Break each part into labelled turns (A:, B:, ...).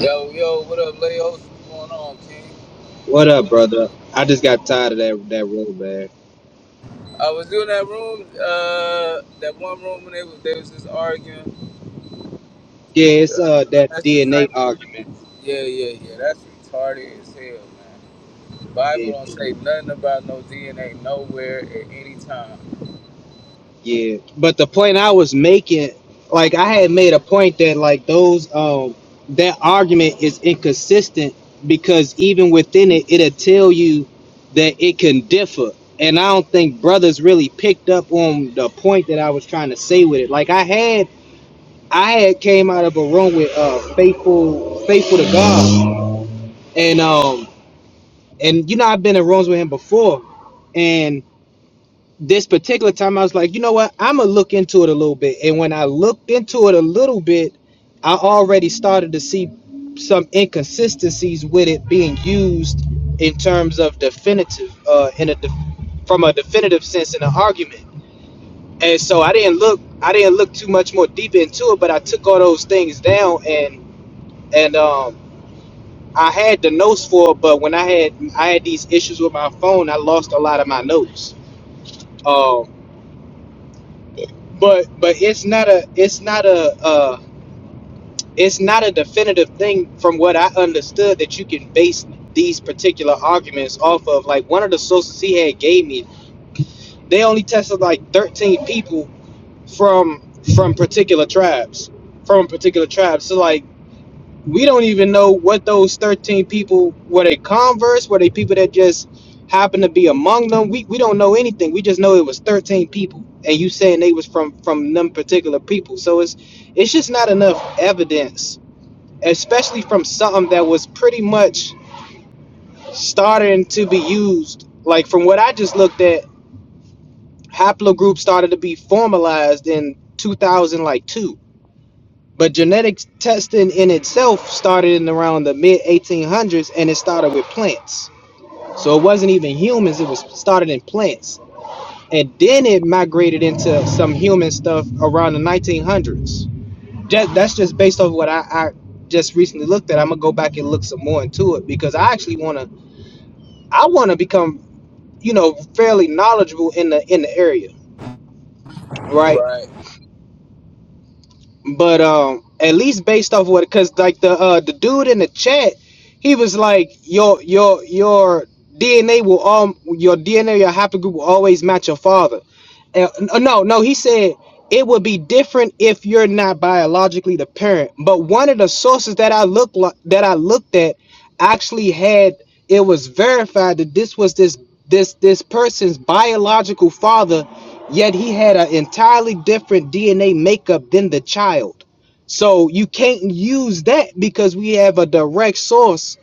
A: Yo, yo, what up, Leos? What's going on, King?
B: What up, brother? I just got tired of that that road, man.
A: I was doing that room, uh, that one room when they was, they was just arguing
B: Yeah,
A: with
B: it's
A: uh,
B: uh that
A: last
B: DNA
A: disciple.
B: argument.
A: Yeah, yeah, yeah. That's retarded as hell, man. The Bible
B: Yeah,
A: don't say nothing about no DNA nowhere at any time.
B: yeah. But the point I was making, like I had made a point that like those um that argument is inconsistent because even within it, it'll tell you that it can differ. And I don't think brothers really picked up on the point that I was trying to say with it. Like I had I had came out of a room with uh faithful faithful to God and um And you know, I've been in rooms with him before, and this particular time I was like, you know what, I'ma look into it a little bit. And when I looked into it a little bit, I already started to see some inconsistencies with it being used in terms of definitive, uh, in a def- from a definitive sense in an argument. And so I didn't look, I didn't look too much more deep into it, but I took all those things down and and um I had the notes for it, but when I had I had these issues with my phone, I lost a lot of my notes. Um, but but it's not a it's not a uh, it's not a definitive thing from what I understood that you can base these particular arguments off of. Like one of the sources he had gave me, they only tested like thirteen people from from particular tribes, from particular tribes. So like we don't even know what those 13 people were they converse were they people that just happened to be among them we, we don't know anything we just know it was 13 people and you saying they was from from them particular people so it's it's just not enough evidence especially from something that was pretty much starting to be used like from what i just looked at haplogroup started to be formalized in two thousand like two. But genetic testing in itself started in around the mid 1800s and it started with plants. So it wasn't even humans, it was started in plants. And then it migrated into some human stuff around the 1900s. Just, that's just based off what I, I just recently looked at. I'm gonna go back and look some more into it because I actually wanna I wanna become you know fairly knowledgeable in the in the area, right?
A: Right.
B: But um, at least based off what, cause like the uh the dude in the chat, he was like your your your DNA will all your DNA your haplogroup will always match your father. And, uh, no, no, he said it would be different if you're not biologically the parent. But one of the sources that I look like that I looked at actually had it was verified that this was this this this person's biological father yet he had an entirely different dna makeup than the child so you can't use that because we have a direct source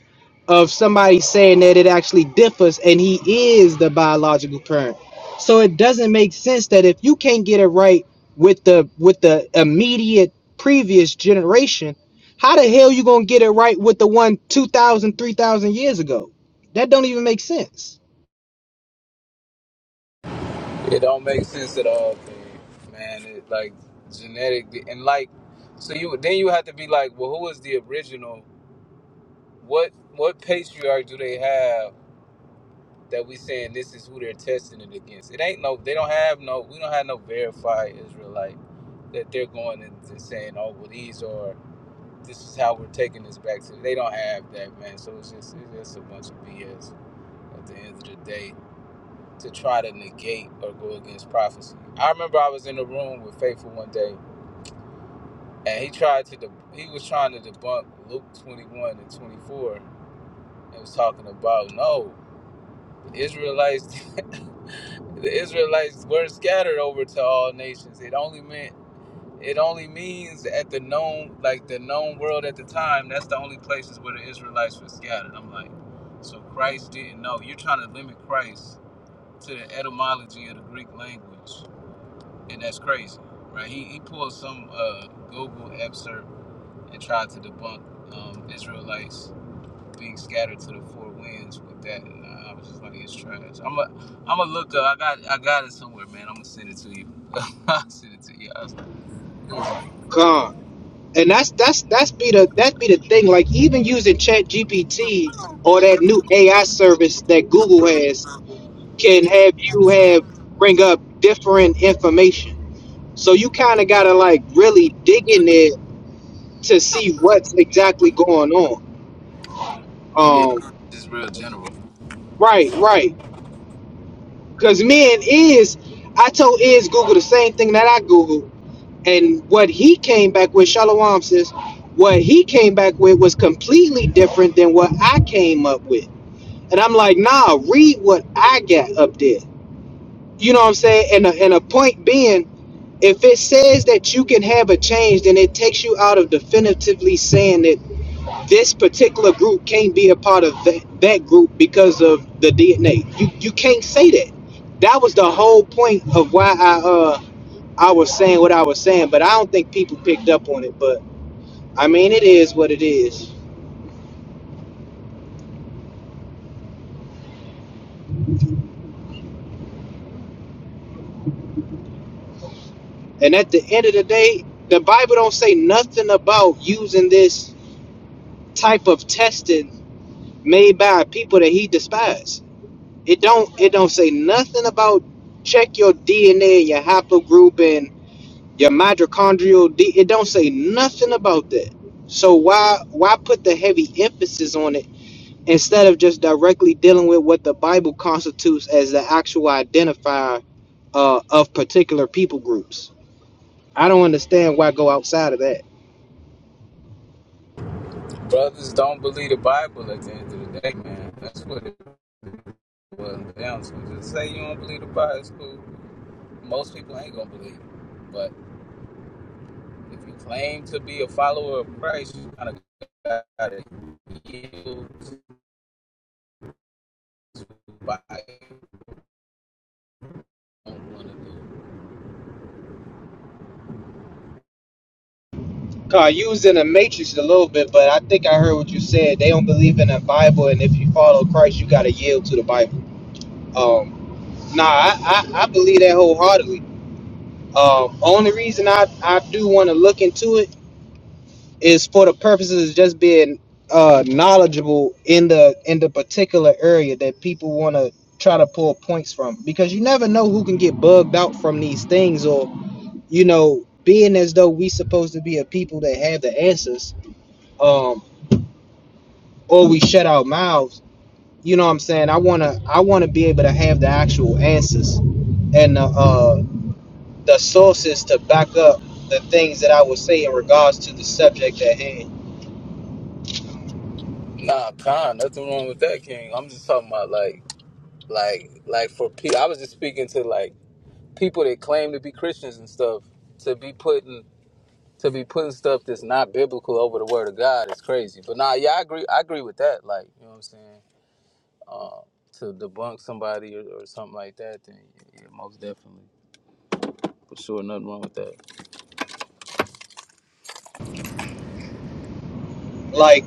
B: of somebody saying that it actually differs and he is the biological parent. So it doesn't make sense that if you can't get it right with the with the immediate previous generation, how the hell you going to get it right with the one 2000 3000 years ago? That don't even make sense.
A: It don't make sense at all, King. Man, it like genetic and like so you then you have to be like, well, who was the original? What what patriarch do they have? that we saying this is who they're testing it against. It ain't no they don't have no we don't have no verified Israelite that they're going and, and saying, Oh well these are this is how we're taking this back to they don't have that man. So it's just it's just a bunch of BS at the end of the day to try to negate or go against prophecy. I remember I was in a room with Faithful one day and he tried to deb he was trying to debunk Luke twenty one and twenty four and was talking about no the Israelites the Israelites were scattered over to all nations. It only meant it only means at the known like the known world at the time, that's the only places where the Israelites were scattered. I'm like, so Christ didn't know. You're trying to limit Christ to the etymology of the Greek language. And that's crazy. Right? He he pulled some uh Google excerpt and tried to debunk um Israelites being scattered to the four winds with that. And I was just like, it's trash. I'm a, I'm a look. Up. I got, I got it somewhere, man. I'm gonna send it to you. I'll send it to you. I was, like, it was trash.
B: Con. And that's that's that's be the that be the thing like even using Chat GPT or that new AI service that Google has can have you have bring up different information So you kind of gotta like really dig in it to see what's exactly going on.
A: Yeah,
B: Um,
A: just real general.
B: right, right. Cause me and Iz, I told Iz Google the same thing that I Googled, and what he came back with, Shalom says, what he came back with was completely different than what I came up with. And I'm like, nah, read what I got up there. You know what I'm saying? And a, and a point being, if it says that you can have a change, then it takes you out of definitively saying that this particular group can't be a part of that, that group because of the DNA. You you can't say that. That was the whole point of why I uh I was saying what I was saying, but I don't think people picked up on it. But I mean, it is what it is. And at the end of the day, the Bible don't say nothing about using this type of testing made by people that he despised. It don't it don't say nothing about check your DNA and your haplogroup Your mitochondrial D it don't say nothing about that. So why why put the heavy emphasis on it instead of just directly dealing with what the Bible constitutes as the actual identifier uh, of particular people groups? I don't understand why go outside of that.
A: Brothers don't believe the Bible at the end of the day, man. That's what it boils down to. Just say you don't believe the Bible. It's cool. Most people ain't gonna believe it. But if you claim to be a follower of Christ, you kind of gotta yield to the Bible.
B: Carl, you was in a matrix a little bit, but I think I heard what you said. They don't believe in the Bible, and if you follow Christ, you gotta yield to the Bible. Um, nah, I, I, I believe that wholeheartedly. Um, only reason I, I do want to look into it is for the purposes of just being uh knowledgeable in the in the particular area that people want to try to pull points from because you never know who can get bugged out from these things or you know being as though we supposed to be a people that have the answers um or we shut our mouths you know what i'm saying i want to i want to be able to have the actual answers and the uh the sources to back up the things that i would say in regards to the subject at hand
A: Nah, con, nothing wrong with that, King. I'm just talking about like, like, like for people. I was just speaking to like people that claim to be Christians and stuff. To be putting, to be putting stuff that's not biblical over the Word of God is crazy. But nah, yeah, I agree. I agree with that. Like, you know what I'm saying? Uh, to debunk somebody or, or something like that, then yeah, most definitely, for sure, nothing wrong with that.
B: like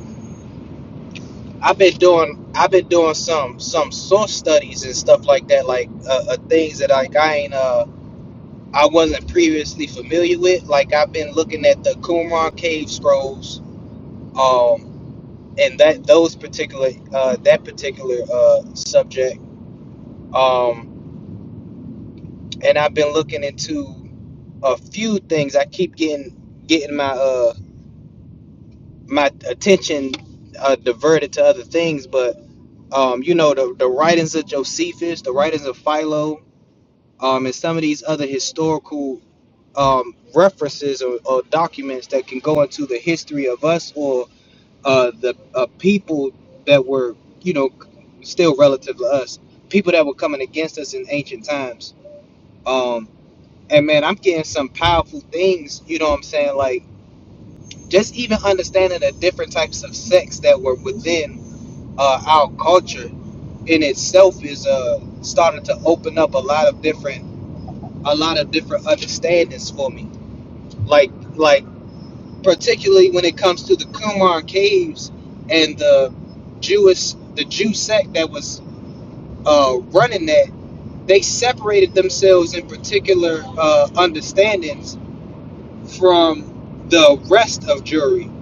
B: I've been doing I've been doing some some source studies and stuff like that, like uh, uh, things that like I ain't uh I wasn't previously familiar with. Like I've been looking at the Qumran cave scrolls, um, and that those particular uh, that particular uh, subject, um, and I've been looking into a few things. I keep getting getting my uh my attention uh, diverted to other things, but um, you know the the writings of Josephus, the writings of Philo um, and some of these other historical um, references or, or documents that can go into the history of us or uh, the uh, people that were, you know, still relative to us, people that were coming against us in ancient times. Um, and man, I'm getting some powerful things, you know what I'm saying? Like, just even understanding the different types of sex that were within uh, our culture in itself is uh, starting to open up a lot of different a lot of different understandings for me. Like like particularly when it comes to the Qumran caves and the Jewish the Jew sect that was uh, running that, they separated themselves in particular uh, understandings from the rest of Jewry,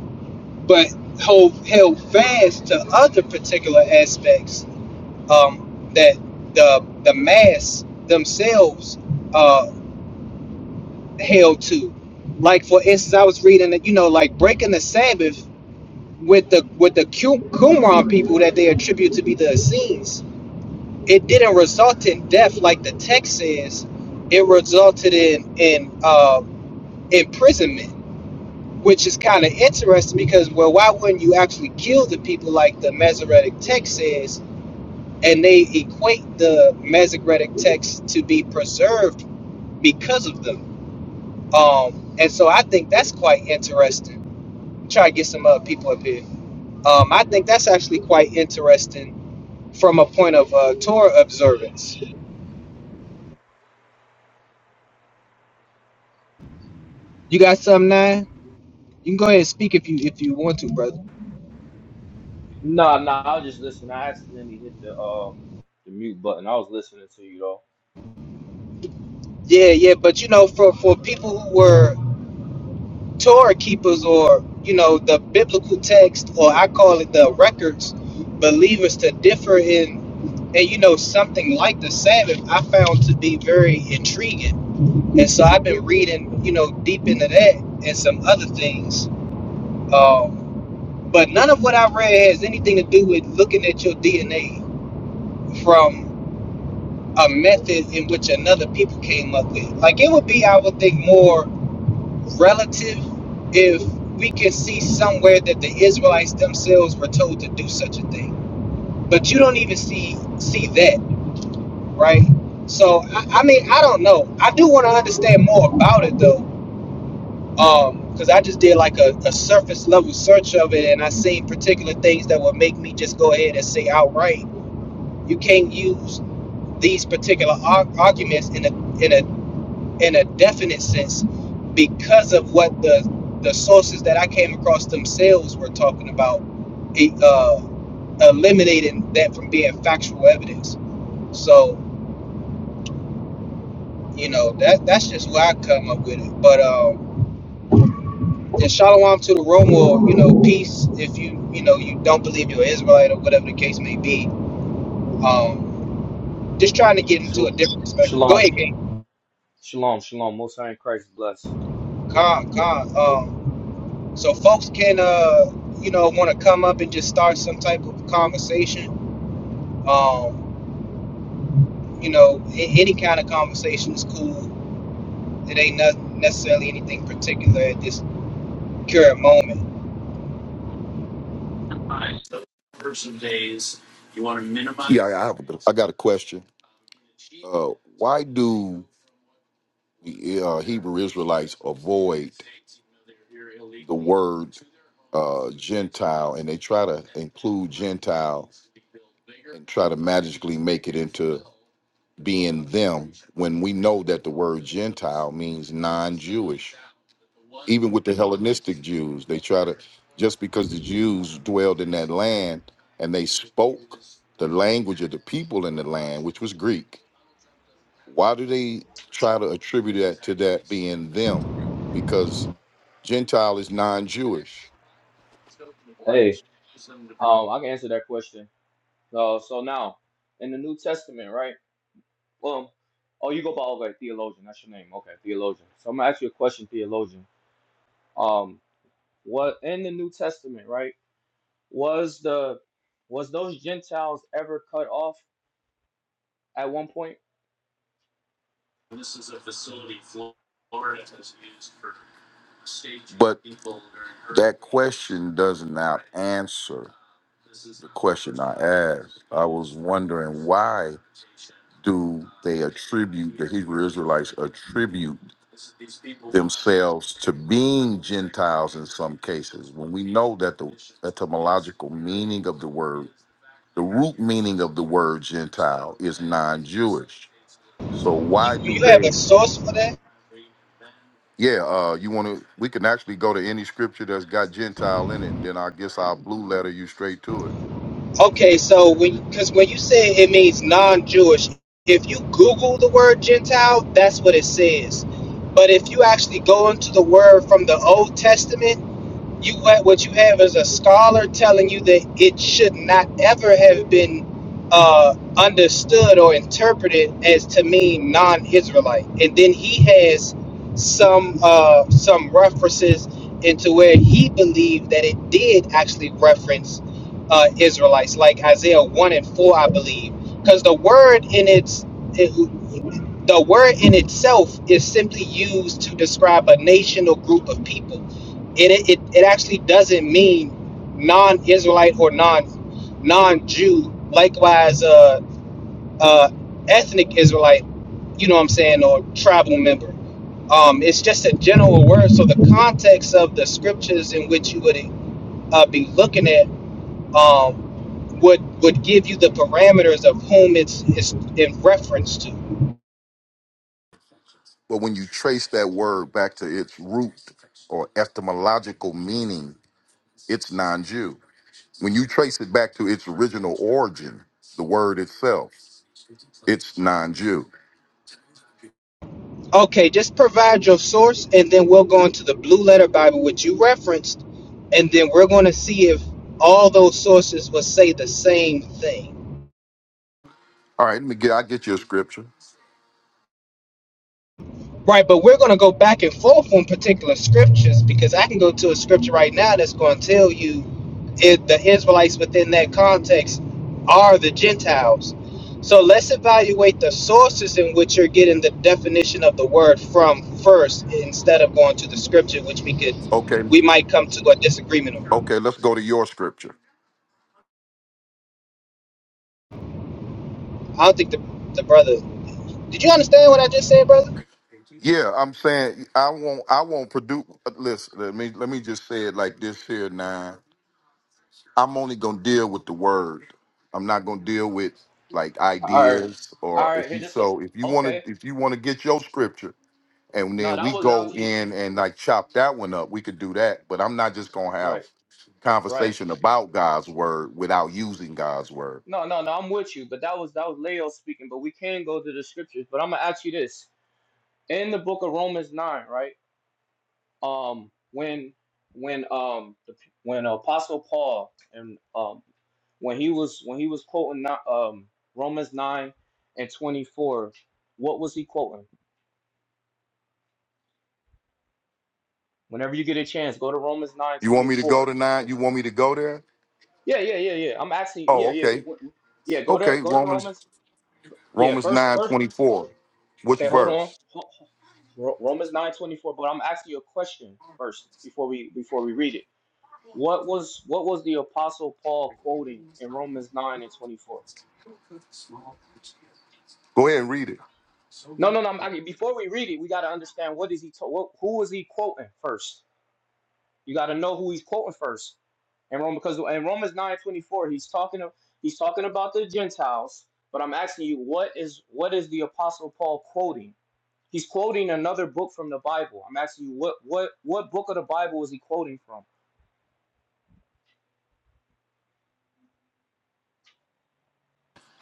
B: but hold, held fast to other particular aspects um, that the the mass themselves Uh. held to. Like for instance, I was reading that you know, like breaking the Sabbath with the with the Qu- Qumran people that they attribute to be the Essenes. It didn't result in death like the text says. It resulted in in uh, imprisonment, which is kind of interesting because well, why wouldn't you actually kill the people like the Masoretic text says? And they equate the Masoretic text to be preserved because of them. Um, and so I think that's quite interesting try to get some uh, people up here. Um, I think that's actually quite interesting from a point of uh, Torah observance. You got something, nine? You can go ahead and speak if you if you want to, brother.
C: No, no, I was just listening. I accidentally hit the um the mute button. I was listening to you though.
B: Yeah, yeah, but you know, for for people who were Torah keepers or you know the biblical text or I call it the records, believers to differ in and you know something like the Sabbath, I found to be very intriguing. And so I've been reading, you know, deep into that and some other things. Um, But none of what I read has anything to do with looking at your DNA from a method in which another people came up with. Like it would be, I would think, more relative if we could see somewhere that the Israelites themselves were told to do such a thing. But you don't even see see that, right? So I, I mean, I don't know. I do want to understand more about it though, because um, I just did like a, a surface level search of it, and I seen particular things that would make me just go ahead and say outright You can't use these particular ar- arguments in a in a in a definite sense because of what the the sources that I came across themselves were talking about, e- uh, eliminating that from being factual evidence. So you know that that's just where I come up with it. But um, and shalom to the room, or you know peace if you you know you don't believe you're Israelite or whatever the case may be. Um, just trying to get into a
C: Shal-
B: different perspective. Go
C: Shalom,
B: ahead, Gabe.
C: shalom, shalom. Most High in Christ bless.
B: Con, con. Um, So folks can, uh, you know, want to come up and just start some type of conversation. Um, you know, a- any kind of conversation is cool. It ain't not necessarily anything particular at this current moment.
D: Yeah, I have. A, I got a question. Uh, why do the uh, Hebrew Israelites avoid the word uh, Gentile, and they try to include Gentile and try to magically make it into being them when we know that the word Gentile means non-Jewish? Even with the Hellenistic Jews, they try to just because the Jews dwelled in that land and they spoke the language of the people in the land, which was Greek Why do they try to attribute that to that being them? Because Gentile is non-Jewish.
C: Hey, um, I can answer that question. Uh, so now in the New Testament, right? Um, oh, you go by okay, theologian. That's your name. Okay, theologian. So I'm gonna ask you a question, theologian. Um, what in the New Testament, right? Was the was those Gentiles ever cut off at one point?
D: But that question does not answer the question I asked. I was wondering why do they attribute the Hebrew Israelites attribute themselves to being Gentiles in some cases when we know that the etymological meaning of the word The root meaning of the word Gentile is non-Jewish. So why
B: You,
D: do
B: you have a
D: they?
B: source for that?
D: Yeah, uh, you want to? We can actually go to any scripture that's got Gentile in it, and then I guess I'll blue letter you straight to it.
B: Okay, so when because when you say it means non-Jewish, if you Google the word Gentile, that's what it says. But if you actually go into the word from the Old Testament You what what you have is a scholar telling you that it should not ever have been uh, understood or interpreted as to mean non-Israelite, and then he has some uh, some references into where he believed that it did actually reference uh, Israelites, like Isaiah one and four, I believe, because the word in its it, the word in itself is simply used to describe a nation or group of people it, it, it actually doesn't mean non-Israelite or non non-Jew. Likewise, uh, uh, ethnic Israelite, you know what I'm saying, or tribal member. Um, it's just a general word. So the context of the scriptures in which you would uh, be looking at um, would would give you the parameters of whom it's it's in reference to.
D: But when you trace that word back to its root or etymological meaning, it's non-Jew. When you trace it back to its original origin, the word itself, it's non-Jew.
B: Okay, just provide your source, and then we'll go into the Blue Letter Bible, which you referenced, and then we're going to see if all those sources will say the same thing.
D: All right, let me get. I get you a scripture.
B: Right, but we're going to go back and forth on particular scriptures because I can go to a scripture right now that's going to tell you if the Israelites within that context are the Gentiles. So let's evaluate the sources in which you're getting the definition of the word from first instead of going to the scripture, which we could,
D: Okay,
B: we might come to a disagreement on.
D: okay. Let's go to your scripture.
B: I don't think the, the brother, did you understand what I just said, brother?
D: Yeah, I'm saying I won't. I won't produce. Listen, let me let me just say it like this here. Now, I'm only gonna deal with the word. I'm not gonna deal with like
C: All right,
D: ideas
C: all
D: or
C: right.
D: if
C: Here,
D: you.
C: this.
D: So if you
C: Okay,
D: want to, if you want to get your scripture, and
C: No,
D: then
C: that
D: we
C: was
D: go
C: actually
D: in and
C: that-
D: like chop that one up, we could do that. But I'm not just gonna
C: right,
D: have
C: right.
D: conversation about God's word without using God's word.
C: No, no, no. I'm with you, but that was that was Leo speaking. But we can go to the scriptures. But I'm gonna ask you this: in the book of Romans nine, right? Um, when when um the, p- when Apostle Paul and um when he was when he was quoting not- um Romans nine and twenty four, what was he quoting? Whenever you get a chance, go to Romans nine
D: You want
C: twenty
D: me to go
C: four.
D: to nine? You want me to go there?
C: Yeah, yeah, yeah, yeah. I'm asking.
D: Oh,
C: Yeah, yeah,
D: okay,
C: go- yeah. Go to
D: okay.
C: go to
D: Romans
C: Romans. Yeah,
D: Romans
C: first,
D: nine
C: first.
D: twenty four. Which
C: Okay, hold on.
D: verse?
C: Ho- ho- Romans nine twenty four. But I'm asking you a question first before we before we read it. What was what was the apostle Paul quoting in Romans nine and twenty four?
D: Go ahead and read it.
C: No, no, no. I'm- I mean, before we read it, we got to understand what is he to- what, who is he quoting first. You got to know who he's quoting first. And Rome because in Romans nine twenty four, he's talking of, he's talking about the Gentiles. But I'm asking you, what is what is the apostle Paul quoting? He's quoting another book from the Bible. I'm asking you, what what what book of the Bible is he quoting from?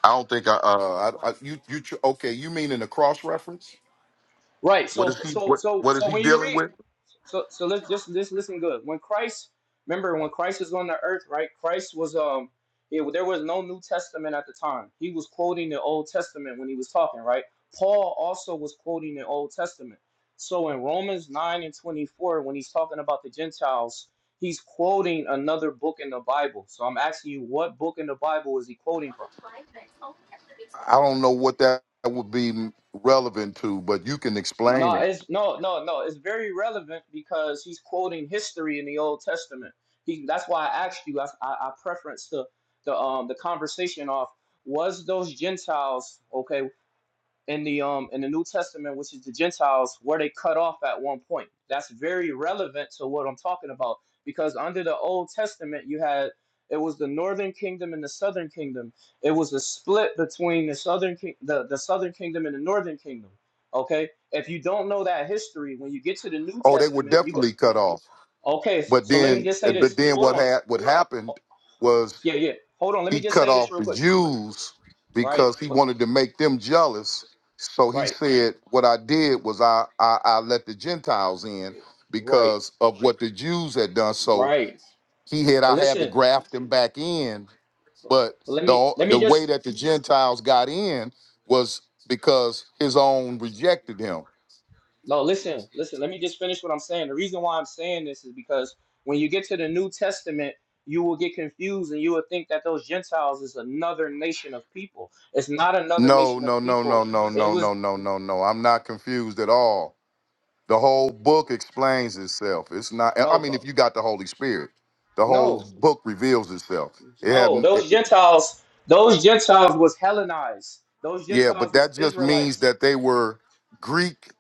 D: I don't think I. Uh, I, I you you tr- okay? You mean in the cross reference?
C: Right.
D: What
C: So
D: is he?
C: so
D: What
C: so
D: what is
C: so
D: he
C: when you
D: dealing
C: read
D: with?
C: so so let's just just listen good. When Christ remember when Christ was on the earth, right? Christ was um yeah, there was no New Testament at the time. He was quoting the Old Testament when he was talking, right? Paul also was quoting the Old Testament. So in Romans 9 and 24, when he's talking about the Gentiles, he's quoting another book in the Bible. So I'm asking you, what book in the Bible is he quoting from?
D: I don't know what that would be relevant to, but you can explain
C: No,
D: it.
C: it's no, no, no. It's very relevant because he's quoting history in the Old Testament. He that's why I asked you. I I, I preference the the um the conversation off. Was those Gentiles okay? in the um in the New Testament, which is the Gentiles, were they cut off at one point. That's very relevant to what I'm talking about because under the Old Testament, you had it was the northern kingdom and the southern kingdom. It was a split between the southern king the, the southern kingdom and the northern kingdom. Okay, if you don't know that history, when you get to the New
D: Oh, they were
C: Testament, you go
D: definitely cut off.
C: okay.
D: But
C: So let me
D: then,
C: just say
D: but
C: this.
D: then
C: Hold
D: what
C: on.
D: had what
C: Ho-
D: happened? was.
C: Yeah, yeah. Hold on. Let me
D: He
C: just
D: cut
C: say this
D: off
C: real
D: the
C: quick.
D: Jews
C: Right,
D: because he
C: but
D: wanted to make them jealous. So he
C: right,
D: said, What I did was I, I, I let the Gentiles in
C: right,
D: because of what the Jews had done. So
C: right.
D: he had
C: But
D: I had to
C: listen.
D: graft them back in but
C: let me
D: the
C: let me
D: the
C: just
D: way that the Gentiles got in was because his own rejected him.
C: no listen listen let me just finish what i'm saying the reason why i'm saying this is because when you get to the new testament you will get confused and you will think that those gentiles is another nation of people it's not another
D: No,
C: nation of
D: no, no, no,
C: people
D: no,
C: it
D: no,
C: was
D: no, no, no, no. I'm not confused at all. The whole book explains itself. It's not. I
C: no
D: mean,
C: bro
D: if you got the Holy Spirit, the whole
C: no
D: book reveals itself. It
C: no
D: have.
C: those gentiles those gentiles was hellenized those
D: Yeah, but
C: gentiles was
D: that just means
C: israelites
D: that they were Greek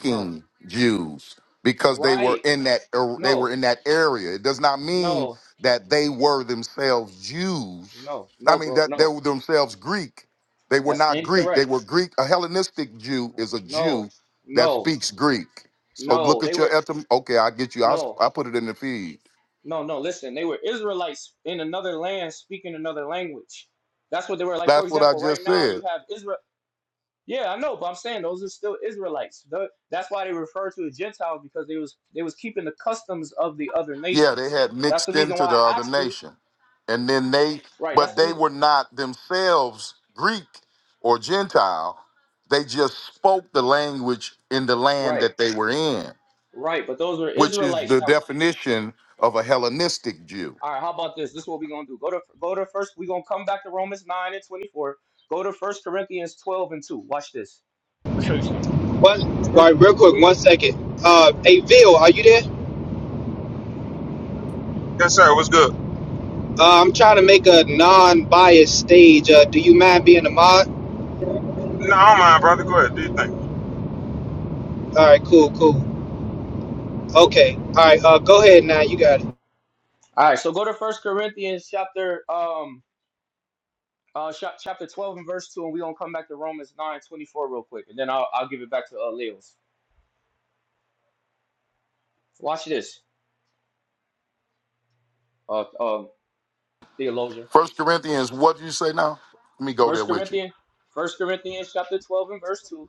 C: no
D: Jews because they were
C: right
D: in that er, they
C: no
D: were in that area. It does not mean
C: no
D: that they were themselves Jews.
C: no
D: I
C: no
D: mean
C: bro
D: that they
C: no
D: were themselves Greek. They were
C: that's
D: not Greek.
C: incorrect
D: They were Greek. A Hellenistic Jew
C: no
D: is a Jew
C: no
D: that
C: no.
D: speaks Greek. So
C: No,
D: look
C: they
D: at your
C: were
D: etym. Okay, I get you. I, s-
C: no,
D: I put it in the feed.
C: no, no. Listen, they were Israelites in another land speaking another language. That's what they were like. For
D: That's what I
C: example, right
D: just
C: now
D: said.
C: you have Israel. Yeah, I know, but I'm saying those are still Israelites. The- that's why they refer to the Gentiles because they was they was keeping the customs of the other
D: Yeah, they
C: nations.
D: had
C: That's the
D: mixed
C: reason
D: into
C: why
D: the
C: I
D: other
C: asked you.
D: nation. And then they,
C: Right. That's
D: but
C: the
D: they
C: reason.
D: were not themselves Greek or Gentile. They just spoke the language in the land
C: Right.
D: that they were in,
C: Right. But those were
D: which is
C: Israelites.
D: the
C: That,
D: definition of a Hellenistic Jew.
C: all right. How about this? This is what we're gonna do. Go to go to first. We're gonna come back to Romans nine and twenty four. Go to First Corinthians twelve and two. Watch this. Let me show you something.
B: One,
C: First,
B: right, real quick, one second. Uh, hey, Vil, are you there?
E: Yes, sir. What's good?
B: Uh, I'm trying to make a non-biased stage. Uh, do you mind being a mod?
E: No, I don't mind, brother. Go ahead. Do you think?
B: All right, cool, cool. Okay, all right. Uh, go ahead now. You got it.
C: all right. So go to First Corinthians chapter um uh chap- chapter twelve and verse two, and we are gonna come back to Romans nine twenty four real quick, and then I'll I'll give it back to uh, Leo's. Watch this, uh, um, theologian.
D: First Corinthians, what do you say now? Let me go there
C: First
D: with you.
C: Corinthians, First Corinthians chapter twelve and verse two.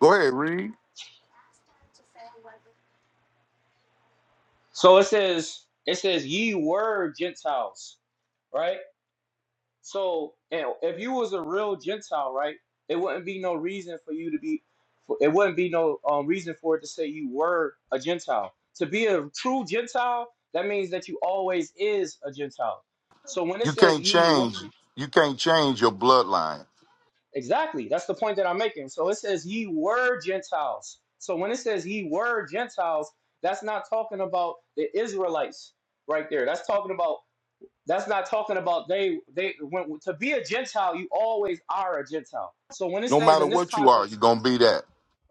D: Go ahead, read.
C: So it says it says ye were Gentiles, right? So, you know, if you was a real Gentile, right, it wouldn't be no reason for you to be, for- it wouldn't be no um, reason for it to say you were a Gentile. To be a true Gentile, that means that you always is a Gentile. So when it
D: You
C: says
D: can't
C: ye were,
D: change. You can't change your bloodline.
C: exactly, that's the point that I'm making. So it says ye were Gentiles. So when it says ye were Gentiles, that's not talking about the Israelites right there. That's talking about That's not talking about they they when to be a Gentile, you always are a Gentile. So when it
D: No
C: says
D: matter
C: in this
D: what you are, you're
C: context
D: gonna be that.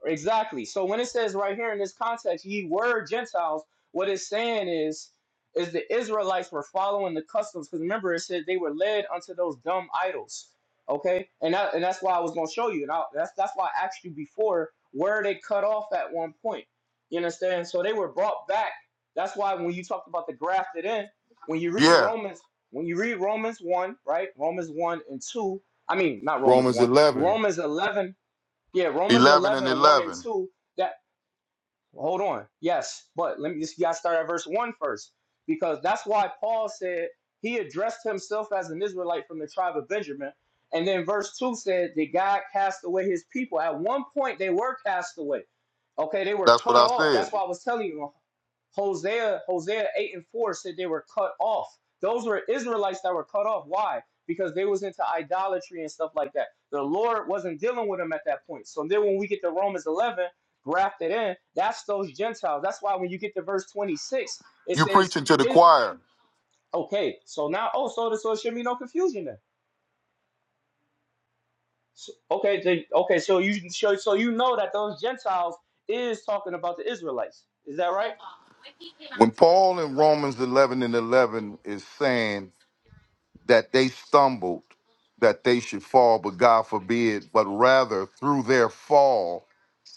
C: Exactly. So when it says right here in this context, ye were Gentiles, what it's saying is, is the Israelites were following the customs. Because remember, it said they were led unto those dumb idols. Okay, and that, and that's why I was gonna show you, and I, that's that's why I asked you before where they cut off at one point. You understand? So they were brought back. That's why when you talked about the grafted in, when you read
D: Yeah.
C: Romans, when you read Romans one, right? Romans one and two. I mean, not Romans
D: Romans
C: one.
D: 11.
C: Romans eleven yeah, Romans
D: 11
C: eleven
D: and
C: one and
D: 11.
C: 2. That hold on. Yes, but let me just you gotta start at verse one first Because that's why Paul said he addressed himself as an Israelite from the tribe of Benjamin. And then verse 2 said that God cast away his people. At one point they were cast away. Okay, they were
D: That's what
C: cut
D: I
C: off. That's
D: said.
C: why I was telling you Hosea, Hosea 8 and 4 said they were cut off. Those were Israelites that were cut off. Why? Because they was into idolatry and stuff like that. The Lord wasn't dealing with them at that point. So then when we get to Romans 11, grafted in, that's those Gentiles. That's why when you get to verse 26, it
D: You're
C: says,
D: preaching to the
C: is
D: choir.
C: okay, so now oh, so, so it should be no confusion then. So, okay, then- okay, so you so, so you know that those Gentiles is talking about the Israelites. Is that right?
D: When Paul in Romans 11 and 11 is saying that they stumbled, that they should fall, but God forbid, but rather through their fall,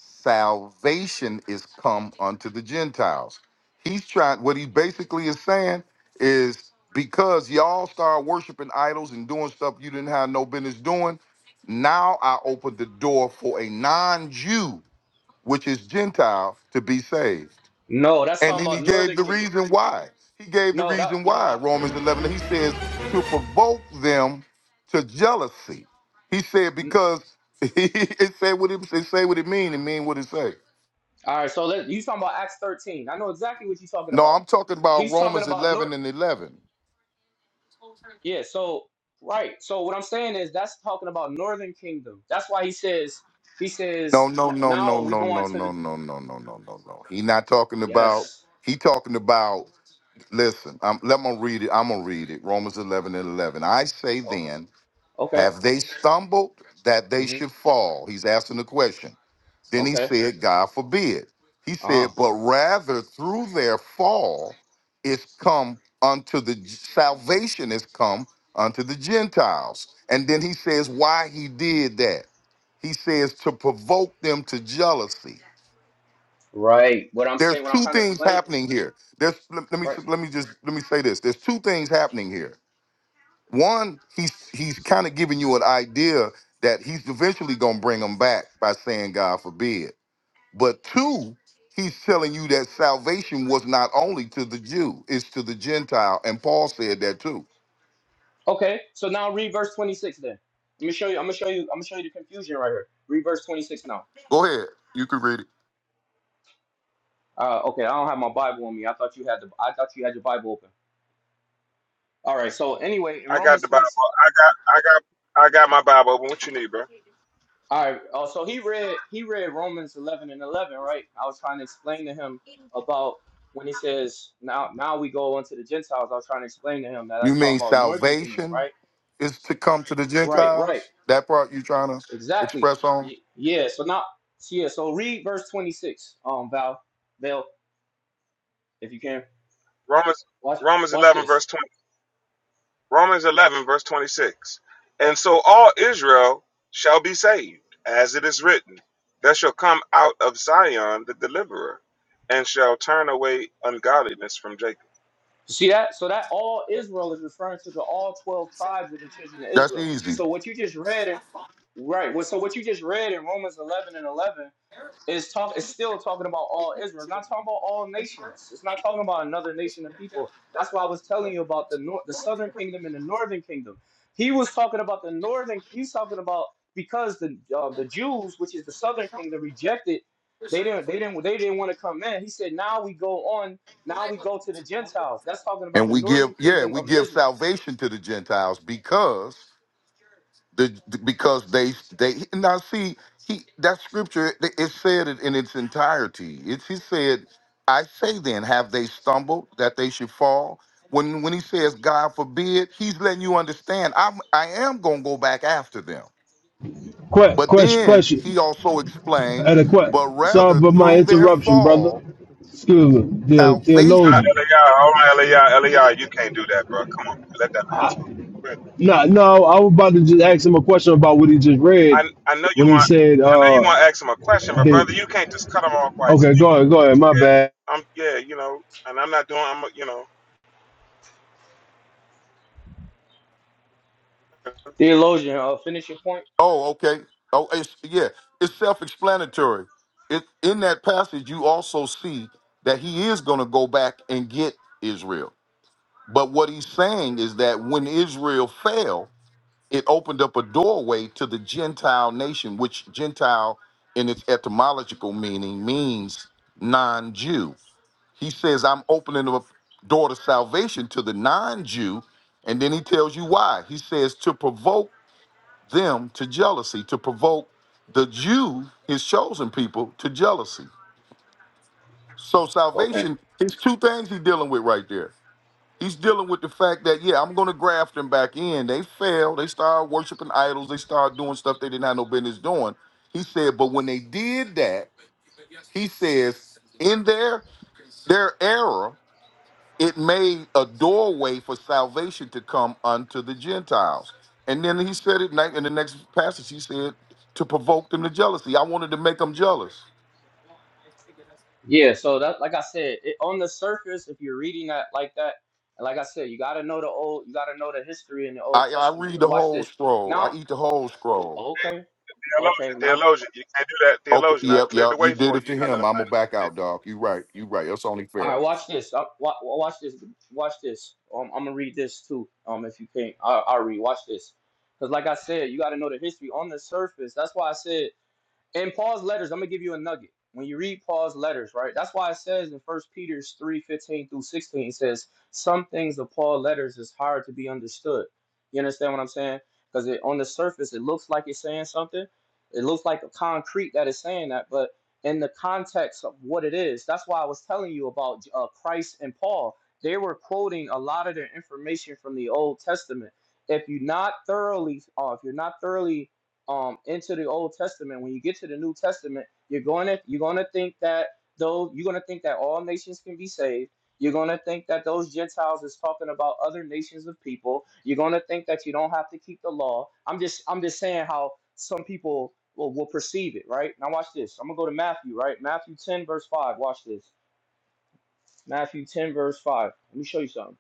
D: salvation is come unto the Gentiles. He's trying, what he basically is saying is because y'all start worshiping idols and doing stuff you didn't have no business doing, now I open the door for a non Jew, which is Gentile, to be saved.
C: No, that's
D: And
C: talking
D: then he
C: about
D: gave
C: northern
D: the
C: kingdom.
D: reason why. He gave the
C: No, that.
D: reason why. Romans 11, he says to provoke them to jealousy. He said because it said what it, it say what it mean and mean what it say.
C: All right, so let, you talking about Acts 13. I know exactly what you're talking
D: No,
C: about.
D: I'm talking about
C: He's talking
D: Romans
C: about North.
D: 11 and 11.
C: Yeah, so, right. So, what I'm saying is that's talking about Northern Kingdom. That's why he says, he
D: No,
C: says, "N-
D: no, no, no,
C: now we
D: no,
C: go on
D: no, no,
C: to the.
D: no, no, no, no, no, no. no. He not talking about.
C: Yes.
D: He talking about. Listen, I'm, let me read it. I'm gonna read it. Romans 11 and 11. I say
C: Okay.
D: then,
C: Okay.
D: have they stumbled that they
C: hmm
D: should fall? He's asking the question. Then he
C: Okay.
D: said, God forbid. He said,
C: Uh-huh.
D: but rather through their fall is come unto the salvation is come unto the Gentiles. And then he says why he did that. He says to provoke them to jealousy.
C: Right. What I'm
D: There's
C: saying, what I'm
D: two
C: trying to
D: things
C: explain.
D: happening here. There's let let me
C: Right.
D: let me just let me say this. There's two things happening here. One, he's he's kind of giving you an idea that he's eventually gonna bring them back by saying God forbid. But two, he's telling you that salvation was not only to the Jew, it's to the Gentile. And Paul said that too.
C: Okay. So, now read verse 26 then. Let me show you. I'm going to show you. I'm going to show you the confusion right here. Read verse 26 now.
D: Go ahead. You can read it.
C: Uh, okay, I don't have my Bible on me. I thought you had the. I thought you had your Bible open. All right. So anyway, in
E: I got
C: Romans
E: the Bible.
C: twenty, si,
E: I got, I got, I got my Bible open. What you need, bro?
C: all right. Oh, so he read he read Romans 11 and 11, right? I was trying to explain to him about when he says now now we go unto the Gentiles. I was trying to explain to him that
D: You
C: that's
D: mean
C: talking about Northern Kingdom,
D: salvation
C: right?
D: is to come to the
C: Right. Right.
D: Gentiles? That part you trying to
C: Exactly.
D: express on?
C: Y- yeah. So now, so yeah. So read verse 26. Um, Val, Val, if you can
E: Romans,
C: watch
E: Romans
C: watch
E: eleven
C: this.
E: verse twenty. Romans eleven verse twenty six. And so all Israel shall be saved, as it is written, there shall come out of Zion the deliverer, and shall turn away ungodliness from Jacob.
C: You See that? So that all Israel is referring to the all twelve tribes of the children of
D: That's
C: Israel.
D: easy.
C: So what you just read, in- right? Well, so what you just read in Romans eleven and eleven it's talk it's still talking about all Israel. It's not talking about all nations. It's not talking about another nation of people. That's why I was telling you about the nor- the southern kingdom and the northern kingdom. He was talking about the northern he's talking about because the uh, the Jews, which is the southern kingdom, rejected they didn't they didn't they didn't want to come in. He said, now we go on, now we go to the Gentiles. That's talking about
D: And
C: the
D: we give,
C: northern
D: yeah,
C: kingdom
D: we
C: of
D: give
C: Israel.
D: salvation to the Gentiles because the, the- because they they now see he that scripture it it said it in its entirety. It's he said, "I say then, have they stumbled that they should fall?" When when he says, "God forbid," he's letting you understand. I'm I am gonna go back after them.
F: Question,
D: But
F: question,
D: then
F: question.
D: he also
F: At
D: explains,
F: a question.
D: but
F: Sorry
D: rather
F: for my
D: through their
F: interruption, brother.
D: fall,
F: Excuse me, the
E: Ah,
D: salvation
F: theologian.
E: Eliah, all right, Eliah, Eliah, you can't do that, bro. Come on, let that man
F: I,
E: talk.
F: no, no, I was about to just ask him a question about what he just
E: I
F: read
E: I know you
F: when he
E: want
F: said,
E: I know you
F: uh,
E: want to ask him a question, but brother,
F: the,
E: you can't just cut him off like
F: okay, go ahead, go ahead, my bad.
E: "Yeah, I'm yeah, you know, and I'm not doing I'm a- you know
C: Theologian, uh, finish your point.
D: Oh, okay. Oh, it's, yeah. It's self-explanatory. It, in that passage, you also see that he is going to go back and get Israel. But what he's saying is that when Israel fell, it opened up a doorway to the Gentile nation, which Gentile, in its etymological meaning, means non-Jew. He says, "I'm opening up a door to salvation to the non-Jew," and then he tells you why. He says to provoke them to jealousy, to provoke the Jew, his chosen people, to jealousy. So
C: Okay.
D: salvation, there's two things he's dealing with right there. He's dealing with the fact that, yeah, I'm going to graft them back in. They fail. They start worshiping idols. They start doing stuff they didn't have no business doing. He said, but when they did that, he says, in their their error, it made a doorway for salvation to come unto the Gentiles. And then he said it ne- in the next passage, he said, to provoke them to jealousy. I wanted to make them jealous.
C: Yeah, so that like I said, it, on the surface, if you're reading that like that, and like I said, you gotta know the old, you gotta know the history in the Old
D: I, I
C: Testament.
D: read
C: Cause
D: the
C: watch
D: whole
C: this.
D: scroll. I
C: Now,
D: eat the whole scroll.
C: okay, okay, now,
E: theologian theologian. You can't do that
D: Okay.
E: theologian. I
D: Yep,
E: cleared the
D: yep. You
E: way
D: did
E: for
D: it
E: you. You
D: to
E: gotta let
D: him.
E: him
D: I'm gonna
E: finish.
D: back out, dog. You right. You right. That's only
C: all right,
D: fair.
C: watch this. Uh, wa- wa- watch this. Watch this. Um, I'm gonna read this too. Um, if you can't, i I'll read. Watch this. Cause like I said, you gotta know the history on the surface. That's why I said. In Paul's letters, I'm gonna give you a nugget. When you read Paul's letters, right? That's why it says in First Peter three fifteen through sixteen, it says some things of Paul's letters is hard to be understood. You understand what I'm saying? Because on the surface, it looks like it's saying something. It looks like a concrete that is saying that, but in the context of what it is, that's why I was telling you about uh, Christ and Paul. They were quoting a lot of their information from the Old Testament. If you're not thoroughly, uh, if you're not thoroughly um into the Old Testament, when you get to the New Testament, you're going to you're going to think that though you're going to think that all nations can be saved. You're going to think that those Gentiles is talking about other nations of people. You're going to think that you don't have to keep the law. I'm just I'm just saying how some people will, will perceive it, right? Now watch this. I'm going to go to Matthew, right? Matthew 10 verse 5. Watch this. Matthew 10 verse 5. Let me show you something.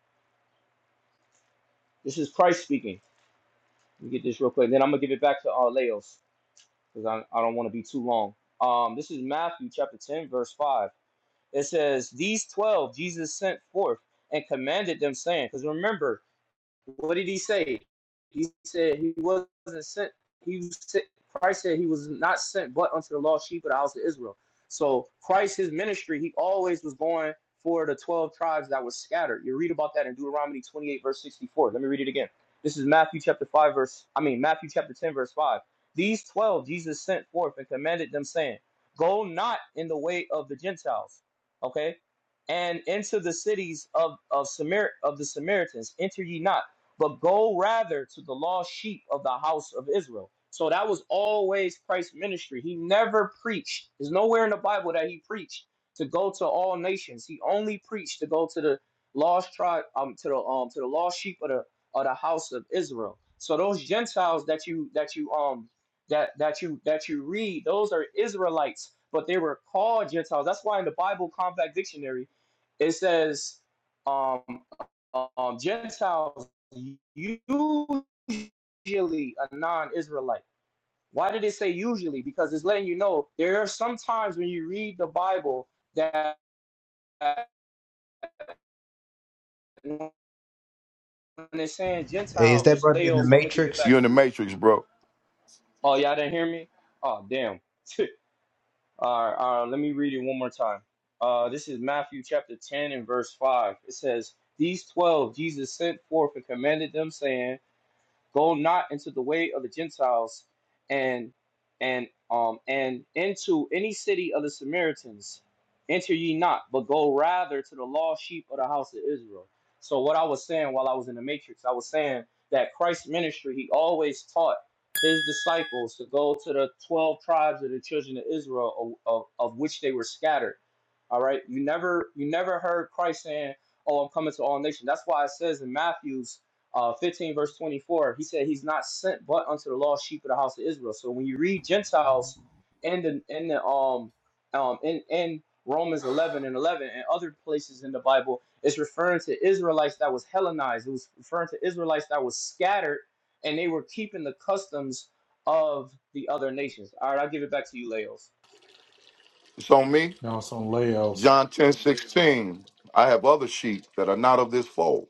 C: This is Christ speaking. Let me get this real quick. Then I'm going to give it back to uh, Laos. because I, I don't want to be too long. Um, this is Matthew chapter 10, verse 5. It says, These 12 Jesus sent forth and commanded them, saying, because remember, what did he say? He said he wasn't sent. He said, Christ said he was not sent but unto the lost sheep of the house of Israel. So Christ, his ministry, he always was going for the 12 tribes that was scattered. You read about that in Deuteronomy 28, verse 64. Let me read it again. This is Matthew chapter 5, verse, I mean, Matthew chapter 10, verse 5. These 12 Jesus sent forth and commanded them, saying, Go not in the way of the Gentiles. Okay? and into the cities of of Samar of the Samaritans enter ye not but go rather to the lost sheep of the house of Israel. So that was always Christ's ministry. He never preached. There's nowhere in the Bible that he preached to go to all nations. He only preached to go to the lost tribe, um, to the um, to the lost sheep of the of the house of Israel. So those Gentiles that you that you um that that you that you read, those are Israelites, but they were called Gentiles. That's why in the Bible Compact Dictionary, it says um um, Gentiles usually a non-Israelite. Why did it say usually? Because it's letting you know there are some times when you read the Bible that when it's saying
B: Hey, is
C: Gentiles,
B: that
C: it's
B: brother in
C: fail.
B: the
C: So I'm gonna give it
B: Matrix?
C: back
D: You're in
C: to
D: the
C: you.
D: matrix, bro.
C: Oh, y'all didn't hear me? Oh, damn. all right, all right. Let me read it one more time. Uh, this is Matthew chapter 10 and verse 5. It says, These 12 Jesus sent forth and commanded them, saying, Go not into the way of the Gentiles and and um and into any city of the Samaritans. Enter ye not, but go rather to the lost sheep of the house of Israel. So what I was saying while I was in the matrix, I was saying that Christ's ministry, he always taught his disciples to go to the 12 tribes of the children of Israel of, of, of which they were scattered. All right. You never you never heard Christ saying, Oh, I'm coming to all nations. That's why it says in Matthew's uh, 15 verse 24 he said he's not sent but unto the lost sheep of the house of israel so when you read gentiles in the in the um um in in romans 11 and 11 and other places in the bible it's referring to israelites that was hellenized it was referring to israelites that was scattered and they were keeping the customs of the other nations all right i'll give it back to you leos
D: It's on me.
G: No, it's on Laos.
D: John 10:16. I have other sheep that are not of this fold.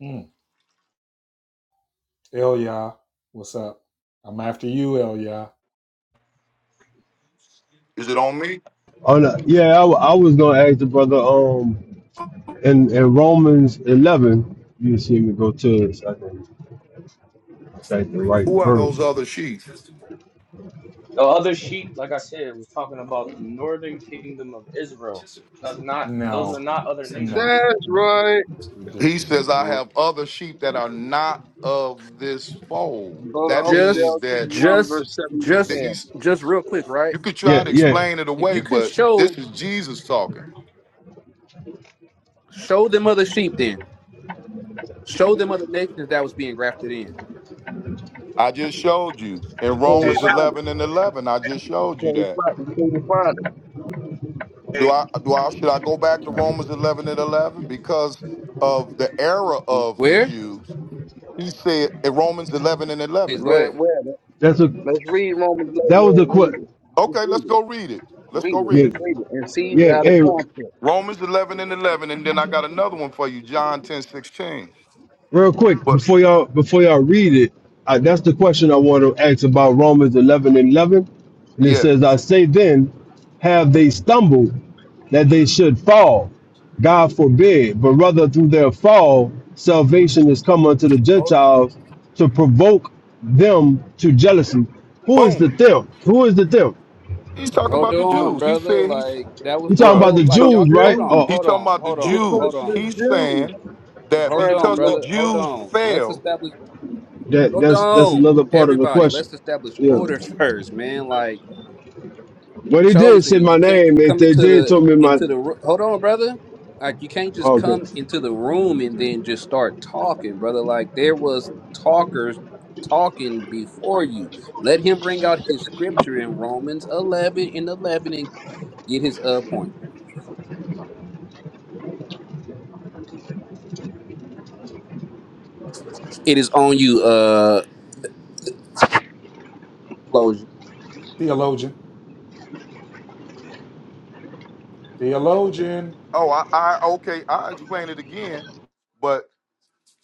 G: Mm. Elia, what's up? I'm after you, Elia.
D: Is it on me?
F: On the, yeah, I, wa- I was going to ask the brother, um, in, in Romans 11, you see me go to it so I can cite the right
D: Who are
F: verse.
D: those other sheep?
C: the other sheep like i said was talking about the northern kingdom of israel that's not those are
G: No,
C: not other
G: no,
C: nations
H: That's
G: no.
H: right.
D: He
G: Ridiculous.
D: says, I
I: You
D: have other sheep that are not of this fold.
H: Go to
D: That
I: Just,
D: means
H: Hosea chapter
D: that
H: 1,
I: just,
H: verse 7 to 10.
D: that
I: just,
G: No.
H: You
D: he's
I: just real quick, right?
D: you could try
F: Yeah,
D: to
F: yeah,
D: explain it
I: If
D: away,
I: you can
D: but
I: show,
D: this is Jesus talking.
I: show them other sheep, then show them other nations that was being grafted in.
D: I just showed you in
G: He
E: Hey,
H: can't
D: Romans
G: just, sho-
H: find it.
D: 11 and 11. I just
H: You
D: showed you
H: can't
D: that.
H: find it. You can't find it.
E: hey,
D: Do I do I should I go back to
G: can I get
D: Romans 11 and 11 because of the era of the
I: Where?
D: Jews? He said in Romans 11 and
I: Please
D: 11.
I: go
H: Read,
I: ahead.
H: read it.
F: that's a,
H: Let's read Romans Let
F: that was a
H: me read
F: quick,
H: it. Let's
D: Okay,
H: read
D: let's
H: it.
D: go read it. Let's
H: Read
D: go
H: it.
D: read
F: yeah,
H: Let's
D: it.
H: read it. And see
F: yeah,
H: out of
F: hey,
H: context.
D: Romans 11 and 11 and then I got another one for you, John 10 16.
F: Real quick,
D: But
F: before y'all before y'all read it, I, that's the question I want to ask about Romans eleven and eleven, and it
D: yeah,
F: says, "I say then, have they stumbled that they should fall? God forbid! But rather through their fall, salvation is come unto the
I: Hold,
F: Gentiles to provoke them to jealousy." Who is the
D: boom.
F: them? Who is the them?
D: He's talking
I: hold
D: about the
I: on,
D: Jews. He
I: brother.
D: said he's,
I: Like that was
F: You
I: the
F: talking about
D: bruh.
H: Referring
I: whole.
F: the
H: to
D: He's
I: Like
D: ta-
H: the
F: Jews,
I: y'all.
F: right?
I: Hold on.
H: Jews.
F: Oh,
D: he's
I: Hold
D: talking
I: on.
D: about the
I: Hold
H: It's
I: on.
H: referring
I: Hold
D: Jews.
H: to
I: on.
H: the
D: He's
H: Jews.
D: saying that
I: Hold
H: Referring
I: on,
D: because the
H: to
I: brother. Hold
D: Jews
I: on. Let's
D: fell.
I: establish.
F: that
I: Hold
F: that's that's
I: on,
F: another part of the
I: everybody.
F: question.
I: Let's establish
F: Yeah.
I: order first, man. Like.
F: But he did
I: chosen.
F: say my
I: You can't
F: name.
I: just
F: If
I: come
F: they
I: into
F: did
I: the
F: told me my
I: into the ro- hold on, brother. Like you can't just come
F: Okay.
I: into the room and then just start talking, brother. Like there was talkers talking before you. Let him bring out his scripture in Romans eleven and eleven and get his uh point. It is on you, uh, Loja.
G: theologian? Theologian.
D: Oh, I, I okay. I will explain it again, but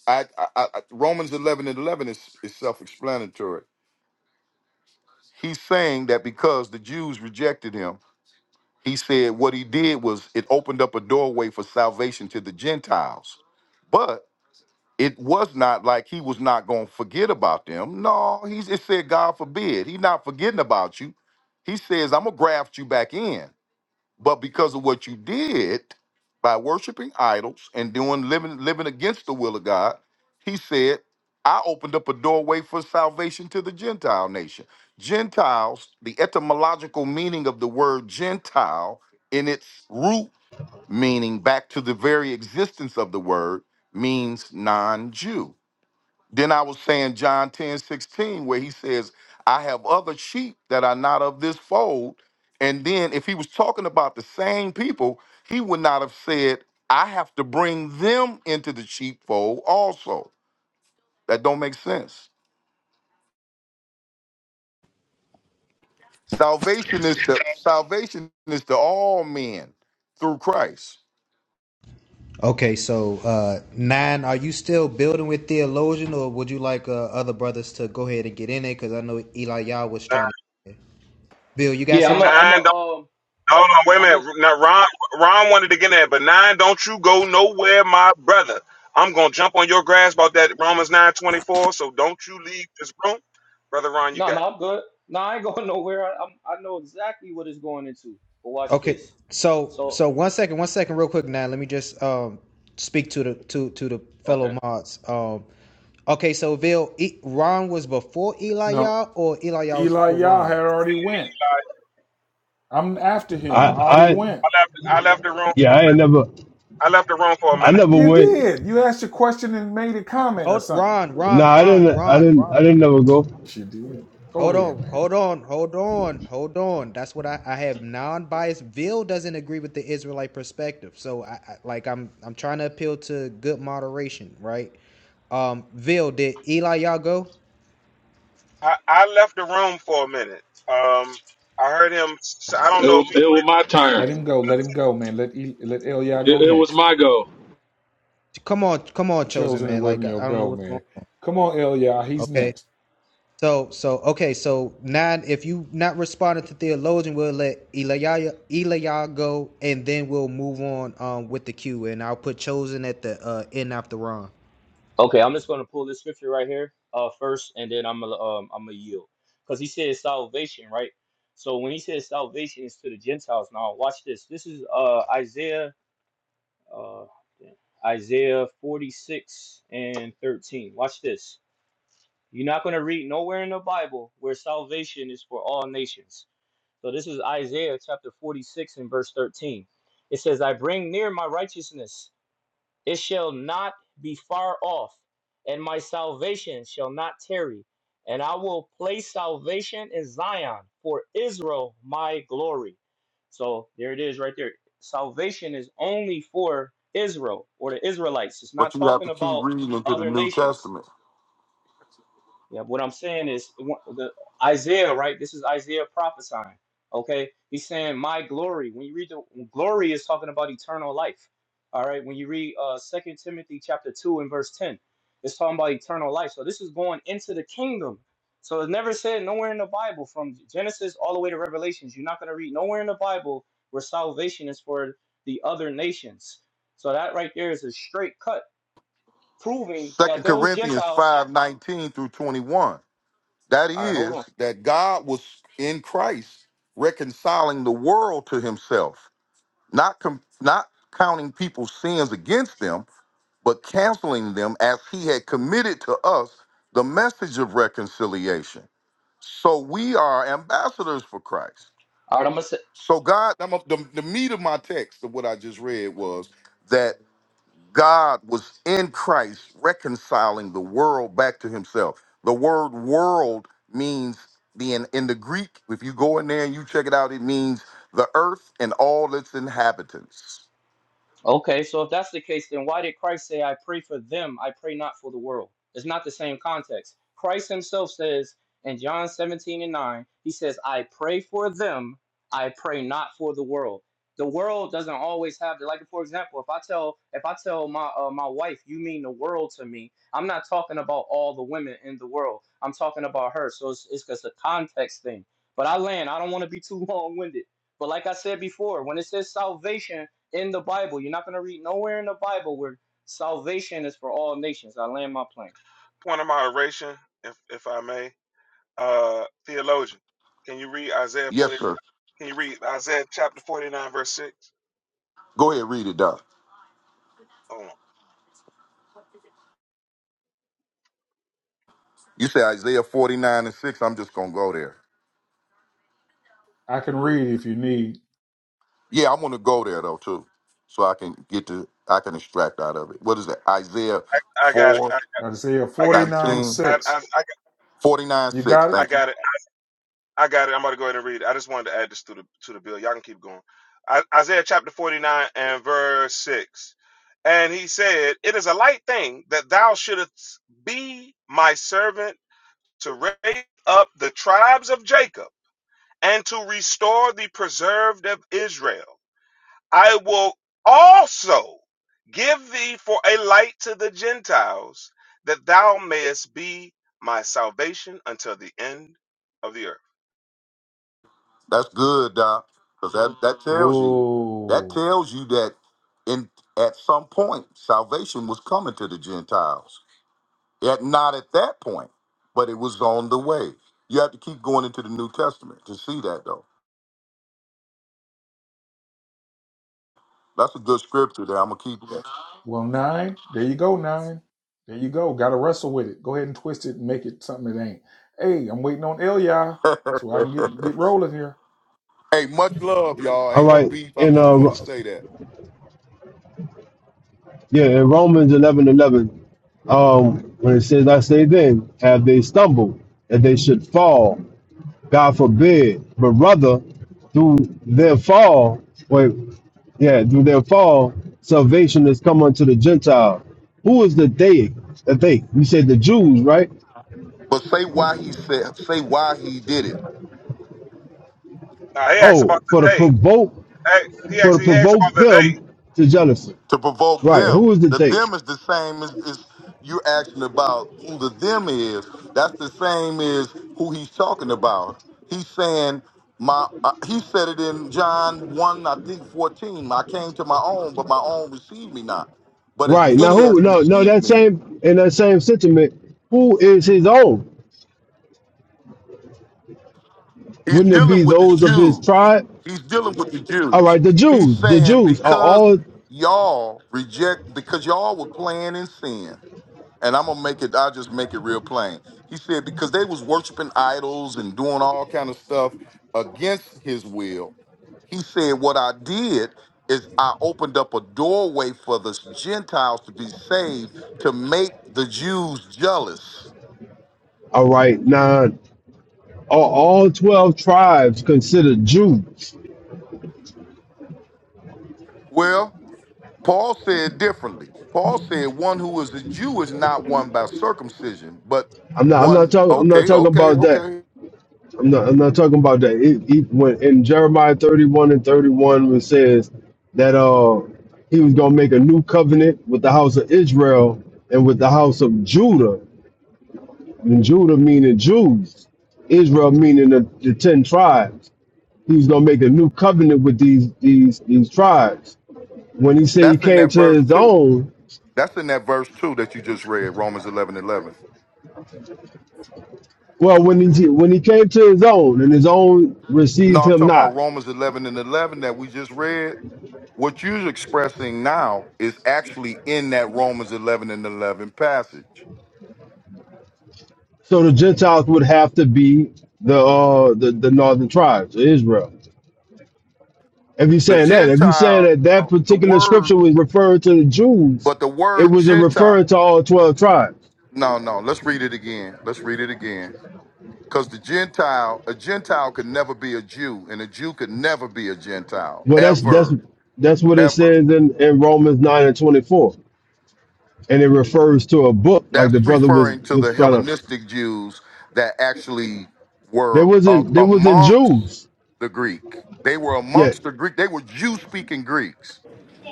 D: I, I, I Romans eleven and eleven is, is self explanatory. He's saying that because the Jews rejected him, he said what he did was it opened up a doorway for salvation to the Gentiles. But. it was not like he was not going to forget about them. No, he it said, God forbid. He not forgetting about you. He says, I'm going to graft you back in. But because of what you did by worshiping idols and doing living, living against the will of God, he said, I opened up a doorway for salvation to the Gentile nation. Gentiles, the etymological meaning of the word Gentile in its root meaning back to the very existence of the word means non Jew then I was saying John 10 16 where he says, I have other sheep that are not of this fold. And then if he was talking about the same people, he would not have said, I have to bring them into the sheepfold also. That don't make sense. Salvation is to salvation is to all men through Christ.
B: Okay, so uh nine, are you still building with theologian, or would you like uh, other brothers to go ahead and get in it? Because I know Eli Yah was
E: nine,
B: trying to. Bill, you got
C: yeah i'm a
B: something?
C: i'm a
E: nine don't,
C: um
E: hold on, wait a
C: I'm a,
E: minute. Now Ron Ron wanted to get in there, but nine, don't you go nowhere, my brother. I'm gonna jump on your grass about that Romans nine twenty four. So don't you leave this room, brother Ron. You
C: no,
E: got. It.
C: no, I'm good. No, I ain't going nowhere. I, I'm, I know exactly what it's going into. But watch
B: Okay,
C: this.
B: so
C: So,
B: so one second, one second, real quick. Now, let me just um speak to the to to the fellow
C: okay,
B: mods. Um, Okay, so Vil e- Ron was before
G: No,
B: Eliah, or Eliah was
G: Eli
B: before
G: Yah had
B: Ron?
G: already went.
E: I
G: I'm after
F: I
G: him. I already
F: I
G: went.
E: left I left the room.
F: yeah, I ain't never
E: I left the room for a
F: I
E: minute.
F: never
G: You
F: went.
G: did. You asked a question and made a comment or
B: Hold
G: something.
B: Ron,
F: Nah,
B: Ron,
F: I
B: Ron,
F: didn't I
B: Ron,
F: didn't I
B: Ron.
F: didn't never go.
G: She did. Go
B: Hold
G: ahead,
B: on,
G: man.
B: hold on, hold on, hold on. That's what I, I have non-biased. Vil doesn't agree with the Israelite perspective, so I, I like I'm I'm trying to appeal to good moderation, right? Um, Vil, did Eliah go?
E: I, I left the room for a minute. Um, I heard him. s- I don't
J: It
E: know
J: was,
E: if he
J: it
E: went
J: was my
G: Let
J: turn.
G: him go. Let him go, man. Let e- let Elia go
J: It, it was
G: next.
J: my goal.
B: Come on, come on, chosen
G: Chosen, it
B: man. Like
G: wasn't
B: I,
G: your
B: I don't know
G: go,
B: what's going.
G: man. Come on, Elia.
B: on.
G: He's
B: Okay.
G: next.
B: So, so okay, so now if you not responding to theologian, we'll let Eliya Eliya go, and then we'll move on um with the queue, and I'll put chosen at the uh end after Ron.
C: okay, I'm just gonna pull this scripture right here, uh, first, and then I'm gonna, um, I'm gonna yield, because he says salvation, right? So when he says salvation is to the Gentiles, now watch this. This is uh Isaiah, uh, Isaiah 46 and 13. Watch this. You're not gonna read nowhere in the Bible where salvation is for all nations. So this is Isaiah chapter 46 and verse 13. It says, I bring near my righteousness, it shall not be far off, and my salvation shall not tarry. And I will place salvation in Zion for Israel, my glory. So there it is right there. Salvation is only for Israel or the Israelites. It's not
D: But you have
C: talking
D: to keep
C: about
D: reading into the
C: other
D: New
C: nations.
D: Testament.
C: Yeah, what I'm saying is wha- the Isaiah, right? This is Isaiah prophesying. Okay, he's saying my glory. When you read the glory, is talking about eternal life. All right, when you read uh Second Timothy chapter two and verse ten, it's talking about eternal life. So this is going into the kingdom. So it's never said nowhere in the Bible, from Genesis all the way to Revelations. You're not going to read nowhere in the Bible where salvation is for the other nations. So that right there is a straight cut, proving that
D: Second
C: those
D: Corinthians
C: Gentiles.
D: 5 19 through 21. That
C: All right, hold on.
D: is,
C: All right,
D: that God was in Christ reconciling the world to himself, not, com- not counting people's sins against them, but canceling them as he had committed to us the message of reconciliation. So we are ambassadors for Christ.
C: i right, I'm gonna
D: So, God, I'm a, the, the meat of my text of what I just read was that. God was in Christ reconciling the world back to himself. The word world means the in, in the Greek, if you go in there and you check it out, it means the earth and all its inhabitants.
C: Okay, so if that's the case, then why did Christ say, I pray for them, I pray not for the world? It's not the same context. Christ himself says in John 17 and 9, he says, I pray for them, I pray not for the world. The world doesn't always have the like for example, if I tell if I tell my uh, my wife you mean the world to me, I'm not talking about all the women in the world. I'm talking about her. So it's it's just a context thing. But I land, I don't want to be too long-winded. But like I said before, when it says salvation, in the Bible. You're not going to read nowhere in the Bible where salvation is for all nations. I land my plane.
E: point of moderation, if if I may. Uh, theologian, can you read Isaiah
D: Yes,
E: forty?
D: sir.
E: Can you read Isaiah chapter forty nine verse six?
D: Go ahead, read it, Doc.
E: Oh,
D: You say Isaiah 49 and 6. I'm just gonna go there.
G: I can read if you need.
D: Yeah, I'm gonna go there though, too. So I can get to I can extract out of it. What is it? Isaiah
E: I
D: 4,
E: got it. I,
G: Isaiah
E: I got it.
G: 49
D: nineteen,
E: I,
G: 6.
E: I I
D: forty-nine,
G: You
D: 6.
G: got it?
E: I
D: Thank you.
E: got it. I got it. I'm about to go ahead and read it. I just wanted to add this to the to the bill. Y'all can keep going. I, Isaiah chapter forty nine and verse six. And he said, It is a light thing that thou shouldest be my servant to raise up the tribes of Jacob and to restore the preserved of Israel. I will also give thee for a light to the Gentiles, that thou mayest be my salvation until the end of the earth.
D: That's good, Doc, because that that tells you that
G: Oh.
D: tells you that in at some point salvation was coming to the Gentiles. Yet not at that point, but it was on the way. You have to keep going into the New Testament to see that, though. That's a good scripture there. I'm gonna keep
G: Well, nine. There you go, nine. There you go. Got to wrestle with it. Go ahead and twist it and make it something it ain't. Hey, I'm waiting on Ilya so I can
D: that.
G: get, get rolling here.
D: hey, much love, y'all.
F: All
D: Ain't no
F: right.
D: beef. I'm
F: In
D: just
F: uh
D: wanted to say that.
F: yeah, in Romans eleven eleven, um, when it says I say then, have they stumbled that they should fall. God forbid. But rather through their fall, wait, yeah, through their fall, salvation has come unto the Gentile. Who is the they? The they? You said the Jews, right?
D: But say why he said. Say why he did it.
E: Now he asks
F: Oh,
E: about
F: for the
E: the day.
F: provoke
E: Hey, He
F: for to
E: actually asks about
F: provoke
E: the day.
F: them to jealousy.
D: to provoke
F: Right. Who
D: them.
F: is the
D: The
F: thing?
D: them is the same as, as you're asking about who the them is. That's the same as who he's talking about. He's saying my. Uh, he said it in John one, I think fourteen. I came to my own, but my own received me not. But as
F: Right. Now
D: many
F: who
D: as
F: no no
D: received
F: that
D: me,
F: same in that same sentiment, who is his own?
D: he's
F: Wouldn't it be
D: dealing with the
F: those of his
D: Jews.
F: tribe?
D: He's dealing with the
F: All
D: Jews.
F: right, the
D: He's
F: Jews. The
D: saying
F: Jews are
D: because
F: all
D: y'all reject, because y'all were playing in sin and I'm gonna make it. I'll just make it real plain. He said because they was worshiping idols and doing all kind of stuff against his will. He said what I did is I opened up a doorway for the Gentiles to be saved to make the Jews jealous.
F: all right, now are all twelve tribes considered Jews.
D: Well, Paul said differently. Paul said one who is a Jew is not one by circumcision, but
F: I'm not I'm not
D: one.
F: talking I'm not
D: Okay,
F: talking
D: okay,
F: about that.
D: okay.
F: I'm not, I'm not talking about that. It, it, when in Jeremiah 31 and 31, it says that uh he was gonna make a new covenant with the house of Israel and with the house of Judah. And Judah meaning Jews, Israel meaning the, the ten tribes. He was gonna make a new covenant with these these these tribes. When he said he
D: That's in
F: came
D: that
F: to
D: verse
F: his
D: too.
F: own,
D: That's in that verse too that you just read, Romans 11 11.
F: well, when he when he came to his own, and his own received
D: No, I'm
F: him
D: talking about
F: not.
D: Romans 11 and 11 that we just read. What you're expressing now is actually in that Romans 11 and 11 passage.
F: So the Gentiles would have to be the uh the, the northern tribes, of Israel. If you're
D: The
F: saying that, if you're saying
D: Gentile,
F: that that
D: the
F: particular
D: word,
F: scripture was referring to the Jews,
D: but the
F: it
D: word
F: was a
D: Gentile.
F: referring to all twelve tribes.
D: No, no, let's read it again. Let's read it again. Because the Gentile, a Gentile could never be a Jew, and a Jew could never be a Gentile,
F: Well, that's that's
D: ever,
F: that's what it
D: ever.
F: says in, in Romans nine and twenty four, and it refers to a book. Like the
D: That's
F: brother was
D: referring to
F: was
D: the
F: trying to,
D: Hellenistic Jews that actually
F: there
D: were a-
F: wasn't there wasn't
D: amongst
F: Jews.
D: the Greek. They were
F: Yeah,
D: amongst the Greek. They were Jew speaking Greeks.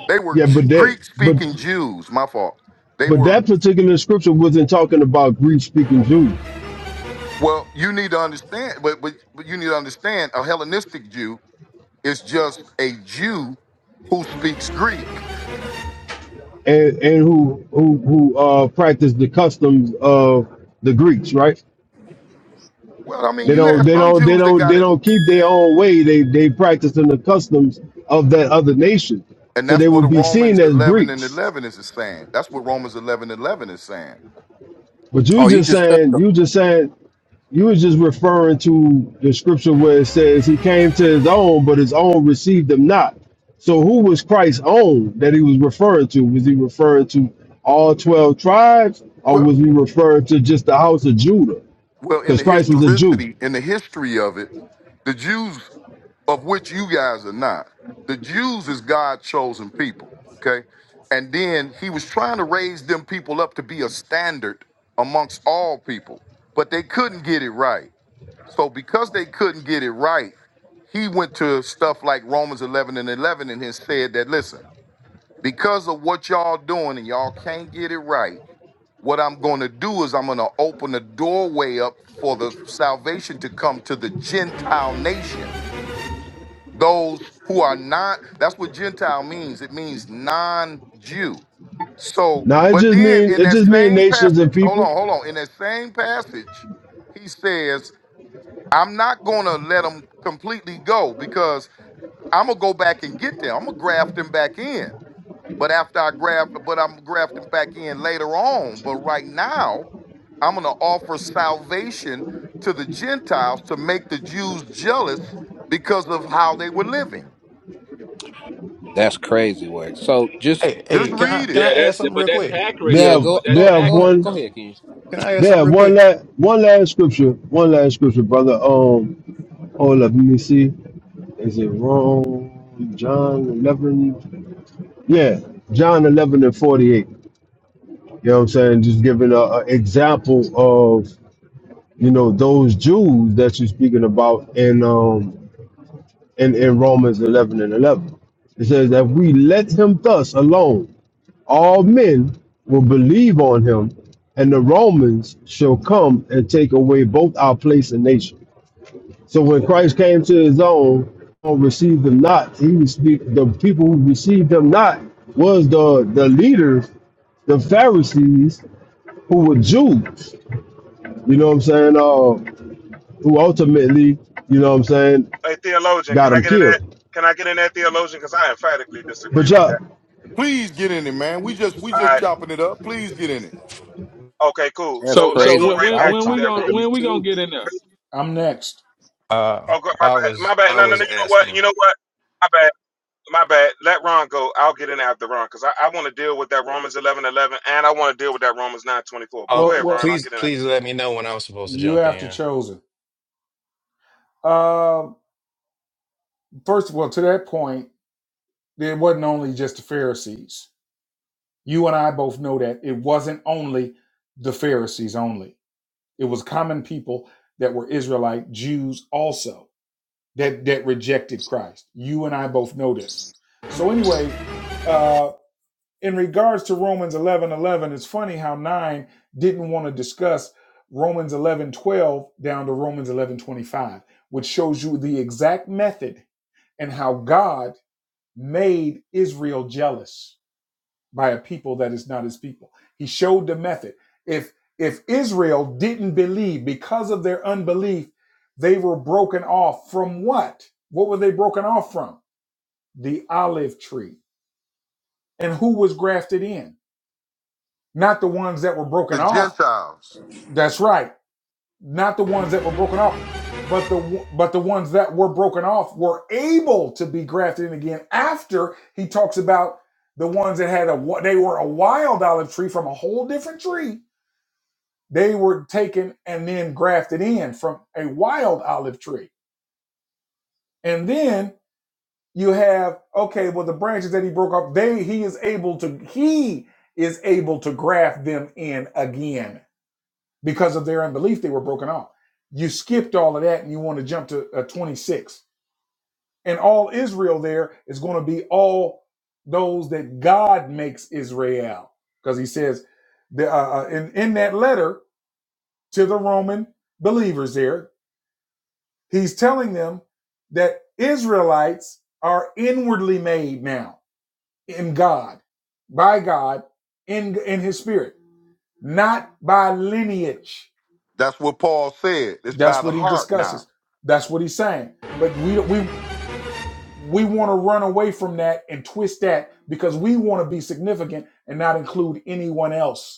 D: They were
F: yeah, but that
D: Greek
F: but
D: speaking Jews. My fault. They
F: but
D: were.
F: that particular scripture wasn't talking about Greek speaking Jews.
D: Well, you need to understand, but, but but you need to understand a Hellenistic Jew is just a Jew who speaks Greek.
F: and and who who who uh practice the customs of the Greeks, right?
D: Well, I mean,
F: They
D: you
F: don't
D: had
F: they
D: some
F: don't they
D: Jews that
F: don't they
D: got it,
F: don't keep their own way. They they practice in the customs of that other nation,
D: and
F: so
D: that's
F: they
D: what
F: will
D: the
F: be seen
D: Romans
F: as
D: eleven and
F: Greeks.
D: eleven is saying. That's what Romans eleven and eleven is saying.
F: But you
I: Oh, you
F: just
I: just cut
F: saying
I: them.
F: you just saying you was just referring to the scripture where it says he came to his own, but his own received him not. So who was Christ's own that he was referring to? Was he referring to all twelve tribes, or
D: Well,
F: was he referring to just the house of Judah?
D: Well, in
F: because
D: the
F: Christ was a Jew.
D: historicity, in the history of it, the Jews, of which you guys are not, the Jews is God's chosen people, okay? And then he was trying to raise them people up to be a standard amongst all people, but they couldn't get it right. So because they couldn't get it right, he went to stuff like Romans 11 and 11 and then said that, listen, because of what y'all doing and y'all can't get it right, what I'm going to do is I'm going to open the doorway up for the salvation to come to the Gentile nation. Those who are not, that's what Gentile means. It means non Jew. So,
F: Now it
D: but
F: just
D: then
F: mean
D: in
F: it
D: that
F: just mean
D: same
F: nations and
D: passage, hold
F: people.
D: on, hold on. In that same passage, he says, I'm not going to let them completely go because I'm going to go back and get them. I'm going to graft them back in. But after I graft, but I'm grafting back in later on. But right now, I'm going to offer salvation to the Gentiles to make the Jews jealous because of how they were living.
I: That's crazy work. So just
K: Hey, hey,
D: Just
K: can I
D: read
K: can
J: Yeah,
D: it.
K: I add
J: that's
K: something
J: but
K: real
J: that's
K: quick?
J: accurate
F: They
I: yeah,
J: though.
F: have
I: go
J: But
F: they
J: that's
I: go
F: have
I: go
J: accurate
F: one
I: go
J: though.
I: ahead, Ken.
K: Can I add
F: they
K: something
F: have
K: real
F: one
K: quick?
F: last one last scripture one last scripture, brother. Um, hold up, let me see. Is it wrong? John eleven. Yeah, John eleven and forty eight. You know what I'm saying? Just giving a, a example of you know those Jews that you're speaking about in um in, in Romans eleven and eleven. It says that we let him thus alone all men will believe on him, and the Romans shall come and take away both our place and nation. So when Christ came to his own, or received them not, he was the people who received him not was the the leaders, the Pharisees, who were Jews. You know what I'm saying? Uh, who ultimately, you know what I'm saying,
E: Hey, theologian, can
F: got
E: I
F: him
E: get in that?
F: killed.
E: Can I get in that theologian? Because I emphatically disagree
F: But
E: with
F: y'all,
E: that.
D: Please get in it, man. We just we
E: All
D: just
E: right.
D: chopping it up. Please get in it.
E: Okay, cool.
I: That's
E: So
J: So
E: let's
J: so
I: crazy
E: go
J: when
I: because
E: right
J: when
I: I was
E: back
J: when
E: to
J: we
I: trying
E: that.
I: to
E: Roman
J: gonna
I: get in
J: when
I: it
J: we gonna
I: too.
J: get in there?
G: I'm next.
K: Uh,
E: Oh, God, my
K: I
E: bad.
K: was
E: My bad.
K: I
E: No, no,
K: was
E: no. You know what?
K: asking.
E: You know what? My bad. My bad. Let Ron go. I'll get in after Ron because I, I want to deal with that Romans eleven eleven, and I want to deal with that Romans nine twenty four. But
K: Uh,
E: go
G: Well,
E: ahead,
G: well,
E: Ron. I'll
K: please
E: get in
K: please
E: after
K: let me know when I was supposed to
G: you
K: jump
G: after
K: in.
G: chosen. Uh, first of all, to that point, it wasn't only just the Pharisees. You and I both know that it wasn't only the Pharisees only It was common people that were Israelite Jews also that that rejected Christ. You and I both know this. So anyway, uh, in regards to Romans 11 11, it's funny how nine didn't want to discuss Romans 11 12 down to Romans 11 25, which shows you the exact method and how God made Israel jealous by a people that is not his people. He showed the method. If if Israel didn't believe because of their unbelief, they were broken off from what? What were they broken off from? The olive tree. And who was grafted in? Not the ones that were
D: The
G: broken off.
D: Gentiles.
G: That's right. Not the ones that were broken off, but the but the ones that were broken off were able to be grafted in again after he talks about the ones that had a they were a wild olive tree from a whole different tree They were taken and then grafted in from a wild olive tree. And then you have, okay, well, the branches that he broke off, they he is able to he is able to graft them in again because of their unbelief they were broken off. You skipped all of that and you want to jump to uh, 26. And all Israel there is going to be all those that God makes Israel. Because he says the, uh, uh, in, in that letter to the Roman believers there, He's telling them that Israelites are inwardly made now in God, by God, in, in his spirit, not by lineage.
D: That's what Paul said. It's
G: That's
D: by the
G: what he
D: heart
G: discusses.
D: now.
G: That's what he's saying. But we we we want to run away from that and twist that because we want to be significant and not include anyone else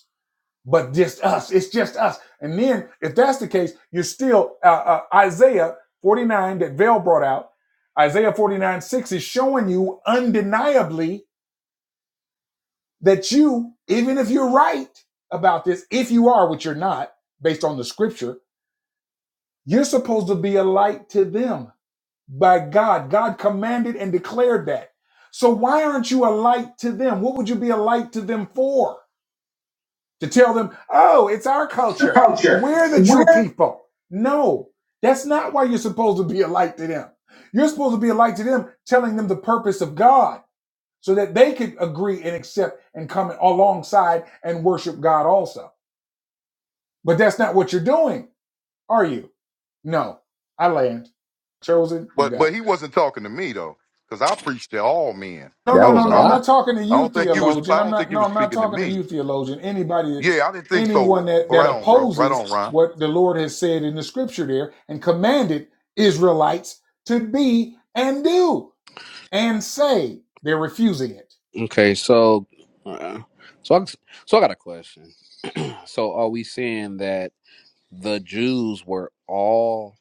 G: but just us. It's just us. And then, if that's the case, you're still uh, uh, Isaiah 49 that Vail brought out. Isaiah 49 6 is showing you undeniably that you, even if you're right about this, if you are, which you're not, based on the scripture, you're supposed to be a light to them by God. God commanded and declared that. So, why aren't you a light to them? What would you be a light to them for? to tell them, oh, it's our culture.
L: culture.
G: We're the
L: We're
G: true people. No, that's not why you're supposed to be a light to them. You're supposed to be a light to them, telling them the purpose of God so that they could agree and accept and come alongside and worship God also. But that's not what you're doing, are you? No. I land. Chosen, you
D: But
G: got it.
D: but he wasn't talking to me though, because I preach to all men.
G: No,
I: That
G: no,
D: I
I: was
D: don't
G: no,
I: a
G: no.
D: I
G: I'm
D: don't
G: not
I: lot.
G: talking to
D: I
G: you,
D: don't think he was
G: theologian.
D: I
G: I'm
D: don't think
G: not.
D: he
G: No,
D: was
G: I'm not
D: speaking to
G: talking to
D: me.
G: you, theologian. Anybody,
D: Yeah, I didn't think
G: anyone
D: so.
G: that
D: Oh,
G: that
D: Right on, bro. Right
G: opposes
D: on, Ron.
G: what the Lord has said in the Scripture there and commanded Israelites to be and do and say, they're refusing it.
I: Okay, so uh, so I, so I got a question. So are we saying that the Jews were all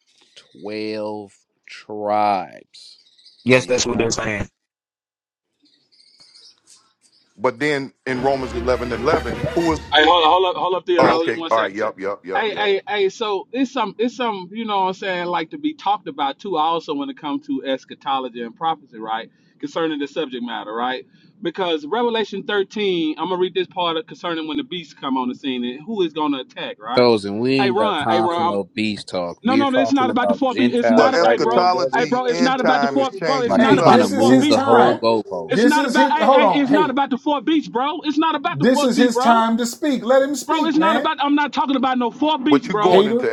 I: 12 tribes
M: Yes,
I: then,
M: that's what they're
I: right?
M: saying.
D: But then in Romans 11 and 11, who is.
J: Hey, hold on, hold up, hold up,
D: Oh,
J: theologian,
D: okay.
J: one
D: All right.
J: second.
D: Yep, yep, yep,
J: Hey,
D: yep.
J: hey, hey. So it's some it's some you know what I'm saying like to be talked about too. Also when it comes to eschatology and prophecy, right? Concerning the subject matter, right? Because Revelation 13, I'm gonna read this part of concerning when the beasts come on the scene and who is gonna attack, right?
I: Those and we
J: Hey,
I: ain't got
J: Ron. Hey,
I: time for
J: Ron.
I: no beast talk.
J: No,
I: We're
J: no, it's
I: talking
J: not about the
I: about
J: four beats. It's
D: Well,
J: not,
I: Gentiles
J: a, hey,
I: right
J: bro,
I: now,
J: hey,
I: brother.
D: eschatology,
J: bro, it's
D: end
J: not about the
D: time is
J: four, bro. It's
D: changing the
I: Like
J: not
I: you
G: Hey,
J: about
I: trying to
J: the
G: this is
D: subject.
J: four
G: his
I: move the
J: beats,
I: whole
G: time.
J: bro. It's
I: goalpost.
G: This
J: not
G: is
J: about,
G: his.
J: hey,
G: Hold
J: hey,
G: on.
J: it's not
G: Hey,
J: about the four beats, bro. It's not about the
G: this
J: four
G: is
J: beats,
G: his
J: bro.
G: time to speak. Let him
J: Bro, it's
G: speak,
J: not
G: man.
J: about. I'm not talking about no four beats,
D: But you
J: bro.
D: going
G: Hater.
D: into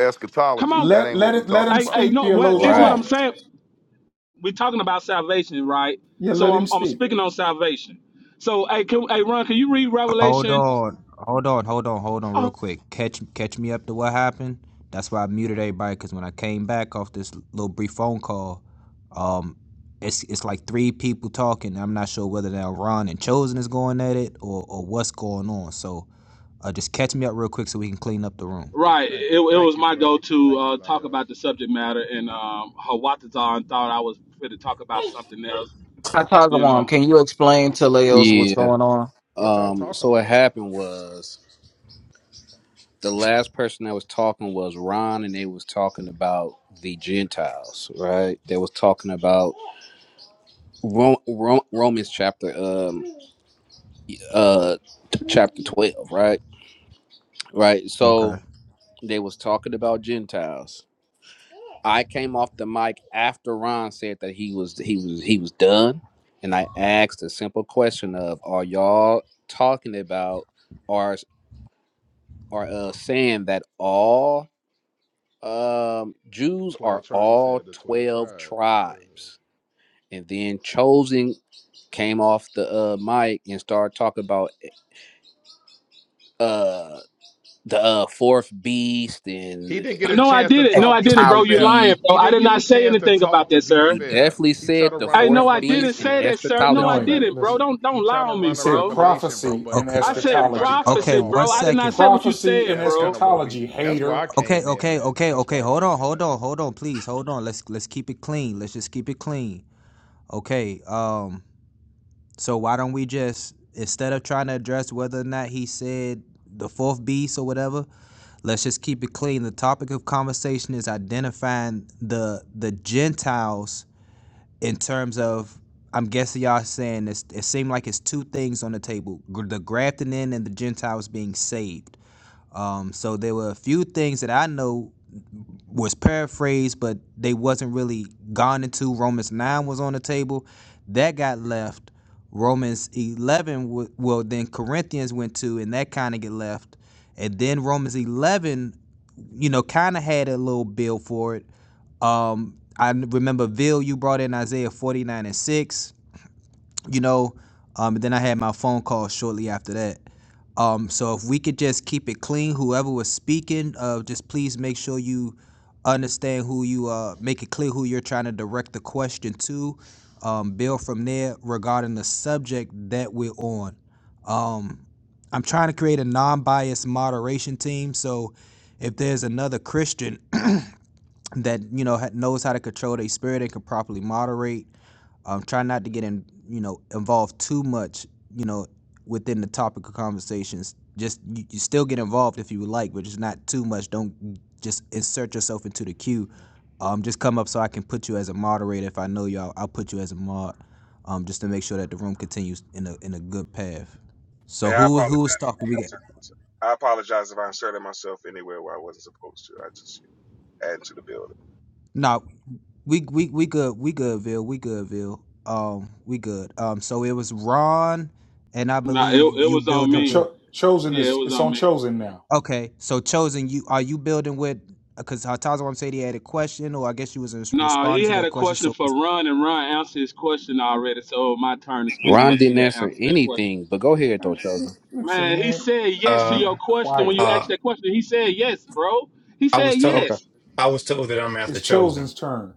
J: Come
D: eschatology.
J: on,
D: That
G: Let
D: ain't what
G: let
D: we
G: it let
D: talking
G: him
J: hey,
D: about.
J: hey,
G: speak,
J: no, what?
G: theologian.
J: This is
G: Hold
J: what
G: on.
I: Right.
J: I'm saying. We're talking about salvation, right?
G: Yeah,
J: So
G: let
J: I'm,
G: him
J: I'm
G: speak.
J: speaking on salvation. So, hey, can, hey, Ron, can you read
B: Hold
J: Revelation?
B: on, hold on, hold on, hold on, real
J: Oh,
B: quick. Catch, catch me up to what happened. That's why I muted everybody because when I came back off this little brief phone call, um, it's it's like three people talking. I'm not sure whether now Ron and Chosen is going at it or or what's going on. So, uh, just catch me up real quick so we can clean up the room.
J: right.
L: Thank
J: It, it
L: you. Thank
J: was
L: you,
J: my
L: bro.
J: go to
L: Thank you,
J: uh, talk
L: Lyos.
J: about the subject matter, and um, Hawatazan thought I was fit to talk about something else.
M: Hi,
J: You know.
M: Tazawam, can you explain to Leos what's
I: Yeah.
M: going on?
L: What y'all
I: Um
L: talking
I: so what
L: about?
I: happened was the last person that was talking was Ron, and they was talking about the Gentiles, right? They was talking about Ro- Ro- Romans chapter um uh t- chapter twelve, right? Right.
B: Okay.
I: So they was talking about Gentiles. I came off the mic after Ron said that he was he was he was done, and I asked a simple question of Are y'all talking about are are uh, saying that all Um, Jews
L: 12
I: are
L: tribes. You
I: all
L: said the 12
I: twelve
L: tribes. Yeah.
I: tribes, and then chosen came off the uh, mic and started talking about uh, the uh, fourth beast
L: He
I: and
L: didn't get a
J: No, I
L: chance to
J: didn't. No, I
L: talk, to
J: didn't,
L: be
J: bro. You
L: fair.
J: lying,
I: eschatology.
J: bro.
L: He
J: I
L: didn't
J: did
L: get a
J: not say
L: chance to
J: anything about
L: talk, to
J: that,
L: be
J: sir.
I: You
L: fair.
I: definitely
L: He tried
I: said
L: to
I: the
L: run a
J: I know
I: fourth
J: I didn't
I: beast and
J: say
L: revelation.
J: that, sir. No, I
I: eschatology,
G: Knowing it.
I: brother.
J: didn't,
G: Listen.
L: He
J: bro. Don't
L: he
J: don't
L: tried
J: lie
L: to
J: on
G: He
J: me,
L: run a
G: said
J: bro.
L: revelation, bro,
G: prophecy
L: but
G: and
B: Okay.
J: I
L: but
J: said
L: everybody
G: eschatology.
L: cut him
B: Okay.
J: prophecy,
L: off
B: One
J: bro. I did
L: though.
J: not
B: second.
J: say what you
G: Prophecy
J: said,
G: and
L: That's kind
J: bro.
L: of what we
G: eschatology,
L: that's where
G: hater.
L: I
B: Okay.
L: came in
B: Okay.
L: at.
B: Okay.
L: That's where
B: Okay.
L: I
B: Hold on.
L: came in
B: Hold
L: at.
B: on. Hold on. Please. Hold on. Let's let's keep it clean. Let's just keep it clean. Okay. Um. So why don't we just instead of trying to address whether or not he said the fourth beast or whatever, let's just keep it clean. The topic of conversation is identifying the the Gentiles in terms of. I'm guessing y'all saying this. It seemed like it's two things on the table: gr- the grafting in and the Gentiles being saved. Um, so there were a few things that I know was paraphrased, but they wasn't really gone into. Romans nine was on the table, that got left. Romans eleven, w- well then Corinthians went to, and that kind of get left. And then Romans eleven, you know, kind of had a little bill for it. Um, I n- remember Bill, you brought in Isaiah forty nine and six you know um and then i had my phone call shortly after that um so if we could just keep it clean whoever was speaking uh just please make sure you understand who you uh make it clear who you're trying to direct the question to um build from there regarding the subject that we're on um i'm trying to create a non-biased moderation team so if there's another christian that you know ha- knows how to control their spirit and can properly moderate. Um, try not to get in, you know, involved too much, you know, within the topic of conversations. Just you, you still get involved if you would like, but just not too much. Don't just insert yourself into the queue.
L: Mhm.
B: Um, just come up so I can put you as a moderator. If I know you, I'll, I'll put you as a mod, um, just to make sure that the room continues in a in a good path.
E: you.
B: So
E: Hey, I
B: who who
E: apologize.
B: was talking? We got
E: I apologize if I inserted myself anywhere where I wasn't supposed to. I just add to the building.
B: no. We we we good. We good, Vil We good, Vil Um, we good. Um, so it was Ron, and I
J: Nah, it,
B: believe
J: it
B: you
J: was on
G: Now,
B: building
J: me.
B: with.
G: cho- chosen
J: Yeah, it
G: is
J: was
G: it's
J: on
G: on
J: me.
G: chosen now.
B: Okay, so chosen. You are you building with? Because Hatazawam said he had a question, or I guess you was res-
J: No, he
B: responding to
J: had
B: that
J: a
B: question.
J: question
B: So
J: for
B: it's
J: Run, and Run answered his question already. So my turn to speak
I: Ron
J: once he
I: didn't
J: had
I: answer
J: answered that question.
I: anything, but go ahead though, chosen.
G: Listen,
J: Man, he
G: man,
J: said yes to
K: Uh,
G: be
J: your question when
G: quiet.
J: you
K: uh,
J: asked that question. He said yes, bro. He
K: I
J: said
K: was told
I: Okay.
J: yes.
K: I was told that I'm after
G: It's
K: chosen.
G: chosen's turn.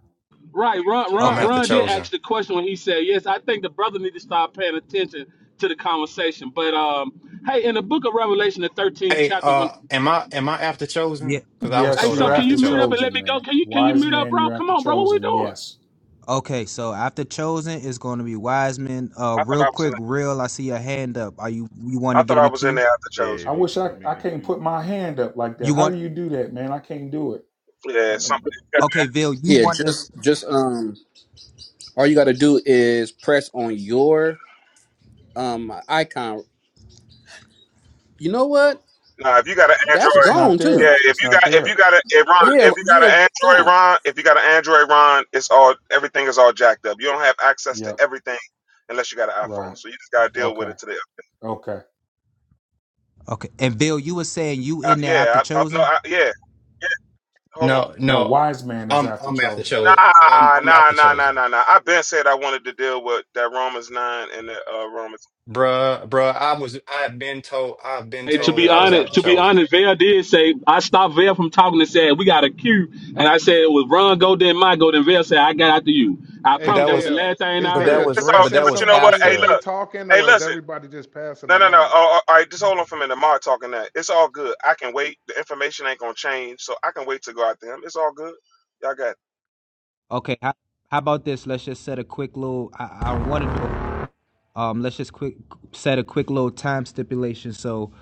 J: Right, Ron,
K: I'm
J: Ron,
B: okay.
K: after
J: Ron did
K: chosen.
J: ask the question when he said, "Yes, I think the brother need to start paying attention to the conversation." But um, hey, in the book of Revelation, the 13th
K: Hey,
J: chapter, when
K: uh, am I am I after
B: Yeah.
K: chosen? Because I was
J: hey,
G: Yes,
K: told
J: so
G: you're
K: I'm
J: can
K: after
J: you
G: after
J: mute up
K: chosen.
J: and let
G: chosen,
J: me go?
G: man.
J: Can you can you
G: Wise
J: mute up,
G: man,
J: bro?
G: you're
J: Come
G: after
J: on, bro, what we
G: chosen.
J: doing?
G: Yes.
B: Okay. So after chosen, it's going to be Wiseman. Uh,
E: I thought
B: real
E: I was
B: quick,
E: in.
B: real. I see your hand up. Are you you want
E: I
B: to get
E: thought
B: in
E: I
B: the
E: was in
B: queue?
E: there after
N: Yeah,
E: chosen.
G: I
N: if you
G: wish
N: can
G: I
N: put me
G: I
N: in the
G: can't
N: queue.
G: put my hand up like that.
B: You
G: How
B: want?
G: do you do that, man? I can't do it.
E: Yeah,
G: I-
E: something.
B: Okay, Vil You
I: Yeah,
B: want to?
I: just just um, all you got to do is press on your um icon. You know what?
E: Nah, if you got an
I: That's
E: Android,
G: It's not
I: gone too.
E: yeah,
G: there.
E: if
G: It's
E: you got
G: not
E: if you
G: there.
E: got a if Ron,
I: Yeah,
E: if you got an
I: yeah,
E: Android
I: con,
E: Ron, if you got an Android Ron, it's all everything is all jacked up. You don't have access to
G: Yep.
E: everything unless you got an iPhone.
G: Right.
E: So you just gotta deal with
G: Okay.
E: it today.
G: Okay.
B: Okay, and Vil you were saying you
E: Uh,
B: in there after
E: yeah, I, I, no,
B: chosen.
E: I, yeah. Hold on.
K: No,
G: No,
K: no,
G: wise man is
K: I'm
G: after
K: I'm after
G: chosen.
K: chosen. I'm
E: Nah,
K: I'm
E: nah,
K: after
E: nah, nah,
K: chosen.
E: nah, nah. I've been said I wanted to deal with that Romans nine and the uh, Romans.
K: Bruh, bruh, I was I've been told I've been
J: Hey,
L: Hey
J: to
K: told
J: be
K: that I was
J: honest,
L: Vil.
K: after
J: to be
K: chosen.
J: honest, Vail did say I stopped Vail from talking and said we got a queue, and I said it was Ron go then my go then Vail said I got after you. I
L: Hey,
K: But
J: promise
K: that
J: that was
K: was
J: the
L: Vail,
J: last thing
L: is
J: I
K: But
L: they
K: that
J: heard.
K: was
E: It's all,
K: but
L: addressing
K: that
E: but
K: was
E: you know what?
L: somebody
E: Hey,
L: when they
K: after.
E: look.
L: talking,
E: Hey,
L: or is
E: listen.
L: everybody just passing the
E: No, no, no.
L: mic?
E: Oh, oh, all right, just hold on for a minute. Mark talking that. It's all good. I can wait. The information ain't gonna change, so I can wait to go out to him. It's all good. Y'all got. It.
B: Okay, how, how about this? Let's just set a quick little. I, I don't want to do it, but um, let's just quick set a quick little time stipulation. So,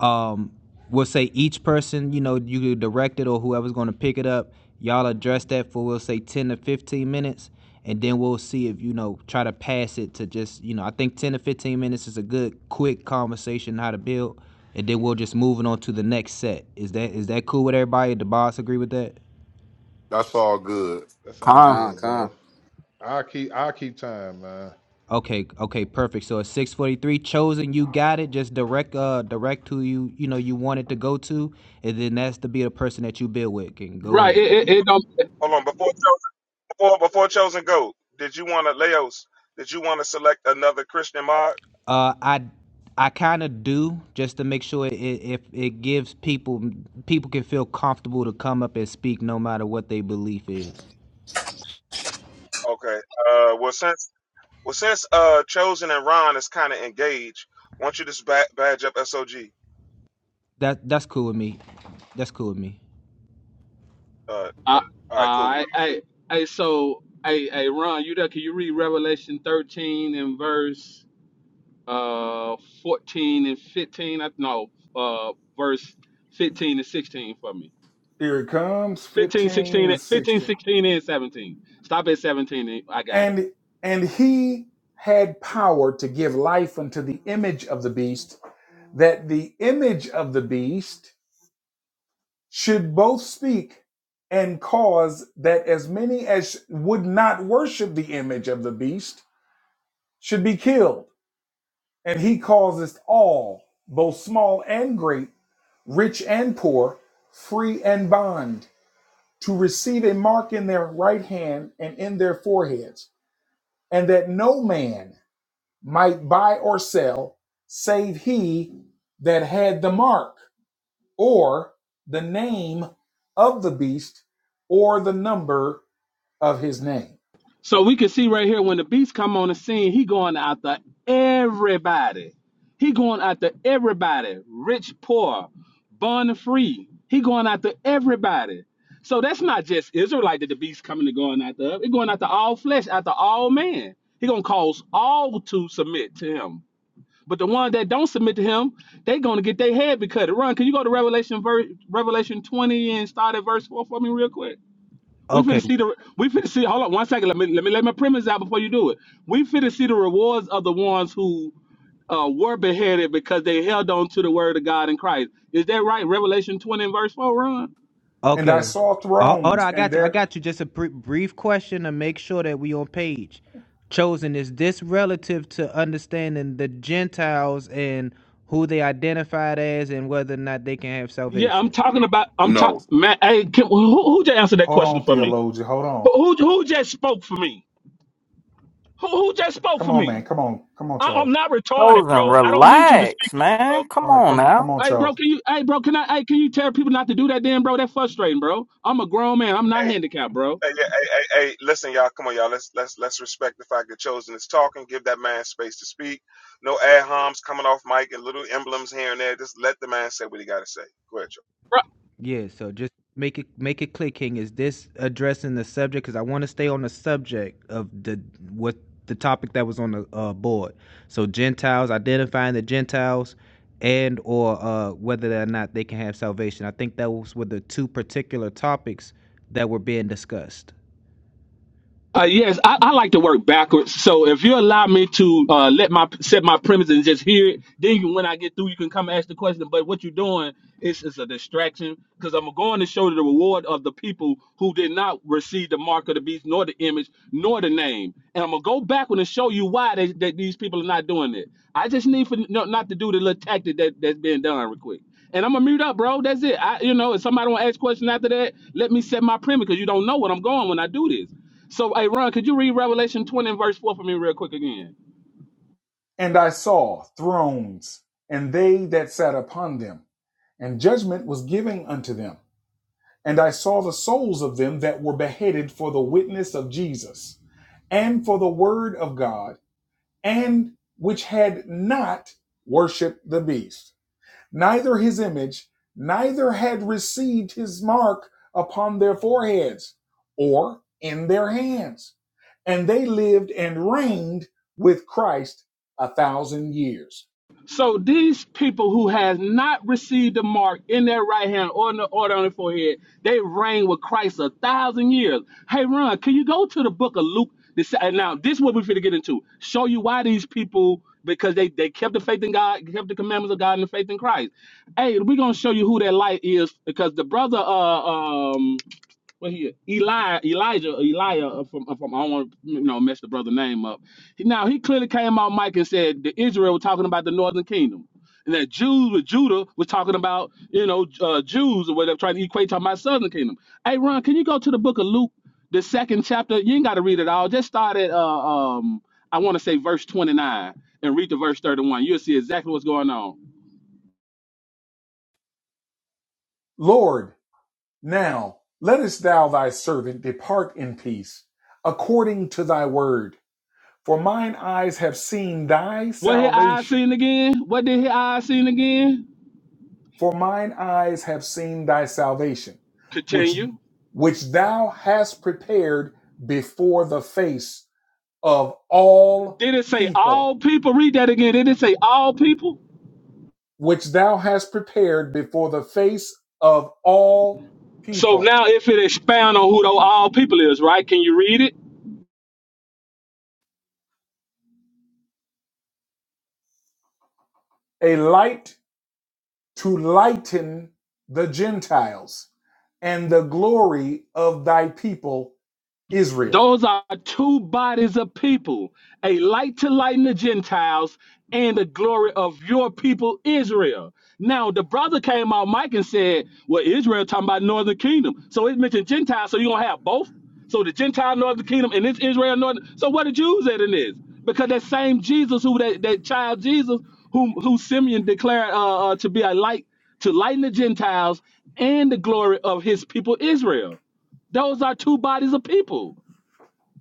B: um, we'll say each person, you know, you could direct it or whoever's going to pick it up, y'all address that for we'll say ten to fifteen minutes, and then we'll see if you know try to pass it to just you know. I think ten to fifteen minutes is a good quick conversation how to build, and then we'll just move it on to the next set. Is that is that cool with everybody? Did the boss agree with that?
D: That's all good.
L: That sounds
M: Huh?
I: con,
L: good,
I: con.
L: bro. I keep I keep time, man.
B: Okay, okay, perfect. So at six forty three, chosen, you got it. Just direct, uh, direct who you you know you want it to go to, and then that's to be the person that you build with. Can go
J: Right,
B: ahead.
J: it, it, it don't.
E: Hold on. Before before before chosen go. Did you want to Leos? Did you want to select another Christian mod?
B: Uh, I I kind of do just to make sure it, if it gives people people can feel comfortable to come up and speak no matter what their belief is.
E: Okay. Uh, well since well since uh chosen and Ron is kind of engaged, why don't you just ba- badge up SOG?
B: That that's cool with me. That's cool with me.
E: Uh,
J: I,
E: all right, cool.
J: I, I, I so, hey, hey, Ron, you there? Can you read Revelation 13 and verse uh 14 and 15? I, no, uh, verse 15 and 16 for me.
G: Here it comes,
J: 15,
G: 15
J: 16,
G: and
J: 15,
G: 16.
J: 16 and 17. Stop at 17. and- I got it.
G: And and he had power to give life unto the image of the beast, that the image of the beast should both speak and cause that as many as would not worship the image of the beast should be killed. And he causeth all, both small and great, rich and poor, free and bond, to receive a mark in their right hand and in their foreheads and that no man might buy or sell save he that had the mark or the name of the beast or the number of his name.
J: So we can see right here when the beast come on the scene, he going after everybody. He going after everybody, rich, poor, born and free. He going after everybody. So that's not just Israelite that the beast coming to going after. He going after all flesh, after all man. He gonna cause all to submit to him. But the ones that don't submit to him, they gonna get their head be cut. Run, can you go to Revelation verse Revelation 20 and start at verse 4 for me real quick? We finna
B: Okay.
J: see the we finna see. Hold on one second. Let me let me lay my premise out before you do it. We finna see the rewards of the ones who uh, were beheaded because they held on to the word of God in Christ. Is that right? Revelation twenty and verse four. Ron.
G: And I
B: Okay.
G: saw
B: Oh, hold on,
G: thrones
B: I
G: and
B: got you. I
G: there
B: got you. Just a br- brief question to make sure that we on page. Chosen is this relative to understanding the Gentiles and who they identified as, and whether or not they can have
J: Yeah, I'm
B: salvation.
J: talking about. I'm
D: No,
J: talking. Man, hey, can, who who just answered that
G: hold
J: question
G: on
J: for me?
G: theologian, hold
J: Who
G: on.
J: who, who just spoke for me? Who who just spoke
G: Come
J: for
G: on man,
J: me?
G: come on. Come on
J: I, I'm
G: Charles.
J: not retarded,
M: Chosen,
J: bro. I don't need you to speak
M: relax,
J: for me, bro.
M: man. Come
G: All right,
M: on
G: come
M: now.
G: come on
J: Hey, bro,
G: Charles.
J: can you? Hey, bro, can I? Hey, can you tell people not to do that, then, bro? That's frustrating, bro. I'm a grown man. I'm
E: Hey,
J: not handicapped, bro.
E: Hey, yeah, hey, hey, hey, listen, y'all. Come on, y'all. Let's let's let's respect the fact that Chosen is talking. Give that man space to speak. No ad homs coming off mic and little emblems here and there. Just let the man say what he got to say. Go ahead, Chosen.
B: Yeah, so just make it make it clicking. Is this addressing the subject? Because I want to stay on the subject of the what the topic that was on the uh, board. So Gentiles identifying the Gentiles, and or uh, whether or not they can have salvation. I think that was were the two particular topics that were being discussed.
J: Uh, yes, I, I like to work backwards. So if you allow me to uh, let my set my premise and just hear it, then you, when I get through, you can come ask the question. But what you're doing is is a distraction because I'm going to show the reward of the people who did not receive the mark of the beast, nor the image, nor the name. And I'm gonna go backward and show you why they, that these people are not doing it. I just need for no, not to do the little tactic that that's being done real quick. And I'm gonna mute up, bro. That's it. I, you know, if somebody wanna ask a question after that, let me set my premise because you don't know what I'm going when I do this. So, hey, Ron, could you read Revelation 20 and verse 4 for me real quick again?
G: And I saw thrones and they that sat upon them and judgment was given unto them. And I saw the souls of them that were beheaded for the witness of Jesus, and for the word of God, and which had not worshiped the beast, neither his image, neither had received his mark upon their foreheads or in their hands. And they lived and reigned with Christ a thousand years.
J: So these people who has not received the mark in their right hand or in the, or on their forehead, they reign with Christ a thousand years. Hey, Ron, can you go to the book of Luke? to say- and Now, this is what we're going to get into. Show you why these people, because they, they kept the faith in God, kept the commandments of God and the faith in Christ. Hey, we're going to show you who that light is because the brother uh, um, Well, he Eli Elijah Elijah uh, from uh, from I don't want to you know mess the brother name up. He- Now he clearly came out, Mike, and said that Israel was talking about the northern kingdom, and that Jews with Judah was talking about you know uh, Jews or whatever trying to equate to my southern kingdom. Hey, Ron, can you go to the book of Luke, the second chapter? You ain't got to read it all. Just start at uh, um I want to say verse twenty nine and read to verse thirty one. You'll see exactly what's going on.
G: Lord, Now lettest thou thy servant depart in peace, according to thy word. For mine eyes have seen thy
J: What his eyes
G: salvation.
J: seen again? What did his eyes seen again?
G: For mine eyes have seen thy salvation, which
J: Continue.
G: which thou hast prepared before the face of all
J: Did it say
G: people,
J: all people? Read that again. Did it say all people?
G: which thou hast prepared before the face of all
J: So
G: people,
J: now if it expound on who the all people is, right? Can you read it?
G: a light to lighten the Gentiles and the glory of thy people Israel.
J: Those are two bodies of people a light to lighten the Gentiles and the glory of your people, Israel. Now, the brother came out, Mike, and said, Well, Israel talking about northern kingdom. So it mentioned Gentiles, so you're going to have both? So the Gentile northern kingdom and this Israel northern. So what the Jews at in this? Because that same Jesus, who that, that child Jesus, whom who Simeon declared uh, uh, to be a light to lighten the Gentiles and the glory of his people Israel. Those are two bodies of people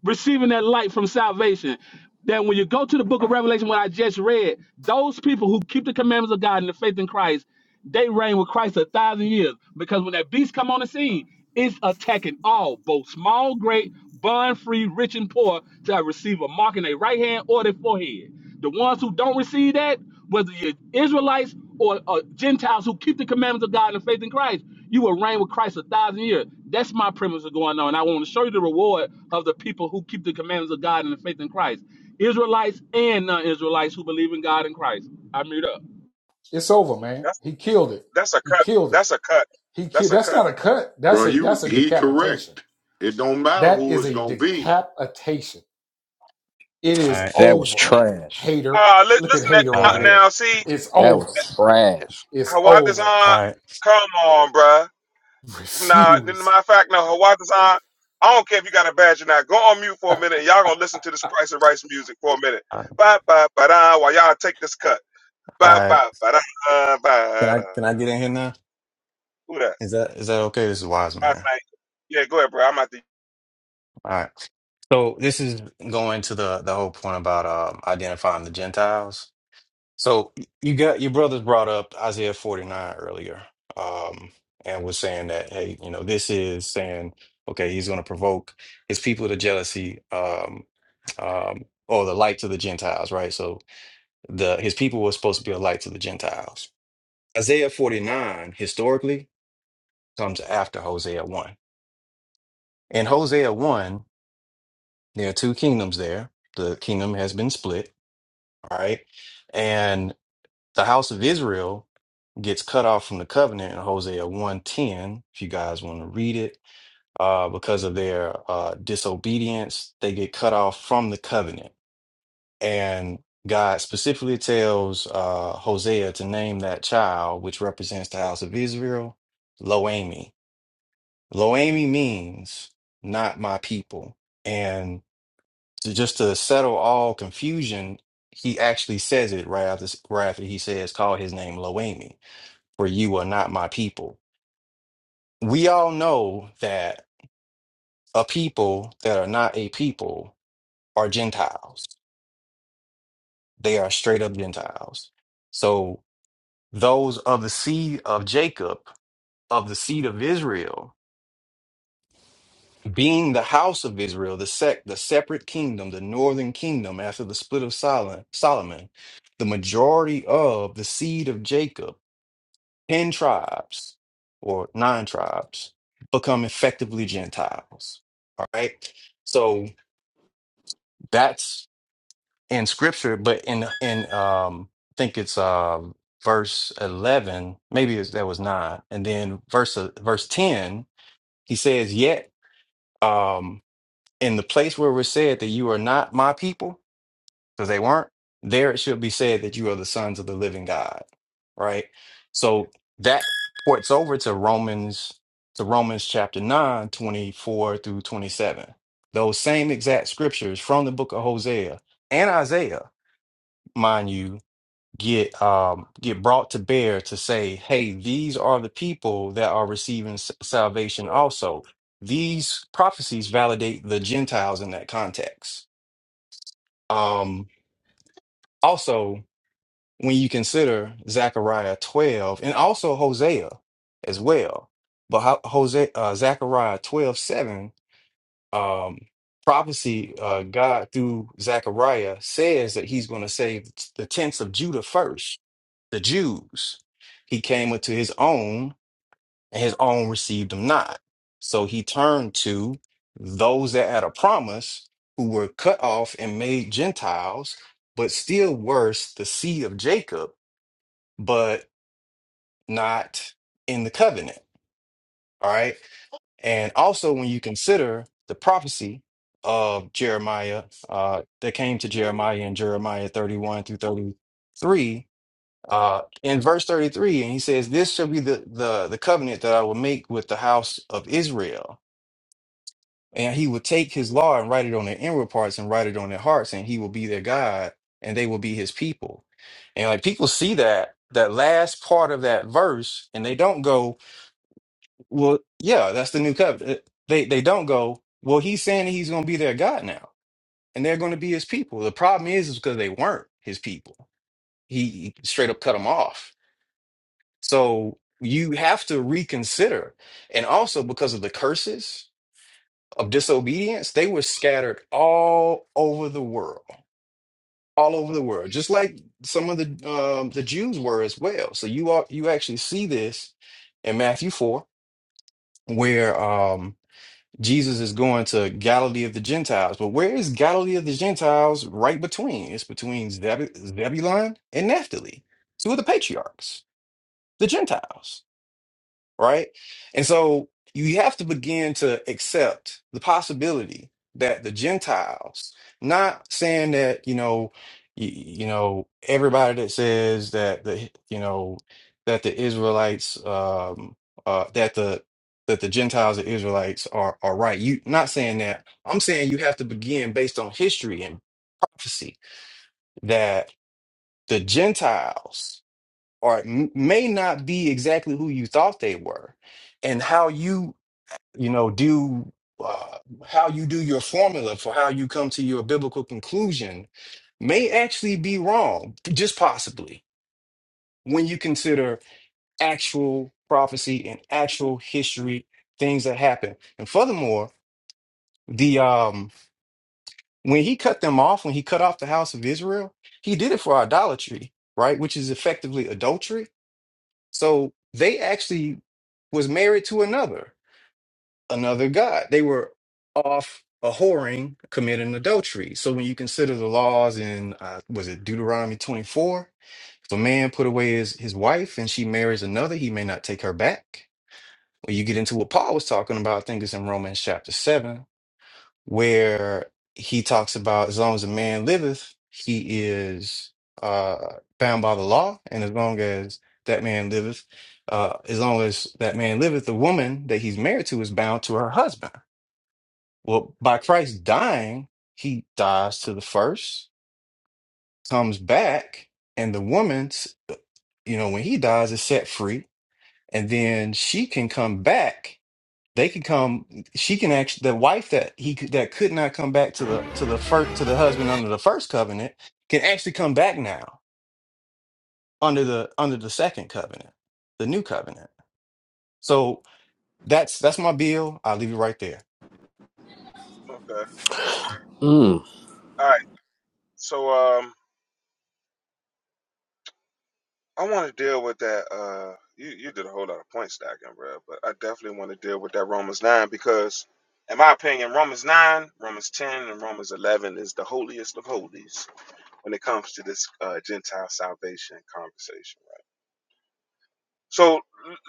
J: receiving that light from salvation. That when you go to the book of Revelation, what I just read, those people who keep the commandments of God and the faith in Christ, they reign with Christ a thousand years. Because when that beast come on the scene, it's attacking all, both small, great, bond free, rich, and poor, to receive a mark in their right hand or their forehead. The ones who don't receive that, whether you're Israelites or, or Gentiles who keep the commandments of God and faith in Christ, you will reign with Christ a thousand years. That's my premise of going on. I want to show you the reward of the people who keep the commandments of God and the faith in Christ. Israelites and non-Israelites who believe in God and Christ. I meet up.
G: It's over, man.
E: That's
G: He killed it.
E: that's a
G: He
E: cut.
G: killed it.
E: That's a cut.
G: He
E: That's
G: killed.
E: a
G: That's
E: cut.
G: not a cut.
D: bro,
G: That's a
D: you
G: that's a
D: he
G: decapitation.
D: correct. It don't matter
G: That
D: who
G: is
D: it's
G: a
D: gonna be.
G: decapitation. It
K: All
G: is
K: right,
I: That was
G: over.
I: trash.
G: Hater.
E: Ah, li-
G: Look at
E: listen at
K: all
G: hater over
K: right,
E: now,
G: there.
E: now. See,
G: It's
I: That
G: over.
I: was trash.
G: It's
E: Hawat
G: over.
E: Design.
K: all right,
E: Come on, bruh. Nah, n-
G: Refuse.
E: matter of fact, no, Hawat Design. I don't care if you got a badge or not. Go on mute for a minute. y'all gonna listen to this Price and Rice music for a minute.
K: all right.
E: Ba ba ba da. While y'all take this cut.
K: all
E: Ba ba
K: right.
E: ba da uh, ba
K: Can I
E: da.
K: can I get in here now?
E: Who that?
K: Is that is that okay? This is wise
E: Last
K: man.
E: night. Yeah, go ahead, bro. I'm at the
K: All right. So this is going to the the whole point about um, identifying the Gentiles. So you got your brothers brought up Isaiah forty nine earlier, um, and was saying that hey, you know, this is saying okay, he's going to provoke his people to jealousy, um, um, or the light to the Gentiles, right? So. the his people were supposed to be a light to the Gentiles. Isaiah 49 historically comes after Hosea 1. In Hosea 1, there are two kingdoms there. The kingdom has been split, all right? And the house of Israel gets cut off from the covenant in Hosea one ten. if you guys want to read it, uh, because of their uh, disobedience, they get cut off from the covenant. And God specifically tells uh, Hosea to name that child, which represents the house of Israel, Loami. Loami means not my people. And to, just to settle all confusion, he actually says it right after, right after he says, call his name Loami, for you are not my people. We all know that a people that are not a people are Gentiles. They are straight up Gentiles. So those of the seed of Jacob, of the seed of Israel, being the house of Israel, the sect, the separate kingdom, the northern kingdom after the split of Solomon, Solomon, the majority of the seed of Jacob, 10 tribes or nine tribes, become effectively Gentiles. All right. So that's in scripture, but in, in, um, I think it's, um, verse 11 maybe it's, that was 9 and then verse uh, verse 10 He says, Yet, um, in the place where we're said that you are not my people, because they weren't, there it should be said that you are the sons of the living God. Right? So that ports over to Romans to Romans chapter 9, 24 through 27. Those same exact scriptures from the book of Hosea and Isaiah, mind you, get um get brought to bear to say hey these are the people that are receiving s- salvation also these prophecies validate the gentiles in that context um also when you consider zechariah 12 and also hosea as well but how, hosea uh, zechariah 12 7 um prophecy uh god through zechariah says that he's going to save the tents of judah first the Jews. He came unto his own, and his own received him not. So he turned to those that had a promise, who were cut off and made Gentiles, but still worse, the seed of Jacob, but not in the covenant. All right. And also, when you consider the prophecy of Jeremiah uh, that came to Jeremiah in Jeremiah 31 through 33, uh, in verse 33 and he says this shall be the, the the covenant that i will make with the house of israel and he will take his law and write it on their inward parts and write it on their hearts and he will be their god and they will be his people and like people see that that last part of that verse and they don't go well yeah that's the new covenant Uh, they they don't go well he's saying that he's going to be their god now and they're going to be his people the problem is is because they weren't his people he straight up cut them off So you have to reconsider. And also because of the curses of disobedience, they were scattered all over the world, all over the world, just like some of the um, the Jews were as well. So you are you actually see this in Matthew 4, where um, Jesus is going to Galilee of the Gentiles. But where is Galilee of the Gentiles right between? It's between Zeb- Zebulun and Naphtali, two of the patriarchs, the Gentiles. right? And so you have to begin to accept the possibility that the Gentiles, not saying that, you know, you, you know, everybody that says that the, you know, that the Israelites, um, uh, that the, that the Gentiles and Israelites are, are right. You not saying that. I'm saying you have to begin based on history and prophecy that the Gentiles are m- may not be exactly who you thought they were and how you you know do uh, how you do your formula for how you come to your biblical conclusion may actually be wrong just possibly when you consider actual prophecy and actual history things that happen and furthermore the um when he cut them off when he cut off the house of israel he did it for idolatry right which is effectively adultery so they actually was married to another another god. They were off a whoring, committing adultery. So when you consider the laws in, uh, was it Deuteronomy 24? If a man put away his, his wife and she marries another, he may not take her back. When you get into what Paul was talking about, I think it's in Romans chapter 7, where he talks about as long as a man liveth, he is uh, bound by the law. And as long as that man liveth, uh, as long as that man liveth, the woman that he's married to is bound to her husband. Well, by Christ dying, he dies to the first, comes back, and the woman's, you know, when he dies, is set free. And then she can come back. They can come. She can actually the wife that he could- that could not come back to the to the first to the husband under the first covenant can actually come back now under the under the second covenant, the new covenant. So that's that's my bill. I'll leave it right there.
E: okay.
I: Mm.
E: All right. So um, I want to deal with that. Uh, you you did a whole lot of point stacking, bro. But I definitely want to deal with that Romans nine because, in my opinion, Romans nine, Romans ten, and Romans eleven is the holiest of holies when it comes to this uh, Gentile salvation conversation. right? So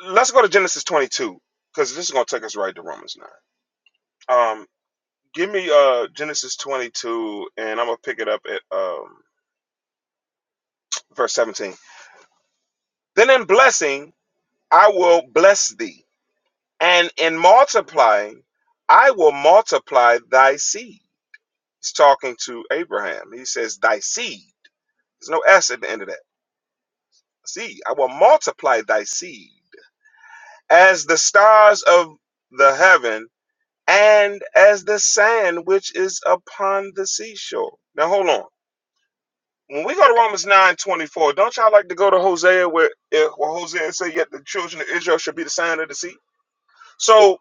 E: l- let's go to Genesis twenty two because this is gonna take us right to Romans nine. Um, Give me uh Genesis 22 and I'm going to pick it up at um verse 17. Then in blessing I will bless thee, and in multiplying I will multiply thy seed. He's talking to Abraham. He says thy seed. There's no s at the end of that. Seed. I will multiply thy seed as the stars of the heaven and as the sand which is upon the seashore. Now hold on When we go to Romans nine do don't y'all like to go to Hosea where, eh, where Hosea say, yet the children of Israel should be the sign of the sea? So,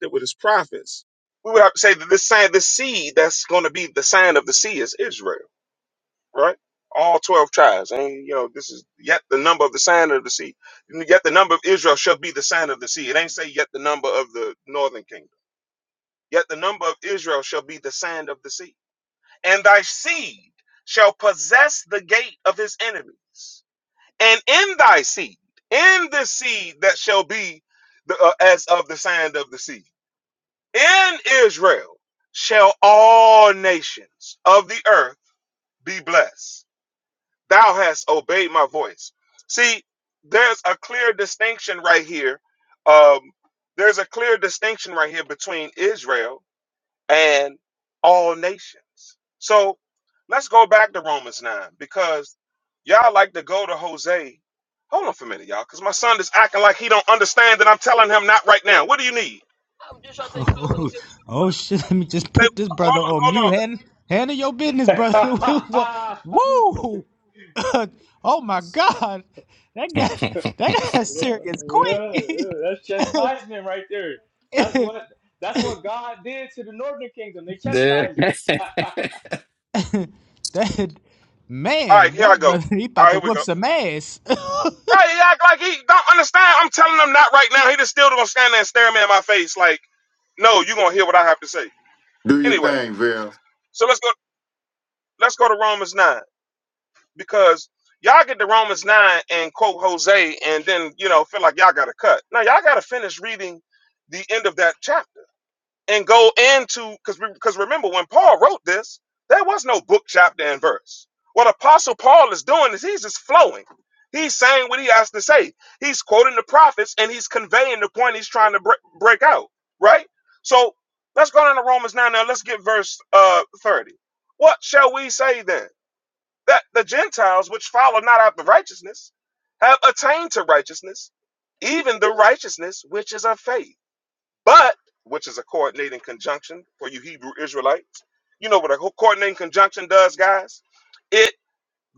E: that with his prophets, we would have to say that this sign, this seed that's going to be the sign of the sea is Israel, right? All 12 tribes. And, you know, this is yet the number of the sign of the sea. Yet the number of Israel shall be the sign of the sea. It ain't say yet the number of the northern kingdom. Yet the number of Israel shall be the sign of the sea. And thy seed shall possess the gate of his enemies and in thy seed, in this seed that shall be the, uh, as of the sand of the sea, in Israel shall all nations of the earth be blessed. Thou hast obeyed my voice. See, there's a clear distinction right here. Um, there's a clear distinction right here between Israel and all nations. So let's go back to Romans 9 because y'all like to go to Jose. Hold on for a minute, y'all, because my son is acting like he don't understand that I'm telling him not right now. What do you need? I'm
B: Oh,
E: just
B: oh shit! Let me just
E: Say,
B: put this
E: hold
B: brother
E: on,
B: on
E: hold
B: mute.
E: on.
B: Hand, handle your business,
C: yeah,
B: brother. Wha- Whoa! oh my god, that got that got
C: yeah,
B: serious quick.
C: yeah. That's chastisement right there. That's what that's what God did to the northern kingdom. They
K: There.
C: chastised them.
B: that
E: All
B: man,
E: right, here
B: that
E: I go.
B: brother, he
E: All
B: about
E: right,
B: to
E: here we
B: whoop
E: go.
B: some ass.
E: Right, he act like he don't understand. I'm telling him not right now. He just still gonna stand there and stare me in my face like, no, you gonna hear what I have to say.
D: Do your
E: Anyway,
D: thing, Val.
E: so let's go let's go to Romans 9. because y'all get to Romans 9 and quote Jose and then, you know, feel like y'all got to cut. Now, y'all got to finish reading the end of that chapter and go into, because because remember, when Paul wrote this, there was no book, chapter, and verse. What Apostle Paul is doing is he's just flowing. He's saying what he has to say. He's quoting the prophets and he's conveying the point he's trying to bre- break out, right? So let's go down to Romans 9 now. Let's get verse uh, 30. What shall we say then? that the Gentiles, which follow not after righteousness, have attained to righteousness, even the righteousness which is of faith. But, which is a coordinating conjunction for you Hebrew Israelites, you know what a coordinating conjunction does, guys? It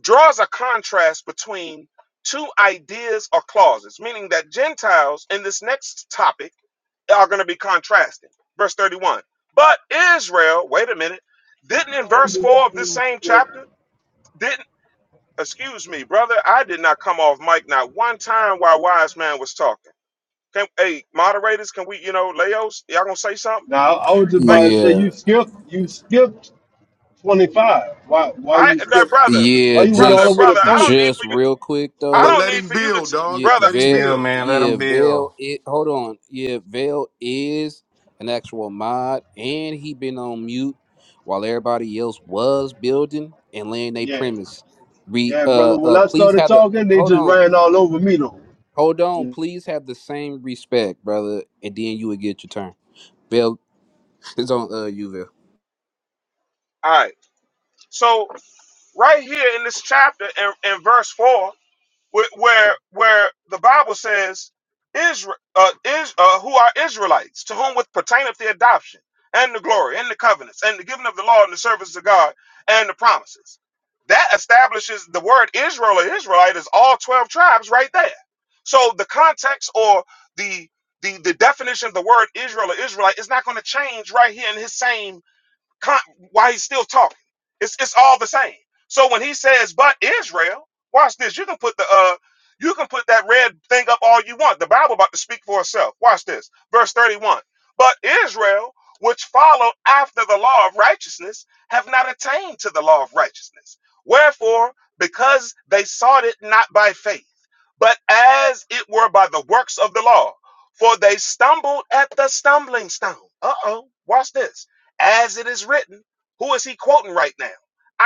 E: draws a contrast between two ideas or clauses, meaning that Gentiles in this next topic are going to be contrasting. Verse 31. But Israel, wait a minute, didn't in verse 4 of this same chapter? didn't? Excuse me, brother. I did not come off mic not one time while Wise Man was talking. Can, hey, moderators, can we, you know, Leos, y'all gonna say something?
F: now I was just
E: Thank
F: about to
E: you.
F: say
I: Yeah,
F: you skipped you skipped 25. Why why
E: I,
F: you
E: now,
F: skip?
E: brother,
F: Why
I: yeah.
F: you went all
E: brother,
F: the
I: Just,
F: way to
E: brother. I don't
F: 30?
E: need
I: just
E: for you.
I: real quick
E: I
D: But
I: though.
E: don't
D: let
E: need
D: him
E: for you to,
D: build,
E: t-
D: dog.
I: Yeah,
E: brother.
D: Let him
I: Vail.
K: Chill,
D: build.
K: man. Let them
I: Yeah,
K: bill.
I: Vail. It. Hold on. Yeah, Vail is an actual mod, and he been on mute while everybody else was building and laying their
F: Yeah.
I: premise. Re.
F: Yeah, brother.
I: Uh.
F: When
I: Uh.
F: I
I: Please
F: started
I: have the.
F: talking, they
I: Hold
F: just
I: on.
F: ran all over me though.
I: Hold on. Please have the same respect, brother, and then you would get your turn. Vail It's on uh Uville.
E: All right. So right here in this chapter, in, in verse four, where where, where the Bible says Israel, uh, is, uh, who are Israelites, to whom with pertaineth the adoption and the glory and the covenants and the giving of the law and the service of God and the promises. That establishes the word Israel or Israelite is all twelve tribes right there. So the context or the the, the definition of the word Israel or Israelite is not going to change right here in his same con- while he's still talking. It's it's all the same. So when he says, "But Israel," watch this. You can put the uh, you can put that red thing up all you want. The Bible about to speak for itself. Watch this, verse thirty-one. But Israel, which followed after the law of righteousness, have not attained to the law of righteousness. Wherefore, because they sought it not by faith, but as it were by the works of the law, for they stumbled at the stumbling stone. Uh oh. Watch this as it is written. Who is he quoting right now?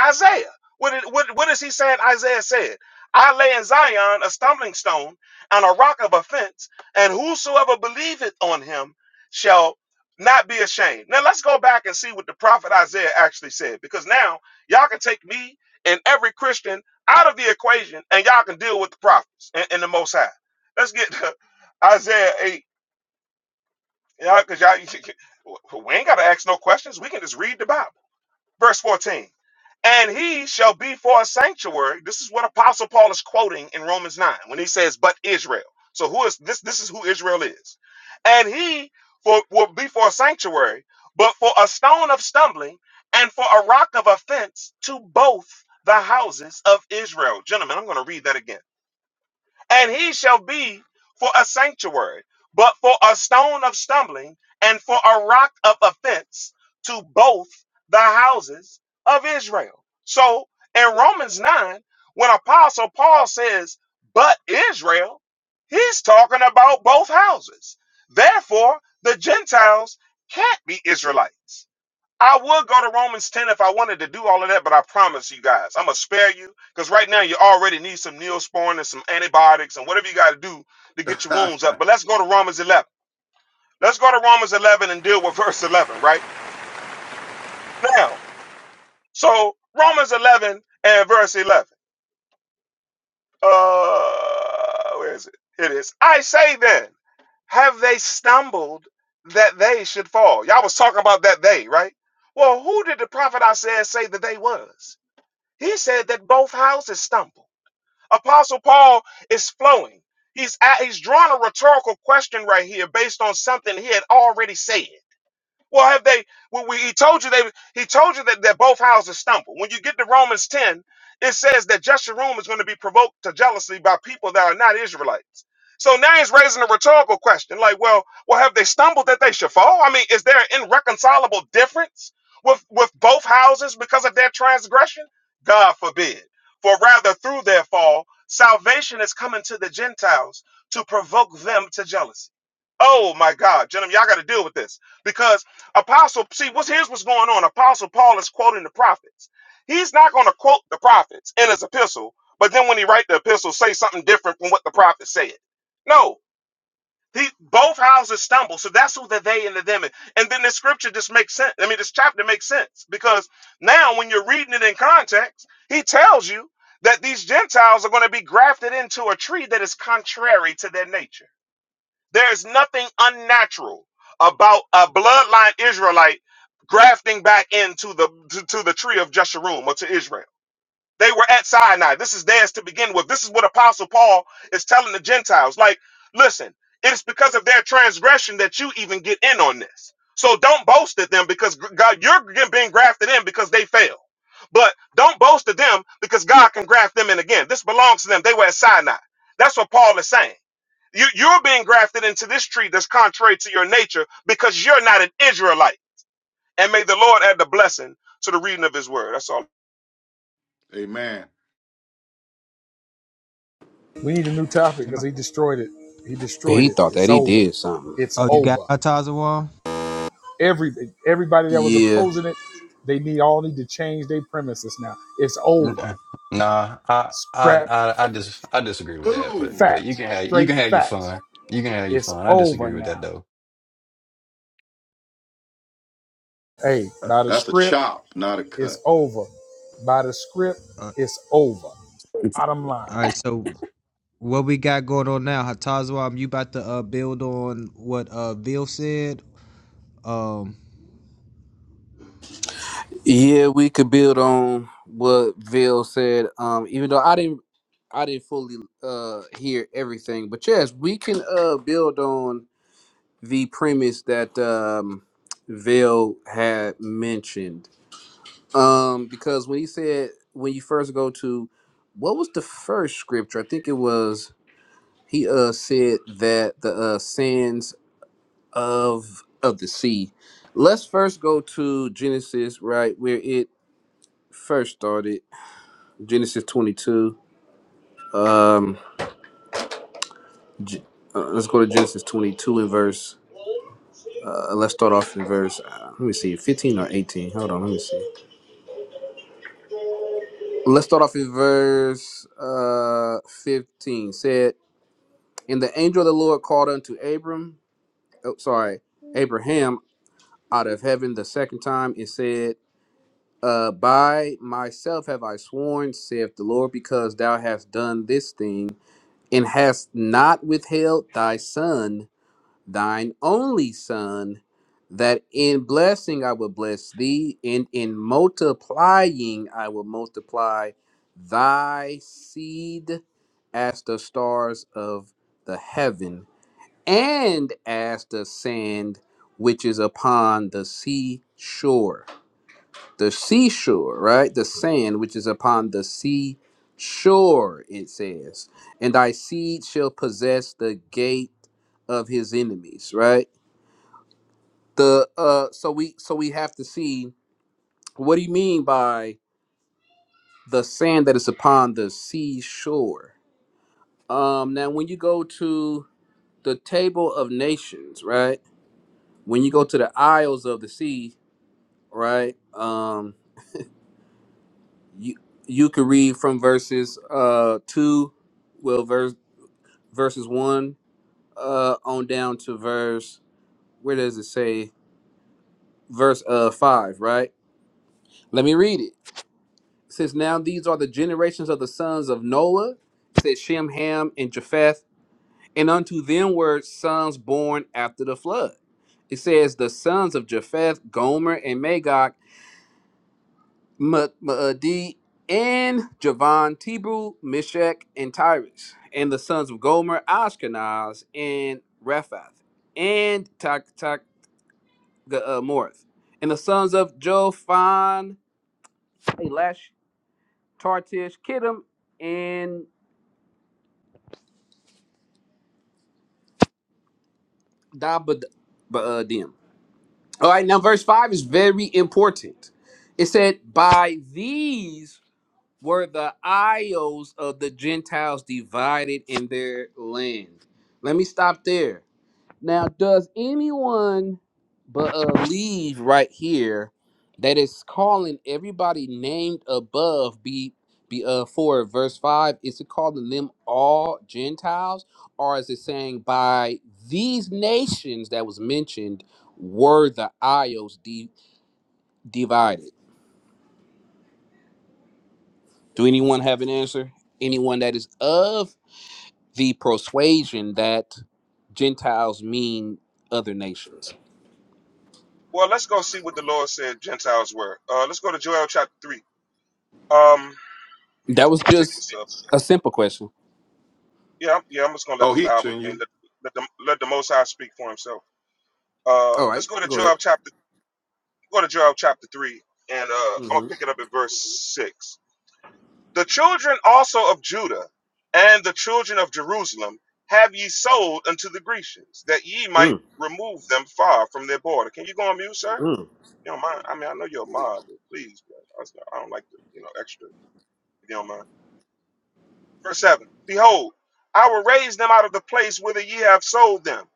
E: Isaiah. What, did- what, what is he saying? Isaiah said, I lay in Zion a stumbling stone and a rock of offense, and whosoever believeth on him shall not be ashamed. Now let's go back and see what the prophet Isaiah actually said, because now y'all can take me and every Christian out of the equation and y'all can deal with the prophets and, and the Most High. Let's get to Isaiah 8, because y'all, 'cause y'all- we ain't got to ask no questions. We can just read the Bible. Verse 14. And he shall be for a sanctuary. This is what Apostle Paul is quoting in Romans 9 when he says, But Israel. So who is this? This is who Israel is. And he for will be for a sanctuary, but for a stone of stumbling and for a rock of offense to both the houses of Israel. Gentlemen, I'm going to read that again and he shall be for a sanctuary, but for a stone of stumbling and for a rock of offense to both the houses of Israel. So in Romans 9, when Apostle Paul says, but Israel, he's talking about both houses. Therefore, the Gentiles can't be Israelites I would go to Romans 10 if I wanted to do all of that, but I promise you guys, I'm going to spare you because right now you already need some neosporin and some antibiotics and whatever you got to do to get your wounds up. But let's go to Romans 11. Let's go to Romans 11 and deal with verse 11 right now. So, Romans 11 and verse 11. Uh, where is it? It is. I say then, have they stumbled that they should fall? Y'all was talking about that they, right? Well, who did the prophet Isaiah say that they was? He said that both houses stumble. Apostle Paul is flowing. He's at, he's drawing a rhetorical question right here based on something he had already said. Well, have they? Well, we, he told you they. He told you that, that both houses stumble. When you get to Romans ten, it says that Jeshurun is going to be provoked to jealousy by people that are not Israelites. So now he's raising a rhetorical question, like, well, well, have they stumbled that they should fall? I mean, is there an irreconcilable difference with with both houses because of their transgression? God forbid. For rather through their fall, salvation is coming to the Gentiles to provoke them to jealousy. Oh my God, gentlemen, y'all got to deal with this because Apostle, see, what's here's what's going on. Apostle Paul is quoting the prophets. He's not going to quote the prophets in his epistle, but then when he write the epistle, say something different from what the prophet said. No, he, both houses stumble. So that's who the they and the them is. And then the scripture just makes sense. I mean, this chapter makes sense because now when you're reading it in context, he tells you that these Gentiles are going to be grafted into a tree that is contrary to their nature. There's nothing unnatural about a bloodline Israelite grafting back into the to, to the tree of Jeshurun or to Israel. They were at Sinai. This is theirs to begin with. This is what Apostle Paul is telling the Gentiles. Like, listen, it's because of their transgression that you even get in on this. So don't boast at them because gr- God, you're being grafted in because they failed. But don't boast at them because God can graft them in again. This belongs to them. They were at Sinai. That's what Paul is saying. You, you're being grafted into this tree that's contrary to your nature because you're not an Israelite. And may the Lord add the blessing to the reading of his word. That's all.
D: Amen.
G: We need a new topic
B: Ma-
G: because he destroyed it. He destroyed
I: He
G: it.
I: thought
G: It's
I: that he
G: over.
I: did something.
G: It's over. Every everybody that was
I: Yeah.
G: opposing it, they need all need to change their premises now. It's over.
K: Mm-mm. Nah, I, I
G: Scrap
K: I I just I disagree with that, but
D: Boom.
K: but you
G: facts,
K: can have you
G: straight
K: can have your
G: facts.
K: fun. You can have your
G: It's
K: fun. I
G: over
K: disagree with
G: now.
K: that though.
G: Hey, by the
D: That's a
G: script,
D: chop, not a cut.
G: it's over. By the script,
B: Uh,
G: it's over.
K: If
G: Bottom line.
B: all right, so what we got going on now, Hatazwa? You about to uh, build on what uh Bill said? Um,
I: Yeah, we could build on what Ville said. Um, even though I didn't I didn't fully uh hear everything. But yes, we can uh build on the premise that um Ville had mentioned. Um, because when he said when you first go to what was the first scripture? I think it was he uh said that the uh sins of of the sea. Let's first go to Genesis, right where it first started. Genesis 22. Um, G- uh, let's go to Genesis 22 in verse. Uh, let's start off in verse. Uh, let me see, 15 or 18. Hold on, let me see. Let's start off in verse uh 15. Said, and the angel of the Lord called unto Abram. Oh, sorry, Abraham out of heaven the second time and said. Uh, by myself have I sworn, saith the Lord, because thou hast done this thing, and hast not withheld thy son, thine only son, that in blessing I will bless thee, and in multiplying I will multiply thy seed as the stars of the heaven, and as the sand which is upon the sea shore the seashore, right? The sand which is upon the sea shore, it says. And thy seed shall possess the gate of his enemies, right? The uh so we so we have to see what do you mean by the sand that is upon the seashore? Um now when you go to the table of nations, right? When you go to the isles of the sea, right? Um. you you could read from verses uh two well verse verses one uh on down to verse where does it say verse uh five right let me read it since now these are the generations of the sons of noah said shem ham and japheth and unto them were sons born after the flood it says the sons of japheth gomer and magog Maadi, and Javon, Tebrew, Meshach, and Tyrus, and the sons of Gomer, Ashkenaz, and Rephath, and Tak Tak uh, Morith, and the sons of Jophon, Elash, Tartish, Kittim, and Dabadim. All right, now verse 5 is very important. It said, By these were the isles of the Gentiles divided in their land. Let me stop there. Now, does anyone believe right here that it's calling everybody named above be be uh for verse five? Is it calling them all Gentiles, or is it saying by these nations that was mentioned were the isles de divided? Do anyone have an answer? Anyone that is of the persuasion that Gentiles mean other nations?
E: Well, let's go see what the Lord said Gentiles were. Uh, let's go to Joel chapter 3. Um, I'm
I: That was
E: going to pick
I: just
E: this up.
I: a simple question.
E: Yeah, I'm- yeah, I'm just going to let
D: Oh,
E: the
D: he
E: Bible
D: sent
E: and
D: you.
E: let, let, the, let the Most High speak for himself. Uh,
I: All right,
E: let's go to
I: go ahead.
E: Joel chapter, go to Joel chapter 3, and uh, I'm going
I: hmm
E: to pick it up at verse 6. The children also of Judah and the children of Jerusalem have ye sold unto the Grecians, that ye might
I: Mm,
E: remove them far from their border. Can you go on mute, sir?
I: mm.
E: You don't mind? I mean, I know you're a mob, but please, bro. I was- I don't like the you know extra. If you don't mind. Verse seven. Behold, I will raise them out of the place whither ye have sold them,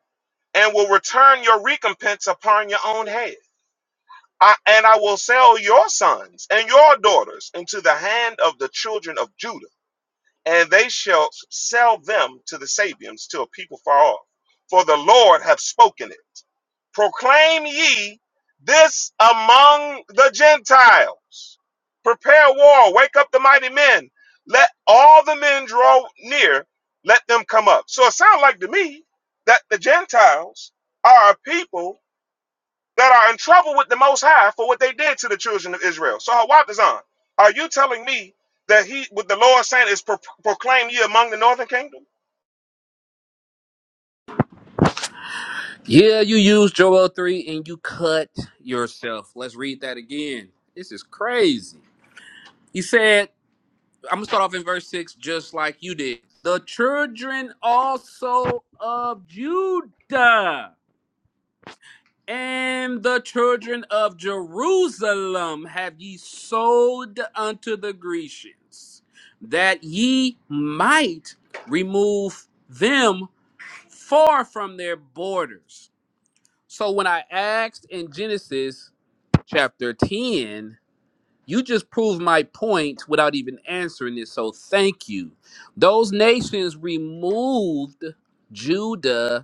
E: and will return your recompense upon your own head. I, and I will sell your sons and your daughters into the hand of the children of Judah and they shall sell them to the Sabians, to a people far off. For the Lord hath spoken it. Proclaim ye this among the Gentiles. Prepare war, wake up the mighty men. Let all the men draw near, let them come up. So it sounds like to me that the Gentiles are a people that are in trouble with the Most High for what they did to the children of Israel. So, Hawatazan, are you telling me that he, with the Lord saying, is pro- proclaimed ye among the northern kingdom?
I: Yeah, you used Joel 3 and you cut yourself. Let's read that again. This is crazy. He said, I'm going to start off in verse 6, just like you did. The children also of Judah. And the children of Jerusalem have ye sold unto the Grecians, that ye might remove them far from their borders. So when I asked in Genesis chapter 10, you just proved my point without even answering it. So thank you. Those nations removed Judah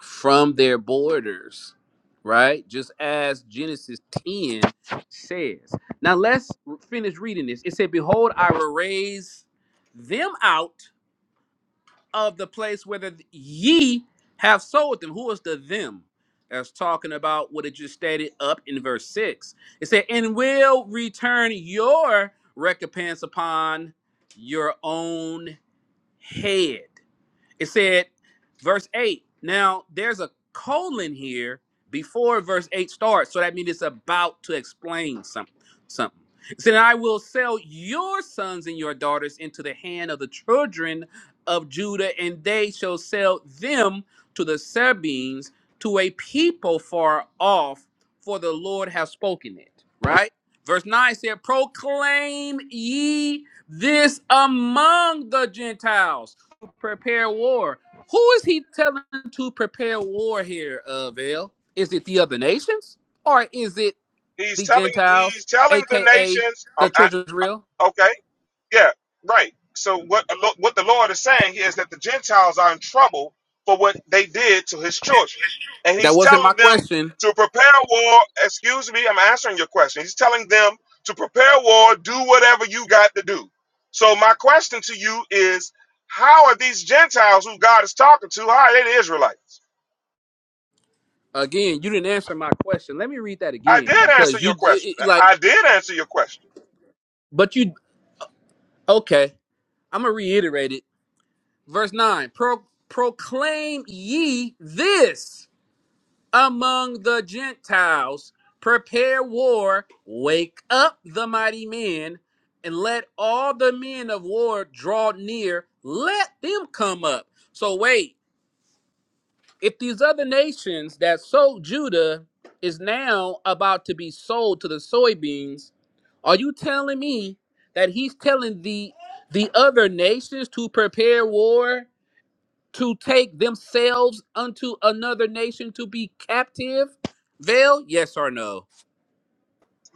I: from their borders, right? Just as Genesis 10 says. Now let's finish reading this. It said, Behold, I will raise them out of the place where the ye have sold them. Who is the them? That's talking about what it just stated up in verse 6. It said, And will return your recompense upon your own head. It said, verse 8. Now, there's a colon here before verse 8 starts. So that means it's about to explain something. something. It said, I will sell your sons and your daughters into the hand of the children of Judah, and they shall sell them to the Sabines, to a people far off, for the Lord has spoken it. Right? Verse 9 said, Proclaim ye this among the Gentiles prepare war. Who is he telling to prepare war here, uh, Vail? Is it the other nations or is it
E: He's
I: the
E: telling,
I: Gentiles,
E: he's telling the
I: aka
E: nations.
I: the
E: Um, I,
I: Church of Israel?
E: okay. Yeah, right. So what what the Lord is saying here is that the Gentiles are in trouble for what they did to his children. And
I: That
E: he's
I: wasn't my
E: telling them
I: question.
E: to prepare war. Excuse me, I'm answering your question. He's telling them to prepare war, do whatever you got to do. So my question to you is how are these Gentiles who God is talking to, how are they the Israelites?
I: Again, you didn't answer my question. Let me read that
E: I
I: again
E: did answer
I: because you,
E: your
I: you
E: question.
I: like,
E: I did answer your question.
I: but you okay. I'm gonna reiterate it. Verse nine: Pro, proclaim ye this. among the Gentiles. Prepare war, wake up the mighty men, and let all the men of war draw near. Let them come up. So, wait, if these other nations that sold Judah is now about to be sold to the soybeans, are you telling me that he's telling the the other nations to prepare war to take themselves unto another nation to be captive? Veil, yes or no?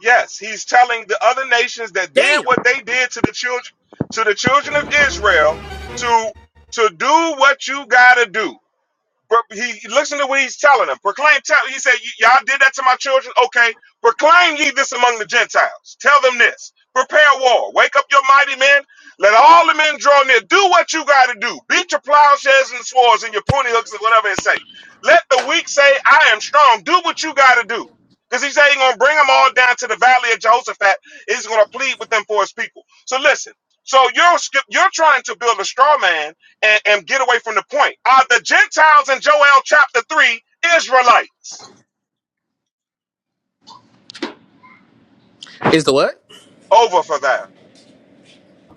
E: Yes, he's telling the other nations that did
I: Damn.
E: what they did to the children to the children of Israel to to do what you got to do. But he listen to what he's telling them. Proclaim, tell. He said, "Y- "Y'all did that to my children. Okay, proclaim ye this among the Gentiles. Tell them this. Prepare war. Wake up your mighty men. Let all the men draw near. Do what you got to do. Beat your plowshares and swords and your pruning hooks and whatever it say. Let the weak say, I am strong. Do what you got to do." Because he's saying he's going to bring them all down to the valley of Jehoshaphat. He's going to plead with them for his people. So listen. So you're skip- you're trying to build a straw man and, and get away from the point. Are the Gentiles in Joel chapter 3 Israelites?
I: Is the what?
E: Over for that.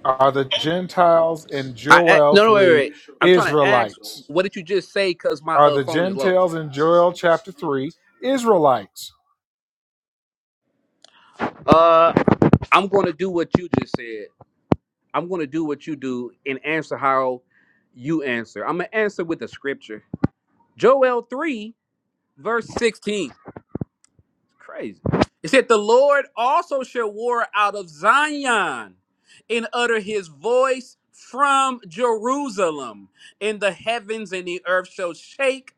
G: Are the Gentiles in
I: I, I
G: Joel
I: no no wait, wait
G: 3
I: wait. I'm trying to ask.
G: Israelites?
I: What did you just say? Cause my
G: Are
I: uh,
G: the
I: phone is low.
G: Gentiles in Joel chapter 3 Israelites?
I: Uh, I'm going to do what you just said. I'm going to do what you do and answer how you answer. I'm gonna answer with the scripture. Joel three verse sixteen. Crazy. It said, The Lord also shall war out of Zion and utter his voice from Jerusalem, and the heavens and the earth shall shake,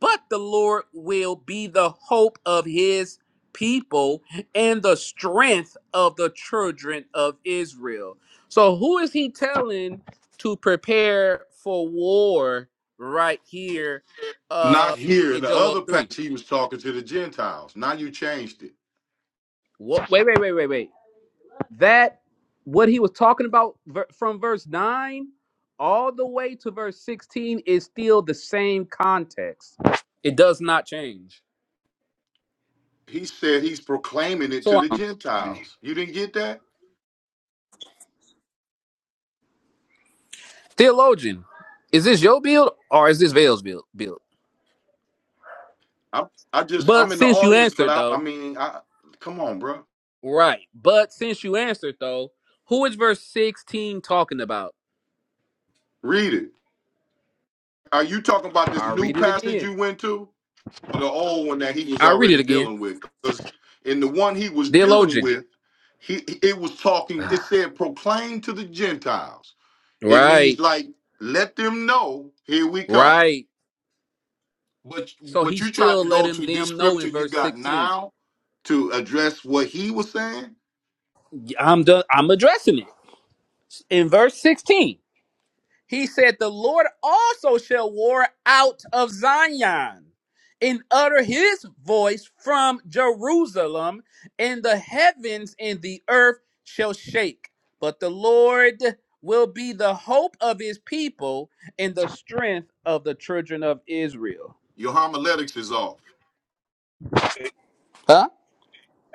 I: but the Lord will be the hope of his people and the strength of the children of Israel. So, who is he telling to prepare for war right here
D: Not
I: uh,
D: here. In
I: in
D: the
I: Joel
D: other
I: 3?
D: passage, he was talking to the Gentiles. Now you changed it.
I: Wait, wait, wait, wait, wait. that what he was talking about ver- from verse 9 all the way to verse 16 is still the same context it does not change
D: He said he's proclaiming it to
I: so
D: the
I: i
D: Gentiles. You didn't get that?
I: theologian is this your build or is this Vale's build build
D: I, I just, I'm
I: but
D: in the
I: since you
D: audience, but
I: answered
D: I, I
I: though
D: mean, I, come on, bro.
I: right but since you answered though who is verse 16 talking about
D: Read it. Are you talking about this
I: i'll
D: new
I: read it
D: passage
I: again
D: you went to or the old one that he was
I: i'll read it
D: already
I: again
D: dealing with? Because in the one he was dealing
I: theologian
D: with, he it was talking, it said proclaim to the Gentiles. It means
I: right
D: like, let them know, here we come.
I: right
D: What
I: so
D: what
I: he's
D: you tried
I: still
D: to go
I: letting
D: to this
I: them know in
D: scripture you
I: verse
D: got
I: 16
D: now to address what he was saying,
I: I'm done. I'm addressing it in verse 16. He said, "The Lord also shall war out of Zion, and utter His voice from Jerusalem, and the heavens and the earth shall shake. But the Lord will be the hope of His people and the strength of the children of Israel."
D: your homiletics is off.
E: A,
I: Huh?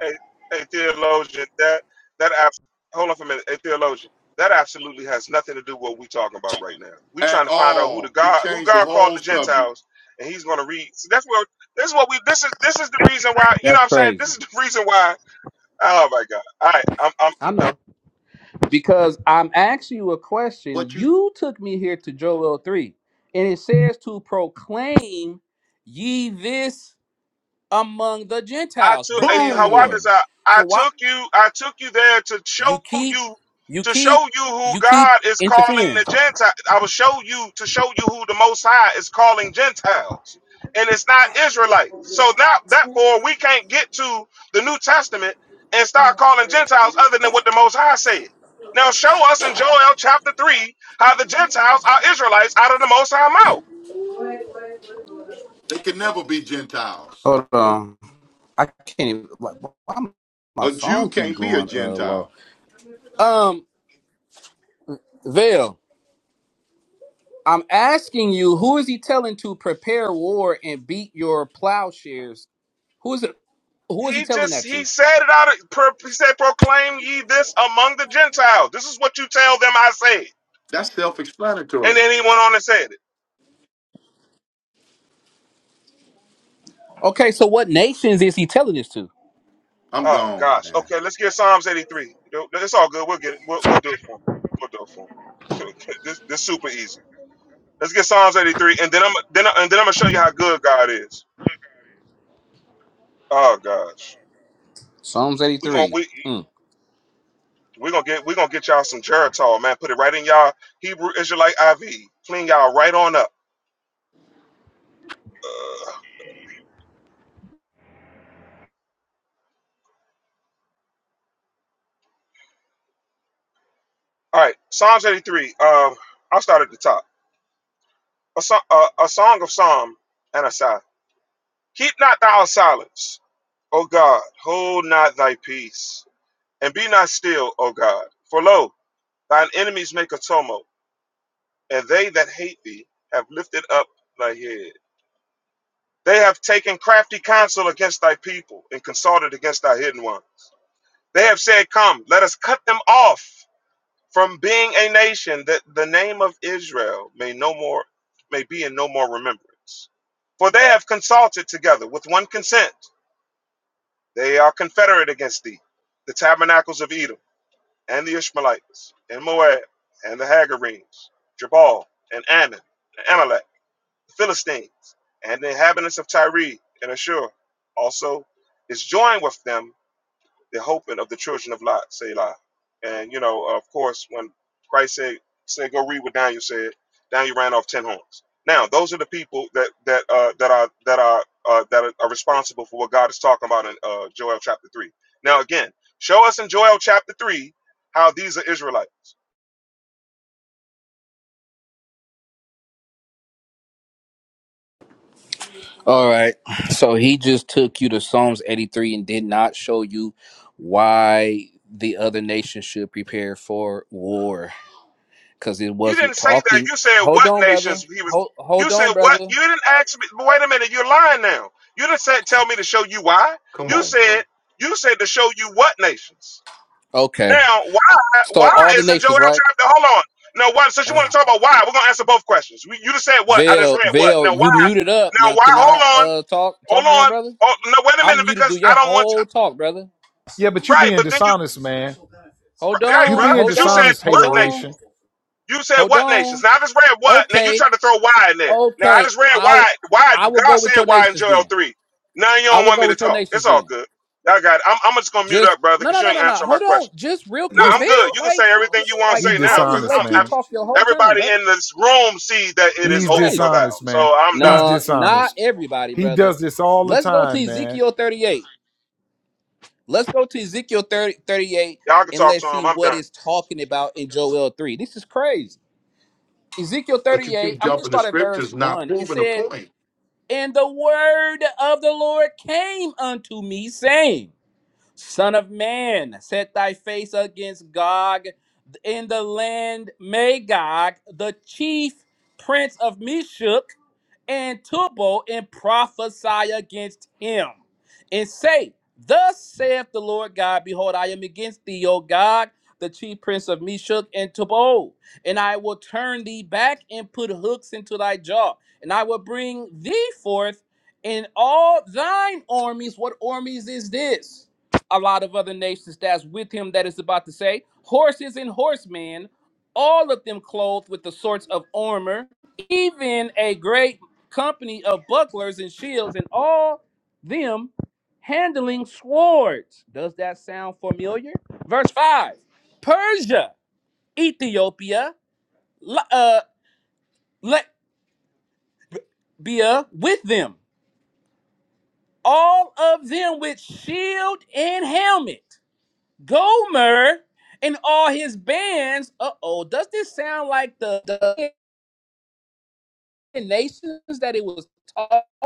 E: a- a theologian, that, that, abs- hold on for a minute, a theologian, that absolutely has nothing to do with what we're talking about right now. We're
D: At
E: trying to find out who the
D: all. He
E: God, who
D: changed the
E: God called
D: whole
E: the
D: subject.
E: Gentiles, and he's going to read. So that's what, this is what we, this is, this is the reason why, you know what
I: That's
E: I'm saying?
I: crazy.
E: This is the reason why, oh my God. All right, I'm, I'm
I: I know.
E: done.
I: Because I'm asking you a question.
D: But you
I: You took me here to Joel 3, and it says to proclaim ye this among the
E: I
I: Gentiles,
E: took eh,
I: prepare
E: Hawata
I: war.
E: said,
D: boom!
I: So
E: I
I: why
E: took you, I took you there to
I: you
E: show
I: keep
E: you,
I: you
E: to show
I: keep
E: you who
I: you keep
E: God is calling
I: interfering.
E: the Gentiles. I will show you to show you who the Most High is calling Gentiles, and it's not Israelites. So now, therefore, we can't get to the New Testament and start calling Gentiles other than what the Most High said. Now, show us in Joel chapter three how the Gentiles are Israelites out of the Most High mouth.
D: They can never be Gentiles.
I: Hold on. I can't even like why my my
D: A Jew
I: phone keep
D: can't be a
I: going uh low.
D: Gentile.
I: Um, Vale, I'm asking you, who is he telling to prepare war and beat your plowshares? Who is it? Who is he
E: He
I: telling
E: just
I: that to?
E: he said it out. Of, pro- he said, "Proclaim ye this among the Gentiles. This is what you tell them. I say."
D: That's
E: And
D: self-explanatory.
E: then he went on and said it.
I: Okay, so what nations is he telling this to?
D: I'm
E: Oh
D: gone,
E: gosh.
D: man.
E: Okay, let's get Psalms eighty-three. No, no, It's all good. We'll get it. We'll, we'll do it for him. We'll do it for him. this this super easy. Let's get Psalms eighty-three, and then I'm then I, and then I'm gonna show you how good God is. Oh gosh.
I: Psalms
E: We gonna
I: 83.
E: we
I: Mm.
E: we gonna get we gonna get y'all some Geritol, man. Put it right in y'all Hebrew Israelite IV. Clean y'all right on up. All right, Psalms 83. Uh, I'll start at the top. A, so- uh, a song of psalm and a sigh. Keep not thou silence, O God. Hold not thy peace, and be not still, O God. For lo, thine enemies make a tumult, and they that hate thee have lifted up thy head. They have taken crafty counsel against thy people, and consulted against thy hidden one. They have said, Come, let us cut them off From being a nation that the name of Israel may no more may be in no more remembrance. For they have consulted together with one consent. They are confederate against thee, the tabernacles of Edom, and the Ishmaelites, and Moab, and the Hagarenes, Jabal, and Ammon, and Amalek, the Philistines, and the inhabitants of Tyre and Ashur. Also is joined with them the hoping of the children of Lot, Selah. And, you know, of course, when Christ said, said go read what Daniel said, Daniel ran off 10 horns. Now, those are the people that that uh, that are that are uh, that are, are responsible for what God is talking about in uh, Joel chapter 3. Now, again, show us in Joel chapter 3 how these are Israelites.
I: All right. So he just took you to Psalms 83 and did not show you why the other nation should prepare for war because it
E: You
I: wasn't
E: didn't say that.
I: talking.
E: You said
I: Hold
E: what
I: on, brother.
E: nations he was.
I: Hold,
E: You
I: hold on,
E: said what?
I: brother.
E: You didn't ask me. but Wait a minute. You're lying now. You didn't say, tell me to show you why.
D: Come
E: You
D: on,
E: said
D: bro.
E: you said to show you what nations.
I: Okay.
E: Now,
I: So
E: why why
I: all the
E: isn't Joel
I: nations, right?
E: trapped? Hold on. Now, why? Since you want
I: Uh,
E: to talk about why, we're gonna answer both questions. We, you just said what? I just
I: Vail,
E: read what?
I: Vail,
E: Now,
I: you
E: why?
I: muted up.
E: Now,
I: Now
E: why?
I: can I
E: Hold on.
I: uh talk
E: Hold
I: talk now,
E: on.
I: brother?
E: Oh, no, wait a
I: I'm
E: minute,
I: muted. Do
E: because I
I: your
E: don't want
I: whole talk, brother.
G: Yeah, but
E: you.
G: you
E: Right,
G: being
E: but then you,
G: dishonest, man.
I: Hold
E: right,
G: You
I: on,
E: bruh,
G: being
I: hold
E: because you said
I: on,
G: dishonest,
I: hold
E: what
I: on,
G: hateration.
E: nations? You said
I: hold
E: what
I: on.
E: nations? Now I just read what? Now you
I: Okay,
E: tried to throw why in there. Now I
I: okay.
E: just read
I: I
E: why. Why
I: I will
E: God
I: go
E: said
I: with your
E: why in
I: nations
E: Joel
I: then.
E: three? Now you
I: I
E: don't
I: will
E: want
I: go
E: me to
I: with your
E: talk.
I: nations
E: It's all
I: then.
E: good. I got. It. I'm, I'm just gonna mute
I: Just
E: up, brother,
I: no,
E: because
I: no,
E: you
I: no,
E: ain't
I: no, no.
E: answering my
I: Hold on,
E: question.
I: just real
G: He
E: No,
I: quick,
G: just
E: I'm
I: Bill.
E: good. You can
I: Like,
E: say everything you want
I: like
E: to
G: he
E: say
I: I
E: now
I: just
E: because
G: dishonest,
I: let you
E: I'm,
G: man.
E: abs-
I: talk your whole turn,
E: everybody
I: brother.
E: in this room sees that it
I: This
E: is
I: is
G: He's
E: over for
I: crazy.
E: thou.
G: dishonest, man.
E: So I'm
G: He's
E: done.
I: No, not
G: dishonest.
I: everybody,
G: He
I: brother.
G: does this all the
I: Let's go to
G: time, man.
I: Ezekiel 38. Let's go to Ezekiel 30 38,
E: Y'all can
I: and
E: talk to
I: let's see
E: him. I'm
I: what
E: done.
I: it's talking about in Joel 3. This is crazy. Ezekiel
D: But you
I: 38,
D: keep
I: I'm going to
D: jumping the
I: start at verse
D: scriptures, not
I: 1. It
D: proving a
I: said,
D: point.
I: And the word of the Lord came unto me, saying, Son of man, set thy face against Gog in the land Magog, the chief prince of Meshech." and Tubal and prophesy against him and say, Thus saith the Lord God, Behold, I am against thee, O God, the chief prince of Meshach and Tubal, and I will turn thee back and put hooks into thy jaw, and I will bring thee forth in all thine armies. What armies is this? A lot of other nations that's with him that is about to say, Horses and horsemen, all of them clothed with the sorts of armor, even a great company of bucklers and shields, and all them handling swords. Does that sound familiar? Verse 5 Persia, Ethiopia, Li- uh, Libya with them, all of them with shield and helmet. Gomer and all his bands. Uh oh, does this sound like the, the nations that it was talking?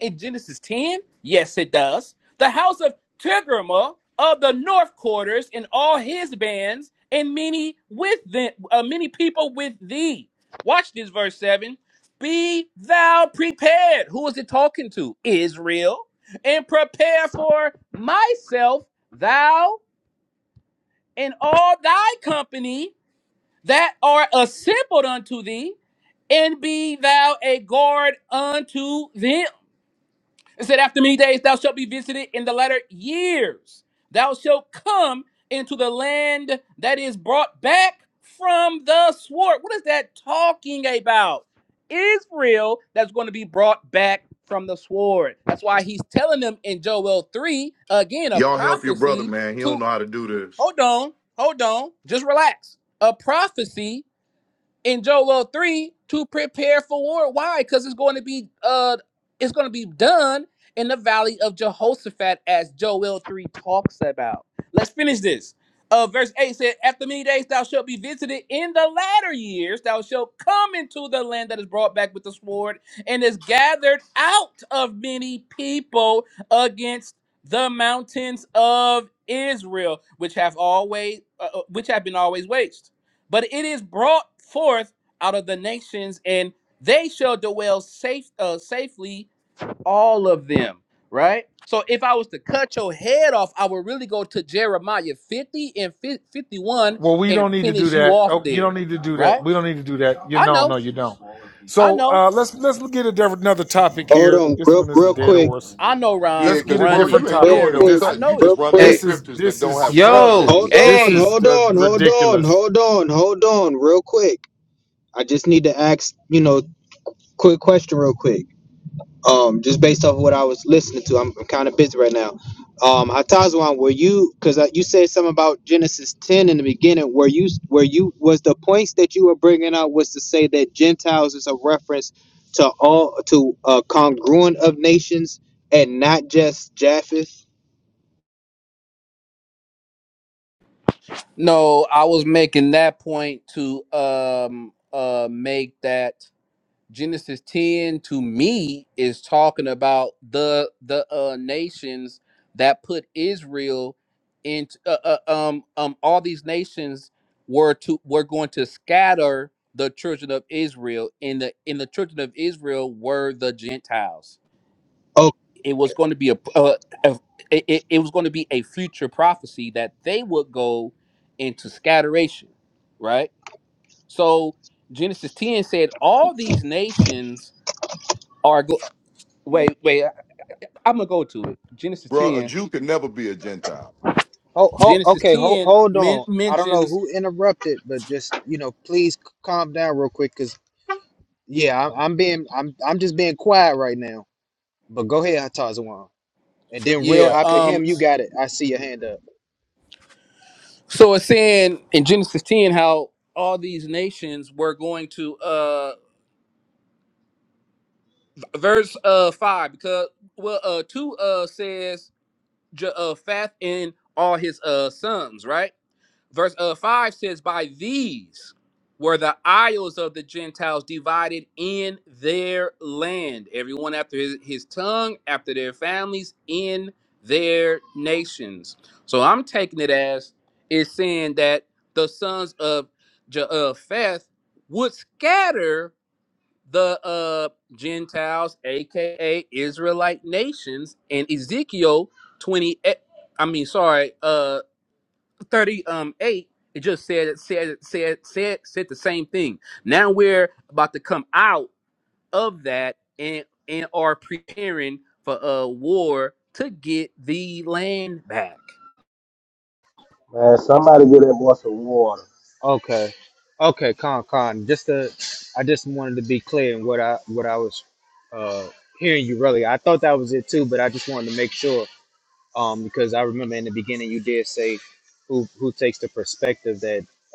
I: in Genesis 10? Yes, it does. The house of Tigrimah of the north quarters and all his bands and many with them, uh, many people with thee. Watch this verse 7. Be thou prepared. Who is it talking to? Israel. And prepare for myself, thou and all thy company that are assembled unto thee, and be thou a guard unto them. It said, After many days thou shalt be visited in the latter years. Thou shalt come into the land that is brought back from the sword. What is that talking about? Israel that's going to be brought back from the sword. That's why he's telling them in Joel 3, again, a
D: Y'all help your brother,
I: prophecy
D: man. He don't
I: to
D: know how to do this.
I: hold on, hold on, just relax. A prophecy in Joel well, 3 to prepare for war. Why? Because it's going to be uh it's going to be done in the valley of Jehoshaphat as Joel 3 talks about. Let's finish this. Uh, verse 8 said, After many days thou shalt be visited in the latter years, thou shalt come into the land that is brought back with the sword and is gathered out of many people against the mountains of Israel, which have always uh, uh, which have been always waste but it is brought forth out of the nations and they shall dwell safe uh, safely all of them right so if i was to cut your head off i would really go to jeremiah 50 and fif- 51
G: Well, we
I: and
G: don't need to do
I: finish you
G: that.
I: off
G: Oh, you don't
I: there
G: need to do that.
I: right
G: We don't need to do that. You
I: i
G: know, no,
I: know
G: you don't.
I: i
G: So
I: know
G: uh, let's let's get a different another topic
B: Hold
G: here.
B: on,
G: This
B: real,
G: one is a
B: real
G: dead
B: quick,
G: horse.
I: i know
D: Yeah,
I: ron
G: Let's get
D: because
G: a
D: bro,
G: different
I: running
D: you ain't
B: real
G: topic
D: doing
G: because
D: no
I: scary
B: quick,
I: i
G: this
D: cutting. You
I: know
D: just
I: it
B: real
D: running
B: quick.
D: the
G: this
M: Hey,
G: is
D: scriptures that
G: this
D: don't have
G: is
I: struggling
M: yo,
B: Hold
D: context.
G: this
B: on,
M: hey,
G: is
B: hold
G: uh,
B: on, hold on,
G: ridiculous.
B: hold on, hold on, real quick. I just need to ask, you know, quick question, real quick. Um, just based off of what I was listening to, I'm, I'm kind of busy right now. Um, Atazwan, were you? Because uh, you said something about Genesis 10 in the beginning. Were you? Were you? Was the points that you were bringing out was to say that Gentiles is a reference to all to a congruent of nations and not just Japheth?
I: no i was making that point to um uh make that Genesis 10 to me is talking about the the uh nations that put Israel into uh, uh, um um all these nations were to were going to scatter the children of Israel in the in the children of Israel were the Gentiles.
B: Oh,
I: It was going to be a, uh, a it, it it was going to be a future prophecy that they would go into scatteration, right? So Genesis 10 said all these nations are. go- Wait, wait. I'm gonna go to it. Genesis
D: Bro, a
I: ten.
D: Jew could never be a Gentile.
I: Genesis ten men- mentions yeah. Um. So it's saying in Genesis ten how all these nations were going to uh verse uh five because well uh two uh says J- uh Fath and all his uh sons right verse uh, 5 says by these were the isles of the gentiles divided in their land everyone after his, his tongue after their families in their nations so i'm taking it as it's saying that the sons of japheth would scatter the uh gentiles aka israelite nations and ezekiel 28 i mean sorry uh, thirty um eight, it just said said said said said the same thing. Now we're about to come out of that and and are preparing for a war to get the land back.
J: Man, somebody get that boy some water.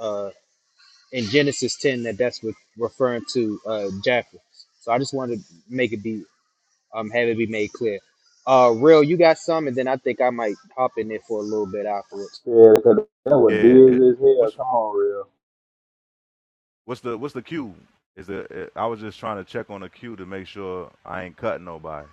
B: uh, referring to uh, Japheth. So I just wanted to be uh,
J: Yeah, because that was
N: Yeah, it,
J: dizzy as hell.
N: what's
J: Come on, real.
N: what's the what's the queue? Is the I was just trying to check on the queue to make sure I ain't cutting nobody.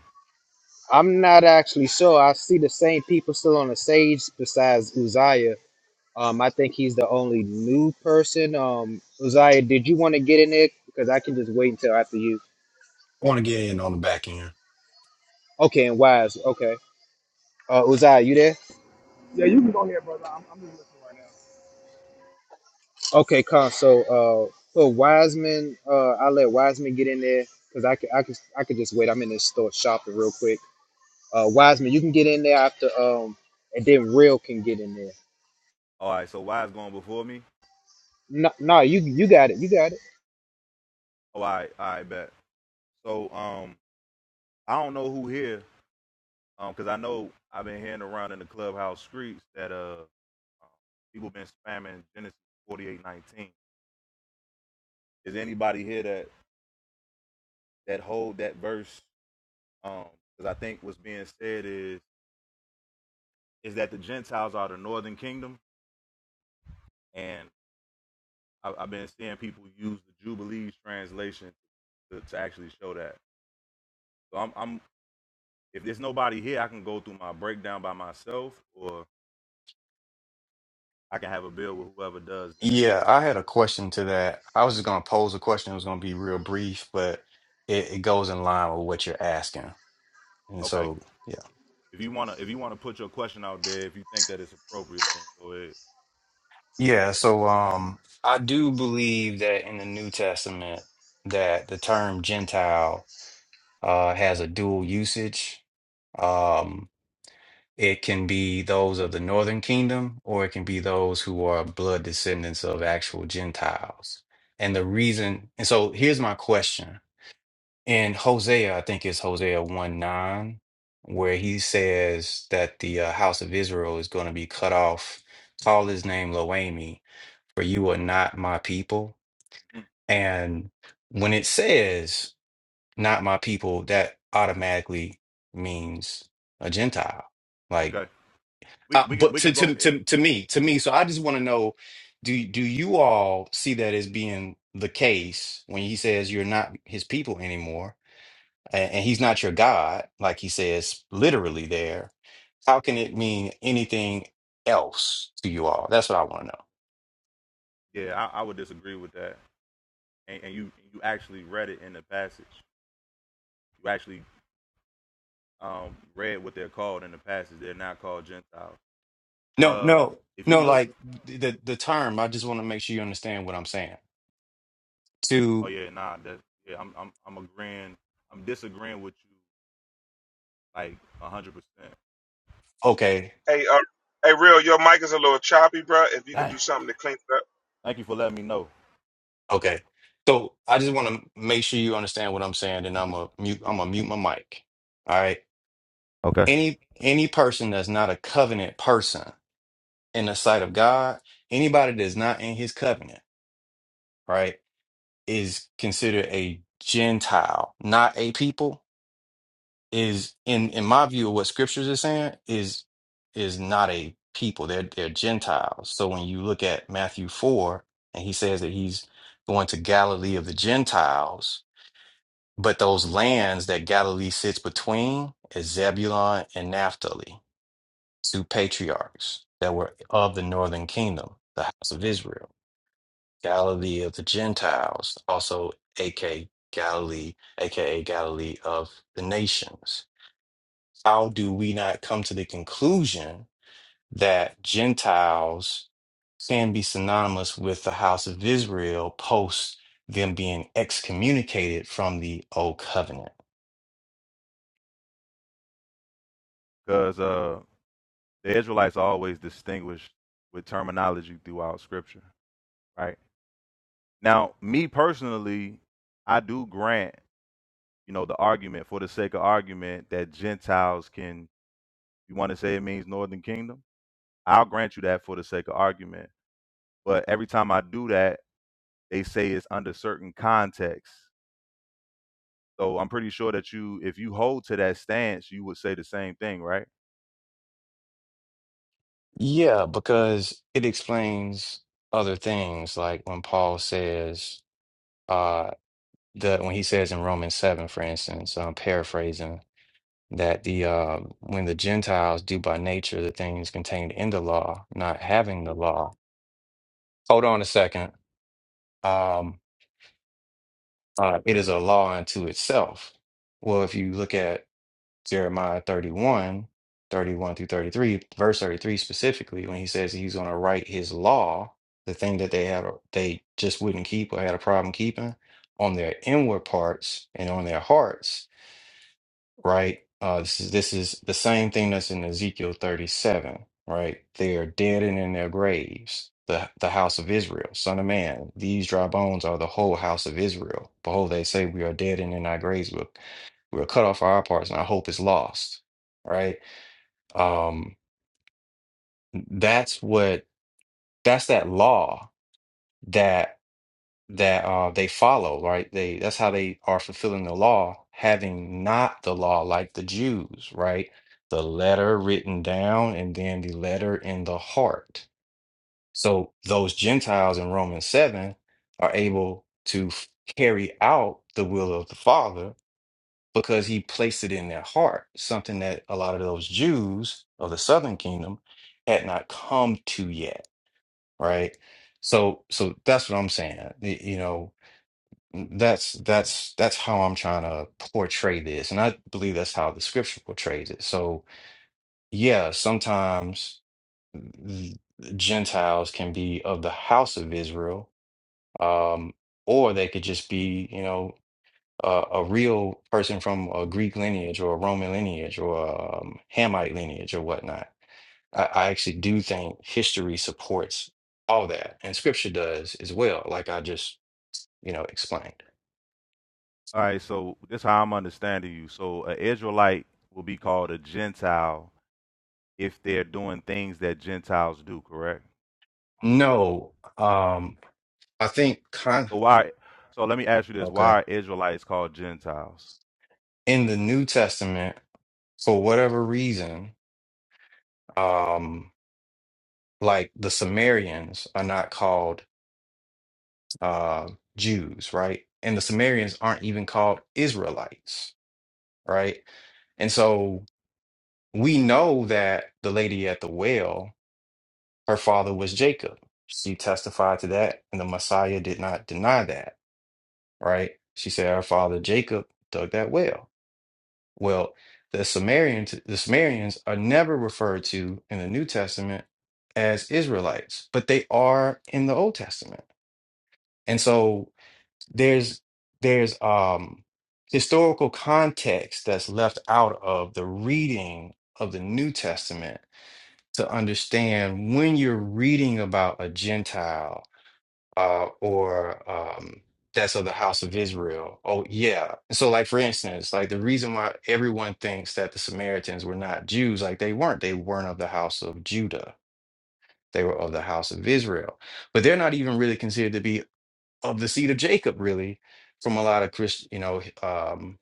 K: want to get in on the back end.
B: Okay. Uh, Uday?
O: Yeah, you can go ahead, brother. I'm, I'm just listening right now.
B: Okay. co- So
N: All right, so Wise going before me. Oh, all right, all right, bet. So um, I don't know who here um, because I know I've been hearing around in the clubhouse streets that uh, um, people been spamming Genesis forty eight nineteen. Is anybody here that that hold that verse? Um, because I think what's being said is is that the Gentiles are the northern kingdom, and I, I've been seeing people use the Jubilees translation to, to actually show that. So I'm, I'm if there's nobody here, I can go through my breakdown by myself, or I can have a bill with whoever does that.
K: Yeah, I had a question to that. I was just gonna pose a question. It was gonna be real brief, but it, it goes in line with what you're asking. And
N: Okay.
K: so yeah.
N: If you wanna if you wanna put your question out there, if you think that it's appropriate, then go ahead.
K: Yeah, so um I do believe that in the New Testament that the term Gentile uh has a dual usage. It can be those of the northern kingdom, or it can be those who are blood descendants of actual Gentiles. And
N: Okay.
K: the reason, and so here's my question. In Hosea, I think it's Hosea 1 9, where he says that the uh, house of Israel is going to be cut off. Call his name Loami, for you are not my people.
N: Mhm.
K: And when it says not my people, that automatically means a Gentile. like.
N: Okay. We
K: Uh,
N: we can
K: but
N: we
K: to,
N: can go.
K: to
N: eh,
K: to to me, to me, so I just want to know, do do you all see that as being the case when he says you're not his people anymore, and, and he's not your God, like he says literally there? How can it mean anything else to you all? That's what I want to know.
N: Yeah, I, I would disagree with that. And, and you you actually read it in the passage. You actually um, read what they're called in the passage. They're not called Gentiles.
K: No,
N: Uh,
K: no,
N: if you
K: no.
N: look
K: Like the the term, I just want to make sure you understand what I'm saying.
N: Oh
K: To
N: yeah, nah, that yeah, I'm I'm I'm agreeing. I'm disagreeing with you like a hundred percent.
K: okay,
E: Hey, uh, hey, real, your mic is a little choppy, bro. If you could
N: Dang.
E: do something to clean it up,
N: Thank you for letting me know.
K: okay. So I just want to make sure you understand what I'm saying, and I'm a mute. I'm a mute my mic. All right.
N: Okay.
K: any any person that's not a covenant person in the sight of God, anybody that's not in his covenant, right, is considered a Gentile, not a people, is in in my view of what scriptures is saying, is is not a people. They're they're Gentiles. So when you look at Matthew 4 and he says that he's going to Galilee of the Gentiles, but those lands that Galilee sits between is Zebulun and Naphtali two patriarchs that were of the northern kingdom, the house of Israel, Galilee of the Gentiles, also aka Galilee, aka Galilee of the nations. How do we not come to the conclusion that Gentiles can be synonymous with the house of Israel post them being excommunicated from the old covenant?
N: Because uh the Israelites are always distinguished with terminology throughout scripture. Right. Now, me personally, I do grant, you know, the argument for the sake of argument that Gentiles can you want to say it means northern kingdom? I'll grant you that for the sake of argument. But every time I do that, they say it's under certain contexts. So I'm pretty sure that you, if you hold to that stance, you would say the same thing, right?
K: Yeah, because it explains other things, like when Paul says, the when he says in Romans 7, for instance, I'm paraphrasing, that the uh, when the Gentiles do by nature the things contained in the law, not having the law. Hold on a second. Um, uh, it is a law unto itself. Well, if you look at Jeremiah 31, 31 through 33, verse 33 specifically, when he says he's going to write his law, the thing that they had they just wouldn't keep or had a problem keeping on their inward parts and on their hearts right? Uh, this is this is the same thing that's in Ezekiel 37, right? They are dead and in their graves. The the house of Israel, son of man, these dry bones are the whole house of Israel. Behold, they say we are dead and in our graves. We're, we're cut off our parts, and our hope is lost. Right? Um, that's what that's that law that. that uh, they follow, right? They that's how they are fulfilling the law, having not the law like the Jews, right? The letter written down and then the letter in the heart. So those Gentiles in Romans 7 are able to f- carry out the will of the Father because he placed it in their heart, something that a lot of those Jews of the southern kingdom had not come to yet, right? So so that's what I'm saying. Y- You know, that's that's that's how I'm trying to portray this, and I believe that's how the scripture portrays it. So, yeah, sometimes th- Gentiles can be of the house of Israel, um, or they could just be, you know, a, a real person from a Greek lineage or a Roman lineage or a um, Hamite lineage or whatnot. I, I actually do think history supports all that, and scripture does as well, like I just, you know, explained.
N: All right. So this is how I'm understanding you. So an Israelite will be called a Gentile if they're doing things that Gentiles do, correct?
K: No, um, I think con
N: So why? So let me ask you this:
K: okay.
N: Why are Israelites called Gentiles?
K: In the New Testament, for whatever reason, um, like the Sumerians are not called uh Jews, right? And the Sumerians aren't even called Israelites, right? And so we know that the lady at the well, her father was Jacob. She testified to that, and the Messiah did not deny that, right? She said her father Jacob dug that well. Well, the Sumerians, the Sumerians are never referred to in the New Testament as Israelites, but they are in the Old Testament. And so there's there's um historical context that's left out of the reading of the New Testament to understand when you're reading about a Gentile uh, or um, that's of the house of Israel. Oh, yeah. So, like for instance, like the reason why everyone thinks that the Samaritans were not Jews, like they weren't. They weren't of the house of Judah. They were of the house of Israel, but they're not even really considered to be of the seed of Jacob, really, from a lot of Christian, you know, um,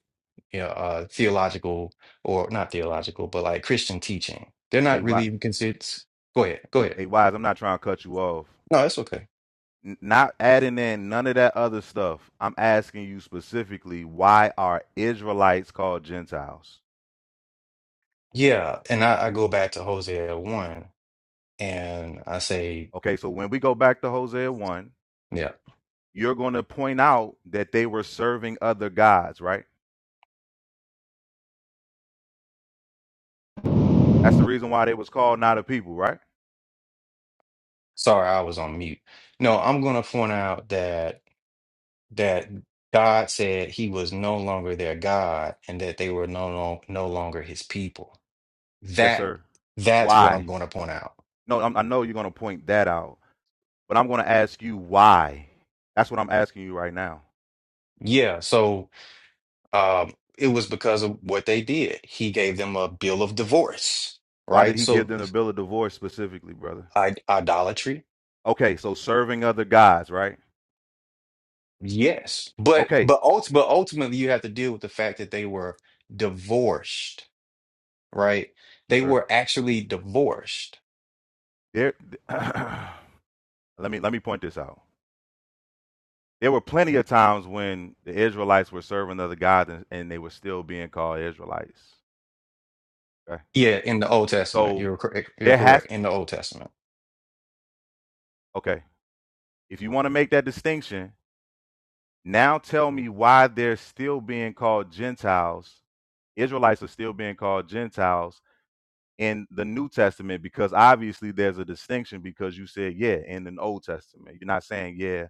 K: you know, uh, theological or not theological, but like Christian teaching. They're
N: Hey,
K: not
N: why?
K: really even considered. Go ahead. Go ahead.
N: Hey, wise. I'm not trying to cut you off.
K: No, that's okay.
N: N- Not adding in none of that other stuff. I'm asking you specifically: Why are Israelites called Gentiles?
K: Yeah, and I, I go back to Hosea 1. and I say,
N: Okay. So when we go back to Hosea one
K: yeah,
N: you're going to point out that they were serving other gods, right? That's the reason why they was called not a people, right?
K: sorry, I was on mute. No, I'm going to point out that that God said he was no longer their God and that they were no no, no longer his people.
N: Yes,
K: That
N: sir.
K: that's what I'm
N: Why?
K: going to point out.
N: No, I'm, I know you're going to point that out, but I'm going to ask you why. That's what I'm asking you right now.
K: Yeah, so um it was because of what they did. He gave them a bill of divorce,
N: Why did
K: right?
N: he give
K: So
N: them the bill of divorce specifically, brother?
K: I, idolatry,
N: Okay, so serving other gods, right?
K: yes. But
N: Okay,
K: but ult- but ultimately you have to deal with the fact that they were divorced right? They
N: sir.
K: were actually divorced.
N: There, let me let me point this out. There were plenty of times when the Israelites were serving other gods and, and they were still being called Israelites. Okay.
K: Yeah, in the Old Testament.
N: So
K: You're correct. You're
N: there
K: correct.
N: has
K: In the Old Testament.
N: okay. If you want to make that distinction, now tell me why they're still being called Gentiles. Israelites are still being called Gentiles in the New Testament because obviously there's a distinction because you said yeah in the Old Testament. You're not saying yeah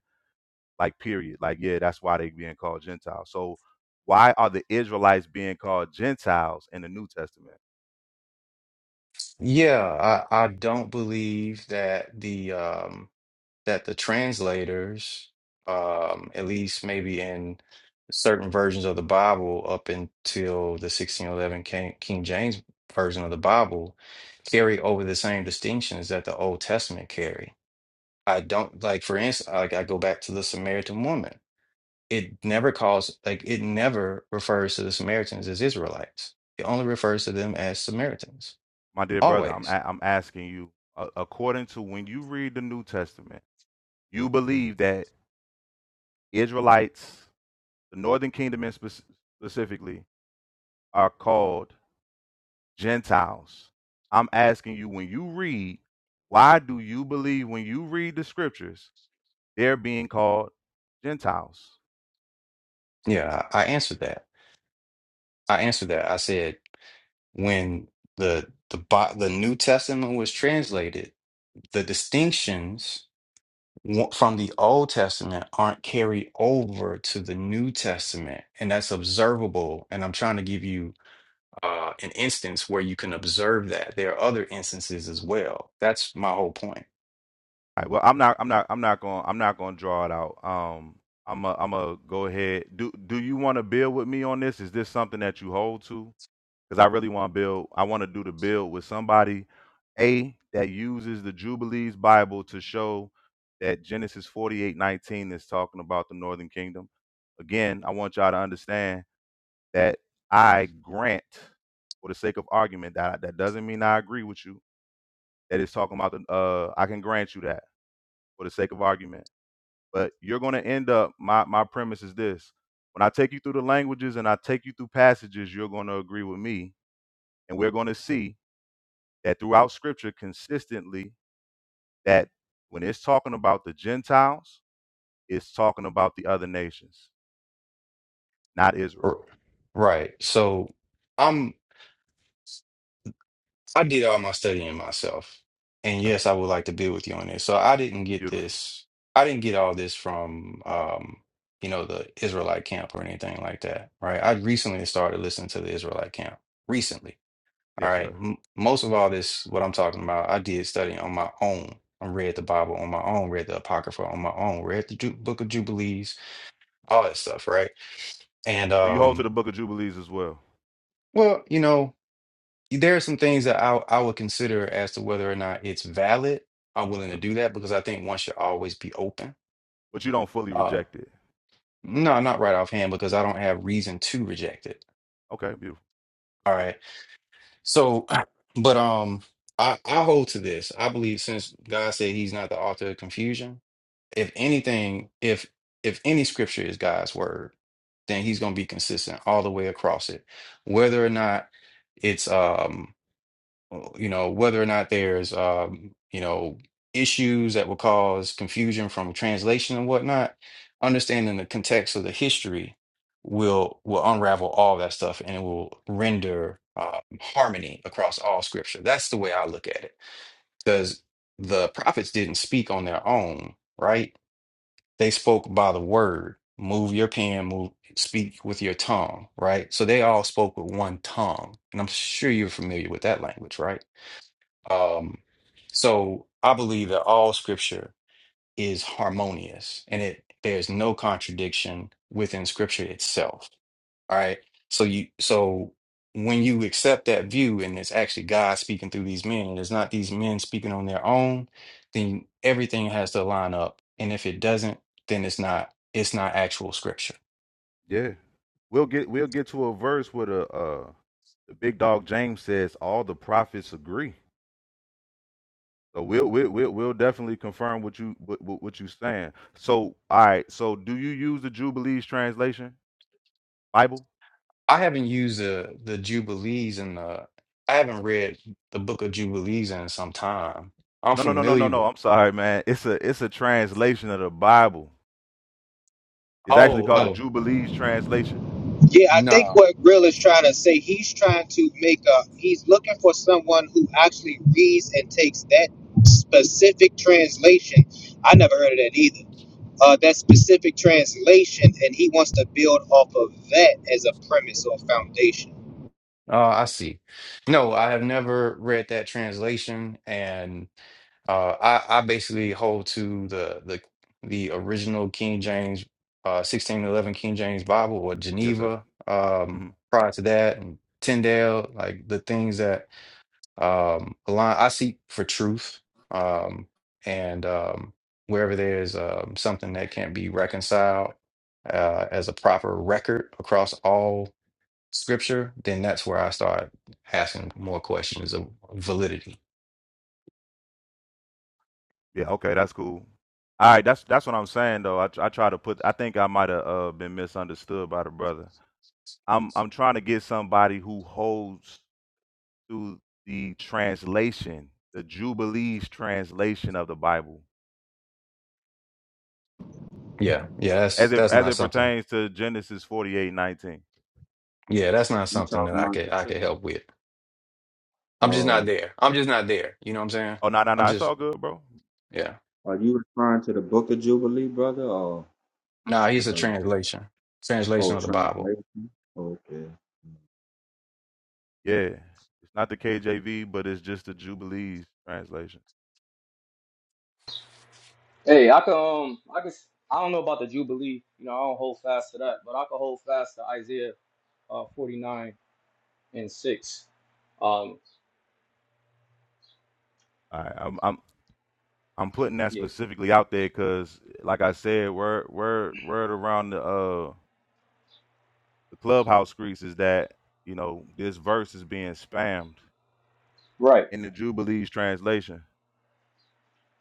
N: like period like yeah that's why they're being called Gentiles. So why are the Israelites being called Gentiles in the New Testament?
K: Yeah, I, I don't believe that the um that the translators, um, at least maybe in certain versions of the Bible up until the 1611 King, King James version of the Bible, carry over the same distinctions that the Old Testament carry. I don't like, for instance, like I go back to the Samaritan woman it never calls like it never refers to the Samaritans as Israelites. It only refers to them as Samaritans.
N: My dear brother, I'm
K: Always.
N: a- I'm asking you a- according to when you read the New Testament, you believe that Israelites, the northern kingdom in spec- specifically, are called Gentiles. I'm asking you when you read, why do you believe when you read the scriptures they're being called Gentiles?
K: Yeah, I, I answered that. I answered that. I said when the the Bi- the New Testament was translated, the distinctions wa- from the Old Testament aren't carried over to the New Testament, and that's observable. And I'm trying to give you uh, an instance where you can observe that. There are other instances as well. That's my whole point.
N: All right, well, I'm not, I'm not, I'm not going, I'm not going to draw it out. Um, I'm, i am a. I'm gonna go ahead. Do, do you want to build with me on this? Is this something that you hold to? because I really want to build. I want to do the build with somebody, a that uses the Jubilees Bible to show that Genesis forty eight nineteen is talking about the Northern Kingdom. Again, I want y'all to understand that I grant, for the sake of argument, that that doesn't mean I agree with you. That it's talking about the. Uh, I can grant you that for the sake of argument, but you're going to end up. My my premise is this. When I take you through the languages and I take you through passages, you're going to agree with me, and we're going to see that throughout scripture consistently that when it's talking about the Gentiles, it's talking about the other nations, not Israel.
K: R- Right. So I'm I did all my studying myself. And
N: Okay.
K: yes, I would like to be with you on this. So I didn't get
N: Beautiful.
K: this I didn't get all this from um, you know, the Israelite camp or anything like that, right? I recently started listening to the Israelite camp. Recently. All
N: Yes,
K: right.
N: sir.
K: M most of all this what I'm talking about, I did study on my own. I read the Bible on my own, read the Apocrypha on my own, read the Ju Book of Jubilees, all that stuff, right? And
N: So you hold to the
K: um,
N: book of Jubilees as well.
K: well, you know, there are some things that I I would consider as to whether or not it's valid. I'm willing to
N: Okay.
K: do that because I think one should always be open.
N: But you don't fully
K: Uh,
N: reject it.
K: no, not right offhand because I don't have reason to reject it.
N: Okay, beautiful.
K: All
N: Cool.
K: right. So, but um, I I hold to this. I believe since God said He's not the author of confusion, if anything, if if any scripture is God's word, then He's going to be consistent all the way across it, whether or not it's um uh, you know, whether or not there's, um, you know, issues that will cause confusion from translation and whatnot, understanding the context of the history will will unravel all that stuff and it will render uh, harmony across all scripture. That's the way I look at it. Because the prophets didn't speak on their own, right? They spoke by the word. Move your pen, move, speak with your tongue, right? So they all spoke with one tongue. And I'm sure you're familiar with that language, right? Um, so I believe that all scripture is harmonious and it there's no contradiction within scripture itself. All right. So you so when you accept that view and it's actually God speaking through these men and it's not these men speaking on their own, then everything has to line up. And if it doesn't, then it's not it's not actual scripture.
N: Yeah. We'll get we'll get to a verse where the uh the big dog James says all the prophets agree. So we'll we'll we'll, we'll definitely confirm what you what, what what you saying. So all right, so do you use the Jubilees translation Bible?
K: I haven't used the the Jubilees and the I haven't read the book of Jubilees in some time. I'm
N: No, no, no, no, no,
K: familiar with.
N: no. I'm sorry, man. It's a it's a translation of the Bible. It's actually
K: Oh,
N: called the
K: oh,
N: Jubilees translation.
B: Yeah, I
K: no.
B: think what Grill is trying to say, he's trying to make a, he's looking for someone who actually reads and takes that specific translation. I never heard of that either. Uh, that specific translation, and he wants to build off of that as a premise or foundation.
K: Uh, I see. No, I have never read that translation, and uh, I, I basically hold to the the the original King James, uh, sixteen eleven King James Bible or
N: Yes, sir.
K: Geneva. Um,
N: hmm
K: prior to that, and Tyndale, like the things that um align. I seek for truth, um, and um, wherever there's um something that can't be reconciled, uh, as a proper record across all. scripture, then that's where I start asking more questions of validity.
N: Yeah. Okay, that's cool. All right, that's that's what I'm saying though. I tr- I try to put. I think I might have uh, been misunderstood by the brother. I'm I'm trying to get somebody who holds to the translation, the Jubilees translation of the Bible,
K: Yeah, yeah, that's
N: as it
K: that's
N: as
K: not
N: it
K: something.
N: pertains to Genesis 48:19.
K: Yeah, that's not
P: You
K: something that
P: talking
K: I
P: about?
K: could I
P: Good.
K: could help with. I'm just not
P: Uh,
K: there. I'm just not there. You know what I'm saying?
N: Oh no no
K: I'm
N: no, it's
K: just
N: all good, bro.
K: yeah.
P: are you referring to the Book of Jubilee, brother, or
K: Nah, he's a
P: or,
K: translation,
P: or
K: translation of the Bible.
P: translation? Okay.
N: Yeah, it's not the KJV, but it's just the Jubilees translation.
C: hey, I can um I can s- I don't know about the Jubilee, you know, I don't hold fast to that, but I can hold fast to Isaiah uh, 49 and 6. Um
N: All right, I'm I'm I'm putting that
C: yeah.
N: specifically out there because, like I said, word word word around the uh the clubhouse streets is that you know this verse is being spammed
C: Right.
N: in the Jubilees translation.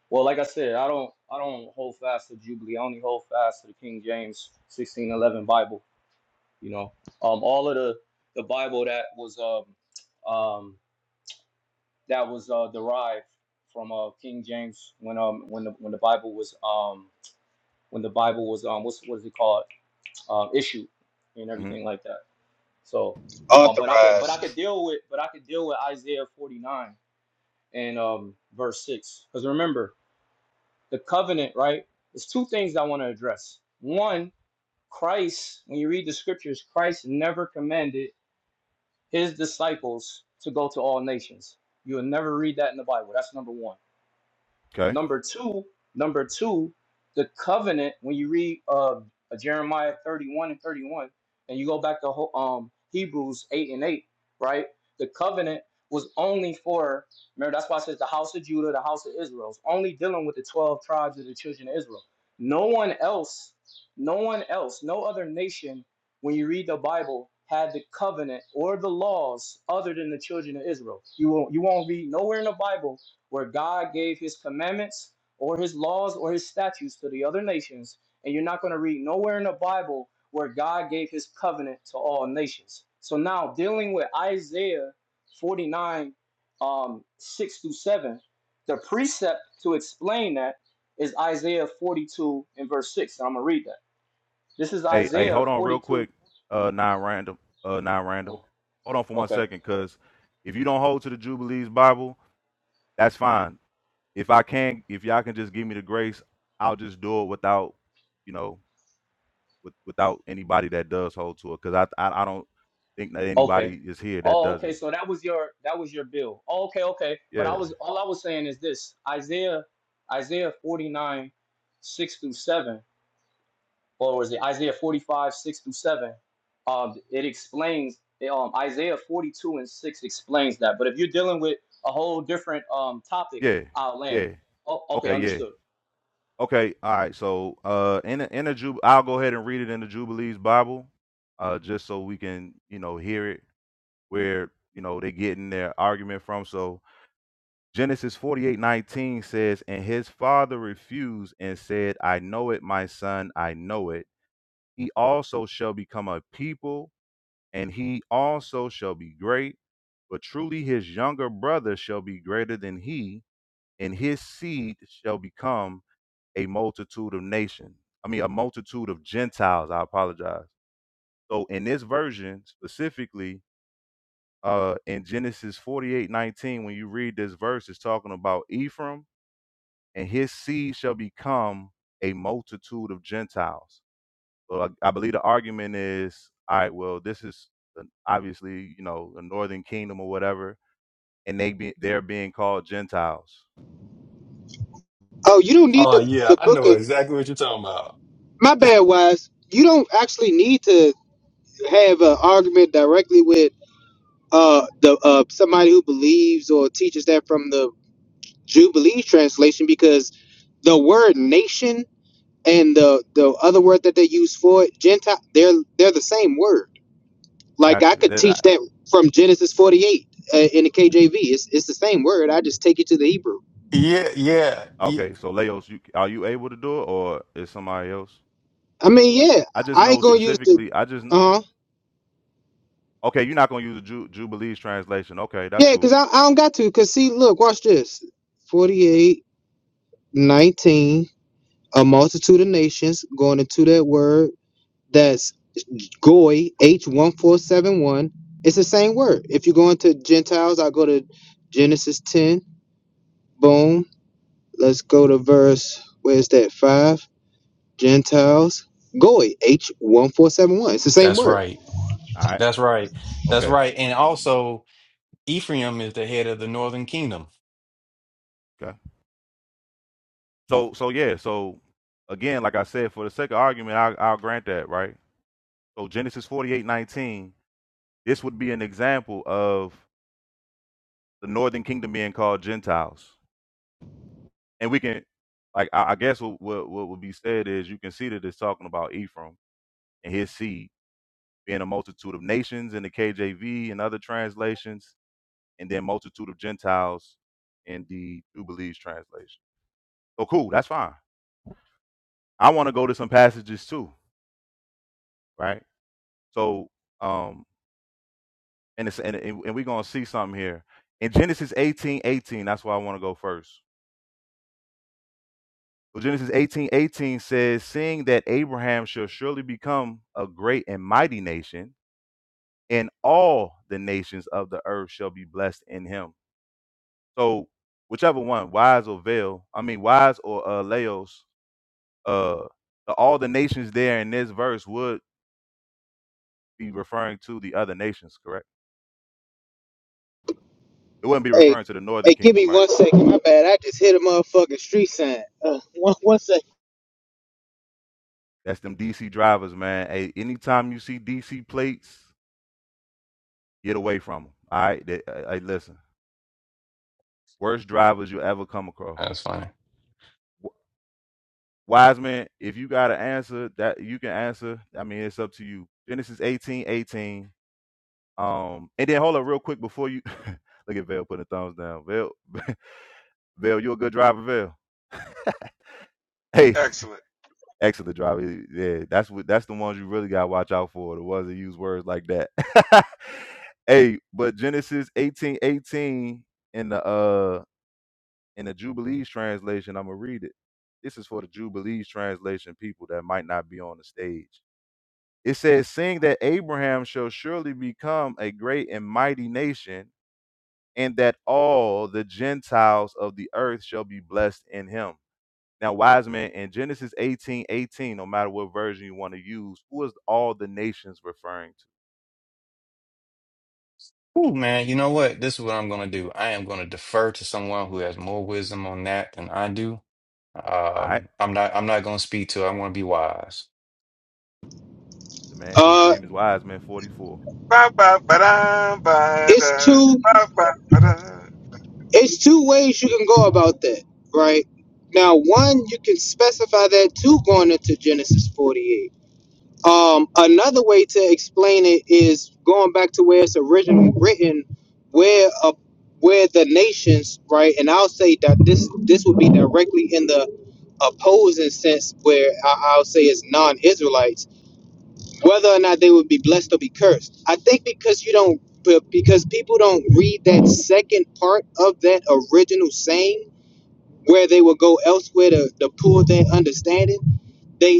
C: Well, like I said, I don't I don't hold fast to Jubilee. I only hold fast to the King James sixteen eleven Bible. You know, um, all of the the Bible that was um um that was uh, derived from uh King James when um when the when the Bible was um when the Bible was um what's what is it called um issued and
N: hmm
C: everything like that. So um but I could but I
B: Authorized.
C: could deal with but I could deal with Isaiah forty nine and um verse six because remember. the covenant, right? There's two things I want to address. One, Christ, when you read the scriptures, Christ never commanded his disciples to go to all nations. You will never read that in the Bible. That's number one.
N: Okay.
C: Number two, number two, the covenant. When you read uh, Jeremiah thirty-one and thirty-one, and you go back to Ho- um, Hebrews eight and eight, right? The covenant was only for. Remember, that's why it says the house of Judah, the house of Israel. It's only dealing with the twelve tribes of the children of Israel. No one else, no one else, no other nation. When you read the Bible, had the covenant or the laws other than the children of Israel. You won't, you won't read nowhere in the Bible where God gave his commandments or his laws or his statutes to the other nations. And you're not going to read nowhere in the Bible where God gave his covenant to all nations. So now, dealing with Isaiah 49, um, 6 through 7, the precept to explain that is Isaiah 42 and verse 6. And I'm going to read that. This is
N: Hey hey,
C: Isaiah
N: hold on real
C: 42.
N: quick. Uh, non random. Uh, non random.
C: Oh,
N: Hold on for one
C: okay.
N: second, cause if you don't hold to the Jubilees Bible, that's fine. if I can, if y'all can just give me the grace, I'll just do it without, you know, with, without anybody that does hold to it, because I, I I don't think that
C: Okay.
N: anybody is here that
C: Oh,
N: does
C: okay.
N: it.
C: So that was your that was your bill. Oh, okay, okay.
N: Yeah,
C: But I was all I was saying is this Isaiah Isaiah 49, 6 through 7, or was it Isaiah 45, 6 through 7? Um, it explains um Isaiah 42 and 6 explains that. But if you're dealing with a whole different um topic,
N: yeah,
C: I'll land.
N: yeah.
C: Oh, okay,
N: Okay, yeah.
C: understood.
N: Okay, all right. So, uh, in the, in the Jub, I'll go ahead and read it in the Jubilees Bible, uh, just so we can, you know, hear it where you know they're getting their argument from. So Genesis forty eight nineteen says, and his father refused and said, I know it, my son, I know it He also shall become a people, and he also shall be great. But truly his younger brother shall be greater than he, and his seed shall become a multitude of nations. I mean, a multitude of Gentiles. I apologize. So in this version specifically, uh, in Genesis forty-eight nineteen, when you read this verse, it's talking about Ephraim, and his seed shall become a multitude of Gentiles. Well, I, I believe the argument is, all right, well, this is an- obviously, you know, the northern kingdom or whatever, and they be, they're being called Gentiles.
B: Oh, you don't need
K: Oh
B: the
K: yeah,
B: the
K: I
B: book
K: know
B: of
K: exactly what you're talking about.
B: my bad, wise. You don't actually need to have an argument directly with. uh the uh somebody who believes or teaches that from the Jubilee translation because the word nation and the the other word that they use for it, Gentile, they're they're the same word. Like
N: Got
B: I
N: you.
B: could
N: That-
B: teach
N: I-
B: that from Genesis 48 uh, in the KJV. It's it's the same word. I just take it to the Hebrew.
K: Yeah, yeah, yeah.
N: Okay, so Leos, you, are you able to do it, or is somebody else?
B: I mean, yeah,
N: I just
B: I ain't
N: know
B: gonna use the
N: specifically. I just know.
B: uh huh
N: Okay, you're not gonna use the Ju- Jubilees translation. Okay, that's
B: yeah, cause
N: cool.
B: I, I don't got to. Cause see, look, watch this. 48 19, a multitude of nations going into that word that Goy, H1471. It's the same word. If you go into Gentiles, I'll go to Genesis 10. Boom. Let's go to verse, where's that? 5. Gentiles. Goy, H1471. It's the same
K: That's
B: word.
K: right.
N: All right.
K: That's right. That's
N: Okay.
K: right. And also, Ephraim is the head of the northern kingdom.
N: Okay. So, so yeah. So again, like I said, for the sake of argument, I, I'll grant that, right? So Genesis 48:19. This would be an example of the northern kingdom being called Gentiles. And we can, like, I, I guess what, what what would be said is you can see that it's talking about Ephraim and his seed being a multitude of nations in the KJV and other translations, and then multitude of Gentiles in the Jubilees translation. So cool, that's fine. I want to go to some passages too, right? So, um, and it's and, and we're gonna see something here in Genesis eighteen eighteen. That's why I want to go first Well, Genesis eighteen eighteen says, Seeing that Abraham shall surely become a great and mighty nation, and all the nations of the earth shall be blessed in him. So, whichever one, wise or veil, I mean, wise or uh, laos, uh, the- all the nations there in this verse would be referring to the other nations, correct? It wouldn't be
B: Hey,
N: referring to the
B: hey,
N: northern
B: give me
N: kingdom, right?
B: one second. My bad. I just hit a motherfucking street sign. Uh, one, one second.
N: That's them DC drivers, man. Hey, anytime you see DC plates, get away from them. All right, They- uh, hey, listen, worst drivers you ever come across
K: That's funny.
N: Wiseman, if you got an answer that you can answer, I mean, it's up to you. Genesis 18 18, Um, and then hold up real quick before you look at Vale putting the thumbs down. Vale, Vale, you a good driver, Vale. Hey,
E: excellent.
N: excellent driver. Yeah, that's what that's the ones you really gotta watch out for. The ones that use words like that. hey, but Genesis 18 18 in the uh in the Jubilees translation, I'm gonna read it. This is for the Jubilees translation people that might not be on the stage. It says, seeing that Abraham shall surely become a great and mighty nation, and that all the Gentiles of the earth shall be blessed in him. Now, wise men, in Genesis 18 18, no matter what version you want to use, who is all the nations referring to?
K: Ooh, man, you know what? This is what I'm going to do. I am going to defer to someone who has more wisdom on that than I do.
N: All right.
K: Um, I'm not. I'm not going to speak to. it. I want to be wise.
N: The man, his
B: Uh,
N: name is Wise Man 44.
E: Ba ba ba da ba
B: it's
E: da
B: two,
E: ba ba ba da.
B: it's two ways you can go about that, right? Now, one, you can specify that too going into Genesis 48 Um, another way to explain it is going back to where it's originally written, where uh, where the nations, right? And I'll say that this this would be directly in the opposing sense, where I, I'll say it's non-Israelites, whether or not they would be blessed or be cursed. I think because you don't, be- because people don't read that second part of that original saying, where they will go elsewhere to, to pull their understanding. they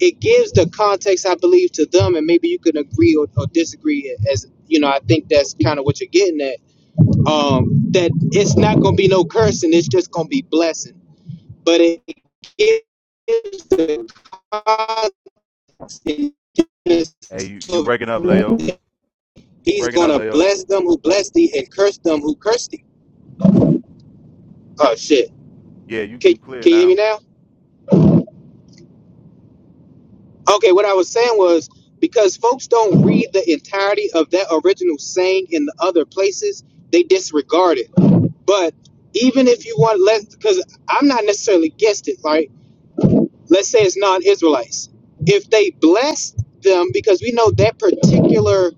B: it gives the context, I believe, to them, and maybe you can agree or, or disagree. As you know, I think that's kind of what you're getting at. Um, that it's not going to be no cursing; it's just going to be blessing. But it gives the context
N: Hey, you, you
B: to
N: breaking up, Leo.
B: everything.
N: You
B: He's
N: breaking
B: going
N: up,
B: to
N: Leos.
B: bless them who bless thee and curse them who curse thee. Oh shit!
N: Yeah, you,
B: Can,
N: you clear
B: can you hear me
N: now.
B: now? Okay, what I was saying was because folks don't read the entirety of that original saying in the other places, they disregard it. But even if you want less, because I'm not necessarily against it, right? let's say it's non-Israelites, if they blessed them, because we know that particular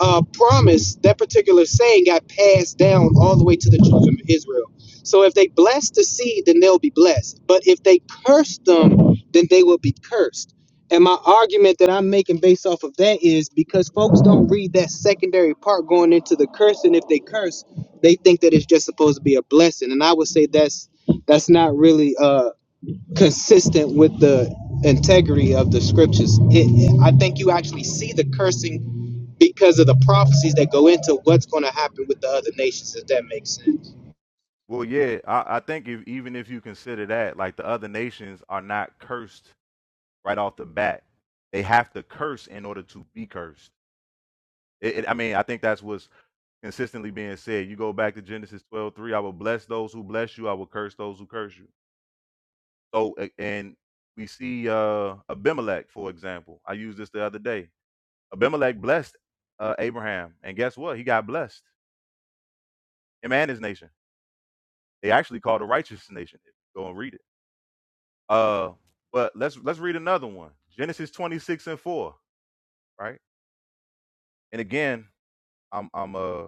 B: uh, promise, that particular saying got passed down all the way to the children of Israel. So if they bless the seed, then they'll be blessed. But if they curse them, then they will be cursed. And my argument that I'm making based off of that is because folks don't read that secondary part going into the curse, and if they curse, they think that it's just supposed to be a blessing. And I would say that's that's not really uh consistent with the integrity of the scriptures. It, I think you actually see the cursing because of the prophecies that go into what's going to happen with the other nations. If that makes sense,
N: Well, yeah, I, I think if even if you consider that, like the other nations are not cursed right off the bat. They have to curse in order to be cursed. It, it- I mean, I think that's what's consistently being said. You go back to Genesis twelve three. I will bless those who bless you. I will curse those who curse you. So, and we see uh, Abimelech, for example. I used this the other day. Abimelech blessed uh, Abraham, and guess what? He got blessed. Him and his nation. They actually called a righteous nation. Go and read it. Uh, but let's let's read another one. Genesis twenty six and four. Right, and again, I'm I'm uh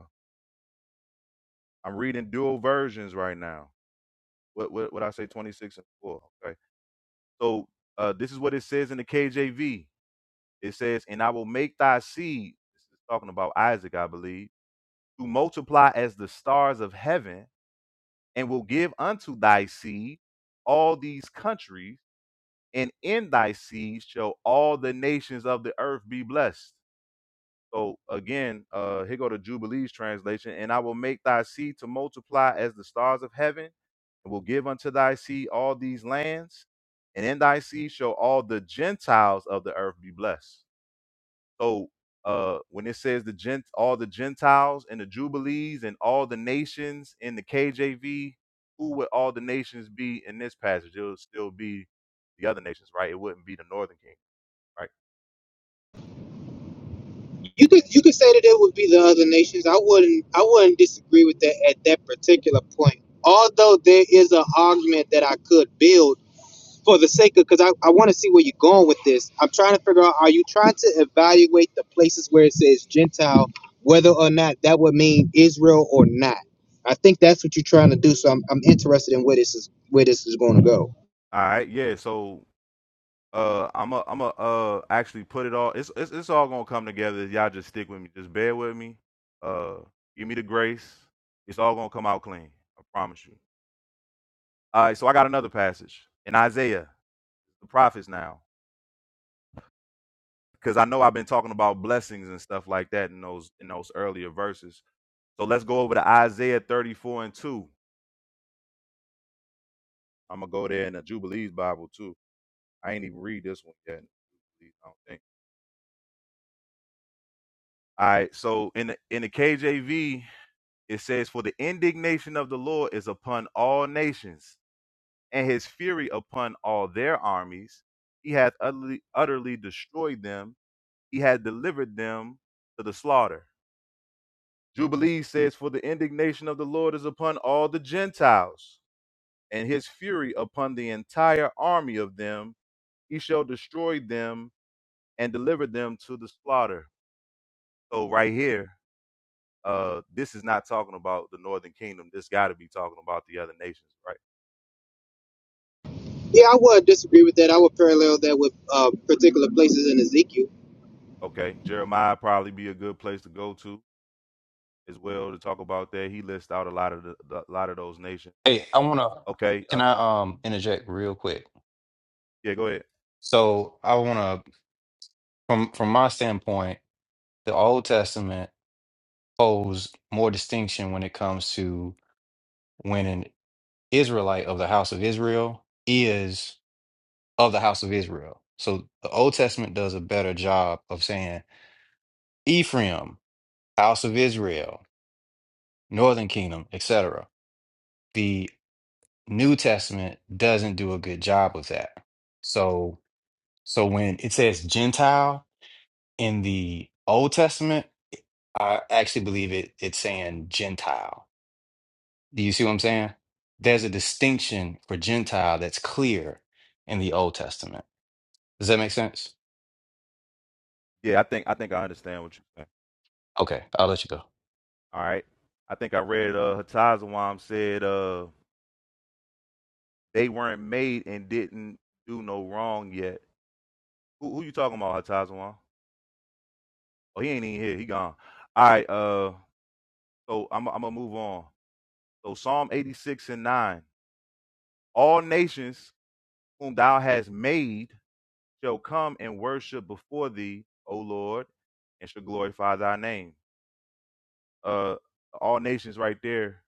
N: I'm reading dual versions right now. What what what I say 26 and 4. Okay. So uh this is what it says in the KJV. It says, "And I will make thy seed," this is talking about Isaac, I believe, "to multiply as the stars of heaven, and will give unto thy seed all these countries, and in thy seed shall all the nations of the earth be blessed." So again, uh, here go the Jubilees translation, and I will make thy seed to multiply as the stars of heaven, and will give unto thy seed all these lands, and in thy seed shall all the Gentiles of the earth be blessed. So uh, when it says the gent, all the Gentiles and the Jubilees and all the nations in the KJV, who would all the nations be in this passage? It would still be the other nations, right? It wouldn't be the Northern Kingdom, right?
B: you could you could say that it would be the other nations. I wouldn't I wouldn't disagree with that at that particular point. Although there is an argument that I could build for the sake of because I, I want to see where you're going with this. I'm trying to figure out are you trying to evaluate the places where it says Gentile, whether or not that would mean Israel or not? I think that's what you're trying to do. So I'm, I'm interested in where this is where this is going to go.
N: All right, yeah. So uh, I'm a, I'm a uh, actually put it all. It's, it's it's all gonna come together. Y'all just stick with me. Just bear with me. Uh, give me the grace. It's all gonna come out clean. I promise you. All right. So I got another passage in Isaiah, the prophets now. because I know I've been talking about blessings and stuff like that in those in those earlier verses. So let's go over to Isaiah 34 and 2. I'm gonna go there in the Jubilees Bible too. I ain't even read this one yet. I don't think. All right. So in the in the KJV, it says, "For the indignation of the Lord is upon all nations, and His fury upon all their armies. He hath utterly, utterly destroyed them. He hath delivered them to the slaughter." Jubilee says, For the indignation of the Lord is upon all the Gentiles, and his fury upon the entire army of them. He shall destroy them and deliver them to the slaughter. So, right here, uh, this is not talking about the northern kingdom. This got to be talking about the other nations, right?
B: Yeah, I would disagree with that. I would parallel that with uh, particular places in Ezekiel.
N: Okay. Jeremiah probably be a good place to go to as well to talk about that. He lists out a lot of the, the- a lot of those nations.
K: Hey, I want to.
N: Okay. Uh,
K: Can I um interject real quick?
N: yeah, go ahead.
K: So I want to, from from my standpoint, the Old Testament holds more distinction when it comes to when an Israelite of the house of Israel is of the house of Israel. So the Old Testament does a better job of saying Ephraim. House of Israel, Northern Kingdom, etc. The New Testament doesn't do a good job with that. So, so when it says Gentile in the Old Testament, I actually believe it it's saying Gentile. Do you see what I'm saying? There's a distinction for Gentile that's clear in the Old Testament. Does that make sense?
N: Yeah, I think I think I understand what you.
K: Okay, I'll let you go.
N: All right. I think I read uh Hatazawam said uh they weren't made and didn't do no wrong yet. Who who you talking about, Hatazawam? Oh, he ain't even here. He gone. All right, uh so I'm I'm gonna move on. So Psalm 86 and 9. All nations whom thou hast made shall come and worship before thee, O Lord, and shall glorify thy name. Uh all nations right there,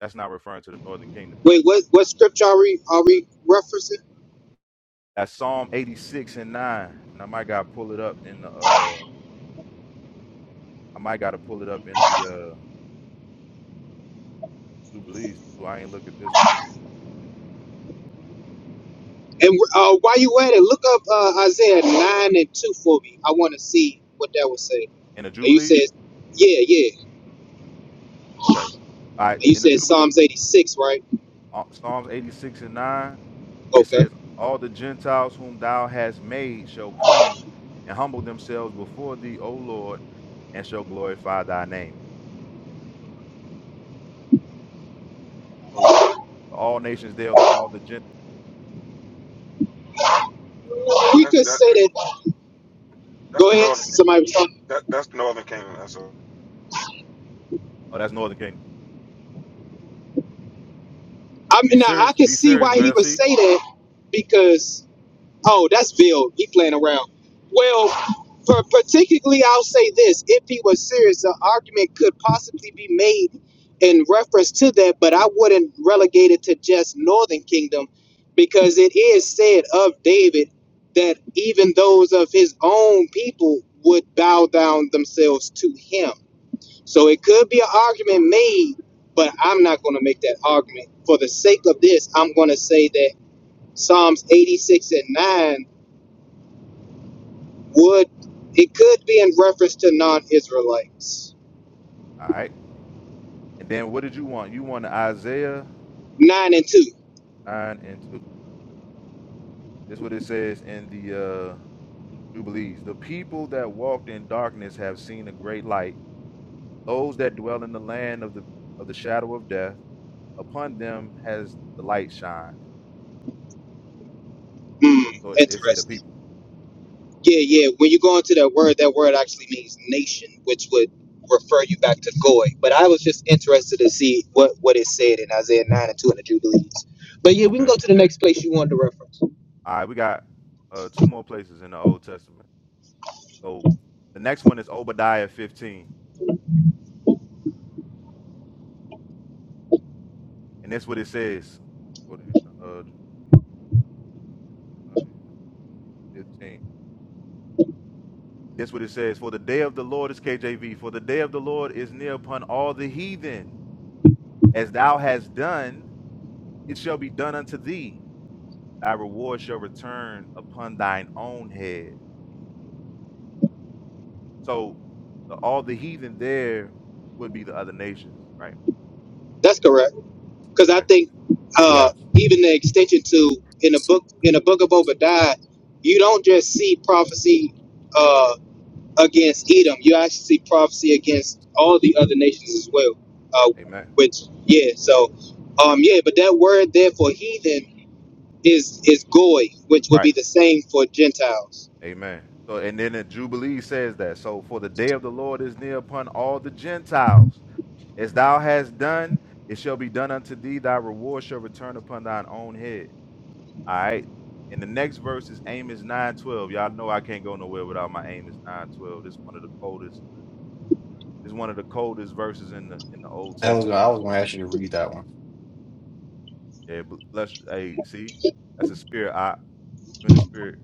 N: that's not referring to the northern kingdom, is it?
B: Wait, what what scripture are we are we referencing?
N: That's Psalm 86 and 9. And I might gotta pull it up in the uh I might gotta pull it up in the uh Jubilees too. I ain't look at this one either.
B: And uh, while you at it, look up uh, Isaiah nine and two for me. I want to see what that would say.
N: In the
B: And you said,
N: Jubilees?
B: yeah, yeah.
N: Okay. All right,
B: You
N: in the
B: said
N: Jubilee
B: Psalms 86, right?
N: Psalms 86 and 9, it
B: Okay.
N: says, All the Gentiles whom thou hast made shall come and humble themselves before thee, O Lord, and shall glorify thy name. So all nations there, the all the Gentiles.
B: We
E: That's
B: could
E: that,
B: say
E: that's
B: that.
E: that's
B: Go
E: the
B: ahead.
E: northern
B: Somebody was talking.
E: that, that's the northern kingdom. That's all. All
N: Oh, that's Northern Kingdom.
B: I
N: Be
B: mean, now I
N: serious.
B: could
N: Be
B: see why
N: serious,
B: he would
N: Versi.
B: say that because, oh, that's Bill. He playing around. Well, per- particularly, I'll say this. If he was serious, the argument could possibly be made in reference to that, but I wouldn't relegate it to just Northern Kingdom because it is said of David that even those of his own people would bow down themselves to him. So it could be an argument made, but I'm not going to make that argument. For the sake of this, I'm going to say that Psalms 86 and 9 would, it could be in reference to non Israelites.
N: All right. And then what did you want? You wanted Isaiah
B: 9 and 2.
N: 9 and 2. This is what it says in the uh, Jubilees. The people that walked in darkness have seen a great light. Those that dwell in the land of the of the shadow of death, upon them has the light shined.
B: Hmm,
N: So it, it say the
B: interesting.
N: people.
B: Yeah, yeah. When you go into that word, that word actually means nation, which would refer you back to Goy. But I was just interested to see what, what it said in Isaiah 9 and 2 in the Jubilees. But yeah, we can
N: Okay.
B: go to the next place you wanted to reference.
N: All right, we got uh, two more places in the Old Testament. So the next one is Obadiah 15, and that's what it says. uh, 15. That's what it says. For the day of the Lord is KJV. For the day of the Lord is near upon all the heathen. As thou hast done, it shall be done unto thee. Thy reward shall return upon thine own head. So the, all the heathen there would be the other nations, right?
B: That's correct. because I
N: Okay.
B: think uh,
K: Yeah,
B: even the extension to in the book in the book of Obadiah, you don't just see prophecy uh, against Edom. You actually see prophecy against all the other nations as well. Uh,
N: Amen.
B: which yeah, so um, yeah, but that word there for heathen is is goy, which would be
N: Right.
B: the same for Gentiles.
N: Amen. So and then the Jubilee says that. So for the day of the Lord is near upon all the Gentiles. As thou hast done, it shall be done unto thee, thy reward shall return upon thine own head. All right. And the next verse is Amos 9:12. Y'all know I can't go nowhere without my Amos 9:12. This is one of the coldest. This is one of the coldest verses in the in the Old
K: I was gonna,
N: Testament.
K: I was going to ask you to read that one.
N: Yeah, b- bless. Hey, see, that's a spirit. I in the spirit.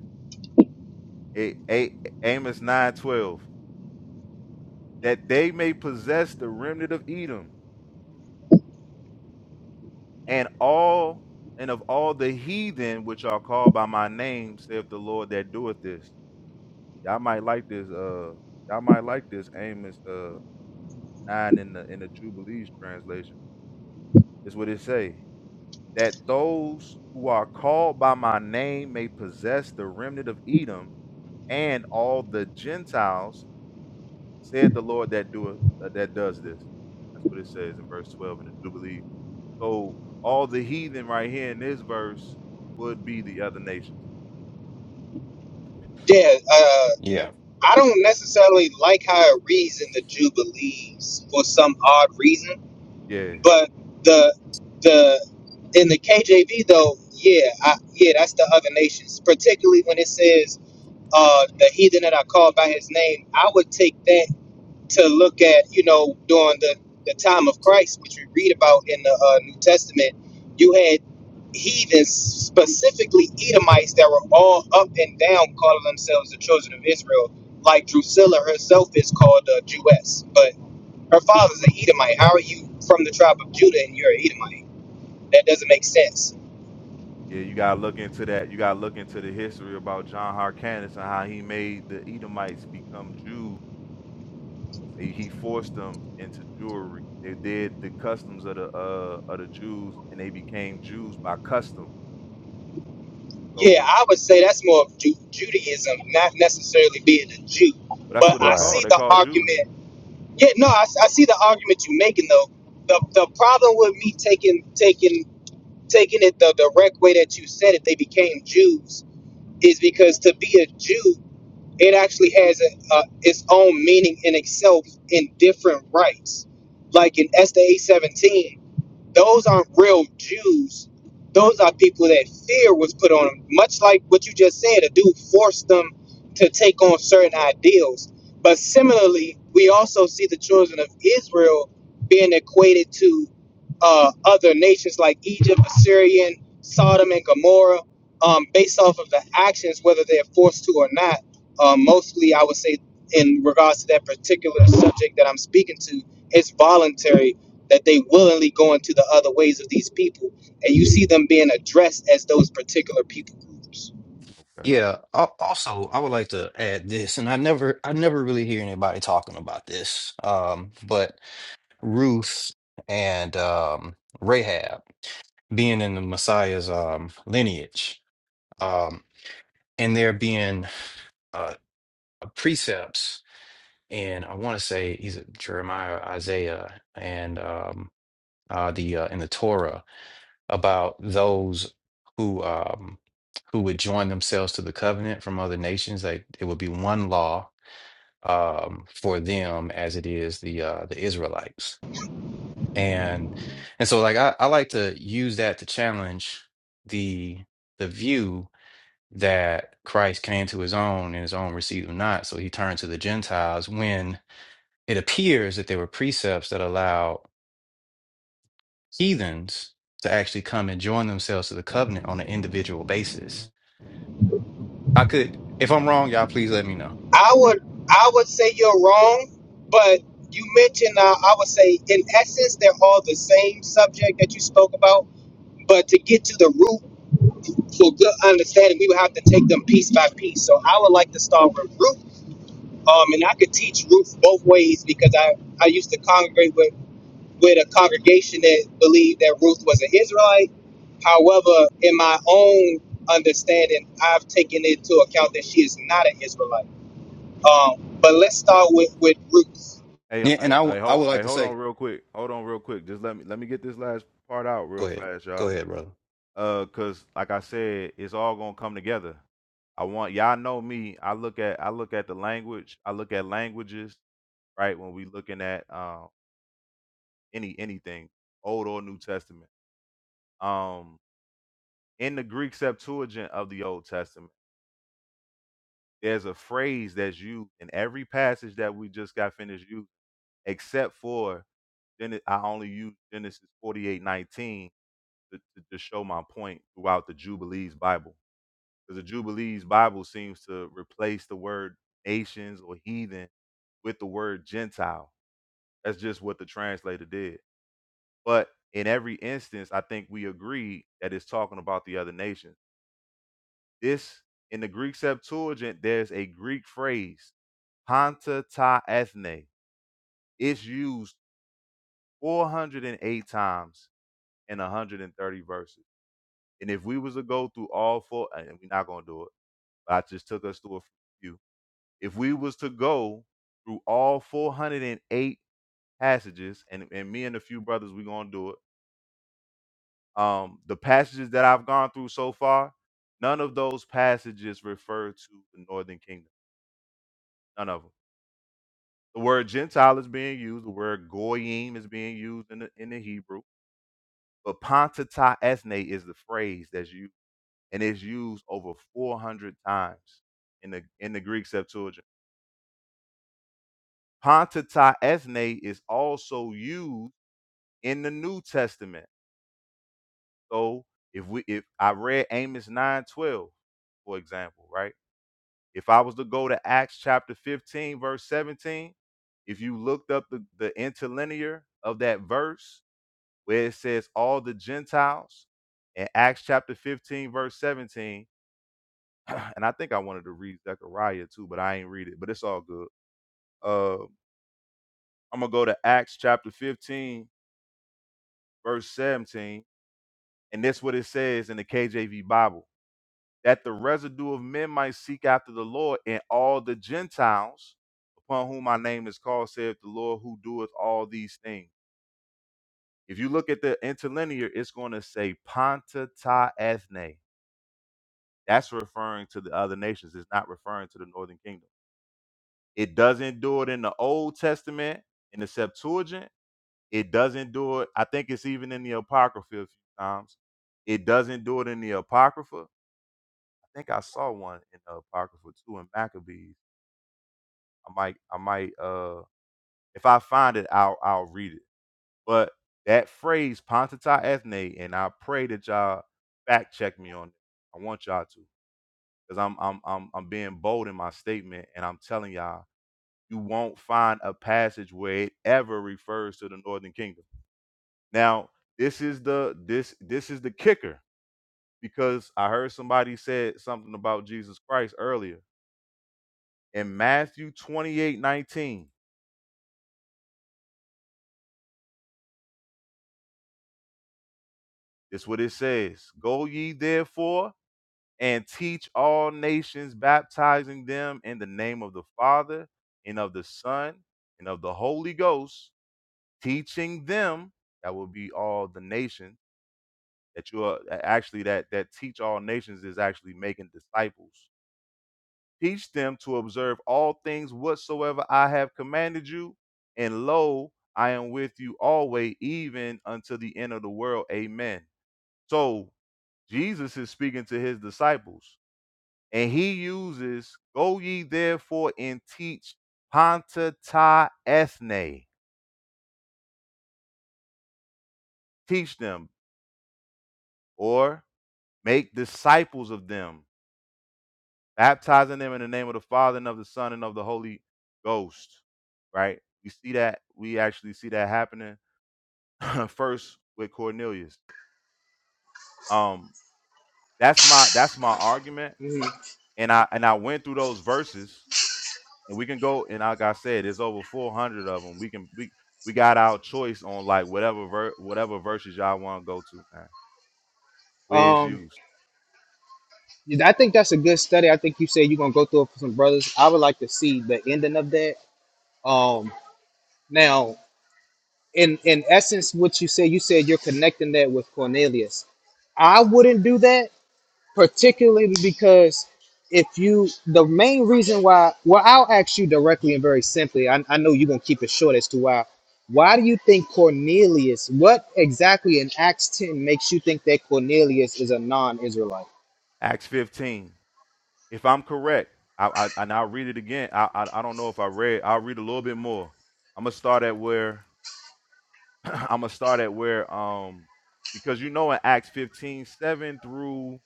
N: A, A, Amos 9:12. That they may possess the remnant of Edom and all and of all the heathen which are called by my name, saith the Lord that doeth this. Y'all might like this. Uh, y'all might like this Amos. Uh nine in the in the Jubilees translation. Is what it say that those who are called by my name may possess the remnant of Edom and all the Gentiles, said the Lord that doeth uh, that does this. That's what it says in verse twelve in the Jubilee. So all the heathen right here in this verse would be the other nations.
B: Yeah, uh,
K: Yeah,
B: I don't necessarily like how it reads in the Jubilees for some odd reason
N: Yeah.
B: But the the in the KJV though, yeah, I, yeah, that's the other nations. Particularly when it says uh, the heathen that I call by his name, I would take that to look at you know during the the time of Christ, which we read about in the uh, New Testament. You had heathens, specifically Edomites, that were all up and down calling themselves the children of Israel, like Drusilla herself is called a Jewess, but her father's an Edomite. How are you from the tribe of Judah and you're an Edomite? That doesn't make sense.
N: Yeah, you gotta look into that. You gotta look into the history about John Harkness and how he made the Edomites become Jews They, he forced them into Jewry. They did the customs of the uh of the Jews, and they became Jews by custom.
B: Yeah,
N: So,
B: I would say that's more of Ju- Judaism, not necessarily being a Jew.
N: but that's
B: But
N: what they
B: I
N: call.
B: see
N: They
B: the
N: call Jews.
B: argument. Yeah, no, I, I see the argument you're making though. The the problem with me taking taking taking it the direct way that you said it, they became Jews, is because to be a Jew, it actually has a, a, its own meaning in itself in different rights. Like in Esther eight seventeen. Those aren't real Jews. Those are people that fear was put on them. Much like what you just said, a dude forced them to take on certain ideals. But similarly, we also see the children of Israel being equated to uh, other nations like Egypt, Assyrian, Sodom, and Gomorrah, um, based off of the actions, whether they're forced to or not. Um, mostly, I would say, in regards to that particular subject that I'm speaking to, it's voluntary that they willingly go into the other ways of these people and you see them being addressed as those particular people groups
N: Okay.
K: Yeah. al- Also, I would like to add this, and I never, I never really hear anybody talking about this. Um, but Ruth and um, Rahab being in the Messiah's um, lineage, um, and there being uh, precepts, and I want to say he's Jeremiah, Isaiah, and um, uh, the uh, in the Torah about those who um, who would join themselves to the covenant from other nations. Like it would be one law um, for them as it is the uh, the Israelites. And and so like I, I like to use that to challenge the the view that Christ came to his own and his own received him not. So he turned to the Gentiles when it appears that there were precepts that allowed heathens to actually come and join themselves to the covenant on an individual basis. I could,
N: Yeah.
K: if I'm wrong, y'all please let me know.
B: i would i would say you're wrong but you mentioned uh, i would say in essence they're all the same subject that you spoke about but to get to the root for good understanding we would have to take them piece by piece so i would like to start with root um, and i could teach root both ways because i i used to congregate with with a congregation that believed that Ruth was an Israelite. However, in my own understanding, I've taken into account that she is not an Israelite. Um, but let's start with with Ruth.
N: Hey,
K: Yeah, and
N: hey,
K: I, w-
N: hey,
K: I
N: hold,
K: would like
N: hey,
K: to
N: hold on
K: say,
N: real quick. Hold on real quick. Just let me let me get this last part out
K: go
N: real
K: ahead,
N: fast,
K: go
N: y'all.
K: ahead, brother.
N: Uh, cause like I said, it's all gonna come together. I want y'all know me. I look at I look at the language. I look at languages, right? When we looking at uh, any anything, old or New Testament. um. in the Greek Septuagint of the Old Testament, there's a phrase that's used in every passage that we just got finished using, except for then I only use Genesis 48:19 to, to, to show my point throughout the Jubilees Bible. Because the Jubilees Bible seems to replace the word nations or heathen with the word Gentile. That's just what the translator did. But in every instance, I think we agree that it's talking about the other nations This in the Greek Septuagint, there's a Greek phrase, panta ta ethne. It's used 408 times in 130 verses. And if we was to go through all four, and we're not gonna do it, but I just took us through a few. If we was to go through all 408 passages, and, and me and a few brothers, we're gonna do it. Um, the passages that I've gone through so far, none of those passages refer to the northern kingdom. None of them. The word Gentile is being used. The word goyim is being used in the in the Hebrew. But pantata esne is the phrase that's used, and it's used over 400 times in the in the Greek Septuagint. Pantata esne is also used in the New Testament. So if we if I read Amos 9:12, for example, right? If I was to go to Acts chapter 15, verse 17, if you looked up the, the interlinear of that verse, where it says all the Gentiles in Acts chapter 15, verse 17. And I think I wanted to read Zechariah too, but I ain't read it, but it's all good. Uh, I'm gonna go to Acts chapter 15, verse 17, and that's what it says in the KJV Bible that the residue of men might seek after the Lord and all the Gentiles upon whom my name is called, saith the Lord who doeth all these things. If you look at the interlinear, it's going to say Ponta Ta Ethne That's referring to the other nations. It's not referring to the northern kingdom. It doesn't do it in the Old Testament, in the Septuagint. It doesn't do it. I think it's even in the Apocrypha a few times. It doesn't do it in the Apocrypha. I think I saw one in the Apocrypha too in Maccabees. I might, I might uh if I find it, I'll I'll read it. But that phrase, Pontata ethne, and I pray that y'all fact check me on it. I want y'all to. because I'm I'm I'm I'm being bold in my statement, and I'm telling y'all, you won't find a passage where it ever refers to the northern kingdom. Now, this is the this this is the kicker because I heard somebody said something about Jesus Christ earlier in Matthew 28:19. 19. This is what it says: Go ye therefore and teach all nations, baptizing them in the name of the Father and of the Son and of the Holy Ghost teaching them that will be all the nation that you are actually that that teach all nations is actually making disciples teach them to observe all things whatsoever i have commanded you and lo i am with you always even unto the end of the world amen so jesus is speaking to his disciples and he uses go ye therefore and teach panta ta ethne teach them or make disciples of them baptizing them in the name of the Father and of the Son and of the Holy Ghost. Right? We see that we actually see that happening first with Cornelius. Um, that's my that's my argument, and I and I went through those verses, and we can go and like I said, there's over 400 of them. We can we we got our choice on like whatever ver- whatever verses y'all want to go to, man. Where it's
B: Um,
N: used.
B: I think that's a good study. I think you said you're gonna go through it for some brothers. I would like to see the ending of that. Um, um, in in essence, what you said, you said you're connecting that with Cornelius. I wouldn't do that particularly because if you the main reason why well i'll ask you directly and very simply i, I know you're going to keep it short as to why why do you think cornelius what exactly in acts 10 makes you think that cornelius is a non-israelite
N: Acts 15. If I'm correct, I, I and I'll read it again. I, I I don't know if I read. I'll read a little bit more. I'm gonna start at where I'm gonna start at where um because you know in Acts fifteen seven through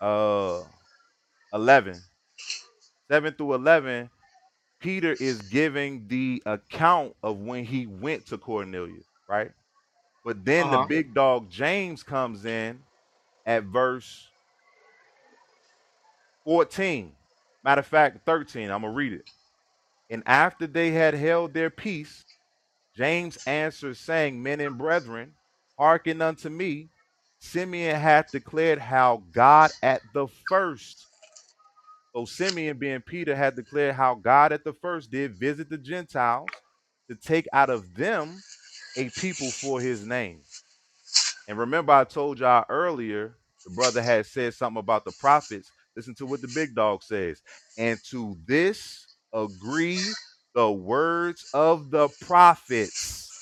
N: uh 11 7 through 11, Peter is giving the account of when he went to Cornelius, right? But then the
B: uh-huh
N: big dog James comes in at verse 14. Matter of fact, 13. I'm gonna read it. And after they had held their peace, James answered, saying, Men and brethren, hearken unto me. Simeon hath declared how God at the first, so Simeon being Peter, had declared how God at the first did visit the Gentiles to take out of them a people for his name. And remember, I told y'all earlier, the brother had said something about the prophets. Listen to what the big dog says. And to this agree the words of the prophets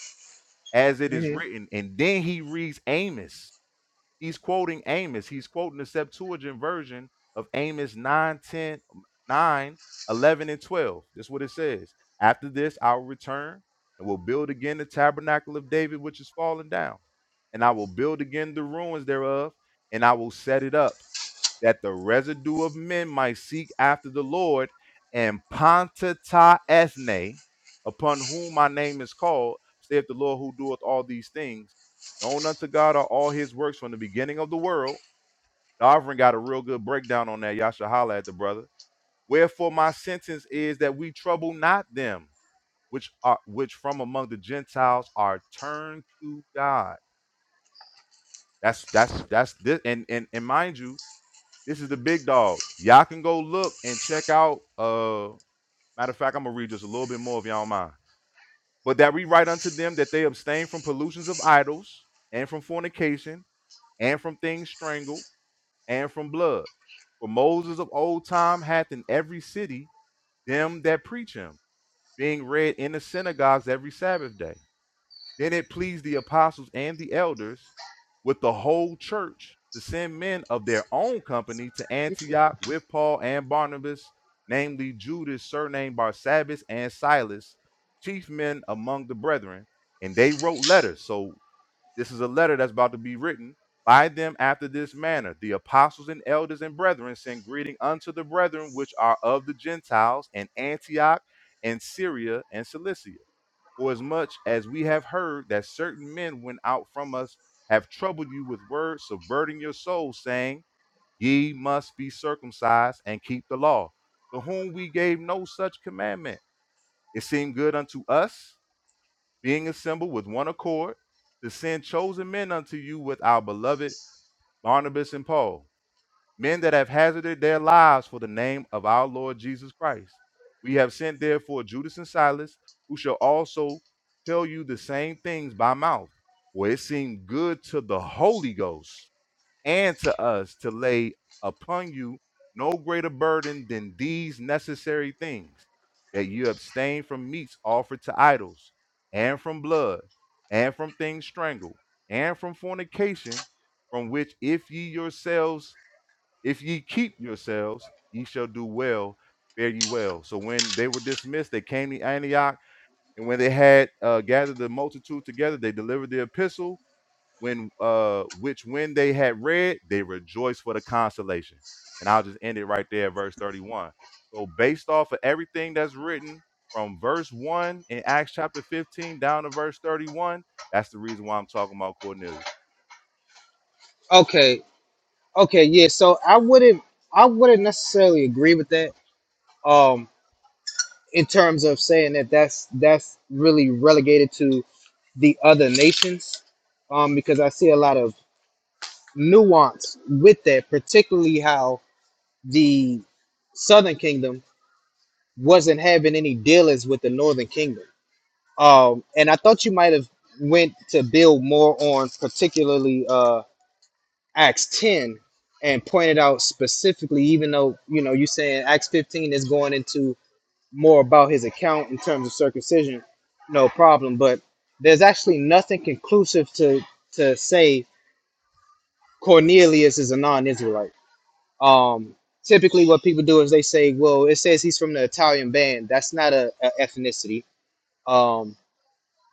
N: as it is written. And then he reads Amos. He's quoting Amos. He's quoting the Septuagint version of Amos 9, 10, um, 9, 11, and 12. That's what it says. After this, I will return and will build again the tabernacle of David, which is fallen down. And I will build again the ruins thereof, and I will set it up that the residue of men might seek after the Lord and Pontata ethne, upon whom my name is called, saith the Lord who doeth all these things. Known unto God are all his works from the beginning of the world. The offering got a real good breakdown on that. Y'all should holler at the brother. Wherefore my sentence is that we trouble not them which are which from among the Gentiles are turned to God. That's that's that's this and and, and mind you This is the big dog. Y'all can go look and check out. Uh, matter of fact, I'm gonna read just a little bit more if y'all don't mind. But that we write unto them that they abstain from pollutions of idols and from fornication and from things strangled and from blood. For Moses of old time hath in every city them that preach him, being read in the synagogues every Sabbath day. Then it pleased the apostles and the elders with the whole church to send men of their own company to Antioch with Paul and Barnabas, namely Judas, surnamed Barsabbas, and Silas, chief men among the brethren. And they wrote letters. So this is a letter that's about to be written by them after this manner. The apostles and elders and brethren send greeting unto the brethren which are of the Gentiles in Antioch and Syria and Cilicia for as much as we have heard that certain men went out from us, have troubled you with words, subverting your souls, saying, Ye must be circumcised and keep the law, to whom we gave no such commandment. It seemed good unto us, being assembled with one accord, to send chosen men unto you with our beloved Barnabas and Paul men that have hazarded their lives for the name of our Lord Jesus Christ. We have sent therefore Judas and Silas, who shall also tell you the same things by mouth. For it seemed good to the Holy Ghost and to us to lay upon you no greater burden than these necessary things that you abstain from meats offered to idols, and from blood, and from things strangled, and from fornication, from which if ye yourselves if ye keep yourselves, ye shall do well, fare ye well. So when they were dismissed, they came to Antioch, and when they had uh, gathered the multitude together, they delivered the epistle. When uh, which when they had read, they rejoiced for the consolation. And I'll just end it right there, at verse thirty-one. So based off of everything that's written from verse one in Acts chapter fifteen down to verse thirty-one, that's the reason why I'm talking about Cornelius.
B: okay okay yeah so i wouldn't i wouldn't necessarily agree with that um in terms of saying that that's that's really relegated to the other nations um because i see a lot of nuance with that, particularly how the Southern Kingdom wasn't having any dealings with the Northern Kingdom. Um, and I thought you might have went to build more on particularly uh, Acts 10 and pointed out specifically, even though you know you're saying Acts 15 is going into more about his account in terms of circumcision, no problem. But there's actually nothing conclusive to to say Cornelius is a non-Israelite Um, typically, what people do is they say, "Well, it says he's from the Italian band. That's not a, a ethnicity. Um,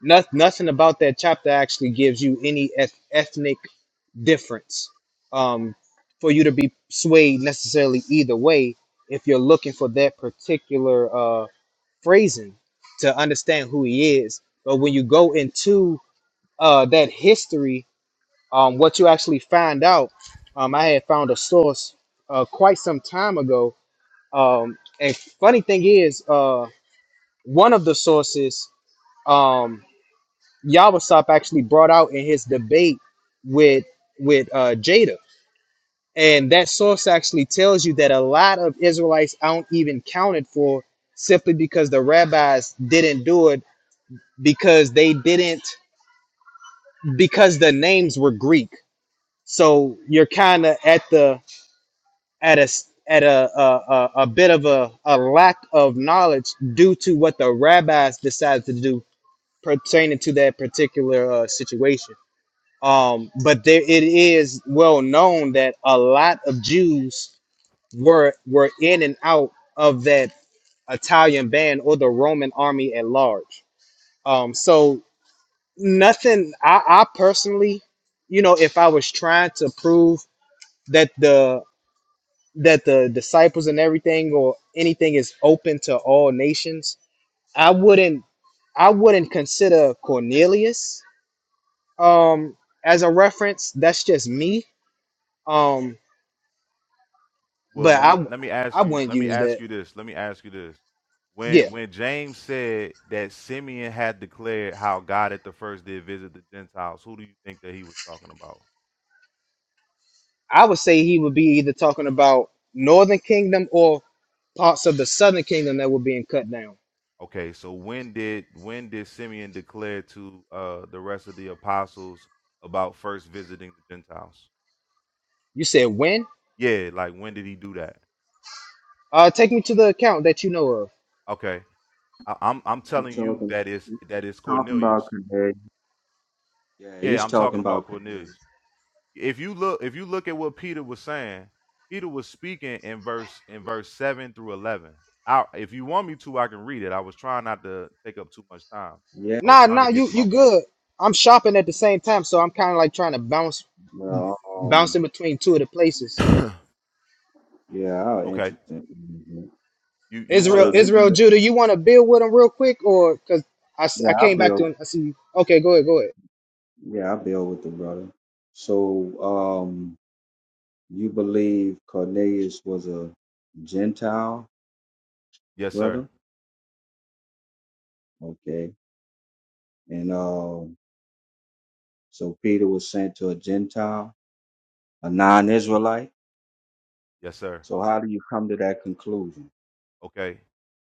B: not, nothing about that chapter actually gives you any eth- ethnic difference um, for you to be swayed necessarily either way if you're looking for that particular uh, phrasing to understand who he is. But when you go into uh, that history, um, what you actually find out, um, I had found a source uh, quite some time ago um, and funny thing is, uh, one of the sources um, Yabasop actually brought out in his debate with with uh, Jada, and that source actually tells you that a lot of Israelites aren't even counted for simply because the rabbis didn't do it because they didn't because the names were Greek. So you're kind of at the at a s- at a a, a, a bit of a, a lack of knowledge due to what the rabbis decided to do pertaining to that particular uh, situation. Um, but there it is well known that a lot of Jews were were in and out of that Italian band or the Roman army at large. Um, so nothing. I, I personally, you know, if I was trying to prove that the that the disciples and everything or anything is open to all nations i wouldn't i wouldn't consider cornelius um as a reference that's just me um
N: Well,
B: but
N: let me
B: i
N: let me
B: i
N: ask you
B: wouldn't
N: let me
B: use
N: ask
B: that
N: you this. Let me ask you this.
B: yeah
N: When when James said that Simeon had declared how God at the first did visit the Gentiles, who do you think that he was talking about?
B: i would say he would be either talking about northern kingdom or parts of the southern kingdom that were being cut down
N: Okay, so when did when did Simeon declare to uh the rest of the apostles about first visiting the Gentiles?
B: you said when
N: Yeah, like when did he do that?
B: uh take me to the account that you know of
N: Okay. I, I'm I'm
P: You
N: telling you
P: talking?
N: that it's
P: You
N: that it's
P: talking about
N: Cornelius.
P: Cornelius? Yeah,
N: Yeah,
P: he's
N: I'm
P: talking
N: talking about
P: about Cornelius.
N: Cornelius. if you look if you look at what Peter was saying, Peter was speaking in verse in verse seven through eleven. I, if you want me to, I can read it. I was trying not to take up too much time.
P: Yeah.
N: I was
B: nah
N: trying to
B: nah
N: get
B: you
N: to
B: you
N: my point.
B: good i'm shopping at the same time so i'm kind of like trying to bounce
P: Well, um,
B: bouncing between two of the places.
P: yeah, I'll
N: okay.
P: entertain. mhm.
N: You you
B: Israel,
P: So
N: wanna
P: you
B: Israel,
P: believe?
B: Judah, you want to build with them real quick, or because I, s-
P: Yeah,
B: I
P: I
B: came back to
P: build.
B: him. I see. you. Okay, go ahead, go ahead.
P: Yeah, I build with the brother. So, um, you believe Cornelius was a Gentile,
N: Yes, sir.
P: brother? Okay. And uh, So Peter was sent to a Gentile, a non Israelite.
N: Yes, sir.
P: So how do you come to that conclusion?
N: Okay.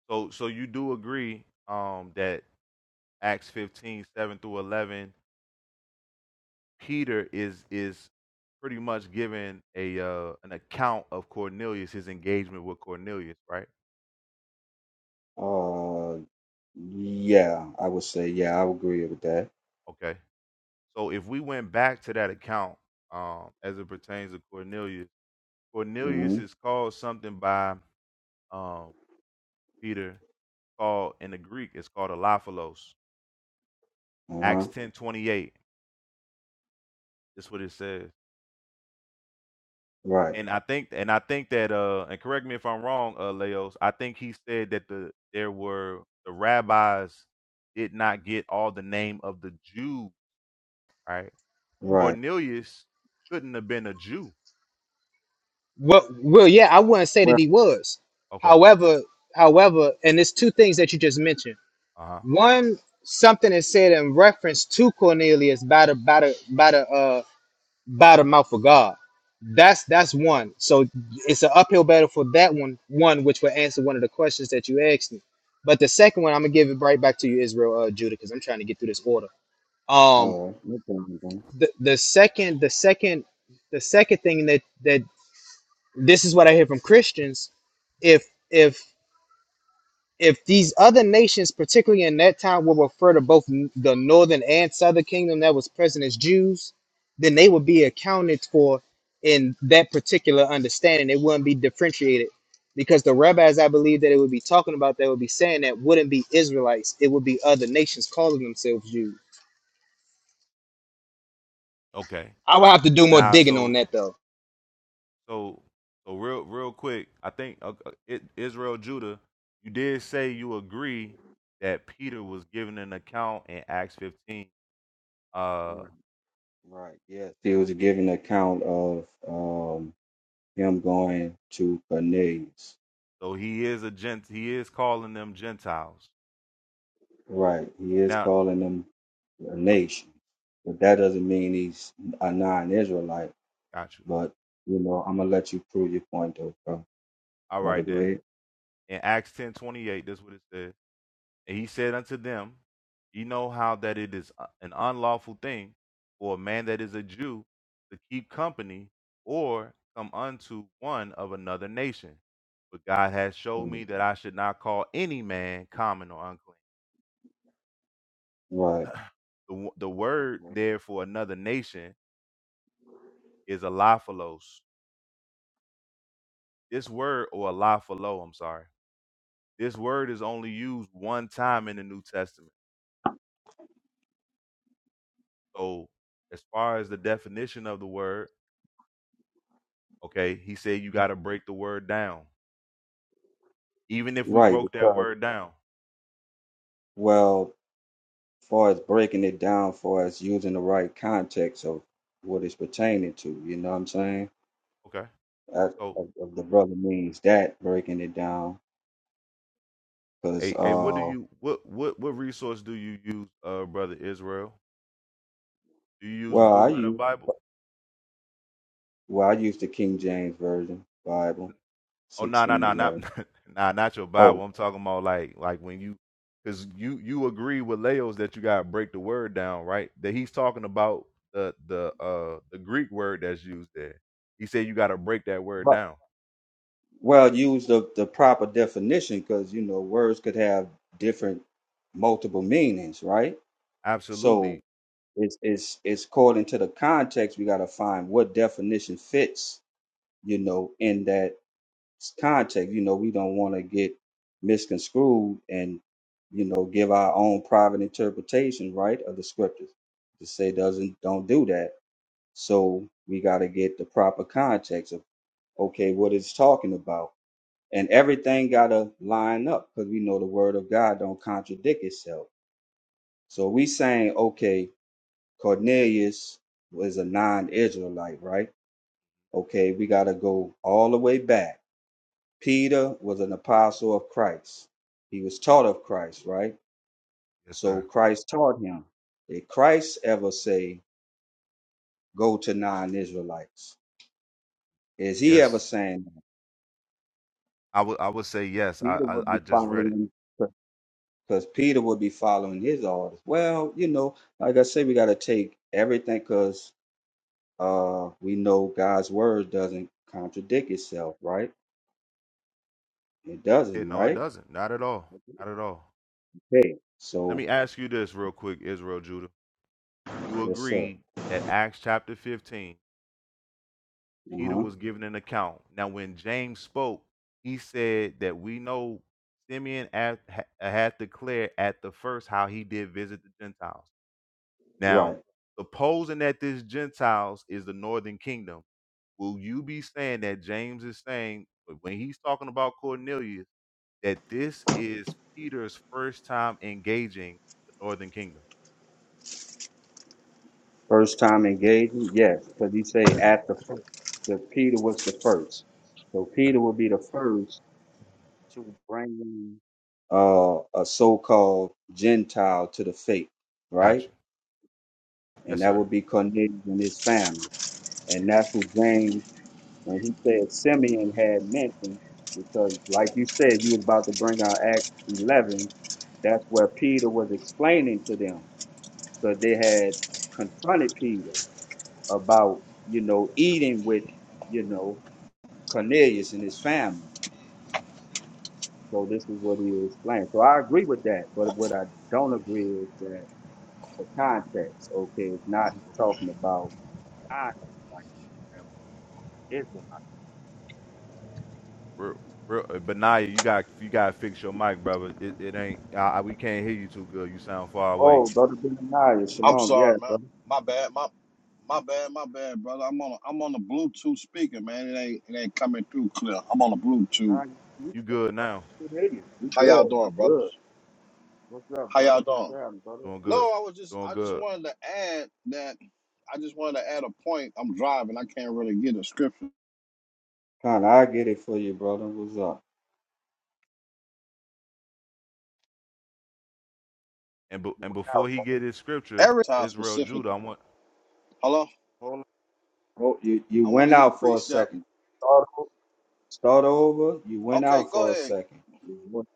N: So so you do agree um that Acts 15 7 through eleven, Peter is is pretty much giving a uh an account of Cornelius, his engagement with Cornelius, right?
P: Uh, yeah, I would say, yeah, I would agree with that.
N: Okay. So if we went back to that account, um, as it pertains to Cornelius,
P: hmm
N: Cornelius is called something by um, Peter called in the Greek. It's called alophilos.
P: Uh huh.
N: Acts ten twenty eight. That's what it says.
P: Right.
N: And I think, and I think that, uh, and correct me if I'm wrong, uh, Leos. I think he said that the there were the rabbis did not get all the name of the Jew. Right?
P: Right.
N: Cornelius couldn't have been a Jew.
B: Well, well, yeah, I wouldn't say that
P: Well,
B: he was.
N: Okay.
B: However, however, and it's two things that you just mentioned.
N: Uh huh.
B: One, something is said in reference to Cornelius by the by the by the uh by the mouth of God. That's that's one. So it's an uphill battle for that one. One which will answer one of the questions that you asked me. But the second one, I'm gonna give it right back to you, Israel, uh, Judah, because I'm trying to get through this order. Um,
P: all right. No problem. then.
B: the the second, the second, the second thing that that this is what I hear from Christians. If if if these other nations, particularly in that time, will refer to both n- the northern and southern kingdom that was present as Jews, then they would be accounted for in that particular understanding. It wouldn't be differentiated because the rabbis, I believe, that it would be talking about, that would be saying that wouldn't be Israelites. It would be other nations calling themselves Jews.
N: Okay.
B: I would have to do more
N: Now,
B: digging on
N: so
B: that though.
N: So, so real, real quick, I think uh, uh, it, Israel Judah, you did say you agree that Peter was given an account in Acts 15. Uh,
P: Right. Right. Yes. He was giving account of um him going to Cornelius.
N: so he is a gent, he is calling them Gentiles.
P: Right. He is
N: Now,
P: calling them a nation, but that doesn't mean he's a non-Israelite
N: got you.
P: But you know, I'm gonna let you prove your point, though, bro.
N: All
P: Brother,
N: right
P: go
N: then.
P: ahead.
N: In Acts 10:28, that's what it says. And he said unto them, Ye know how that it is uh, an unlawful thing for a man that is a Jew to keep company or come unto one of another nation. But God has showed
P: Mm,
N: me that I should not call any man common or unclean.
P: Right,
N: The, wo- the word
P: Okay.
N: there for another nation is alophilos. This word, or alophilo, I'm sorry, this word is only used one time in the New Testament. So, as far as the definition of the word, Okay. He said you got to break the word down. Even if we
P: right.
N: broke that
P: Because
N: word down.
P: well, far as breaking it down, far as using the right context of what it's pertaining to, you know what I'm saying?
N: Okay.
P: As
N: So,
P: of, of the brother means that breaking it down, because
N: hey, hey, what do
P: uh,
N: you what what what resource do you use, uh, brother Israel? Do you use
P: well, I
N: Blue Letter
P: use
N: Bible?
P: well, I use the King James version Bible,
N: Oh, no, no,
P: sixteen
N: no, not
P: eleven.
N: nah, not your
P: Oh,
N: Bible. I'm talking about like like when you because you you agree with Leos that you gotta break the word down, right? That he's talking about the the uh the Greek word that's used there. He said you gotta break that word down.
P: Well, use the, the proper definition because you know words could have different multiple meanings, right? So
N: Absolutely,
P: it's it's it's according to the context we gotta find what definition fits, you know, in that s- context. You know, we don't wanna get misconstrued and you know give our own private interpretation, right, of the scriptures. To say doesn't don't do that. So we gotta get the proper context of okay, what it's talking about and everything gotta line up because we know the word of God don't contradict itself. So we saying, okay, Cornelius was a non-Israelite, right? Okay, we gotta go all the way back. Peter was an apostle of Christ. He was taught of Christ, right?
N: yes,
P: So
N: sir.
P: Christ taught him. Did Christ ever say, go to non-Israelites? Is he
N: Yes,
P: ever saying that?
N: I would I would say yes.
P: Peter
N: I,
P: would
N: I I
P: be
N: just read it.
P: following because Peter would be following his orders. Well, you know, like I say, we got to take everything because uh, we know God's word doesn't contradict itself, right? It
N: Yeah,
P: doesn't,
N: no, it
P: right?
N: doesn't. Not at all. Not at all.
P: Okay.
N: Let
P: So,
N: me ask you this real quick, Israel Judah. You
P: yes, sir.
N: agreed that Acts chapter 15,
P: Uh
N: Peter
P: huh.
N: was given an account. Now, when James spoke, he said that we know Simeon had, ha- had declared at the first how he did visit the Gentiles. Now,
P: Right.
N: supposing that this Gentiles is the northern kingdom, will you be saying that James is saying when he's talking about Cornelius? that this is Peter's first time engaging the Northern Kingdom.
P: First time engaging, yes, because he say at the first. So Peter was the first. So
N: Okay,
P: Peter will be the first to bring in uh, a so-called Gentile to the faith, right?
N: gotcha.
P: And
N: Yes,
P: that
N: sir.
P: would be Cornelius and his family. And that's what James, when he said Simeon had mentioned, because like you said, you was about to bring out Acts 11. That's where Peter was explaining to them.
N: Mm,
P: So they had confronted Peter about, you know, eating with, you know, Cornelius and his family.
N: mm.
P: So this is what he explained. So I agree with that. But what I don't agree is that the context, okay, it's not talking about I am Israel.
N: Real, real, uh, but you got you got to fix your mic, brother. It, it ain't. I, I, we can't hear you too good. You sound far away.
P: Oh, Brother Benaniah,
Q: I'm
P: shalom.
Q: sorry, man.
P: Yes,
Q: My bad. My my bad. My bad, brother. I'm on. A, I'm on the Bluetooth speaker, man. It ain't. It ain't coming through clear. I'm on the Bluetooth.
P: Nah, you
N: You good now?
P: can hear you. You
Q: How y'all
P: good.
Q: doing,
P: You good.
Q: brothers?
P: What's up,
Q: How y'all
P: brother? What's
Q: doing?
P: happening, brother?
N: Doing
Q: No,
N: good.
Q: I was just.
N: Doing
Q: I just
N: good.
Q: wanted to add that. I just wanted to add a point. I'm driving. I can't really get a scripture
P: Kind of, I get it for you, brother. What's up?
N: And be,
P: You
N: and
P: went out.
N: before he get his scripture,
Q: every time
N: Israel, Judah.
Q: specifically.
N: I want.
Q: Hello.
P: Hold on. Oh, you you
Q: I want
P: went
Q: to get a
P: out for a
Q: precept.
P: second. Start over. Start over. You went
Q: Okay,
P: out
Q: go
P: for a
Q: ahead.
P: second. You went-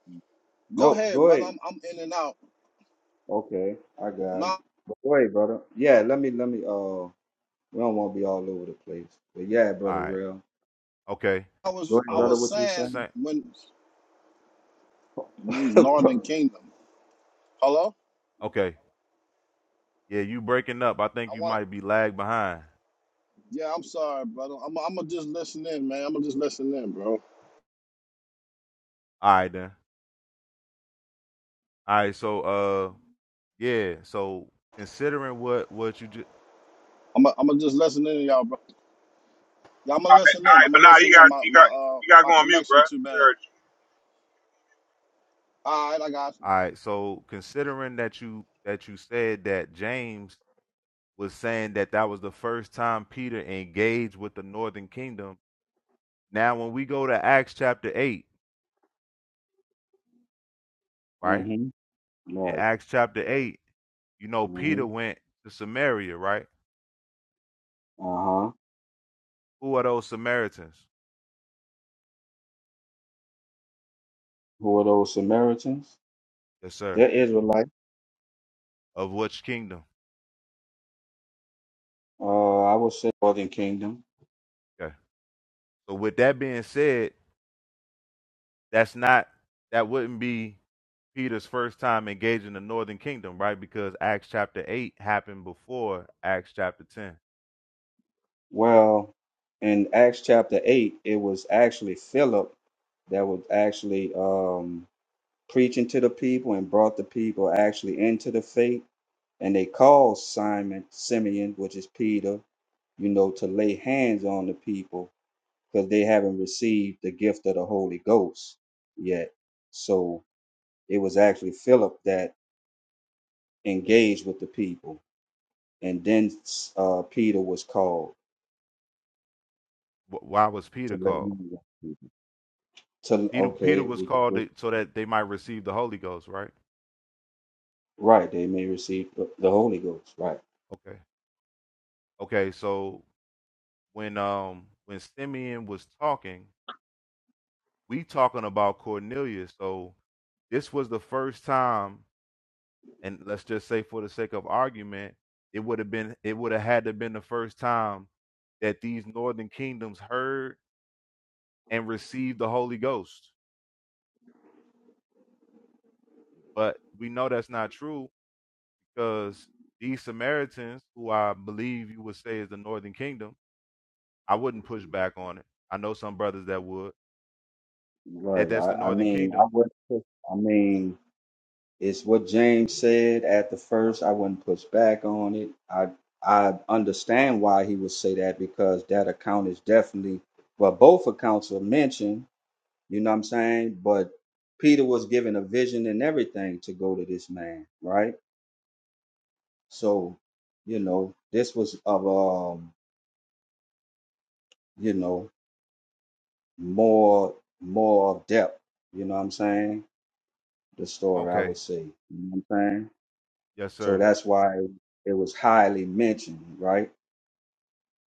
Q: Go
P: Nope.
Q: ahead,
P: Go
Q: brother.
P: ahead.
Q: I'm. I'm in and out.
P: Okay, I got it.
Q: No,
P: But go ahead, brother. Yeah, let me let me. Uh, we don't want to be all over the place. But yeah,
N: All
P: brother,
N: right.
P: real.
N: Okay.
Q: I
P: Go
Q: was.
P: ahead,
Q: I
N: So
P: brother.
Q: was
P: What you were
Q: saying
P: saying?
N: sa-
Q: when it means Northern Kingdom. Hello.
N: Okay. Yeah, you breaking up. I think you might be lag behind.
Q: Yeah, I'm sorry, brother. I'm gonna just listen in, man. I'm gonna just listen in, bro.
N: All right then. All right. So uh. Yeah. So considering what what you just
Q: I'm gonna I'm gonna just listen in, y'all, bro. Yeah, I'm gonna listen in.
E: right,
Q: I'm
E: but
Q: gonna
E: now you
Q: listen in.
E: got
Q: My
E: you
Q: my
E: got
Q: uh
E: you got to
Q: my
E: go on mute, bro.
Q: connection too
E: We
Q: bad.
E: heard
Q: All right, I got you.
N: all right. So considering that you that you said that James was saying that that was the first time Peter engaged with the Northern Kingdom. Now, when we go to Acts chapter eight, right?
P: mm-hmm.
N: In
P: Right.
N: Acts chapter eight, you know
P: Mm-hmm.
N: Peter went to Samaria, right?
P: Uh huh.
N: Who are those Samaritans?
P: Who are those Samaritans?
N: Yes, sir.
P: They're Israelite.
N: Of which kingdom?
P: Uh, I would say Northern Kingdom.
N: Okay. So with that being said, that's not that wouldn't be Peter's first time engaging the northern kingdom, right? Because Acts chapter 8 happened before Acts chapter 10.
P: Well, in Acts chapter 8, it was actually Philip that was actually um, preaching to the people and brought the people actually into the faith. And they called Simon, Simeon, which is Peter, you know, to lay hands on the people because they haven't received the gift of the Holy Ghost yet. So it was actually Philip that engaged with the people. And then uh, Peter was called.
N: Why was
P: to
N: Peter
P: let
N: called?
P: him receive it. To
N: Peter Peter
P: okay,
N: was
P: we could
N: called
P: just-
N: to- so that they might receive the Holy Ghost, right?
P: right. They may receive the the Holy Ghost. Right,
N: Okay. Okay, so when um when Simeon was talking, we talking about Cornelius. So this was the first time and let's just say for the sake of argument, it would have been it would have had to have been the first time that these northern kingdoms heard and receive the Holy Ghost. But we know that's not true because these Samaritans, who I believe you would say is the Northern Kingdom, I wouldn't push back on it. I know some brothers that would. That
P: right.
N: that's the
P: I, I
N: Northern
P: mean,
N: Kingdom.
P: I would. not I mean, it's what James said at the first. I wouldn't push back on it. I I understand why he would say that because that account is definitely. Well, both accounts are mentioned. You know what I'm saying? But Peter was given a vision and everything to go to this man, right? So, you know, this was of um, you know, more more depth. You know what I'm saying? The story I
N: Okay.
P: would say. You know what I'm saying?
N: Yes,
P: So
N: sir.
P: that's why it was highly mentioned, right?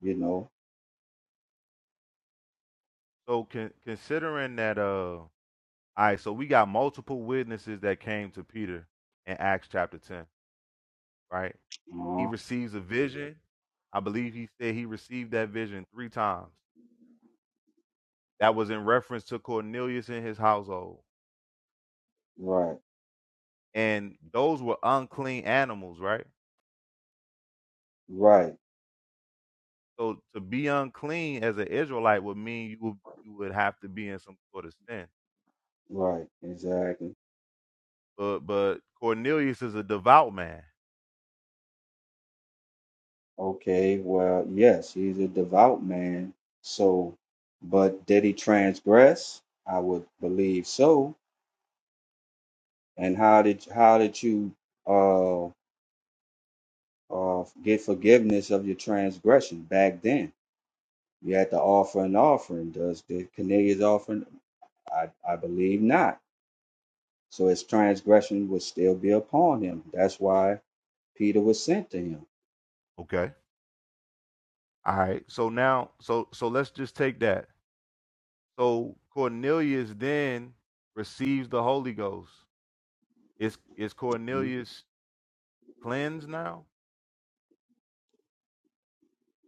P: You know.
N: So con- considering that, uh, all right. So we got multiple witnesses that came to Peter in Acts chapter ten, right? He
P: uh
N: receives a vision. I believe he said he received that vision three times. That was in reference to Cornelius and his household
P: Right,
N: and those were unclean animals, right?
P: right,
N: So to be unclean as an Israelite would mean you would, you would have to be in some sort of sin.
P: right. Exactly.
N: But but Cornelius is a devout man.
P: Okay. Well, yes, he's a devout man. So, but did he transgress? I would believe so. And how did how did you uh uh get forgiveness of your transgression back then? You had to offer an offering. Does the Cornelius offering? I, I believe not. So his transgression would still be upon him. That's why Peter was sent to him.
N: Okay. All right. So now so so let's just take that. So Cornelius then receives the Holy Ghost. Is is
P: Mhm.
N: Cornelius cleansed now?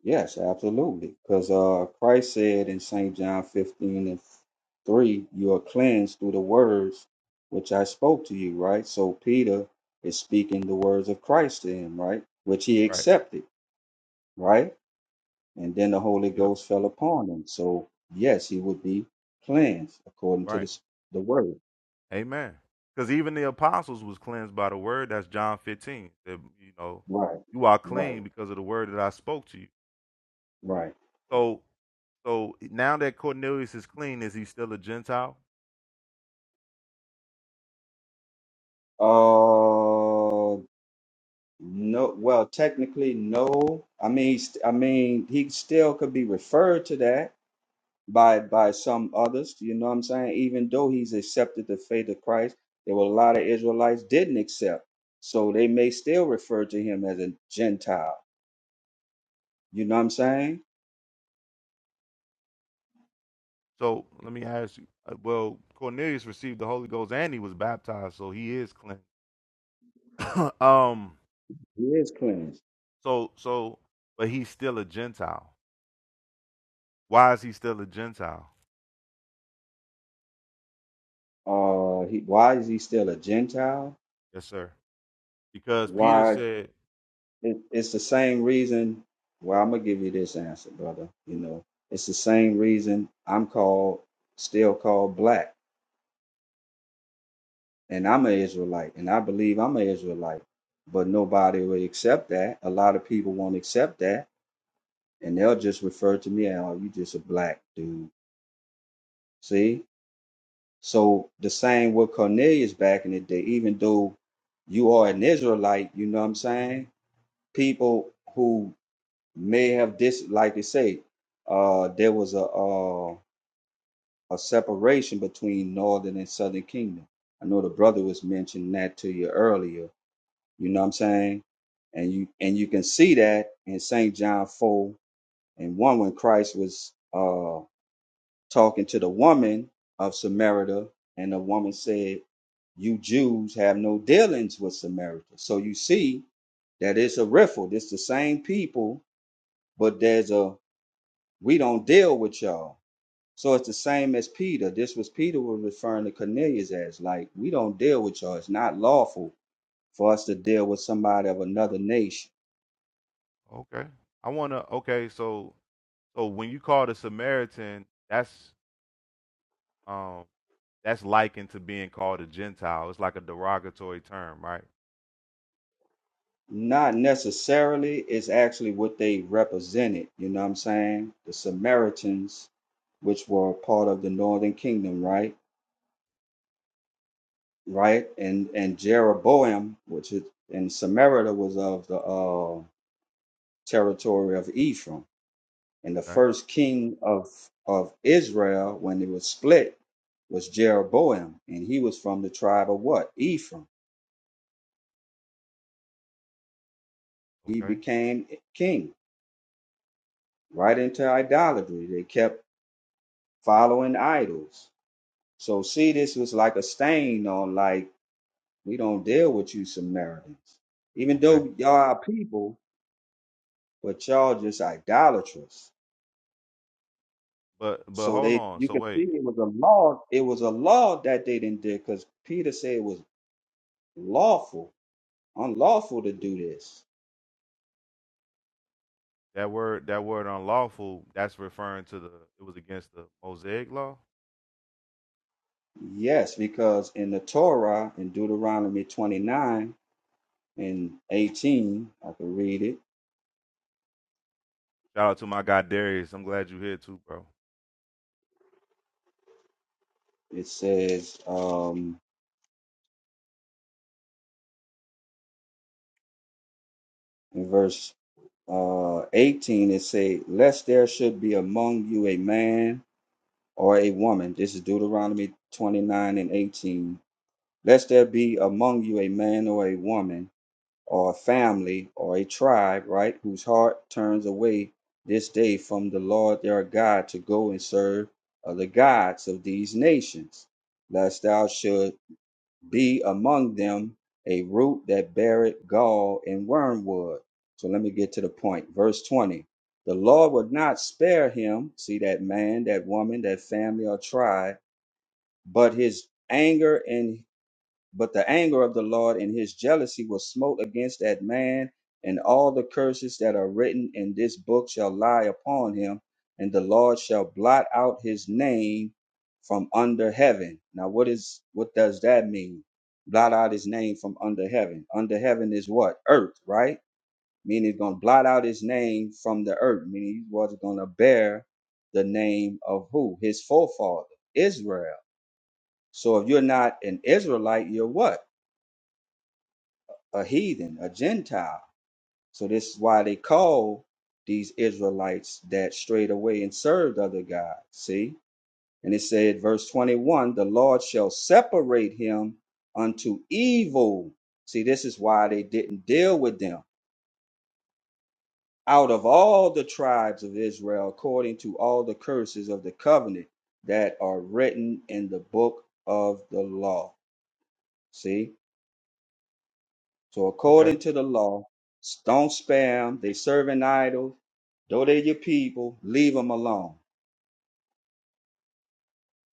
P: Yes, absolutely. Because uh, Christ said in St. John 15 and 3, you are cleansed through the words which I spoke to you, right? So Peter is speaking the words of Christ to him, right? Which he
N: Right.
P: accepted, right? And then the Holy
N: Yep.
P: Ghost fell upon him. So yes, he would be cleansed according to
N: Right.
P: this the word.
N: Amen. Because even the apostles was cleansed by the word. That's John 15. That, you know,
P: Right,
N: you are
P: right,
N: clean because of the word that I spoke to you.
P: right.
N: So, so eh, now that Cornelius is clean, is he still a Gentile?
P: Uh no well technically no. I mean st- I mean he still could be referred to that by by some others, you know what I'm saying? Even though he's accepted the faith of Christ, there were a lot of Israelites didn't accept. So they may still refer to him as a Gentile. You know what I'm saying?
N: So let me ask you. uh, Well, Cornelius received the Holy Ghost and he was baptized, so he is clean. um.
P: He is cleansed.
N: So, so, but he's still a Gentile. Why is he still a Gentile?
P: Uh, he, why is he still a Gentile?
N: Yes, sir. Because Peter
P: Why?
N: said,
P: It, it's the same reason. Well, I'm gonna give you this answer, brother. You know, it's the same reason I'm called, still called black, and I'm an Israelite, and I believe I'm an Israelite. But nobody will accept that. A lot of people won't accept that, and they'll just refer to me as, "Oh, you just a black dude." See? So the same with Cornelius back in the day. Even though you are an Israelite, you know what I'm saying? people who may have dis like they say uh there was a uh a separation between northern and southern kingdom i know the brother was mentioning that to you earlier you know what i'm saying and you and you can see that in saint john 4 and 1 when christ was uh talking to the woman of samaria and the woman said you jews have no dealings with samaritans so you see that it's a riffle it's the same people but there's a We don't deal with y'all. So it's the same as Peter. This was Peter was referring to Cornelius as like, we don't deal with y'all. It's not lawful for us to deal with somebody of another nation.
N: "Okay, I want to." Okay, so So when you call the Samaritan, that's um that's likened to being called a Gentile. It's like a derogatory term, right?
P: Not necessarily, it's actually what they represented. You know what I'm saying? The Samaritans, which were part of the northern kingdom, right? Right? And and Jeroboam, which is and Samaria was of the uh territory of Ephraim And the
N: Okay,
P: first king of, of Israel, when it was split, was Jeroboam. And he was from the tribe of what? Ephraim. He
N: okay,
P: became king right into idolatry. They kept following idols. So, see, this was like a stain on, like, we don't deal with you Samaritans. Even
N: okay.
P: though y'all are people, but y'all just idolatrous.
N: But but
P: So
N: hold
P: they,
N: on.
P: you
N: So
P: can see
N: wait,
P: it was a law. It was a law that they didn't do because Peter said it was lawful unlawful to do this.
N: that word that word unlawful. That's referring to the. It was against the Mosaic law.
P: Yes, because in the Torah, in Deuteronomy 29 and 18, I can read it.
N: Shout out to my guy Darius. I'm glad you're here too, bro.
P: It says um, in verse uh, 18, it say, Lest there should be among you a man or a woman. This is Deuteronomy 29 and 18. Lest there be among you a man or a woman or a family or a tribe, right, whose heart turns away this day from the Lord their God to go and serve other gods of these nations, lest thou should be among them a root that beareth gall and wormwood. So let me get to the point. Verse 20. The Lord would not spare him, see that man, that woman, that family or tribe, but his anger and but the anger of the Lord and his jealousy will smote against that man, and all the curses that are written in this book shall lie upon him, and the Lord shall blot out his name from under heaven. Now what is what does that mean? Blot out his name from under heaven. Under heaven is what? Earth, right? Meaning he's gonna blot out his name from the earth, meaning he was gonna bear the name of who? His forefather, Israel. So if you're not an Israelite, you're what? a heathen, a Gentile. So this is why they call these Israelites that strayed away and served other gods. See? And it said, verse 21, the Lord shall separate him unto evil. See, this is why they didn't deal with them. Out of all the tribes of Israel, according to all the curses of the covenant that are written in the book of the law. See? So
N: Okay,
P: according to the law, don't spam. They serving idols. Though they your people, leave them alone.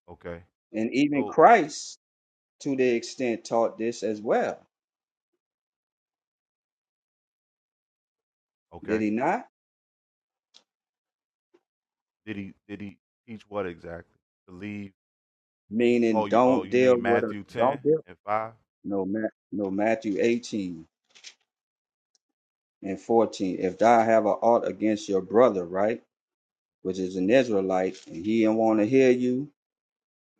N: okay.
P: And even
N: So
P: Christ, to the extent, taught this as well. Did
N: okay,
P: he not?
N: did he did he teach what exactly? To leave?
P: Meaning,
N: Oh, you oh
P: don't
N: you
P: deal
N: mean
P: with a
N: Matthew ten
P: don't deal.
N: and five?
P: No, Ma- no Matthew eighteen and fourteen. If thou have a ought against your brother, right, which is an Israelite, and he don't want to hear you,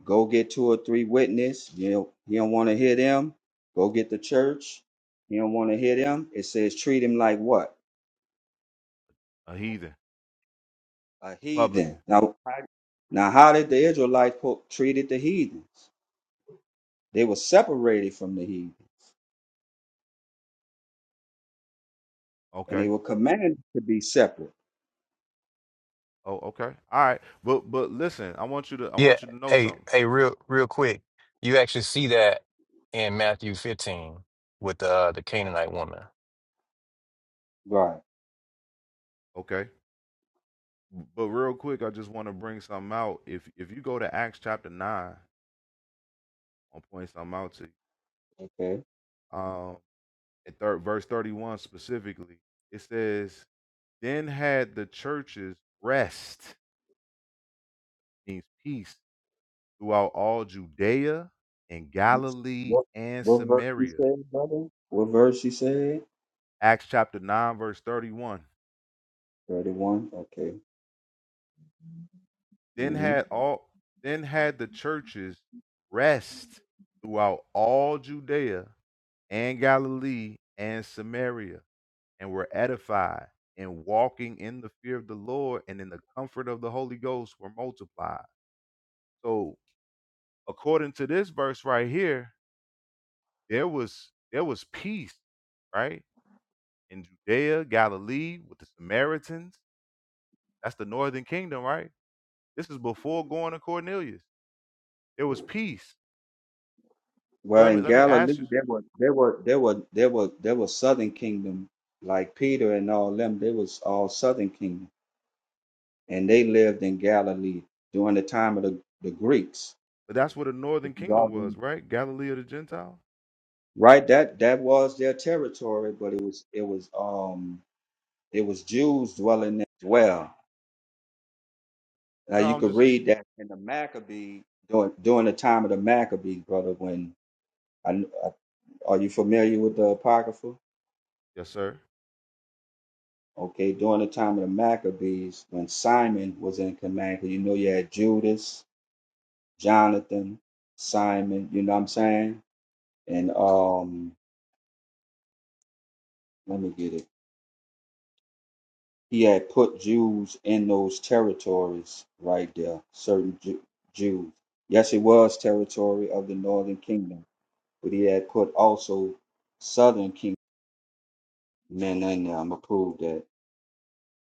P: Go get two or three witness. You know, he don't want to hear them. Go get the church. He don't want to hear them. It says treat him like what?
N: A heathen,
P: A
N: a
P: heathen.
N: publican.
P: Now, how- now how did the Israelites po- treated the heathen? They were separated from the heathen, and they
N: Okay.
P: were commanded to be separate.
N: Oh, okay. All right. But but listen, I want you to I
K: Yeah,
N: want you to know
K: hey,
N: something.
K: hey, real, real quick. You actually see that in Matthew 15 with the uh, the Canaanite woman.
P: Right.
N: Okay. But real quick, I just want to bring something out. If if you go to Acts chapter nine, I'll point something out to you.
P: Okay.
N: Um, in third verse thirty one specifically, it says, "Then had the churches rest, means peace, throughout all Judea and Galilee
P: What
N: and
P: what verse you
N: Samaria."
P: said, brother? What verse you said?
N: Acts chapter nine, verse thirty one.
P: Thirty-one. Okay.
N: then
P: Mm-hmm.
N: had all then had the churches rest throughout all Judea and Galilee and Samaria and were edified and walking in the fear of the Lord and in the comfort of the Holy Ghost were multiplied. So according to this verse right here, there was there was peace, right? In Judea, Galilee, with the Samaritans. That's the northern kingdom, right? This is before going to Cornelius. There was peace. So
P: Well,
N: let me
P: in
N: let me
P: Galilee,
N: ask you
P: there were there were there were there were there were southern kingdom like Peter and all them. They was all southern kingdom, and they lived in Galilee during the time of the, the Greeks.
N: But that's where the
P: This
N: northern
P: is all
N: kingdom
P: been-
N: was, right? Galilee of the Gentiles.
P: Right, that that was their territory, but it was it was um it was Jews dwelling there as well. Now
N: No,
P: you
N: I'm
P: could
N: just
P: read that in the Maccabee during during the time of the Maccabees, brother. When I, I are you familiar with the Apocrypha?
N: yes, sir.
P: Okay, during the time of the Maccabees, when Simon was in command, 'cause you know you had Judas, Jonathan, Simon, you know what I'm saying? And um, let me get it. He had put Jews in those territories right there, certain Ju- Jews. Yes, it was territory of the northern kingdom, but he had put also southern kingdom men in there. I'm gonna prove that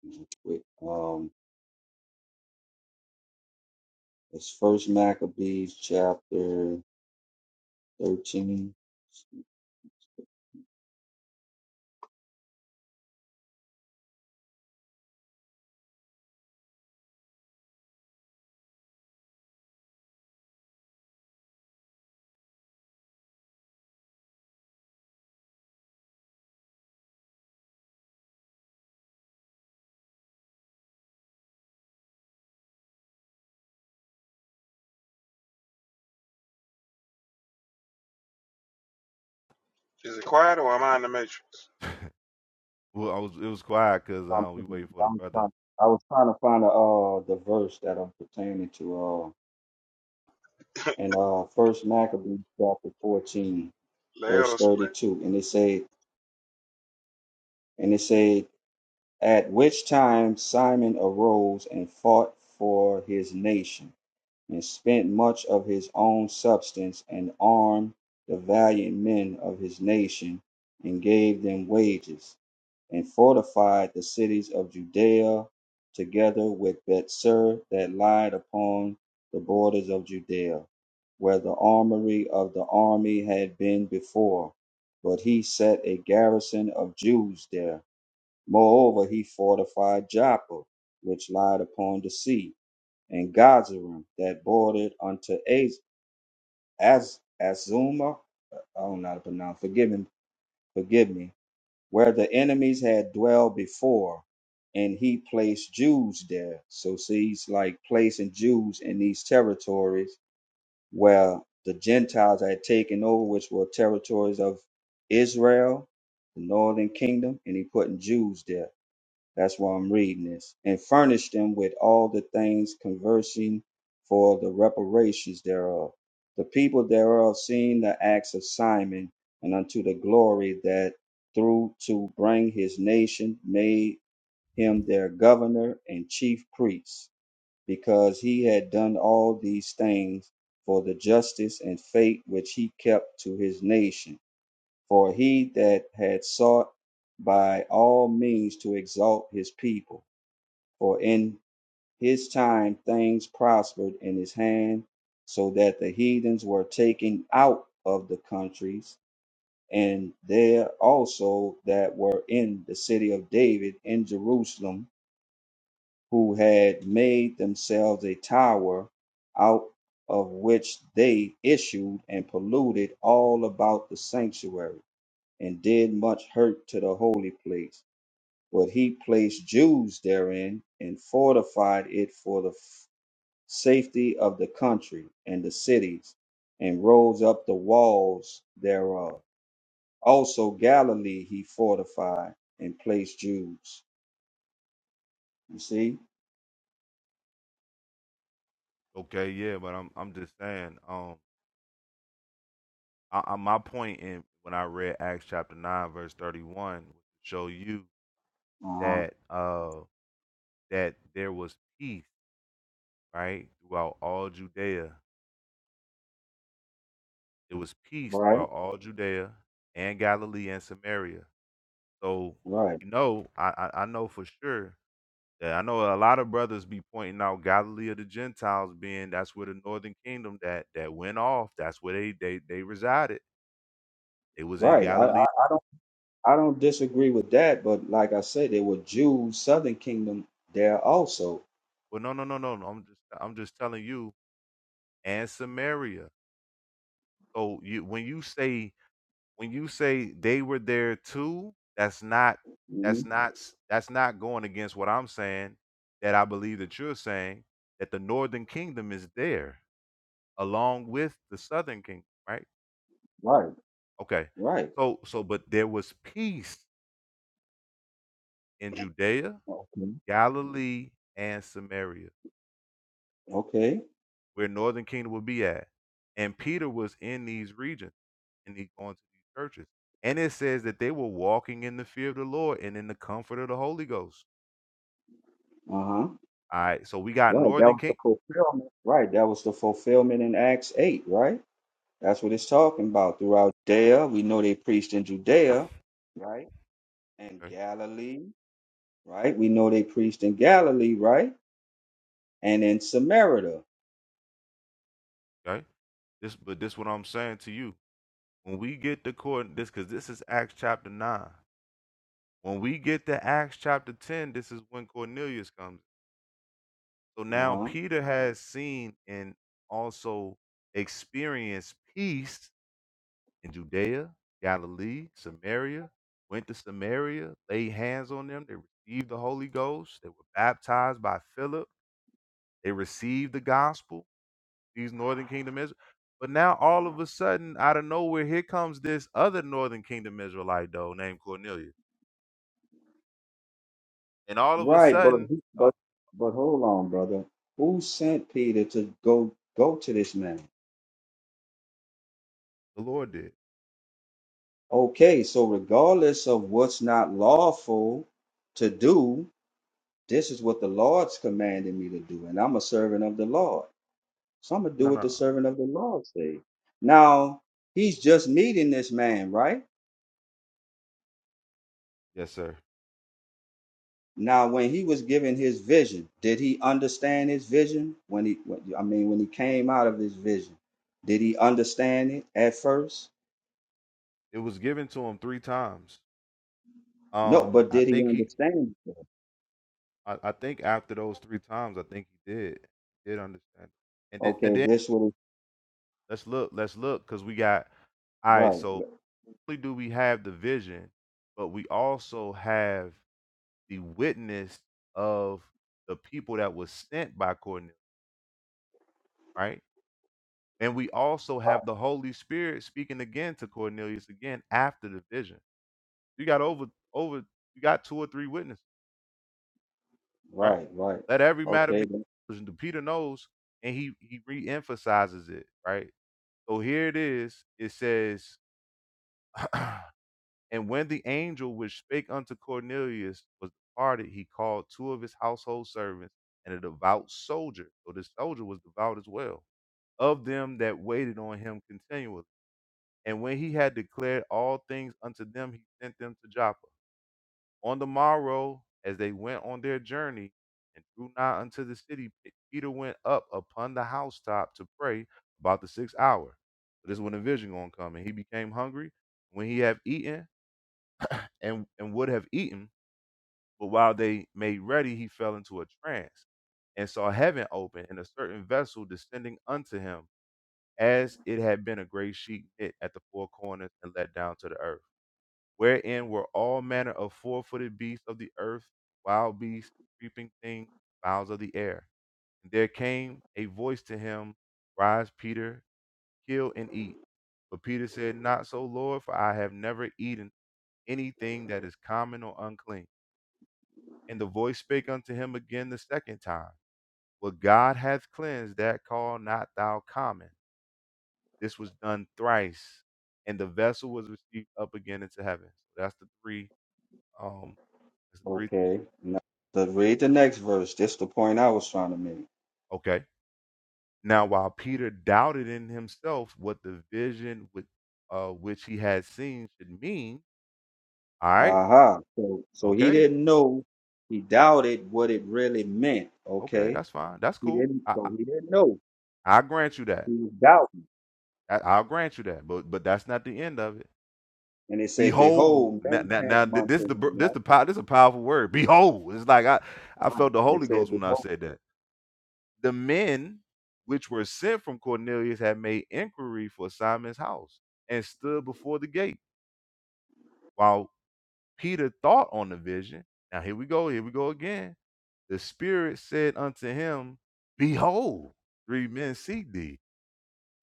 P: real quick. Um, it's First Maccabees chapter 13.
E: you. Is it quiet or am I in the matrix?
N: Well, I was it was quiet because
P: I'm
N: uh, we
P: trying,
N: waiting for
P: to,
N: the
P: I'm
N: brother.
P: trying, I was trying to find the uh the verse that I'm pertaining to uh in uh First Maccabees chapter fourteen verse
E: Leo?
P: thirty two, and it say and it say at which time Simon arose and fought for his nation and spent much of his own substance and armed the valiant men of his nation and gave them wages and fortified the cities of Judea together with Bethser that lied upon the borders of Judea, where the armory of the army had been before. But he set a garrison of Jews there. Moreover, he fortified Joppa, which lied upon the sea, and Gazarim that bordered unto Az- Az- Azuma. I don't know how to pronounce. Forgive me. Forgive me where the enemies had dwelled before, and he placed Jews there. So see, he's like placing Jews in these territories where the Gentiles had taken over, which were territories of Israel, the northern kingdom, and he putting Jews there. That's why I'm reading this. And furnish them with all the things conversing for the reparations thereof. The people thereof seeing the acts of Simon and unto the glory that through to bring his nation made him their governor and chief priest, because he had done all these things for the justice and faith which he kept to his nation. For he that had sought by all means to exalt his people. For in his time things prospered in his hand, so that the heathens were taken out of the countries, and there also that were in the city of David in Jerusalem, who had made themselves a tower, out of which they issued and polluted all about the sanctuary, and did much hurt to the holy place. But he placed Jews therein, and fortified it for the safety of the country and the cities, and rose up the walls thereof. Also Galilee he fortified and placed Jews. You see?
N: Okay, yeah, but I'm I'm just saying. Um, I, I, my point in when I read Acts chapter nine verse thirty one was to show you
P: Uh-huh.
N: that uh that there was peace right throughout all Judea. It was peace
P: Right,
N: throughout all Judea and Galilee and Samaria. So
P: right,
N: you know, I I, I know for sure Yeah, I know a lot of brothers be pointing out Galilee of the Gentiles being that's where the northern kingdom that that went off. That's where they they they resided. It was in
P: right. I, I,
N: Galilee.
P: I don't disagree with that, but like I said, there were Jews, southern kingdom there also.
N: Well, no, no, no, no, no. I'm just I'm just telling you and Samaria. So you when you say when you say they were there too, that's not
P: hmm
N: that's not s- that's not going against what I'm saying. That I believe that you're saying that the northern kingdom is there along with the southern kingdom, right?
P: Right,
N: Okay.
P: right.
N: So so but there was peace in Judea,
P: Okay.
N: Galilee, and Samaria,
P: Okay.
N: where northern kingdom would be at. And Peter was in these regions and he going to these churches. And it says that they were walking in the fear of the Lord and in the comfort of the Holy Ghost.
P: Uh-huh.
N: All right. So we got
P: Right. That
N: northern
P: was the
N: king.
P: fulfillment. Right. That was the fulfillment in Acts 8, right? That's what it's talking about. Throughout Judea, we know they preached in Judea, right? And
N: Okay.
P: Galilee, right? We know they preached in Galilee, right? And in Samaria.
N: Okay. This but this what I'm saying to you. When we get to court this because this is Acts chapter nine. When we get to Acts chapter ten, this is when Cornelius comes. So now
P: Uh-huh.
N: Peter has seen and also experienced peace in Judea, Galilee, Samaria, went to Samaria, laid hands on them. They received the Holy Ghost. They were baptized by Philip. They received the gospel, these northern kingdom Israel. But now all of a sudden, out of nowhere, here comes this other northern kingdom Israelite though named Cornelius. And all of a
P: Right, but
N: sudden, oh,
P: but but hold on, brother. Who sent Peter to go go to this man?
N: the Lord did.
P: Okay, so regardless of what's not lawful to do, this is what the Lord's commanded me to do, and I'm a servant of the Lord. So I'm gonna do
N: No,
P: what
N: no.
P: the
N: no,
P: servant of the Lord say. Now he's just meeting this man, right?
N: Yes, sir.
P: Now when he was given his vision, did he understand his vision? When he, when, I mean, when he came out of his vision, did he understand it at first?
N: It was given to him three times
P: No,
N: Um,
P: but
N: I
P: did he
N: think he,
P: understand it?
N: I, I think after those three times, I think he did did understand. And then and
P: Okay,
N: then
P: this was
N: let's look, let's look, cause we got all right.
P: right,
N: So not only do we have the vision, but we also have the witness of the people that was sent by Cornelius, right? And we also have the Holy Spirit speaking again to Cornelius again after the vision. You got over over. You got two or three witnesses. right?
P: right, right.
N: Let every matter
P: Okay,
N: be.
P: then-
N: Peter knows, and he he reemphasizes it, right? So here it is. It says, and when the angel which spake unto Cornelius was departed, he called two of his household servants and a devout soldier. So this soldier was devout as well of them that waited on him continually. And when he had declared all things unto them, he sent them to Joppa. On the morrow, as they went on their journey and drew nigh unto the city, Pe- Peter went up upon the housetop to pray about the sixth hour. So this is when the vision gonna come, and he became hungry. When he had eaten and, and would have eaten, but while they made ready, he fell into a trance and saw heaven open and a certain vessel descending unto him, as it had been a great sheet knit at the four corners and let down to the earth wherein were all manner of four footed beasts of the earth, wild beasts, creeping things, fowls of the air. And there came a voice to him, Rise, Peter, kill and eat. But Peter said, Not so, Lord, for I have never eaten anything that is common or unclean. And the voice spake unto him again the second time, What God hath cleansed, that call not thou common. This was done thrice, and the vessel was received up again into heaven. So that's the three. Um, that's the three.
P: okay. Now, to read the next verse. This the point I was trying to make.
N: Okay. Now, while Peter doubted in himself what the vision with, uh, which he had seen should mean, all right,
P: Aha. So so he
N: okay,
P: didn't know. He doubted what it really meant.
N: okay,
P: Okay.
N: that's fine, that's
P: He
N: cool.
P: didn't
N: I,
P: so
N: I,
P: he didn't know.
N: I grant you that.
P: He was doubting.
N: I, I'll grant you that. But but that's not the end of it.
P: And it said,
N: Behold,
P: Behold,
N: now
P: men
N: now, now
P: came
N: th- this
P: unto
N: the
P: him,
N: br- this
P: right?
N: the pow- this a powerful word. Behold, it's like I I
P: Right.
N: felt the
P: It
N: Holy
P: said,
N: Ghost when I
P: Behold.
N: said that. The men which were sent from Cornelius had made inquiry for Simon's house and stood before the gate while. Peter thought on the vision. Now here we go, here we go again. The Spirit said unto him, Behold, three men seek thee.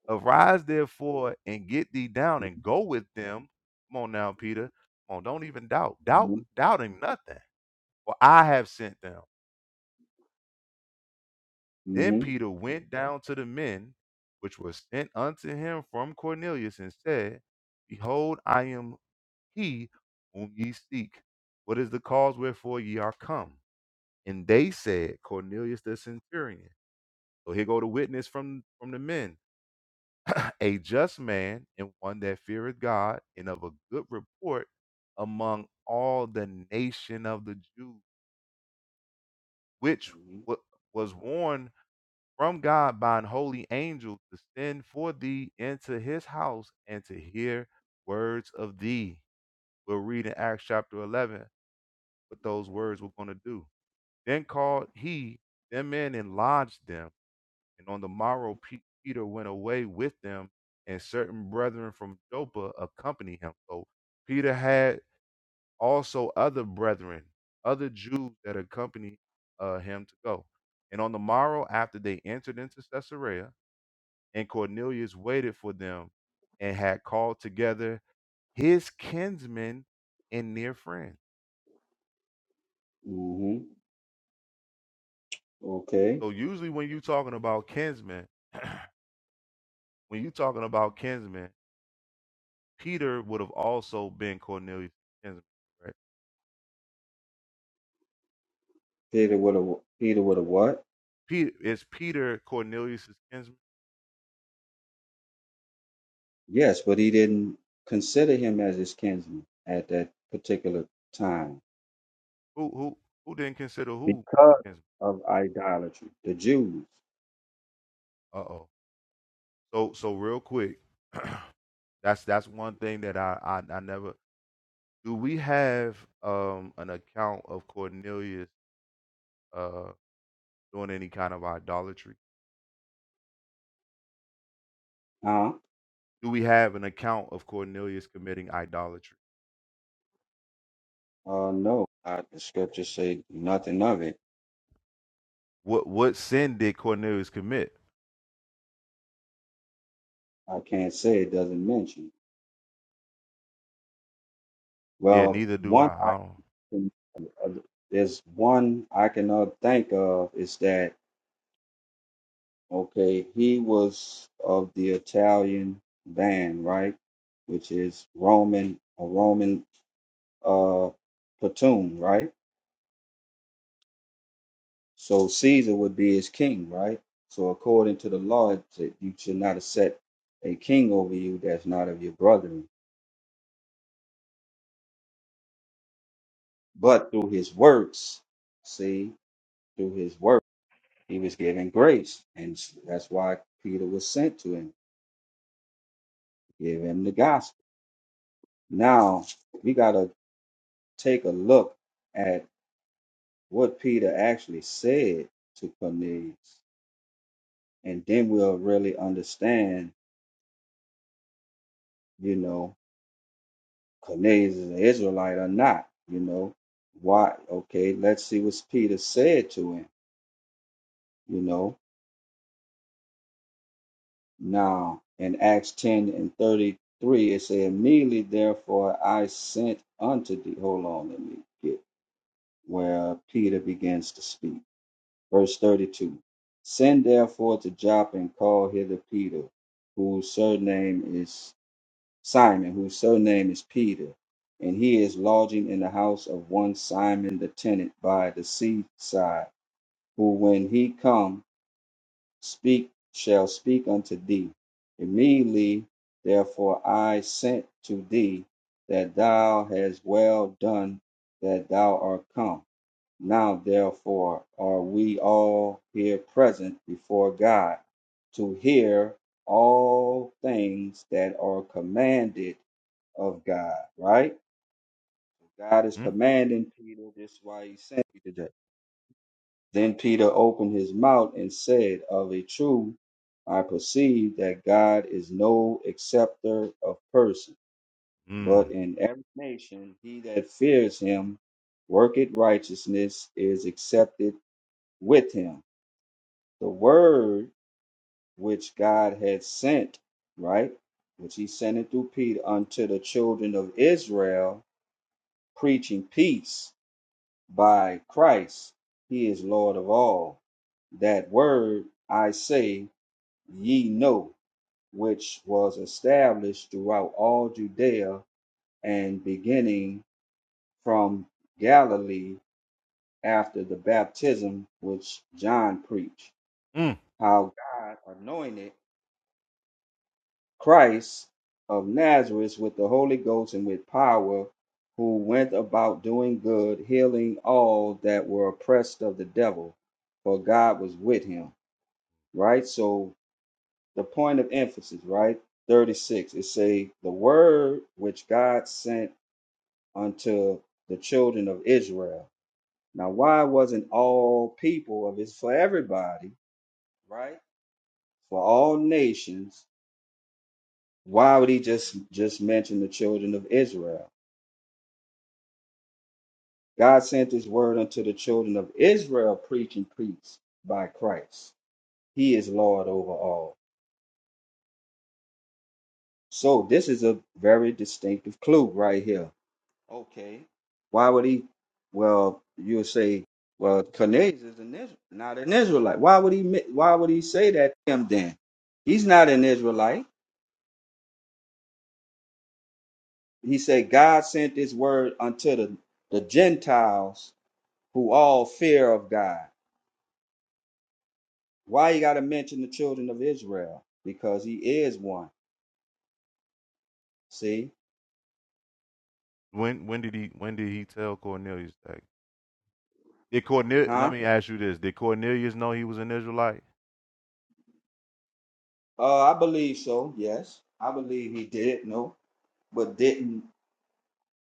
N: Arise therefore and get thee down and go with them. Come on now, Peter. Come on, don't even doubt. Doubt
P: Mm-hmm.
N: doubting nothing. For I have sent them. Then
P: Mm-hmm.
N: Peter went down to the men which were sent unto him from Cornelius and said, Behold, I am he whom ye seek. What is the cause wherefore ye are come? and they said Cornelius the centurion. So here go the witness from from the men, a just man and one that feareth God and of a good report among all the nation of the Jews, which wa- was warned from God by an holy angel to send for thee into his house and to hear words of thee. We'll read in Acts chapter 11 what those words were going to do. Then called he them in and lodged them And on the morrow, Pe- Peter went away with them, and certain brethren from Joppa accompanied him. So Peter had also other brethren, other Jews that accompanied uh, him to go. And on the morrow, after they entered into Caesarea, and Cornelius waited for them and had called together his kinsmen and near friends.
P: hmm Okay.
N: So usually when you're talking about kinsmen, when you're talking about kinsmen, Peter would have also been Cornelius' kinsman, right?
P: Peter would have Peter would have what?
N: Peter is Peter Cornelius' kinsman.
P: Yes, but he didn't consider him as his kinsman at that particular time
N: Who who who didn't consider who
P: because
N: kinsman?
P: of idolatry. The Jews.
N: Uh oh. So so real quick, that's that's one thing that I, I I never. Do we have um an account of Cornelius uh doing any kind of idolatry?
P: Huh?
N: Do we have an account of Cornelius committing idolatry?
P: Uh, no, I, the scriptures say nothing of it.
N: What what sin did Cornelius commit?
P: I can't say it doesn't mention.
N: Yeah,
P: Well,
N: neither do
P: one
N: I.
P: I
N: I
P: can, uh, there's one I can uh, think of is that, okay, he was of the Italian band, right? Which is Roman, a Roman uh, platoon, right? So Caesar would be his king, right? So according to the law, it- you should not have set a king over you that's not of your brethren. but through his works, see, through his work, he was given grace. And that's why Peter was sent to him, give him the gospel. Now, we got to take a look at what Peter actually said to Cornelius. And then we'll really understand, you know, Cornelius is an Israelite or not, you know. Why? Okay, let's see what Peter said to him, you know Now, in Acts 10 and 33, it said, Immediately therefore I sent unto thee. Hold on, let me get where Peter begins to speak. Verse 32 Send therefore to Joppa and call hither Peter, whose surname is Simon, whose surname is Peter. And he is lodging in the house of one Simon the tenant by the seaside, who when he come speak shall speak unto thee. Immediately therefore I sent to thee that thou hast well done that thou art come. Now therefore are we all here present before God to hear all things that are commanded of God, right? God is
N: don't.
P: commanding Peter, this is why he sent you today then Peter opened his mouth and said, Of a truth, I perceive that God is no acceptor of persons,
N: Mm, mm,
P: but in every nation he that fears him worketh righteousness is accepted with him. The word which God had sent, right, which he sent it through Peter unto the children of Israel, preaching peace by Christ, he is Lord of all. That word I say, ye know, which was established throughout all Judea and beginning from Galilee after the baptism which John preached,
N: mm.
P: how God anointed Christ of Nazareth with the Holy Ghost and with power, who went about doing good, healing all that were oppressed of the devil, for God was with him. Right? So the point of emphasis, right? 36, it say the word which God sent unto the children of Israel. Now, why wasn't all people of it's for everybody, right? For all nations, why would he just just mention the children of Israel? God sent his word unto the children of Israel, preaching peace by Christ. He is Lord over all. So this is a very distinctive clue right here. Okay. Why would he? Well, you'll say, well, Cornelius is an Israel, not an Israelite. Why would he mi- why would he say that to him then? He's not an Israelite. He said, God sent his word unto the, the Gentiles who all fear of God. Why you gotta mention the children of Israel? Because he is one. See?
N: When when did he when did he tell Cornelius that? Did Cornelius?
P: Huh?
N: Let me ask you this: Did Cornelius know he was an Israelite?
P: Uh I believe so, yes. I believe he did know, but didn't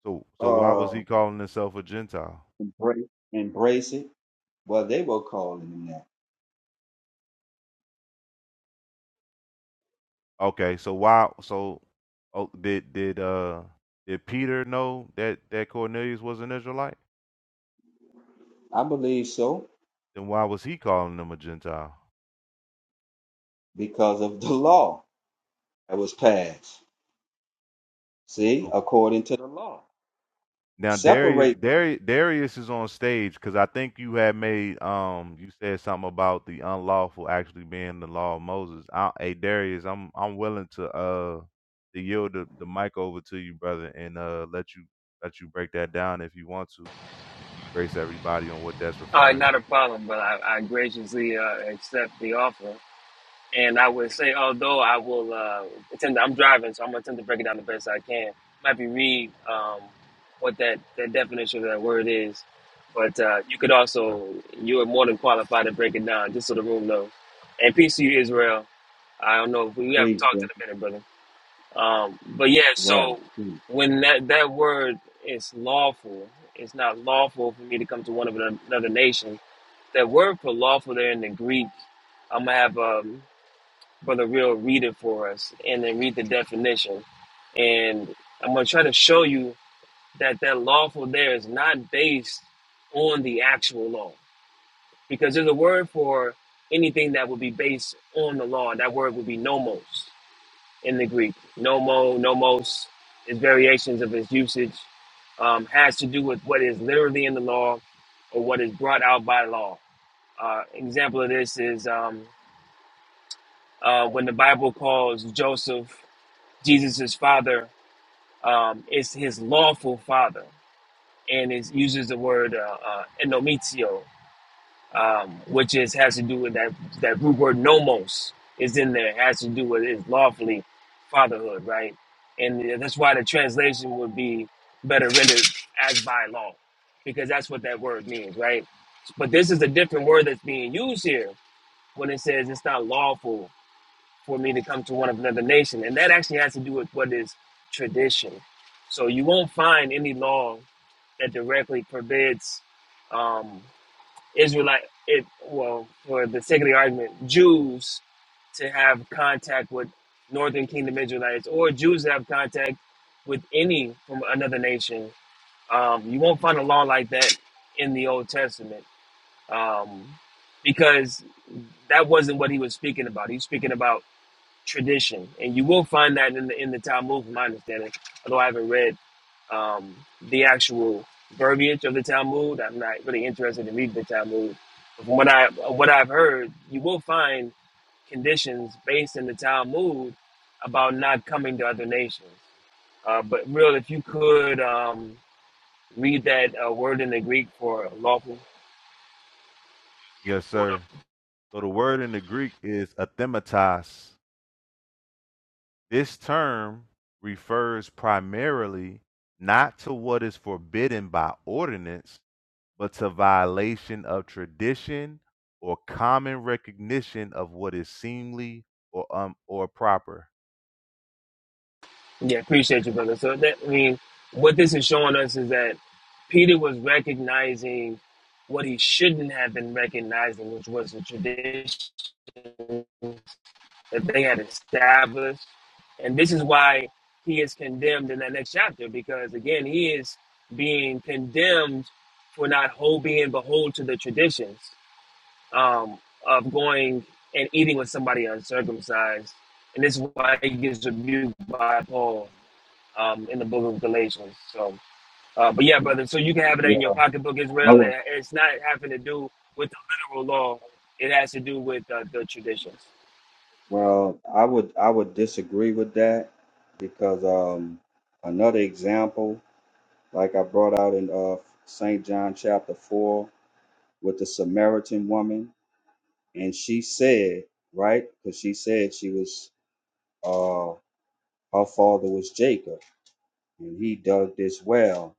N: So so why was
P: uh
N: he calling himself a Gentile?
P: embrace embrace it. Well they were calling him that.
N: Okay, so why? So oh, did did uh did Peter know that that Cornelius was an Israelite?
P: I believe so
N: Then why was he calling him a Gentile?
P: because of the law that was passed. See, according to the law.
N: Now Darius,
P: Separate
N: Darius, Darius is on stage because I think you had made um you said something about the unlawful actually being the law of Moses. I, hey Darius, I'm I'm willing to uh to yield the, the mic over to you, brother, and uh let you let you break that down if you want to. Grace everybody on what that's
R: Uh,
N: referring
R: not a
N: to.
R: problem, but I, I graciously uh, accept the offer. And I would say, although I will uh, attend, I'm driving, so I'm going to attempt to break it down the best I can. Might be read um, what that, that definition of that word is, but uh, you could
N: Sir.
R: also, you are more than qualified to break it down, just so the room knows. And peace to you, Israel. I don't know if we, we haven't talked
P: people.
R: in a minute, brother. Um, but yeah,
P: Right.
R: so
P: Hmm.
R: when that, that word is lawful, it's not lawful for me to come to one of another nation that word for lawful there in the Greek, I'm gonna have um, Brother Real read it for us and then read the definition. And I'm gonna try to show you that that lawful there is not based on the actual law. Because there's a word for anything that would be based on the law, that word would be nomos in the Greek. Nomo, nomos, its variations of its usage um, has to do with what is literally in the law or what is brought out by law uh, example of this is um, uh, when the Bible calls Joseph Jesus' father, um, it's his lawful father, and it uses the word uh, uh, "enomizio," um, which is has to do with that that root word "nomos" is in there. It has to do with his lawfully fatherhood, right? And uh, that's why the translation would be better rendered as by law, because that's what that word means, right? But this is a different word that's being used here when it says it's not lawful for me to come to one of another nation. And that actually has to do with what is tradition. So you won't find any law that directly forbids um, Israelite, it, well, for the sake of the argument, Jews to have contact with Northern Kingdom Israelites or Jews to have contact with any from another nation. Um, you won't find a law like that in the Old Testament um, because that wasn't what he was speaking about. He's speaking about tradition, and you will find that in the in the Talmud, from my understanding. Although I haven't read um, the actual verbiage of the Talmud, I'm not really interested in reading the Talmud. But from what I what I've heard, you will find conditions based in the Talmud about not coming to other nations. Uh, but real, if you could um, read that uh, word in the Greek for lawful. You ever
N: Yes,
R: pulled
N: sir. So the word in the Greek is athematos. This term refers primarily not to what is forbidden by ordinance but to violation of tradition or common recognition of what is seemly or um or proper.
R: Yeah, appreciate you, brother. So that I mean, what this is showing us is that Peter was recognizing what he shouldn't have been recognizing, which was the tradition that they had established. And this is why he is condemned in that next chapter, because again, he is being condemned for not whole being behold to the traditions um, of going and eating with somebody uncircumcised. And this is why he gets rebuked by Paul um, in the book of Galatians. So, uh, but yeah, brother. So you can have it
P: Yeah,
R: in your pocketbook as
P: I
R: well.
P: would-
R: And it's not having to do with the literal law. It has to do with uh, the traditions.
P: Well, I would I would disagree with that because um another example like I brought out in uh, St. John chapter 4 with the Samaritan woman. And she said, right? Because she said she was, uh, her father was Jacob, and he dug this well.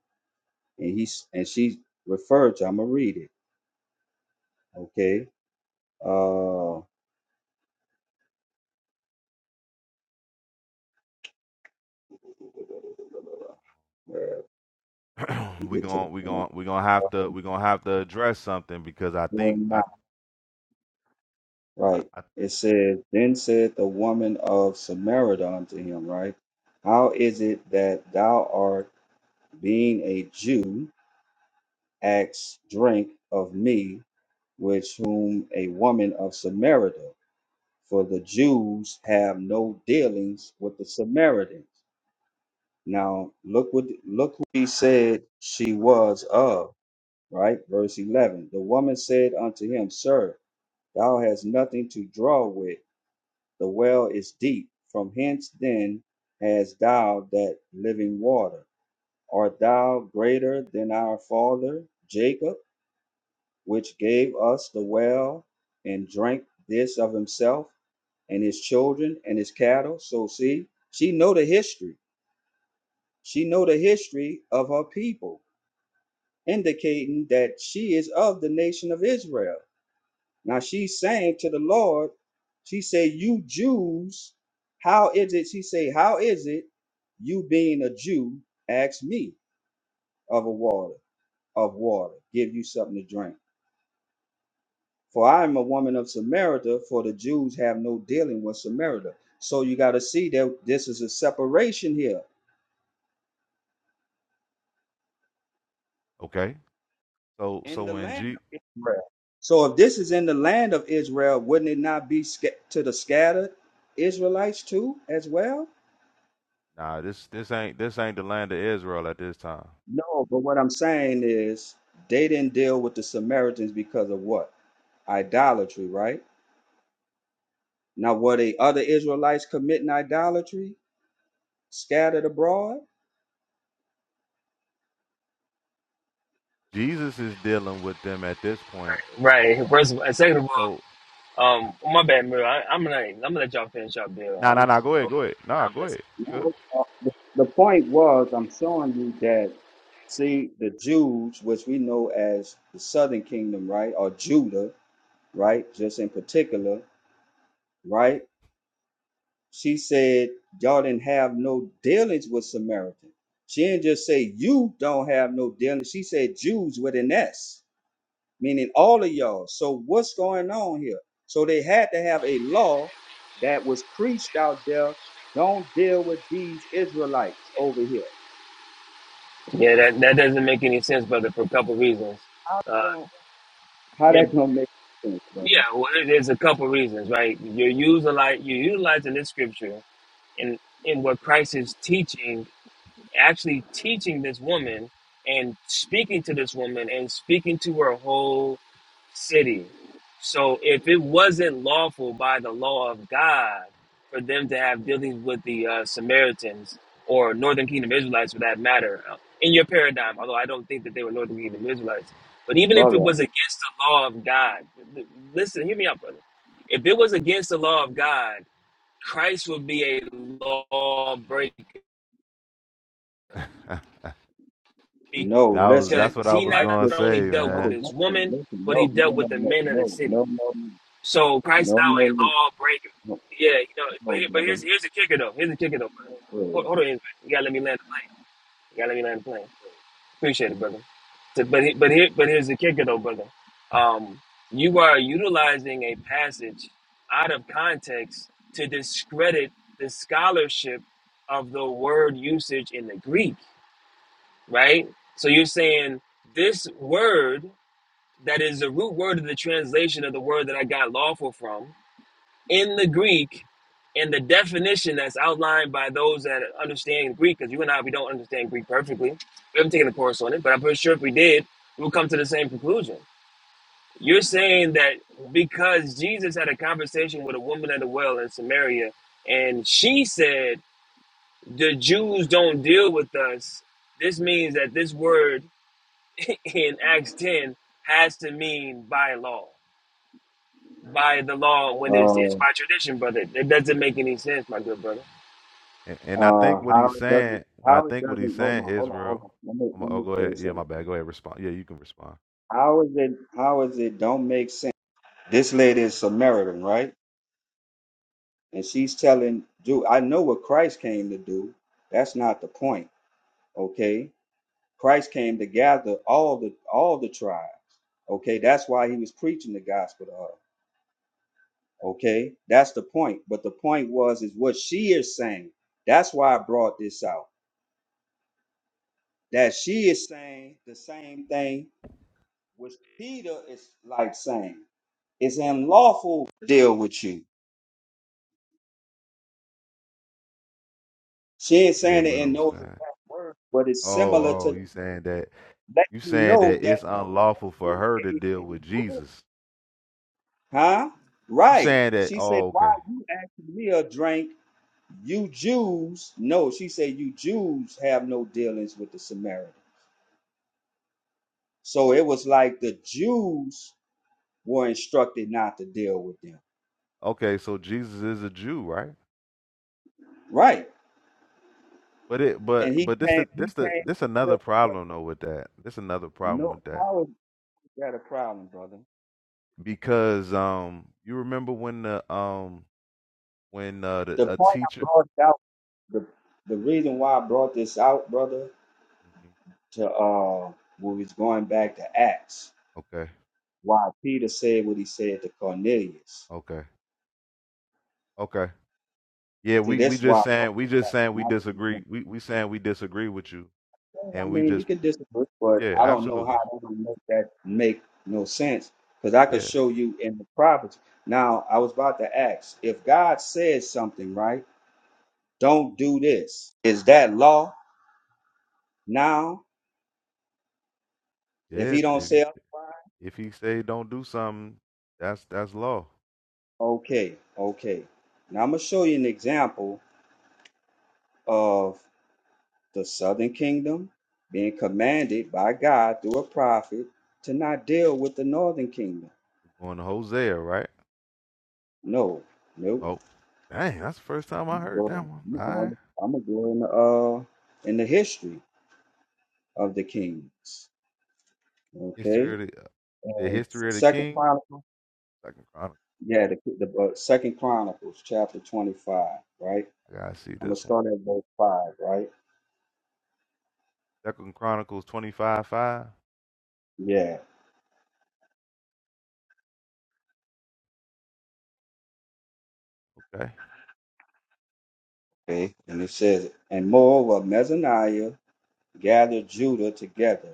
P: And he s- and she referred to, I'm going to read it, okay? Uh, where we
N: we
P: get to the
N: gon' we
P: point.
N: gon' we gonna
P: Uh,
N: have to we gonna have to address something because I think I, I,
P: Right.
N: I
P: It says, Then said the woman of Samaria unto him, right? How is it that thou art? being a Jew, asked drink of me, which whom a woman of Samaria, for the Jews have no dealings with the Samaritans. Now look what look who he said she was of, right? Verse eleven. The woman said unto him, Sir, thou hast nothing to draw with, the well is deep. From hence then hast thou that living water. Art thou greater than our father Jacob? which gave us the well and drank this of himself and his children and his cattle so see she know the history she know the history of her people indicating that she is of the nation of israel now she's saying to the lord she say you jews how is it she say how is it you being a jew ask me of a water of water give you something to drink For I am a woman of Samaria, for the Jews have no dealing with Samaria. So you got to see that this is a separation here
N: okay. So
P: in
N: so
P: the
N: when
P: land
N: G
P: of Israel. So if this is in the land of Israel, wouldn't it not be sca- to the scattered Israelites too, as well?
N: nah this this ain't this ain't the land of Israel at this time.
P: No, but what I'm saying is they didn't deal with the Samaritans because of what? Idolatry, right? Now, were they other Israelites committing idolatry scattered abroad?
N: Jesus is dealing with them at this point.
R: Right. First of all, and second of
N: So
R: all, um, my bad, Miro. I, I'm gonna I'm gonna let y'all finish up there.
N: nah
R: I'm
N: nah nah
R: just,
N: go ahead go ahead nah
R: I'm
N: go ahead
R: listening.
P: No, uh, The the point was, I'm showing you that, see, the Jews, which we know as the southern kingdom, right, or Judah, right, just in particular, right, she said, y'all didn't have no dealings with Samaritan. She didn't just say, you don't have no dealings. She said, Jews with an S, meaning all of y'all. So what's going on here? So they had to have a law that was preached out there. Don't deal with these Israelites over here.
R: Yeah, that that doesn't make any sense, brother, for a couple reasons. Uh,
P: Don't how
R: yeah,
P: that don't make sense,
R: yeah.
P: brother.
R: Well, there- there's a couple reasons, right? You're using like you're utilizing this scripture in in what Christ is teaching actually teaching this woman and speaking to this woman and speaking to her whole city. So if it wasn't lawful by the law of God for them to have dealings with the uh, Samaritans or Northern Kingdom Israelites for that matter, uh, in your paradigm, although I don't think that they were Northern Kingdom Israelites, but even if it
P: Brother,
R: was against the law of God, l- l- listen, hear me out, brother. If it was against the law of God, Christ would be a lawbreaker
N: good.
P: no,
N: that was
R: because
N: that's
P: listen.
N: what I
R: he
N: was
P: Right
R: not
N: gonna
P: with
R: only
N: say
R: dealt with
P: no,
N: man.
R: this
P: listen,
R: woman,
P: listen,
R: but he
P: no, no,
R: dealt with
P: no,
R: the
P: no,
R: men of the
P: no, no,
R: city.
P: no,
R: So Christ now
P: no, no, no,
R: a lawbreaker.
P: no,
R: Yeah, you know, but,
P: no,
R: here, but
P: brother.
R: here's here's the kicker though. Here's the kicker though. brother. Hold,
P: Wait.
R: hold on, Israel. you gotta let me land the plane. You gotta let me land the plane. Appreciate it, brother. So, but he- but here but here's the kicker though, brother. Um, you are utilizing a passage out of context to discredit the scholarship of the word usage in the Greek right? So you're saying this word that is the root word of the translation of the word that I got lawful from in the Greek and the definition that's outlined by those that understand Greek, because you and I, we don't understand Greek perfectly. We haven't taken a course on it, but I'm pretty sure if we did, we'll come to the same conclusion. You're saying that because Jesus had a conversation with a woman at a well in Samaria, and she said, The Jews don't deal with us, this means that this word in Acts 10 has to mean by law, by the law when it's, it's
P: Uh,
R: by tradition, brother. It doesn't make any sense, my good brother.
N: And, and I think
P: uh,
N: what
P: how
N: he's
P: it doesn't,
N: saying, when I
P: how it
N: think what he's
P: doesn't. Hold
N: saying,
P: on, hold on, hold
N: Israel.
P: on. Let me,
N: I'm, a,
P: let
N: oh,
P: me
N: go ahead.
P: say
N: Yeah, my
P: something.
N: bad. Go ahead. Respond. Yeah, you can respond.
P: How is it? How is it? Don't make sense. This lady is Samaritan, right? And she's telling Jew. I know what Christ came to do. That's not the point. Okay Christ came to gather all the all the tribes. Okay, that's why he was preaching the gospel to her. Okay, that's the point. But the point was is what she is saying. That's why I brought this out. That she is saying the same thing which Peter is like saying. It's unlawful to deal with you. She ain't
N: Yeah,
P: saying it
N: but
P: in
N: I'm
P: those
N: saying.
P: exact words, but it's
N: Oh,
P: similar
N: oh,
P: to
N: you saying that?
P: let
N: You
P: you
N: saying
P: know
N: that
P: that
N: it's unlawful for
P: it's
N: her to deal with
P: a-
N: Jesus?
P: huh?
N: You
P: Right.
N: saying that?
P: She said,
N: Oh,
P: Why
N: okay.
P: you asking me a drink? you Jews, no, she said, you Jews have no dealings with the Samaritan. So it was like the Jews were instructed not to deal with them.
N: Okay, so Jesus is a Jew, right?
P: Right.
N: But it, but,
P: And he
N: but this,
P: came,
N: the,
P: he
N: this, the,
P: came
N: this
P: to deal
N: another
P: with, but
N: problem though with that. This another problem
P: no,
N: with that
P: how is that a problem, brother?
N: because um, you remember when the um, when uh, the,
P: The
N: a
P: point I
N: teacher.
P: brought out, the, the reason why I brought this out, brother,
N: Mhm.
P: to, uh, when we was going back to Acts,
N: Okay.
P: why Peter said what he said to Cornelius.
N: Okay. Okay. Yeah,
P: See,
N: we we
P: that's
N: just
P: why
N: saying we just saying we disagree. We we saying we disagree with you,
P: I
N: and we
P: mean, you
N: just
P: can disagree, but
N: yeah,
P: I don't know
N: absolutely,
P: how that would make that make no sense because I could
N: yeah,
P: show you in the prophets. Now, I was about to ask if God says something, right? Don't do this. Is that law now? If
N: yeah.
P: He don't
N: If you
P: say,
N: if he say don't do something, that's that's law.
P: okay, okay. Now I'm gonna show you an example of the Southern Kingdom being commanded by God through a prophet to not deal with the Northern Kingdom.
N: We're going to Hosea, right?
P: No, nope.
N: Oh, dang, that's the first time I
P: I'm
N: heard
P: going,
N: that one.
P: I'm
N: All right,
P: going, I'm going to go in the, uh, in the history of the kings.
N: history
P: Okay,
N: of the uh, the
P: and
N: history of the
P: Second
N: king.
P: Chronicles,
N: Second Chronicles.
P: yeah, the, the uh, Second Chronicles, chapter twenty-five, right?
N: I gotta see
P: I'm gonna
N: this one.
P: start at verse five, right?
N: Second Chronicles twenty five five.
P: Yeah.
N: Okay.
P: Okay, and it says, and moreover, Mezaniah gathered Judah together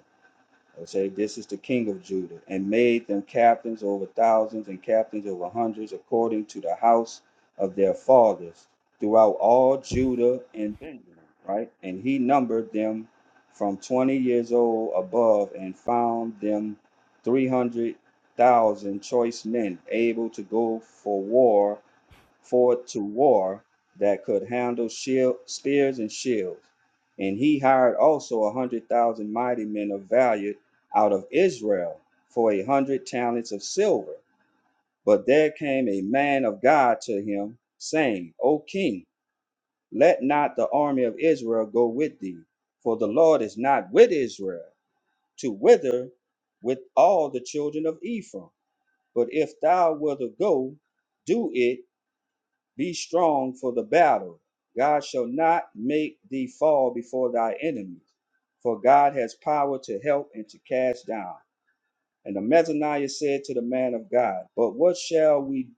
P: and say, This is the king of Judah, and made them captains over thousands and captains over hundreds, according to the house of their fathers, throughout all Judah and Benjamin, right? And he numbered them from 20 years old above and found them 300,000 choice men able to go for war forth to war that could handle shield, spears and shields. And he hired also a hundred thousand mighty men of value out of Israel for a hundred talents of silver. But there came a man of God to him, saying, O king, let not the army of Israel go with thee, for the Lord is not with Israel, to wither with all the children of Ephraim. But if thou wilt go, do it be strong for the battle. God shall not make thee fall before thy enemies, for God has power to help and to cast down. And the Mezaniah said to the man of God, But what shall we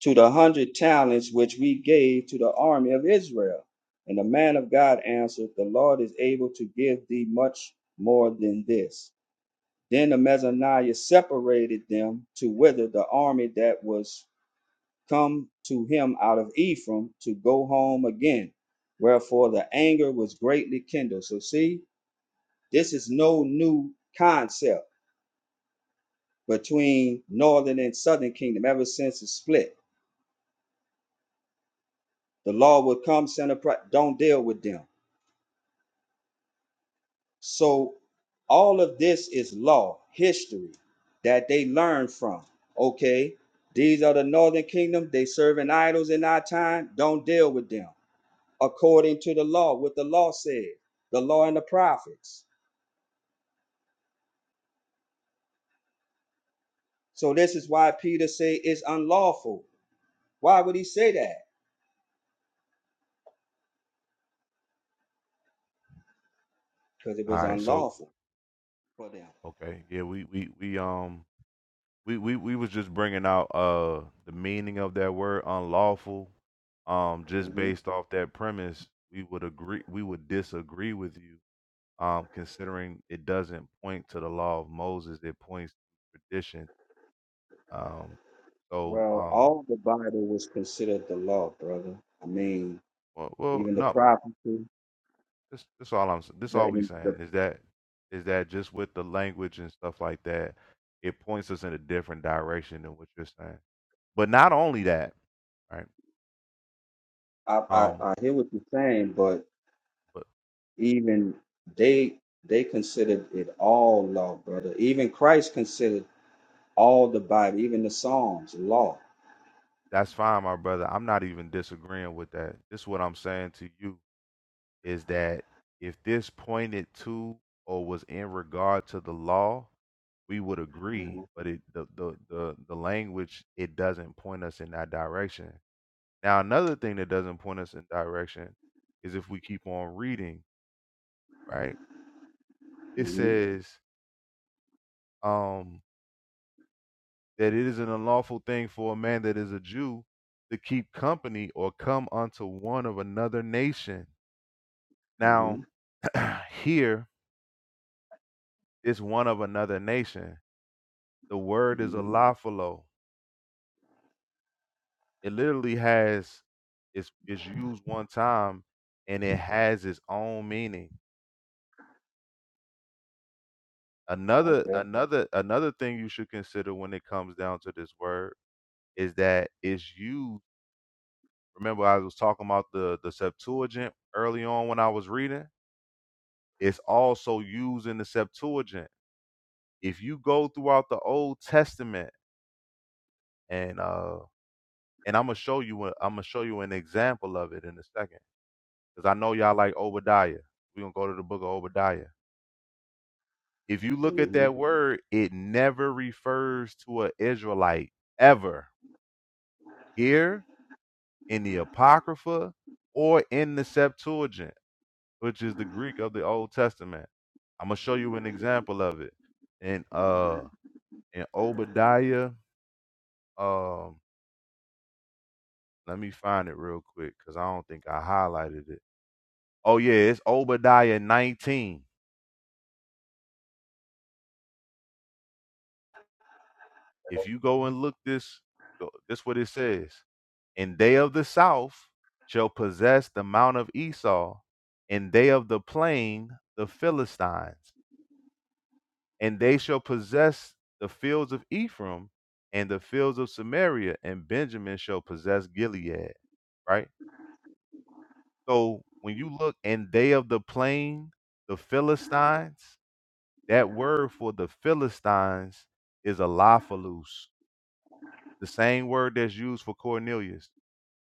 P: to the hundred talents which we gave to the army of Israel? And the man of God answered, The Lord is able to give thee much more than this. Then the Mezaniah separated them to wither the army that was come to him out of Ephraim to go home again. Wherefore the anger was greatly kindled. So, see, this is no new concept between northern and southern kingdom ever since the split. The law would come, center, don't deal with them. So, all of this is law, history that they learn from. Okay, these are the northern kingdom, they serving idols in our time, don't deal with them. according to the law, what the law said, the law and the prophets. So this is why Peter say it's unlawful. Why would he say that? Because it
N: All
P: was
N: right. So
P: unlawful for them.
N: okay, yeah, we we we um we, we we was just bringing out uh the meaning of that word unlawful um just
P: hmm
N: based off that premise we would agree we would disagree with you um considering it doesn't point to the law of moses it points to tradition um so
P: Well,
N: um
P: all the Bible was considered the law, brother. I mean,
N: well, well
P: even the
N: no
P: prophecy.
N: this this all i'm this
P: The,
N: all we
P: and the
N: saying is that is that just with the language and stuff like that it points us in a different direction than what you're saying but not only that right
P: I, I
N: um
P: I hear what you're saying, but
N: but
P: even they they considered it all law, brother. Even Christ considered all the Bible, even the Psalms, law.
N: That's fine, my brother. I'm not even disagreeing with that. This is what I'm saying to you is that if this pointed to or was in regard to the law, we would agree. But it the the the, the language it doesn't point us in that direction. Now another thing that doesn't point us in direction is if we keep on reading, right? It
P: hmm
N: says um that it is an unlawful thing for a man that is a Jew to keep company or come unto one of another nation
P: hmm
N: Now, here is one of another nation. The word is
P: hmm
N: alafalo. It literally has is is used one time, and it has its own meaning. Another
P: Okay.
N: another another thing you should consider when it comes down to this word is that it's used. Remember, I was talking about the the Septuagint early on when I was reading. It's also used in the Septuagint. If you go throughout the Old Testament and uh and I'm gonna show you. i am gonna show you an example of it in a second, because I know y'all like Obadiah. We're gonna go to the book of Obadiah. If you look at
P: hmm
N: that word, it never refers to an Israelite ever here in the Apocrypha or in the Septuagint, which is the Greek of the Old Testament. I'm gonna show you an example of it in uh in Obadiah. Um, let me find it real quick because I don't think I highlighted it. Oh yeah, it's Obadiah 19 if you go and look this go- this what it says and they of the south shall possess the mount of esau and they of the plain the philistines and they shall possess the fields of ephraim and the fields of samaria and benjamin shall possess gilead right so when you look and they of the plain the philistines that word for the philistines is a the same word that's used for cornelius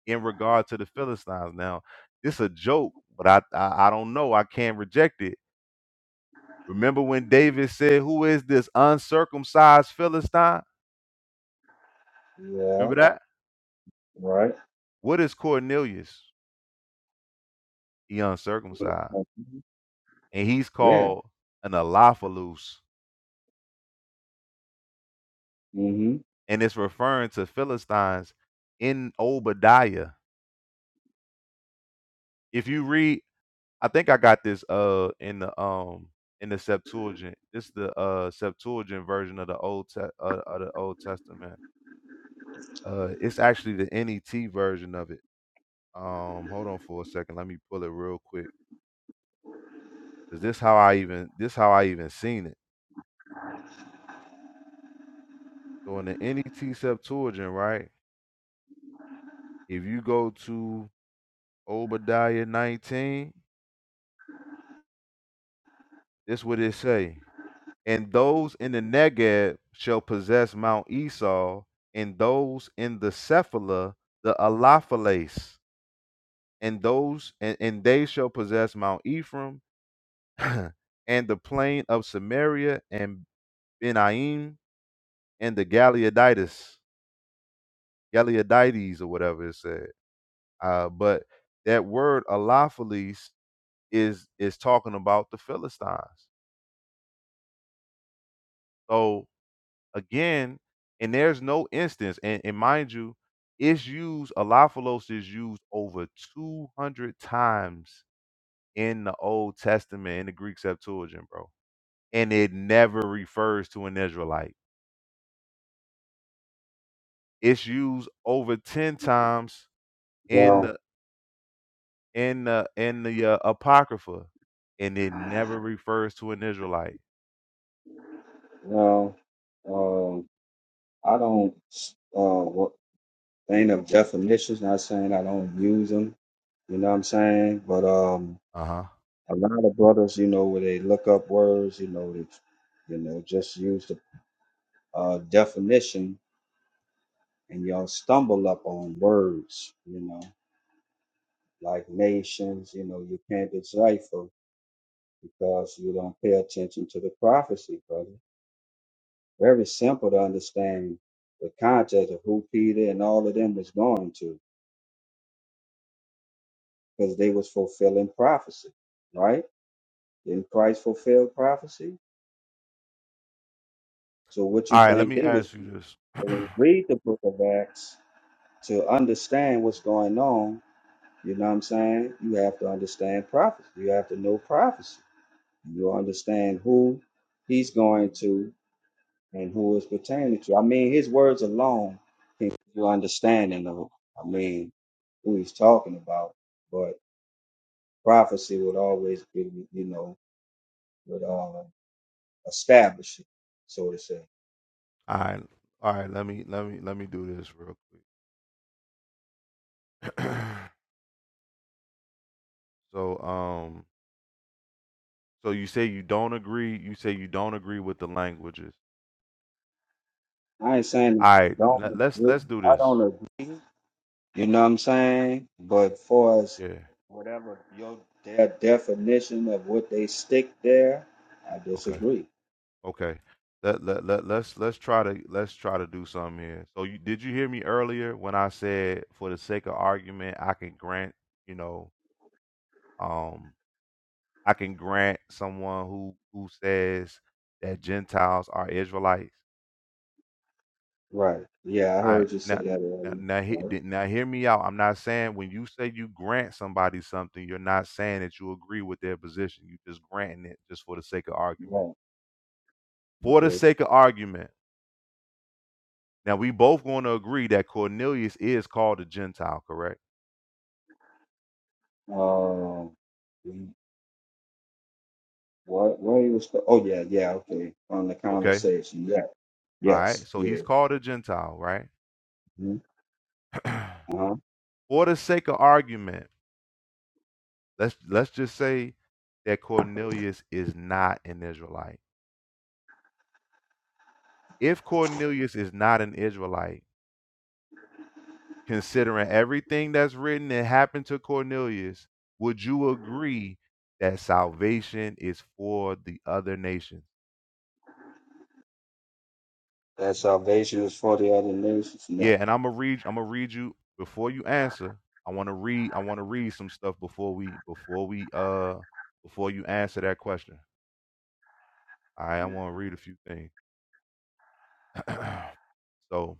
N: in regard to the Philistines. Now, it's a joke, but I, I I don't know. I can't reject it. Remember when David said, "Who is this uncircumcised Philistine?"
P: Yeah.
N: Remember that.
P: Right.
N: What is Cornelius? He uncircumcised,
P: Mhm.
N: and he's
P: Yeah.
N: called an Elophalus,
P: hmm
N: and it's referring to Philistines in Obadiah. If you read, I think I got this uh in the um in the Septuagint. This is the uh Septuagint version of the Old Te- uh, of the Old Testament Uh, it's actually the NET version of it. Um, hold on for a second. Let me pull it real quick. Cause this how I even this how I even seen it. So in the NET Septuagint, right? If you go to Obadiah 19, this what it say. And those in the Negeb shall possess Mount Esau, and those in the Cephala the Alaphales, and those and, and they shall possess Mount Ephraim, and the plain of Samaria, and Benaim and the Galeoditis, Galeodites or whatever it said. Uh, but that word Alophiles is is talking about the Philistines. So again, and there's no instance, and, and mind you, it's used Alophilos is used over 200 times in the Old Testament in the Greek Septuagint, bro. And it never refers to an Israelite. It's used over 10 times in
P: Well,
N: the in the in the, uh, Apocrypha, and it never refers to an Israelite.
P: well, um, I don't. Uh, what thing of definitions? Not saying I don't use them. You know what I'm saying? But um,
N: Uh-huh.
P: a lot of brothers, you know, where they look up words, you know, they, you know, just use the uh definition, and y'all stumble up on words. You know, like nations. You know, you can't decipher. because you don't pay attention to the prophecy, brother. Very simple to understand the context of who Peter and all of them was going to, because they was fulfilling prophecy, right? Didn't Christ fulfill prophecy? So what you
N: All right, let
P: think
N: me
P: they was
N: ask you
P: doing?
N: this.
P: When
N: all
P: you read the book of Acts to understand what's going on, you know what I'm saying? You have to understand prophecy. You have to know prophecy. You understand who he's going to and who it's pertaining to. I mean, his words alone can give you understanding of, I mean, who he's talking about. But prophecy would always be, you know, would uh, establish it, so to say.
N: right, all right, let me let me let me do this real quick. so, um, so you say you don't agree. You say you don't agree with the languages.
P: I ain't saying
N: All right,
P: don't
N: let, let's
P: agree.
N: let's do
P: I
N: this.
P: don't agree. You know what I'm saying? But for as
N: Yeah.
P: whatever your their definition of what they stick there, I
N: Okay.
P: disagree.
N: Okay. Let, let, let, let's let's try to let's try to do something here. So you, did you hear me earlier when I said for the sake of argument I can grant you know Um, I can grant someone who who says that Gentiles are Israelites.
P: Right. Yeah, I
N: I
P: heard you say
N: now
P: that
N: now
P: earlier.
N: now, he,
P: Right.
N: di- now hear me out. I'm not saying when you say you grant somebody something, you're not saying that you agree with their position. You just granting it just for the sake of argument.
P: Right.
N: For the
P: Okay.
N: sake of argument. Now we both going to agree that Cornelius is called a Gentile, correct?
P: Um, what? Where he was? Oh yeah, yeah. Okay, from the
N: Okay.
P: conversation. Yeah.
N: All right.
P: Yes.
N: So
P: Yeah.
N: he's called a Gentile, right?
P: hmm Uh-huh.
N: for the sake of argument. Let's let's just say that Cornelius is not an Israelite. If Cornelius is not an Israelite, considering everything that's written that happened to Cornelius, would you agree that salvation is for the other nations?
P: That salvation is for the other nations. Mm-hmm.
N: Yeah, and I'm gonna read. I'm gonna read you before you answer. I want to read. I want to read some stuff before we before we uh before you answer that question. All right, I want to read a few things. so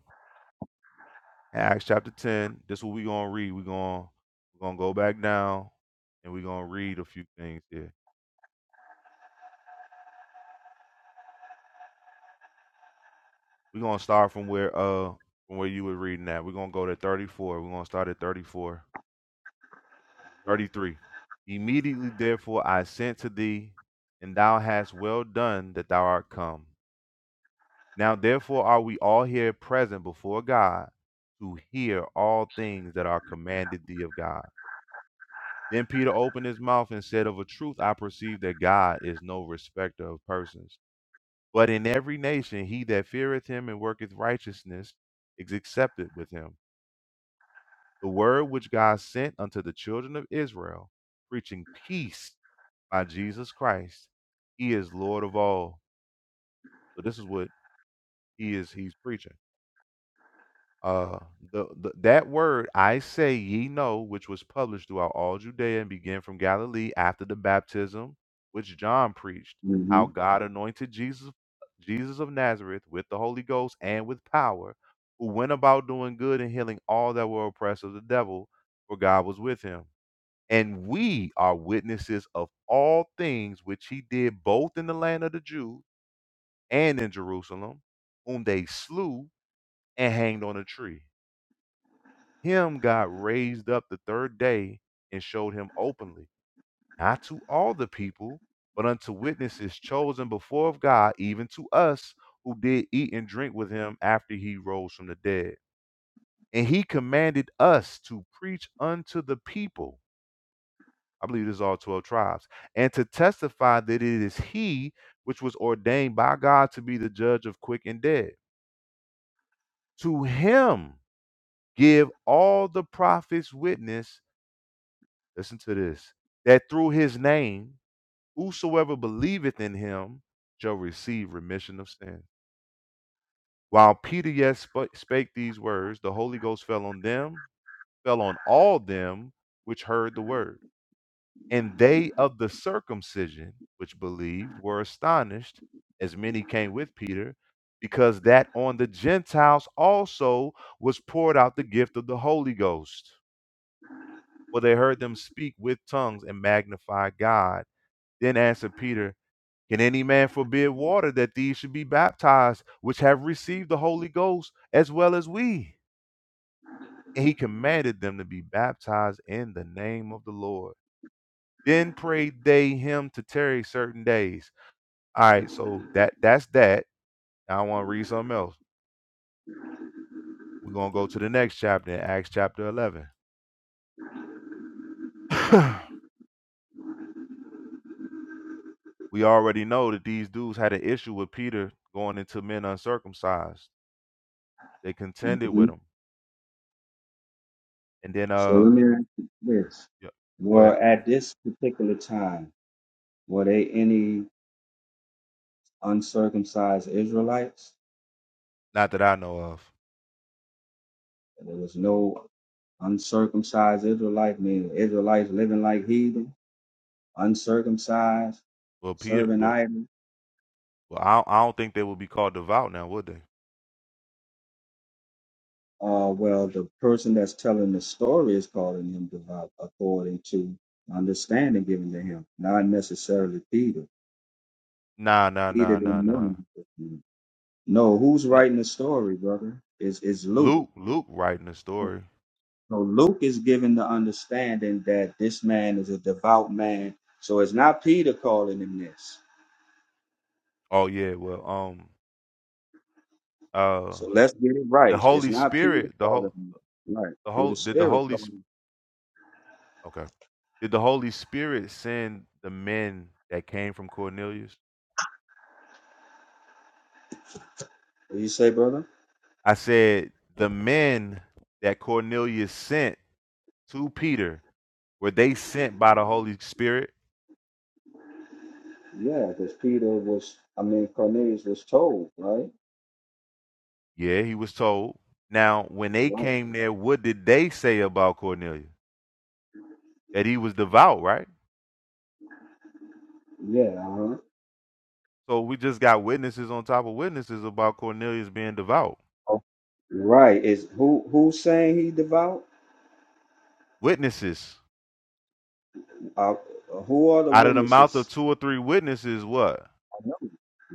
N: Acts chapter 10. This what we gonna read. we gonna we gonna go back down and we gonna read a few things here. we gonna start from where uh from where you were reading at. We're gonna go to 34. We're gonna start at 34. 33. Immediately therefore I sent to thee, and thou hast well done that thou art come. Now therefore are we all here present before God to hear all things that are commanded thee of God. Then Peter opened his mouth and said, Of a truth, I perceive that God is no respecter of persons. But in every nation, he that feareth him and worketh righteousness is accepted with him. The word which God sent unto the children of Israel, preaching peace by Jesus Christ, he is Lord of all. So this is what he is he's preaching. Uh, the, the that word I say ye know, which was published throughout all Judea and began from Galilee after the baptism which John preached, how God anointed Jesus, Jesus of Nazareth, with the Holy Ghost and with power, who went about doing good and healing all that were oppressed of the devil, for God was with him. And we are witnesses of all things which he did both in the land of the Jews and in Jerusalem, whom they slew and hanged on a tree. Him God raised up the third day and showed him openly, not to all the people, but unto witnesses chosen before of God, even to us who did eat and drink with him after he rose from the dead. And he commanded us to preach unto the people, I believe this is all 12 tribes, and to testify that it is he which was ordained by God to be the judge of quick and dead. To him give all the prophets witness Listen to this. That through his name, whosoever believeth in him shall receive remission of sin. While Peter yet spa- spake these words, the Holy Ghost fell on them, fell on all them which heard the word. And they of the circumcision which believed were astonished, as many came with Peter, because that on the Gentiles also was poured out the gift of the Holy Ghost. For they heard them speak with tongues and magnify God Then answered Peter, Can any man forbid water that these should be baptized, which have received the Holy Ghost as well as we? And he commanded them to be baptized in the name of the Lord. Then prayed they him to tarry certain days. All right, so that that's that. Now I want to read something else. We're gonna go to the next chapter in Acts chapter eleven. we already know that these dudes had an issue with Peter going into men uncircumcised. They contended
P: hmm
N: with him, and then
P: So
N: uh,
P: let me ask you this:
N: yeah, go
P: Were
N: ahead.
P: at this particular time were they any uncircumcised Israelites?
N: Not that I know of.
P: There was no uncircumcised Israelite, meaning Israelites living like heathen, uncircumcised,
N: Well, Peter,
P: serving
N: but
P: idols.
N: well, I don't, I don't think they would be called devout now, would they?
P: Uh, well, the person that's telling the story is calling him devout according to understanding given to him, not necessarily Peter.
N: Nah, nah,
P: Peter
N: nah, nah,
P: didn't know
N: nah.
P: him. No, who's
N: nah.
P: writing the story, brother? Is is Luke?
N: Luke, Luke writing the story.
P: So Luke is given the understanding that this man is a devout man. So it's not Peter calling him this.
N: Oh yeah, well, um, uh,
P: So let's get it
N: the
P: right. It's
N: Holy
P: not Peter
N: Spirit, the
P: calling
N: whole,
P: him this. Right.
N: the
P: Through
N: whole,
P: the
N: did the
P: Spirit
N: Holy,
P: calling
N: Sp-
P: him.
N: okay, did the Holy Spirit send the men that came from Cornelius?
P: What do you say, brother?
N: I said the men that Cornelius sent to Peter were they sent by the Holy Spirit?
P: Yeah, because Peter was, I mean, Cornelius was told, right?
N: Yeah, he was told. Now, when they
P: Right.
N: came there, what did they say about Cornelius? That he was devout, right?
P: Yeah. Uh-huh.
N: So we just got witnesses on top of witnesses about Cornelius being devout.
P: Oh, Right. Is who who's saying he devout?
N: Witnesses.
P: Uh, who are the
N: Out of the mouth of
P: witnesses?
N: two or three witnesses, what?
P: I know.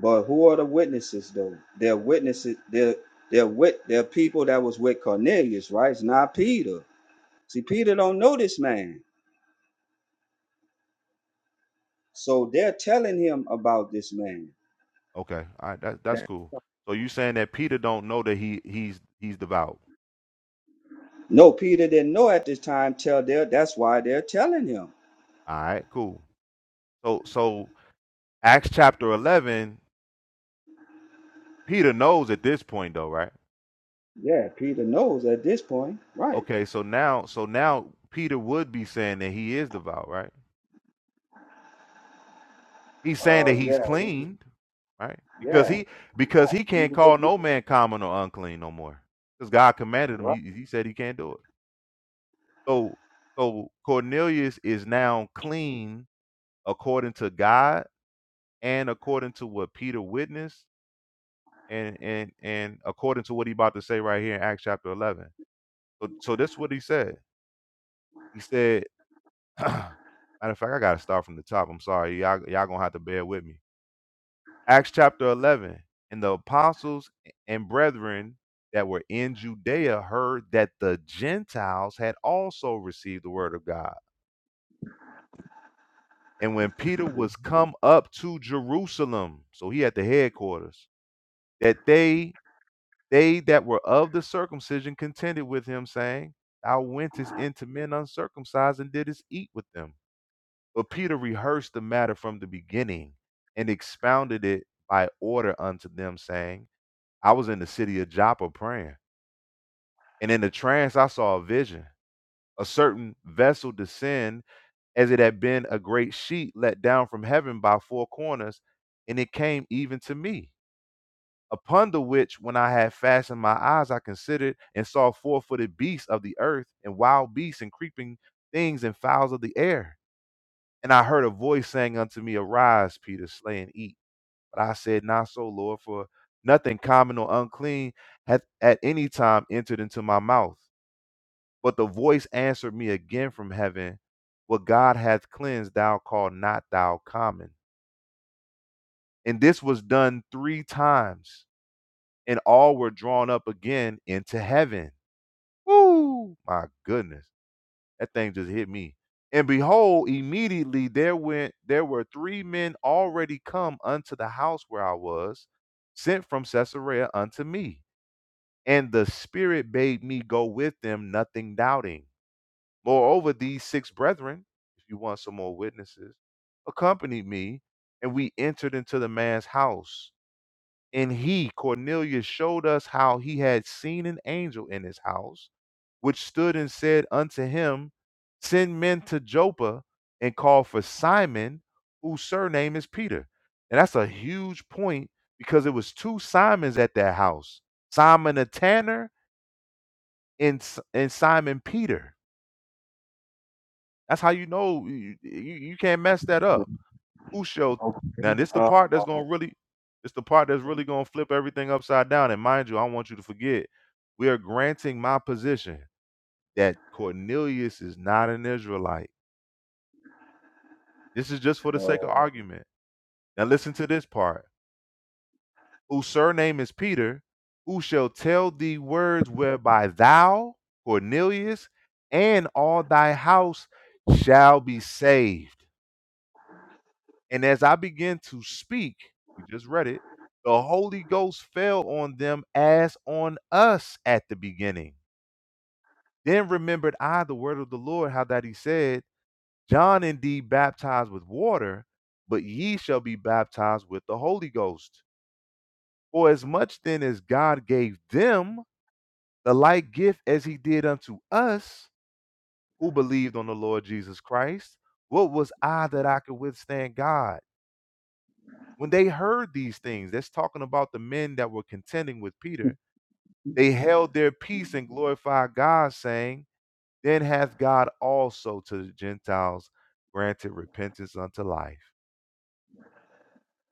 P: But who are the witnesses though? They're witnesses. They're they're with they're people that was with Cornelius, right? It's not Peter. See, Peter don't know this man, so they're telling him about this man.
N: Okay, all right, that, that's
P: That-
N: cool. So you saying that Peter don't know that he he's he's devout.
P: No, Peter didn't know at this time. Tell they that's why they're telling him.
N: All right, cool. So so Acts chapter eleven, Peter knows at this point though, right?
P: Yeah, Peter knows at this point, right?
N: Okay, so now so now Peter would be saying that he is devout, right? He's saying
P: Uh,
N: that he's
P: yeah,
N: cleaned, right? Because
P: yeah.
N: he because he
P: He was
N: can't
P: a
N: call
P: believer,
N: no man common or unclean no more. Because God commanded him, he, he said he can't do it. So so Cornelius is now clean according to God and according to what Peter witnessed and and and according to what he about to say right here in Acts chapter eleven. So so that's what he said. He said matter of fact, I gotta start from the top. I'm sorry. Y'all y'all gonna have to bear with me. Acts chapter 11. And the apostles and brethren that were in Judea heard that the Gentiles had also received the word of God. And when Peter was come up to Jerusalem, so he at the headquarters, that they they that were of the circumcision contended with him, saying, Thou wentest into men uncircumcised and didst eat with them. But Peter rehearsed the matter from the beginning and expounded it by order unto them, saying, I was in the city of Joppa praying, and in the trance I saw a vision, a certain vessel descend as it had been a great sheet let down from heaven by four corners, and it came even to me. Upon the which, when I had fastened my eyes, I considered and saw four footed beasts of the earth, and wild beasts, and creeping things, and fowls of the air. And I heard a voice saying unto me, Arise, Peter, slay and eat. But I said, Not so, Lord, for nothing common or unclean hath at any time entered into my mouth. But the voice answered me again from heaven, What God hath cleansed, thou call not thou common. And this was done three times, and all were drawn up again into heaven. Woo! My goodness. That thing just hit me. And behold, immediately there went there were three men already come unto the house where I was, sent from Caesarea unto me. and the Spirit bade me go with them, nothing doubting. Moreover, these six brethren, if you want some more witnesses, accompanied me, and we entered into the man's house. And he, Cornelius, showed us how he had seen an angel in his house, which stood and said unto him, Send men to Joppa and call for Simon, whose surname is Peter. And that's a huge point because it was two Simons at that house Simon the tanner and S and Simon Peter. That's how you know you you you can't mess that
P: right?
N: up. Ucho
P: Okay.
N: now this the
P: Uh,
N: part that's gonna really it's the part that's really gonna flip everything upside down. And mind you, I want you to forget, we are granting my position that Cornelius is not an Israelite. This is just for the sake of
P: uh,
N: argument. Now listen to this part. Whose surname is Peter, who shall tell thee words whereby thou, Cornelius, and all thy house shall be saved. And as I began to speak, we just read it, the Holy Ghost fell on them as on us at the beginning. Then remembered I the word of the Lord, how that he said, John indeed baptized with water, but ye shall be baptized with the Holy Ghost. For as much then as God gave them the like gift as he did unto us who believed on the Lord Jesus Christ, what was I that I could withstand God? When they heard these things, that's talking about the men that were contending with Peter, they held their peace and glorified God, saying, Then hath God also to the Gentiles granted repentance unto life.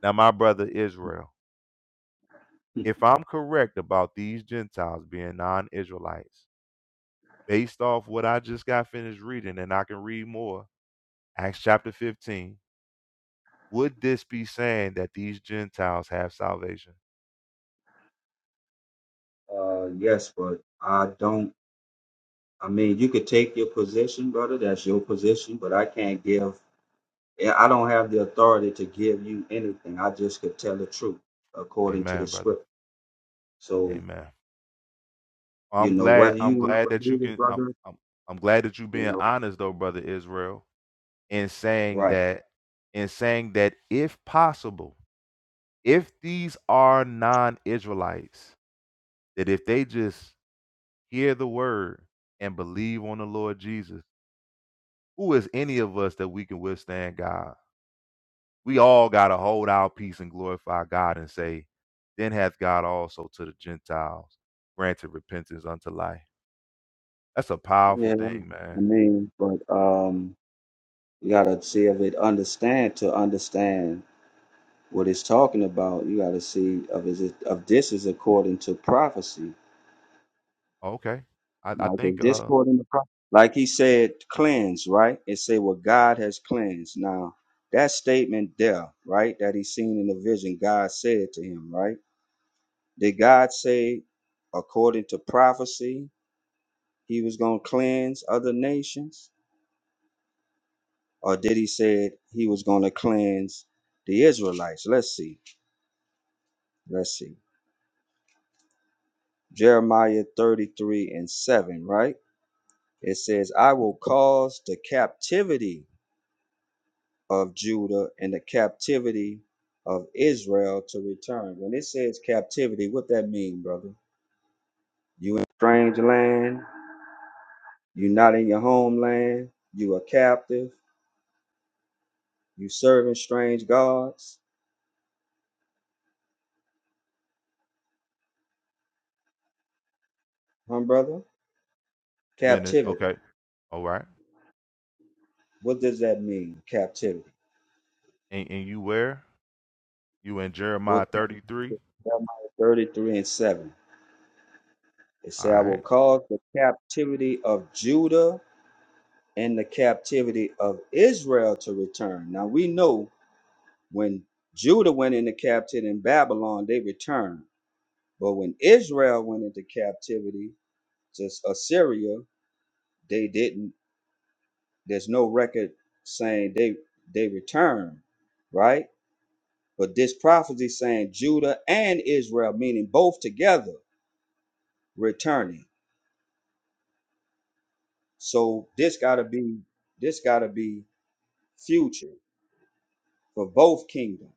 N: Now, my brother Israel, if I'm correct about these Gentiles being non Israelites, based off what I just got finished reading, and I can read more, Acts chapter 15, would this be saying that these Gentiles have salvation?
P: uh, yes, but I don't. I mean, you could take your position, brother. That's your position, but I can't give. yeah, I don't have the authority to give you anything. I just could tell the truth according to the
N: Amen, brother.
P: script. So
N: Amen. Well,
P: you
N: I'm
P: know
N: glad.
P: whether you
N: I'm
P: want
N: glad
P: to
N: that you
P: believe it,
N: can. I'm,
P: brother.
N: I'm. I'm glad that you
P: You
N: being
P: know,
N: honest though, brother Israel, in saying
P: right?
N: that, in saying that if possible, if these are non-Israelites, that if they just hear the word and believe on the Lord Jesus, who is any of us that we can withstand God? We all gotta hold our peace and glorify God and say, "Then hath God also to the Gentiles granted repentance unto life." That's a powerful
P: Yeah.
N: thing,
P: I
N: man.
P: mean, but um, you gotta see if it understand to understand what it's talking about. You gotta see of is it of this is according to prophecy
N: Oh, Okay. I, I
P: Like is
N: think uh
P: discord in the pro- like he said, cleanse, right? It say what God has cleansed. Now that statement there, right, that he seen in the vision, God said to him, right? Did God say, according to prophecy, he was gonna cleanse other nations? Or did he said he was gonna cleanse the Israelites? Let's see. Let's see. Jeremiah 33 and 7, right? It says, I will cause the captivity of Judah and the captivity of Israel to return. When it says captivity, what that mean, brother? You in a strange land, you not in your homeland, you a captive, you serving strange gods, huh, brother?
N: you in it
P: Captivity.
N: okay. All right.
P: What does that mean, captivity?
N: And and you where? You in
P: What
N: Jeremiah thirty three?
P: captivity? Jeremiah 33 and 7. It
N: All
P: say, I will
N: right.
P: cause the captivity of Judah and the captivity of Israel to return. Now we know When Judah went into captivity in Babylon, they returned. But when Israel went into captivity to Assyria, they didn't. There's no record saying they they returned, right? But this prophecy saying Judah and Israel, meaning both together, returning. So this gotta be this gotta be future for both kingdoms.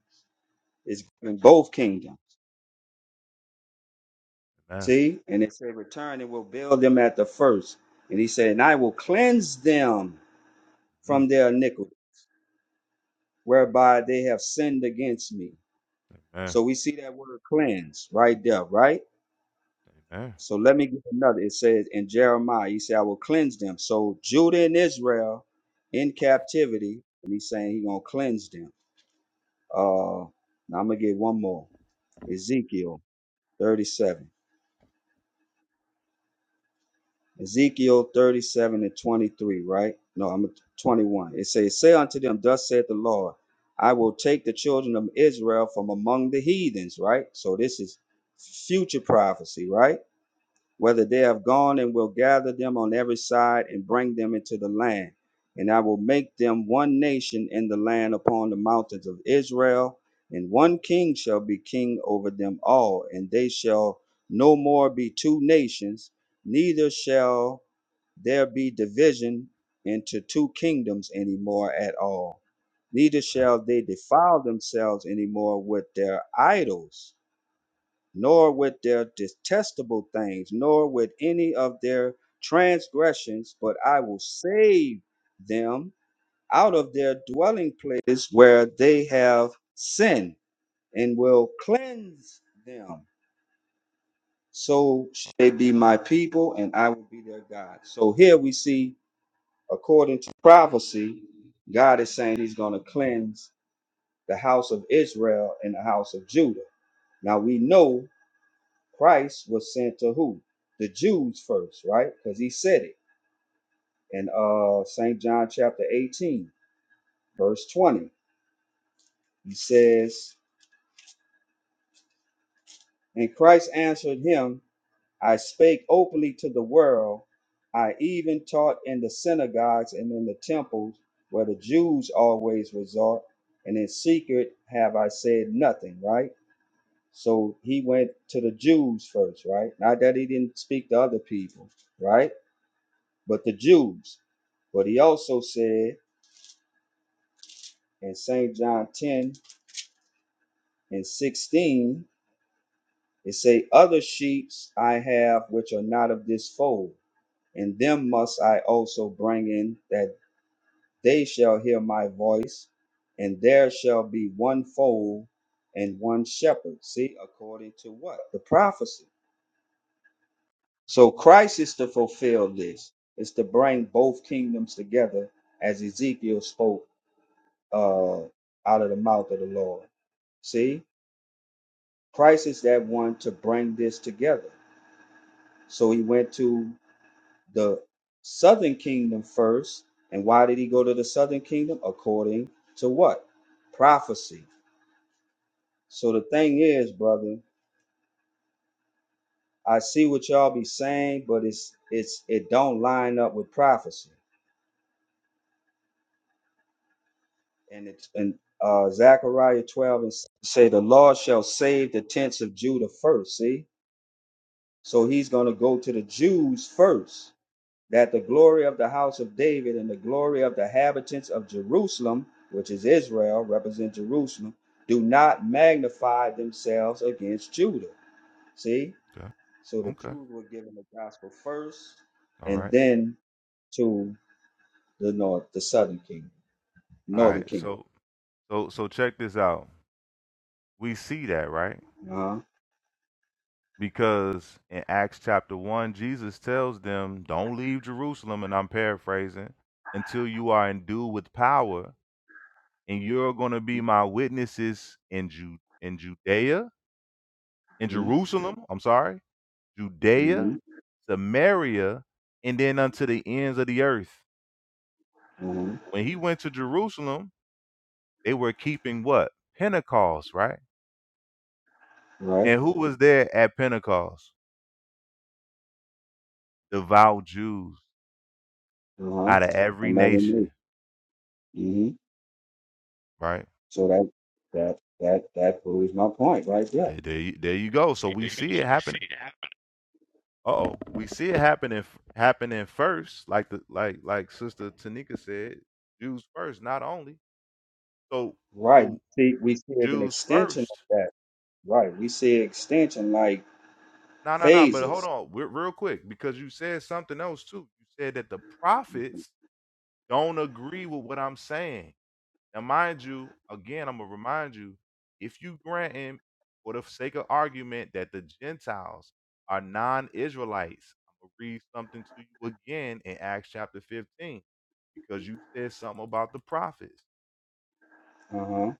P: It's in both kingdoms.
N: Amen.
P: See? And it said, Return and will build them at the first. And he said, And I will cleanse them
N: Mm,
P: from their iniquity, whereby they have sinned against me.
N: Amen.
P: So we see that word cleanse right there, right?
N: Amen.
P: So let me give another. It says in Jeremiah, he said, I will cleanse them. So Judah and Israel in captivity, and he's saying he's gonna cleanse them. Uh now I'm gonna get one more. Ezekiel 37. Ezekiel 37 and 23, right? No, I'm at 21. It says, Say unto them, Thus saith the Lord, I will take the children of Israel from among the heathens, right? So this is future prophecy, right? Whether they have gone and will gather them on every side and bring them into the land. And I will make them one nation in the land upon the mountains of Israel, and one king shall be king over them all, and they shall no more be two nations, neither shall there be division into two kingdoms any more at all. Neither
N: Amen.
P: shall they defile themselves any more with their idols, nor with their detestable things, nor with any of their transgressions, but I will save them out of their dwelling places where they have sinned, and will cleanse them. So shall they be my people, and I will be their God. So here we see according to prophecy, God is saying he's going to cleanse the house of Israel and the house of Judah. Now we know Christ was sent to who? The Jews first, right? Because he said it in uh St. John chapter 18, verse 20. He says, And Christ answered him I spake openly to the world. I even taught in the synagogues and in the temples where the Jews always resort, and in secret have I said nothing, right? So he went to the Jews first, right? Not that he didn't speak to other people, right? But the Jews. But he also said in St. John 10 and 16, it say, Other sheep I have which are not of this fold, and them must I also bring in that They shall hear my voice, and there shall be one fold and one shepherd. See, according to what? The prophecy. So Christ is to fulfill this, is to bring both kingdoms together as Ezekiel spoke uh, out of the mouth of the Lord. See, Christ is that one to bring this together. So he went to the southern kingdom first. And why did he go to the southern kingdom? According to what? Prophecy. So the thing is, brother, I see what y'all be saying, but it's it's it don't line up with prophecy. And it's and uh Zechariah 12 and s- say the Lord shall save the tents of Judah first. See? So he's gonna go to the Jews first, that the glory of the house of David and the glory of the inhabitants of Jerusalem, which is Israel, represent Jerusalem, do not magnify themselves against Judah. See?
N: Okay.
P: So the
N: Okay.
P: Jews were given the gospel first,
N: All
P: and
N: right.
P: then to the north, the southern kingdom,
N: All
P: northern
N: right.
P: kingdom,
N: So so so check this out. We see that, right?
P: Uh huh.
N: Because in Acts chapter one, Jesus tells them, Don't leave Jerusalem, and I'm paraphrasing, until you are endued with power, and you're gonna be my witnesses in Ju in Judea, in
P: Mm-hmm.
N: Jerusalem, I'm sorry Judea,
P: Mm-hmm.
N: Samaria, and then unto the ends of the earth.
P: Uh-huh.
N: When he went to Jerusalem, they were keeping what? Pentecost, right?
P: Right.
N: And who was there at Pentecost? Devout Jews
P: Uh huh.
N: out of
P: I
N: every
P: never knew.
N: nation,
P: Mm-hmm.
N: right?
P: So that that that that proves my point right there.
N: There, there you there you go. So we see it happening. Oh, we see it happening happening first, like the like like Sister Tanika said, Jews first, not only. So
P: Right.
N: so
P: See, we see an
N: Jews
P: extension of
N: first.
P: that. Right. We see extension like
N: No, no, no. But hold
P: phases.
N: on, we real quick, because you said something else too. You said that the prophets don't agree with what I'm saying. Now, mind you, again, I'm gonna remind you, if you grant him, for the sake of argument, that the Gentiles are non-Israelites, I'm gonna read something to you again in Acts chapter 15, because you said something about the prophets,
P: Uh huh.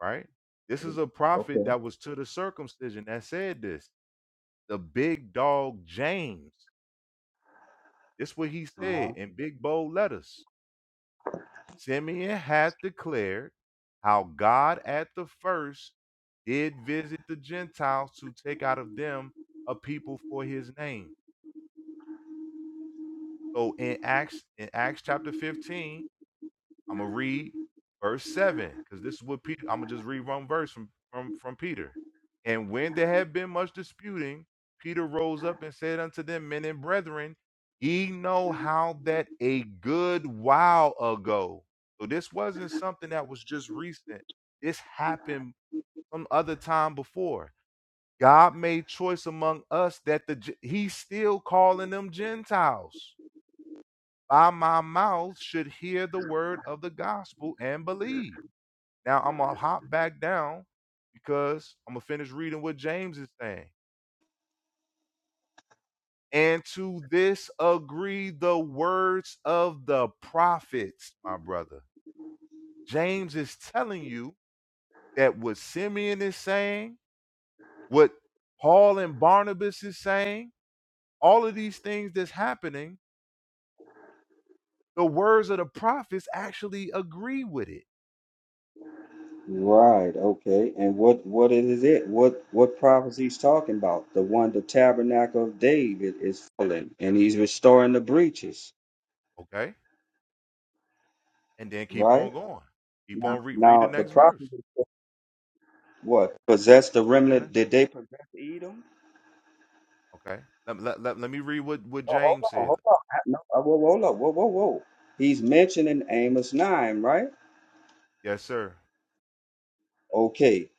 N: right? This is a prophet
P: Okay.
N: that was to the circumcision that said this. The big dog James. This what he
P: Uh-huh.
N: said in big bold letters. Simeon hath declared how God at the first did visit the Gentiles to take out of them a people for his name. So in Acts, in Acts chapter 15, I'm gonna read verse seven because this is what Peter. I'm gonna just read one verse from from from Peter. And when there had been much disputing, Peter rose up and said unto them, Men and brethren, ye know how that a good while ago. So this wasn't something that was just recent. This happened some other time before. God made choice among us that the Gen- He's still calling them Gentiles by my mouth should hear the word of the gospel and believe. Now I'm gonna hop back down because I'm gonna finish reading what James is saying. And to this agree the words of the prophets, my brother. James is telling you that what Simeon is saying, what Paul and Barnabas is saying, all of these things that's happening, the words of the prophets actually agree with it.
P: Right, okay. And what what is it? What what prophecy's talking about? The one the tabernacle of David is falling and he's restoring the breaches,
N: Okay and then keep
P: right?
N: on going. Keep
P: Now
N: on read read the
P: now the
N: next verse.
P: prophecy what? Possess the
N: Read the
P: remnant
N: next.
P: did they possess Edom?
N: Okay. Let, let, let, let me read what, what
P: Oh hold
N: James
P: on,
N: said.
P: hold on. I- No, uh, whoa, hold up, whoa, whoa, whoa. He's mentioned in Amos nine, right?
N: Yes, sir.
P: Okay.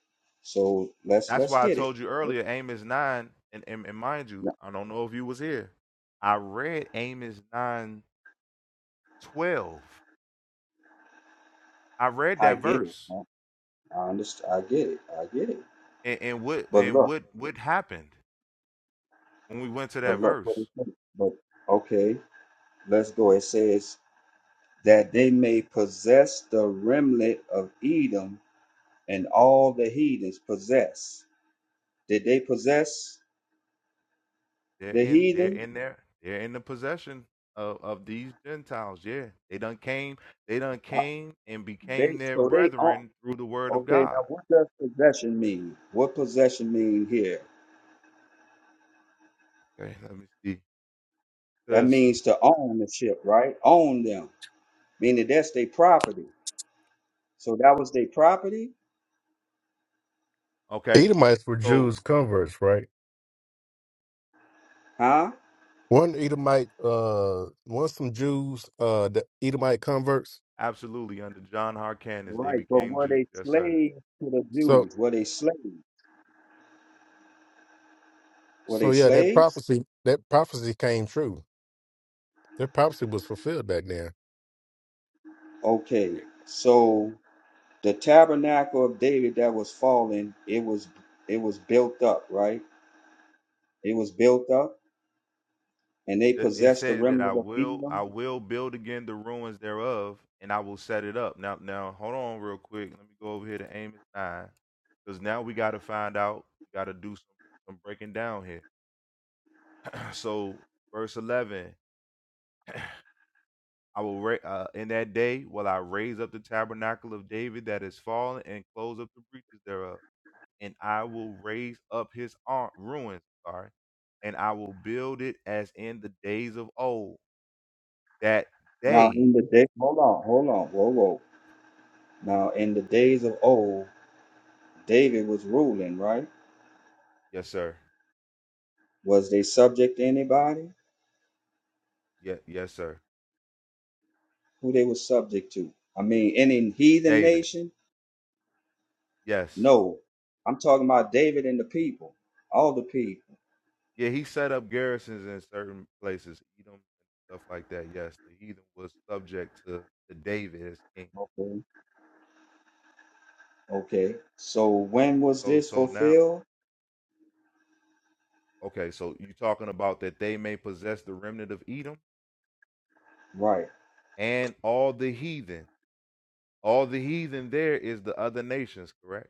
P: So let's
N: That's
P: let's
N: why I
P: get it.
N: told you earlier, Amos nine, and, and, and mind you, I don't know if you was here. I read Amos nine twelve. I read
P: I
N: that
P: get it.
N: verse.
P: I understand I get it. I get it.
N: And, and what
P: But
N: and
P: look.
N: what what happened when we went to
P: But
N: that
P: look what it
N: verse?
P: says. But okay, let's go. It says that they may possess the remnant of Edom and all the heathens possess. Did they possess
N: They're
P: the
N: in they're
P: heathen?
N: in there. They're in the possession of, of these Gentiles. Yeah. They done came they done
P: Uh,
N: came and
P: They
N: became their
P: so they all
N: brethren through the word of
P: okay. Now
N: God.
P: what does possession mean? What possession mean here?
N: Okay, let me see.
P: That
N: Cause
P: means to own the ship, right? Own them, meaning that's their property. So that was their property,
N: okay.
S: Edomites were
N: So
S: Jews converts, right?
P: huh?
S: One Edomite, uh, one some Jews, uh, the Edomite converts.
N: absolutely under John Harkness they
P: Right. But
N: became
P: were
N: Jews.
P: they
N: Yes, sir.
P: slaves to the
S: So,
P: Jews? Were they slaves? Were
S: so
P: they
S: yeah, that
P: slaves?
S: prophecy, that prophecy came true. That prophecy was fulfilled back then.
P: Okay. So the tabernacle of David that was fallen, it was it was built up, right? It was built up, and they
N: It, it
P: possessed the
N: said that I
P: remnant of
N: will I
P: Edom.
N: will build again the ruins thereof and I will set it up. Now now hold on real quick. Let me go over here to Amos nine. Because now we gotta find out, we gotta do some, some breaking down here So verse eleven, I will ra- uh, in that day will I raise up the tabernacle of David that is fallen and close up the breaches thereof, and I will raise up his arm ruins. Sorry, and I will build it as in the days of old. That
P: Now
N: day,
P: in the day, hold on, hold on, whoa, whoa. Now in the days of old, David was ruling, right?
N: yes sir,
P: Was they subject to anybody?
N: yeah, yes sir,
P: Who they were subject to? I mean, any heathen
N: David,
P: nation?
N: yes,
P: No. I'm talking about David and the people, all the people.
N: yeah. He set up garrisons in certain places, Edom and stuff like that. Yes, the heathen was subject to to David as king.
P: Okay. Okay. So when was
N: So
P: this
N: so now.
P: fulfilled?
N: Okay, so you talking about that they may possess the remnant of Edom
P: Right.
N: and all the heathen. All the heathen there is the other nations, correct?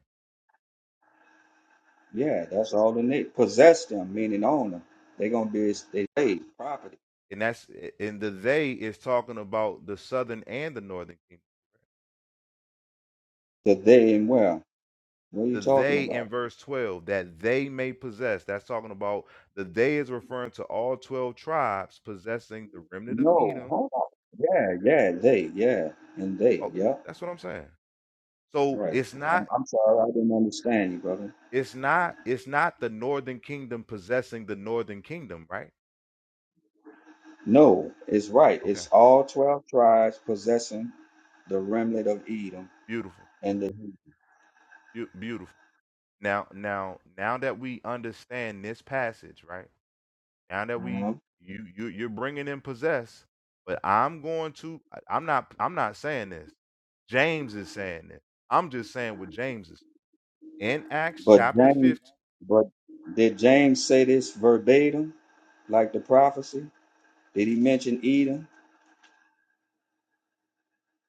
P: Yeah, that's all they need. Possess them, meaning own them. They're gonna be his-
N: Okay.
P: they slave property.
N: And that's and the they is talking about the southern and the northern kingdom.
P: The they and well, What are you
N: The
P: talking
N: they in
P: about?
N: verse 12 that they may possess. That's talking about the they is referring to all 12 tribes possessing the remnant of
P: No,
N: Edom.
P: hold on. Yeah, yeah, they, yeah, and they,
N: Oh,
P: yeah,
N: that's what I'm saying. So
P: right.
N: it's
P: I'm,
N: not
P: I'm sorry, I didn't understand you, brother.
N: it's not it's not the northern kingdom possessing the northern kingdom, right?
P: No, it's right.
N: Okay.
P: It's all twelve tribes possessing the remnant of Edom
N: Beautiful.
P: and the.
N: Beau- Beautiful. Now, now, now that we understand this passage, right? Now that we
P: uh-huh.
N: you you you're bringing in possess, but I'm going to I- I'm not I'm not saying this. James is saying this. I'm just saying what James is in Acts
P: But
N: chapter
P: James,
N: 15.
P: but did James say this verbatim, like the prophecy? Did he mention Edom?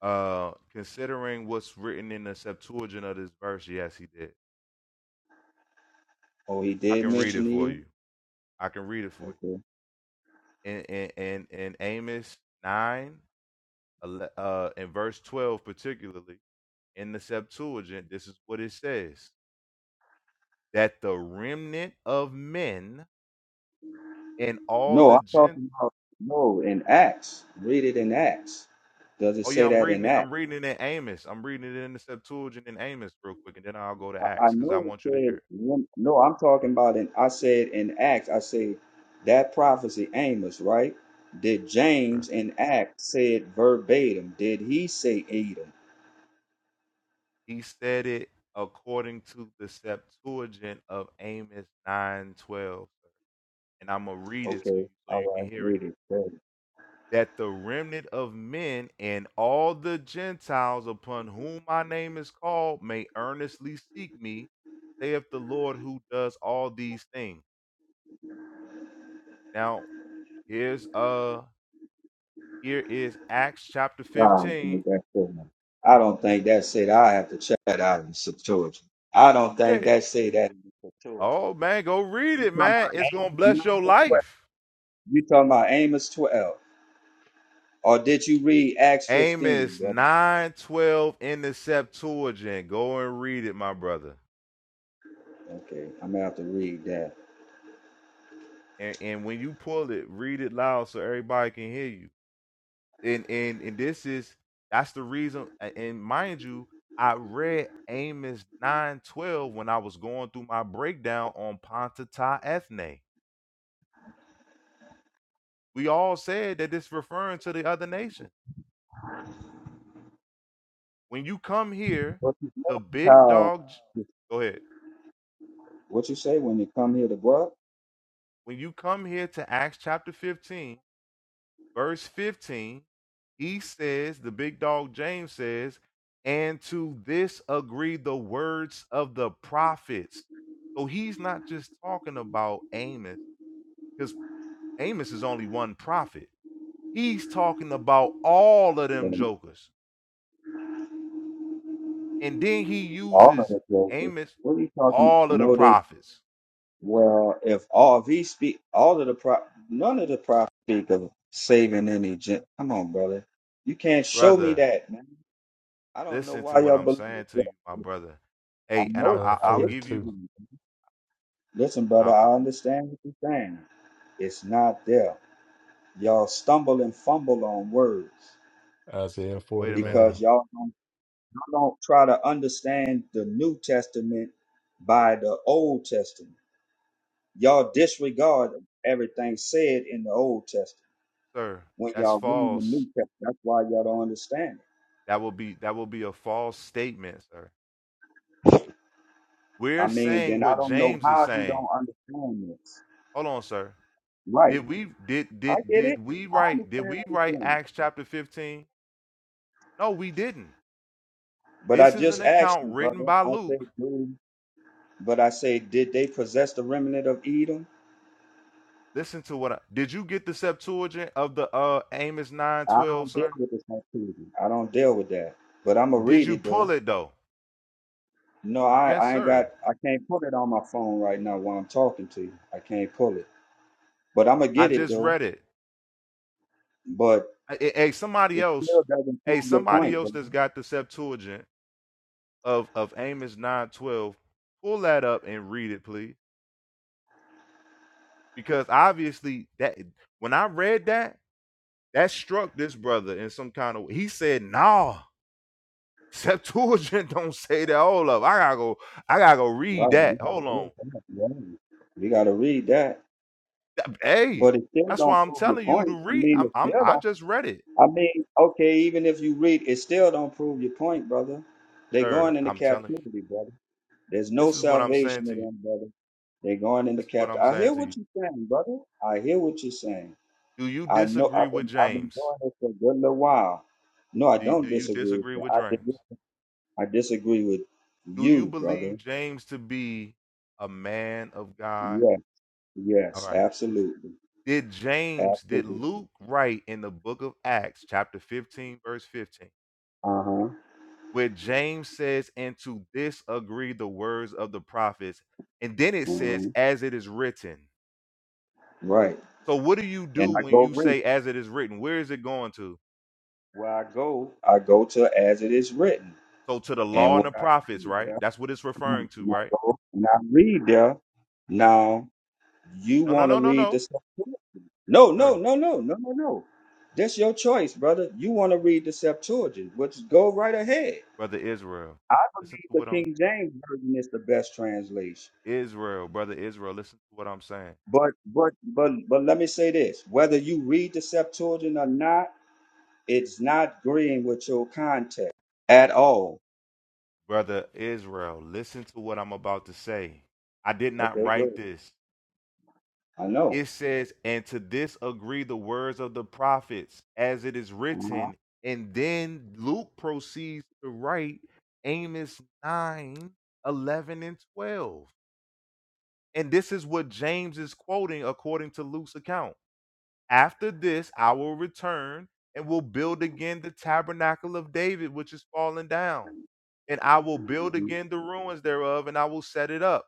N: Uh, considering what's written in the Septuagint of this verse, yes, he did.
P: Oh, he
N: I
P: did
N: can read it
P: mention
N: for
P: Edom.
N: you. I can read it for
P: Okay.
N: you. In in in, in Amos nine, ele- uh, in verse twelve particularly in the Septuagint, this is what it says that the remnant of men and all
P: No,
N: the
P: I'm
N: gent.
P: talking about no in Acts. Read it in Acts. Does it
N: Oh
P: say
N: yeah, I'm
P: that
N: reading
P: in
N: it.
P: Acts?
N: I'm reading it in Amos. I'm reading it in the Septuagint in Amos real quick, and then I'll go to
P: I, I
N: Acts because I
P: know it
N: want you to hear.
P: said
N: It.
P: one- no. I'm talking about in. I said in Acts. I said that prophecy Amos, right? Did
N: Yes,
P: James
N: sir.
P: in Acts say it verbatim? Did he say Edom?
N: He said it according to the Septuagint of Amos nine twelve, and I'm gonna read it to you
P: Okay.
N: so you
P: All
N: can
P: right.
N: hear it.
P: Read it.
N: that the remnant of men and all the Gentiles upon whom my name is called may earnestly seek me, saith the Lord who does all these things. Now here's uh here is Acts chapter
P: I don't think
N: 15.
P: that's it. I don't think that's it. I have to check that out in the Septuagint. I don't think
N: Yeah.
P: that's it that in the Septuagint.
N: Oh man, go read
P: You
N: it,
P: talking
N: man. It's gonna bless
P: about
N: your
P: Amos 12?
N: life.
P: You talking about Amos twelve? Or did you read Acts fifteen,
N: Amos
P: bro?
N: nine twelve 12 in the Septuagint. Go and read it, my brother.
P: Okay, I'm gonna have to read that.
N: And and when you pull it, read it loud so everybody can hear you and and and this is that's the reason a- and mind you i read amos 912 when i was going through my breakdown on pontata ethne we all said that it's referring to the other nation when you come here
P: What you
N: the big
P: call?
N: dog j- go ahead
P: What you say when you come here to what?
N: when you come here to acts chapter 15 verse 15, he says, the big dog James says, and to this agree the words of the prophets. So he's not just talking about Amos, because Amos is only one prophet. He's talking about all of them
P: Um,
N: jokers. And then he
P: All of
N: uses
P: the jokers.
N: Amos,
P: What are you talking?
N: all of the
P: No, they
N: prophets.
P: Well, if all of these speak, all of the pro, none of the prophets speak of saving any gent. Come on, brother, you can't show me
N: Brother,
P: that, man. I don't know
N: listen to
P: why
N: what
P: y'all
N: I'm
P: believe
N: saying to
P: that.
N: you, my brother.
P: I
N: Hey, and
P: know,
N: I'm,
P: it.
N: I,
S: Uh,
N: i
P: I
N: i will
P: hear.
N: give
P: what
N: you,
S: forty-two,
P: you're saying. Listen, brother,
N: I, I,
P: I understand what you're saying. It's not there. Y'all stumble and fumble on words
S: Isaiah
N: wait a minute.
S: forty-nine.
P: because y'all don't, y'all don't try to understand the New Testament by the Old Testament. Y'all disregard everything said in the Old Testament.
N: Sir,
P: when
N: that's
P: y'all reading the
N: false.
P: New Testament. That's why y'all don't understand
N: That will be that will be a false statement, sir.
P: it. I
N: We're
P: mean,
N: saying
P: then I
N: what
P: don't know
N: James is
P: how you
N: saying.
P: don't understand this.
N: Hold on, sir.
P: Right.
N: Did we did
P: I
N: did
P: get
N: did
P: it.
N: we
P: I
N: write did
P: understand
N: we
P: what he's
N: write
P: saying.
N: Acts chapter 15? No, we didn't.
P: But I
N: This is an
P: just asked
N: account
P: you,
N: written
P: brother.
N: by
P: I say,
N: Luke.
P: do, but I say, did they possess the remnant of Edom?
N: Listen to what I, did you get the Septuagint of the uh Amos
P: I
N: 9:12,
P: don't deal
N: sir?
P: with this activity. I don't deal with that. But I'm going to
N: Did
P: read
N: you
P: it, though.
N: pull it though?
P: No, I,
N: Yes,
P: I ain't
N: sir.
P: got, I can't pull it on my phone right now while I'm talking to you. I can't pull it. But I'm going to
N: I
P: get it,
N: just
P: though.
N: read it.
P: But
N: Hey, hey, somebody
P: it
N: else.
P: still doesn't prove
N: Hey,
P: your
N: somebody
P: point,
N: else
P: brother.
N: that's got the Septuagint of of Amos nine twelve. Pull that up and read it, please, because obviously that when I read that, that struck this brother in some kind of. way. He said, "Nah, Septuagint don't say that. Hold up, I gotta go. I gotta go read
P: Right. you
N: that.
P: gotta
N: Hold on.
P: read that. Yeah. We gotta read that.
N: Th- Hey,
P: But it still
N: that's why
P: don't
N: I'm
P: prove your
N: telling you
P: point.
N: to
P: I
N: read.
P: mean,
N: I'm,
P: it
N: I'm
P: still
N: I
P: don't.
N: just read it,
P: I mean, okay, even if you read, it still don't prove your point, brother. They're going
N: sir.
P: into
N: I'm telling. you.
P: captivity, brother. There's no
N: This is what I'm saying
P: salvation
N: to
P: in
N: you.
P: them, brother. They're going into
N: This is what
P: captivity.
N: I'm
P: I
N: saying
P: hear
N: to you.
P: what you're saying, brother. I hear what you're saying.
N: Do you
P: I know.
N: disagree
P: I've
N: with
P: been I've been
N: James?
P: doing this for a good little while. No, I
N: Do,
P: don't
N: do you
P: disagree with
N: disagree
P: you.
N: with
P: I
N: James?
P: dis- I disagree with
N: Do you
P: you, brother.
N: believe James to be a man of God?
P: Yes,
N: All
P: yes,
N: right.
P: absolutely,
N: Did James, did
P: absolutely.
N: Luke write in the book of Acts, chapter 15, verse 15,
P: Uh-huh.
N: where James says, And to this agree the words of the prophets. And then it says,
P: hmm
N: As it is written.
P: Right.
N: So what do you
P: And
N: do
P: I
N: when
P: go
N: you
P: read.
N: say, As it is written? Where is it going to?
P: Where I go, I go to as it is written.
N: So to the
P: And
N: law and
P: when
N: the
P: I
N: prophets,
P: read
N: right?
P: there,
N: That's what it's
P: Mhm.
N: referring to,
P: and I
N: right?
P: go and I read there. Now you
N: No, no,
P: want to
N: no, no,
P: read the
N: no.
P: Septuagint? No, no,
N: Sir,
P: no, no, no, no, no. That's your choice, brother. You want to read the Septuagint, which go right ahead.
N: brother Israel,
P: I
N: listen
P: believe
N: to
P: the
N: what I'm
P: King James version is the best translation.
N: Israel, brother Israel, listen to what I'm saying.
P: But but but but let me say this: whether you read the Septuagint or not. It's not agreeing with your context at all.
N: Brother Israel, listen to what I'm about to say. I did not
P: Okay, good.
N: write this.
P: I know.
N: It says, and to this agree the words of the prophets as it is
P: Uh-huh.
N: written. And then Luke proceeds to write Amos 9, 11, and 12. And this is what James is quoting according to Luke's account. After this, I will return and will build again the tabernacle of David, which is fallen down. And I will build
P: hmm
N: again the ruins thereof, and I will set it up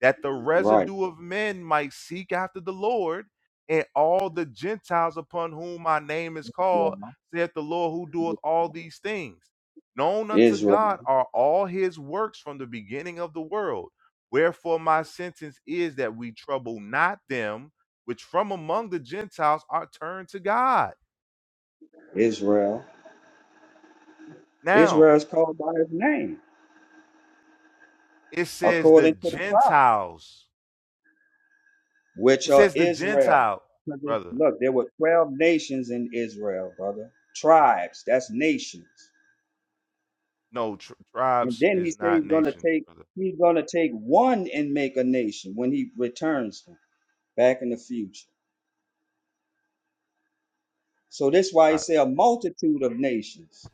N: that the
P: Right.
N: residue of men might seek after the Lord, and all the Gentiles upon whom my name is
P: Yeah.
N: called, saith the Lord who doeth all these things. Known unto
P: Israel,
N: God are all his works from the beginning of the world. Wherefore my sentence is that we trouble not them which from among the Gentiles are turned to God.
P: Israel.
N: Now
P: Israel is called by his name,
N: it says the
P: according to the prophet,
N: Gentiles.
P: which
N: It
P: are
N: says the
P: Israel.
N: Gentile,
P: Look, it-
N: brother.
P: look, there were 12 nations in Israel, brother. Tribes, that's nations.
N: No, tr-
P: And
N: tribes
P: then he
N: is
P: said
N: not
P: he's gonna
N: nations,
P: take
N: brother.
P: he's gonna take one and make a nation when he returns back in the future. So that's why he
N: All right.
P: say a multitude of nations.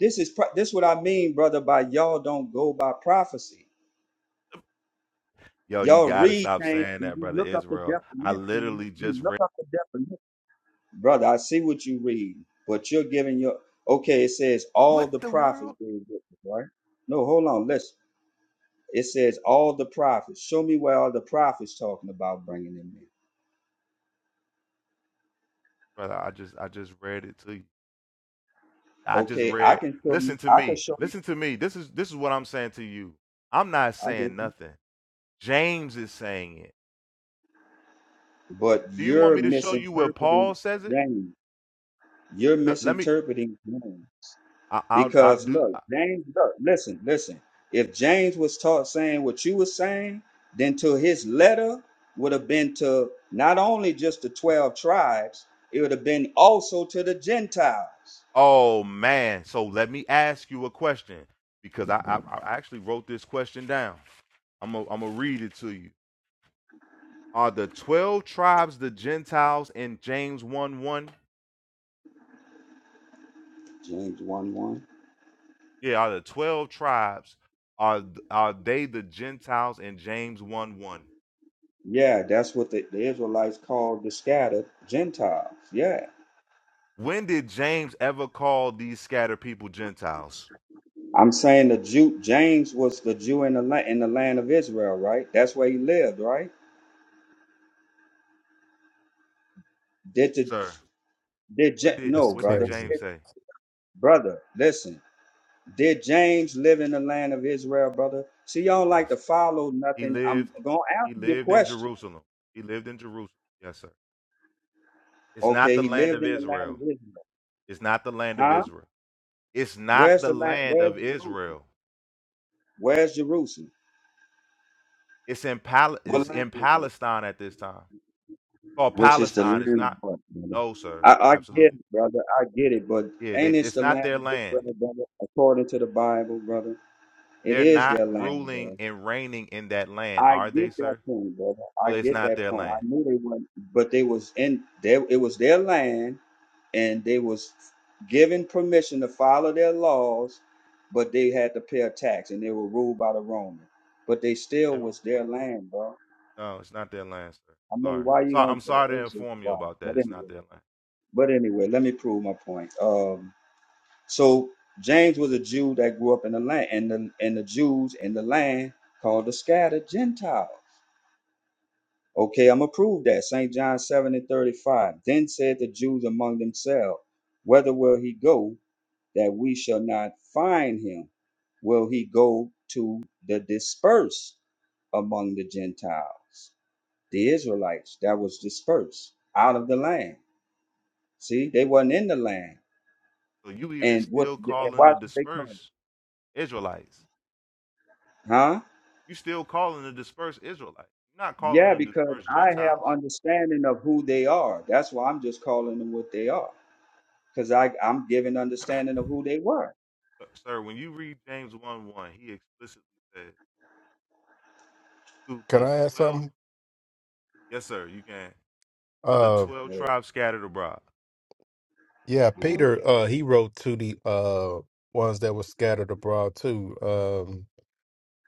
P: This is pro- this what I mean, brother. By y'all don't go by prophecy.
N: Yo, you
P: Y'all
N: gotta
P: read
N: stop
P: things
N: saying
P: and
N: that,
P: you
N: brother
P: look up the
N: Israel. I
P: definition.
N: literally
P: You
N: just
P: look
N: read
P: up the definition, brother. I see what you read, but you're giving your okay. It says all
N: what
P: the
N: the
P: prophets
N: world,
P: being witness, right? No, hold on. Listen. It says all the prophets. Show me where all the prophets talking about bringing them in.
N: brother. I just I just read it to you. I just
P: Okay, I
N: read.
P: can show you.
N: Listen to
P: I can
N: me.
P: show you.
N: Listen to me. This is this is what I'm saying to you. I'm not
P: I get
N: saying
P: you.
N: nothing. James is saying it.
P: But
N: Do you want
P: you're
N: me to show you where
P: misinterpreting
N: Paul says it?
P: James. You're
N: Let, let me.
P: misinterpreting James.
N: I, I'll I'll
P: Because
N: do.
P: look, James, look, listen, listen. If James was taught saying what you were saying, then to his letter would have been to not only just the 12 tribes, it would have been also to the Gentiles.
N: Oh man. So let me ask you a question because I I, I actually wrote this question down. I'm i I'm gonna read it to you. Are the 12 tribes the Gentiles in James 1 1?
P: James 1 1.
N: Yeah, are the 12 tribes, are, are they the Gentiles in James 1 1?
P: Yeah, that's what the, the Israelites called the scattered Gentiles. Yeah.
N: When did James ever call these scattered people Gentiles?
P: I'm saying the Jew James was the Jew in the land in the land of Israel, right? That's where he lived, right? Did the
N: Sir,
P: did
N: what
P: Ja-
N: did
P: no
S: That's
N: what did
P: brother?
S: crazy.
N: James say?
P: brother, listen. Did James live in the land of Israel, brother? See, y'all don't like
N: Yes.
P: to follow
N: He
P: nothing. I'm
N: lived
P: gonna
N: he
P: answer your
N: lived in
P: question.
N: Jerusalem. He lived in Jerusalem. Yes, sir. It's not
P: Okay,
N: the
P: he
N: land
P: lived
N: of
P: in the land of
N: Israel.
P: Israel.
N: It's not the land of
P: Huh?
N: Israel. It's not
P: Where's
N: the
P: the land?
N: land
P: Where's
N: of
P: Jerusalem?
N: Israel.
P: Where's Jerusalem?
N: It's in Pal- it's
P: What land
N: in
P: is it?
N: Palestine at this time. called
P: Which is the
N: Palestine. It's
P: land of
N: not.
P: what, brother?
N: No, sir.
P: I, I get
N: Absolutely.
P: it, brother. I get it, but
N: Yeah,
P: ain't
N: they,
P: it
N: it's
P: the
N: not
P: land
N: their
P: of
N: land.
P: Israel, brother? According to the Bible, brother, it
N: They're
P: is
N: not
P: their land,
N: ruling
P: brother.
N: and reigning in that land,
P: I
N: are
P: get
N: they,
P: that
N: sir?
P: point, brother.
N: So
P: I
N: it's
P: get
N: not
P: that
N: their
P: point. I
N: land.
P: knew they weren't, but they was in there. It was their land, and they was given permission to follow their laws, but they had to pay a tax, and they were ruled by the Roman. But they
N: Yeah,
P: still was their land, bro.
N: No, it's not their land, sir.
P: I mean,
N: Sorry.
P: why
N: I'm
P: you
N: sorry.
P: gonna?
N: I'm sorry to
P: It's just
N: inform you
P: why.
N: about
P: But
N: that. It's not
P: anyway,
N: their land.
P: but anyway, let me prove my point. Um, so James was a Jew that grew up in the land, and the and the Jews in the land called the scattered Gentiles. Okay, I'm going to prove that. St. John 7 and 35. Then said the Jews among themselves, Whether will he go that we shall not find him? Will he go to the dispersed among the Gentiles? The Israelites that was dispersed out of the land. See, they wasn't in the land.
N: So you even
P: And what
N: still
P: and
N: calling
P: why
N: the
P: should they come?
N: dispersed Israelites.
P: Huh?
N: You still calling the dispersed Israelites. You're not calling
P: Yeah,
N: the
P: because
N: dispersed
P: I have
N: Gentiles.
P: understanding of who they are. That's why I'm just calling them what they are. Because I I'm giving understanding of who they were.
N: Sir, sir, when you read James 1 1, he explicitly said to
S: Can
N: the
S: I add
N: 12.
S: something?
N: Yes, sir, you can. to the
S: Uh,
N: 12
P: Hey,
N: tribes scattered abroad.
S: yeah,
P: uh-huh,
S: Peter, uh, he wrote to the uh ones that were scattered abroad too. Um,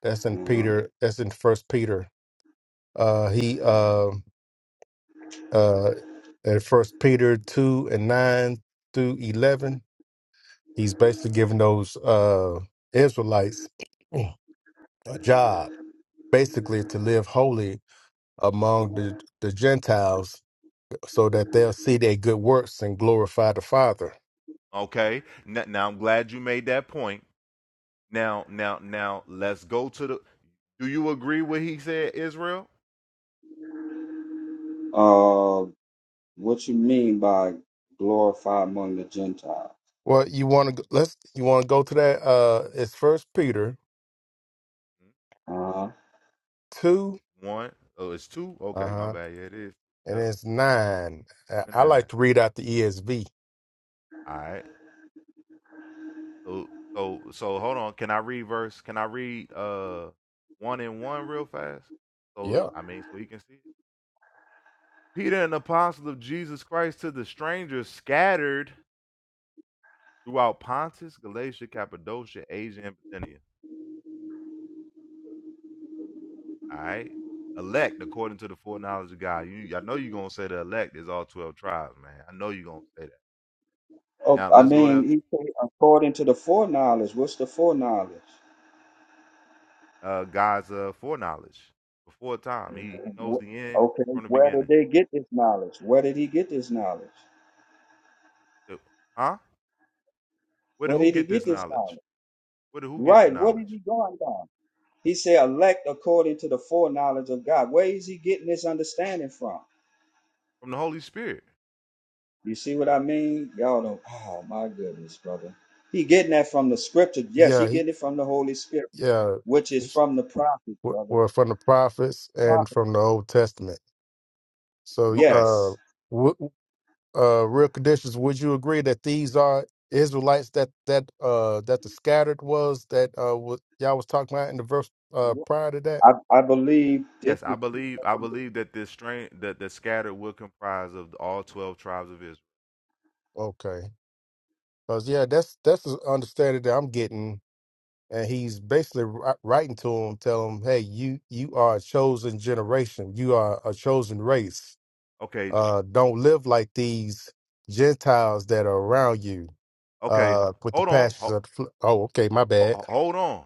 S: that's in
P: uh-huh.
S: Peter. That's in First Peter. Uh, he um. uh in first peter 2 and 9 through 11 he's basically giving those uh israelites a job basically to live holy among the, the gentiles so that they'll see their good works and glorify the father
N: Okay? Now, now I'm glad you made that point. Now, now, now let's go to the Do you agree what he said, Israel?
P: Uh, what you mean by glorify among the Gentiles?
S: Well, you want to let's you want to go to that. Uh, it's First Peter
P: Uh-huh.
S: two,
N: One. Oh, it's two.
S: uh
N: Okay, my
S: huh,
N: bad. Yeah, it is.
S: and
N: Yep.
S: it's nine.
N: Two
S: I,
N: and
S: I
N: nine.
S: like to read out the ESV.
N: All right. So so so hold on. Can I read verse? Can I read uh one and one real fast? So
S: Yeah,
N: I mean so he can see it. Peter an apostle of Jesus Christ to the strangers scattered throughout Pontus, Galatia, Cappadocia, Asia, and Bithynia All right. Elect according to the foreknowledge of God. You, I know you're gonna say the elect is all twelve tribes, man. I know you're gonna say that.
P: Oh,
N: Now
P: I
N: let's go to
P: mean, he said, according to the foreknowledge, what's the foreknowledge?
N: uh, God's uh, foreknowledge before time. He he knows
P: Wh-
N: the end
P: Okay,
N: from the
P: where did
N: beginning.
P: they get this knowledge? Where did he get this knowledge?
N: So- Huh? Where did
P: Where
N: who
P: did he
N: get
P: get
N: this
P: this
N: knowledge?
P: knowledge?
N: Where did who get the
P: Right, what is
N: knowledge
P: he going down? He said, elect according to the foreknowledge of God. Where is he getting this understanding from?
N: from the Holy Spirit?
P: You see what I mean? Y'all don't. Oh my goodness, brother. He getting that from the scripture. Yes, he
S: yeah, he,
P: getting it from the Holy Spirit,
S: yeah,
P: which
S: w-
P: is from the prophet,
S: we're
P: brother.
S: from the prophets and
P: Prophet.
S: from the Old Testament. So,
N: Okay.
S: uh,
P: Yes.
S: w- uh, real conditions. Would you agree that these are Israelites that that uh that the scattered was that uh wa- y'all was talking about in the verse uh prior to that?
P: I, I believe this
N: Yes, I
P: is.
N: believe I believe that this strain that the scattered will comprise of all twelve tribes of Israel.
S: Okay, because yeah, that's that's the understanding that I'm getting and he's basically wri- writing to him, telling him, "Hey, you you are a chosen generation. You are a chosen race.
N: Okay.
S: Uh, don't live like these Gentiles that are around you."
N: Okay. h-
S: Uh, with the
N: Hold on.
S: passions
N: Ho-
S: of the fl- oh, okay, my
N: ho-
S: bad.
N: ho- hold on.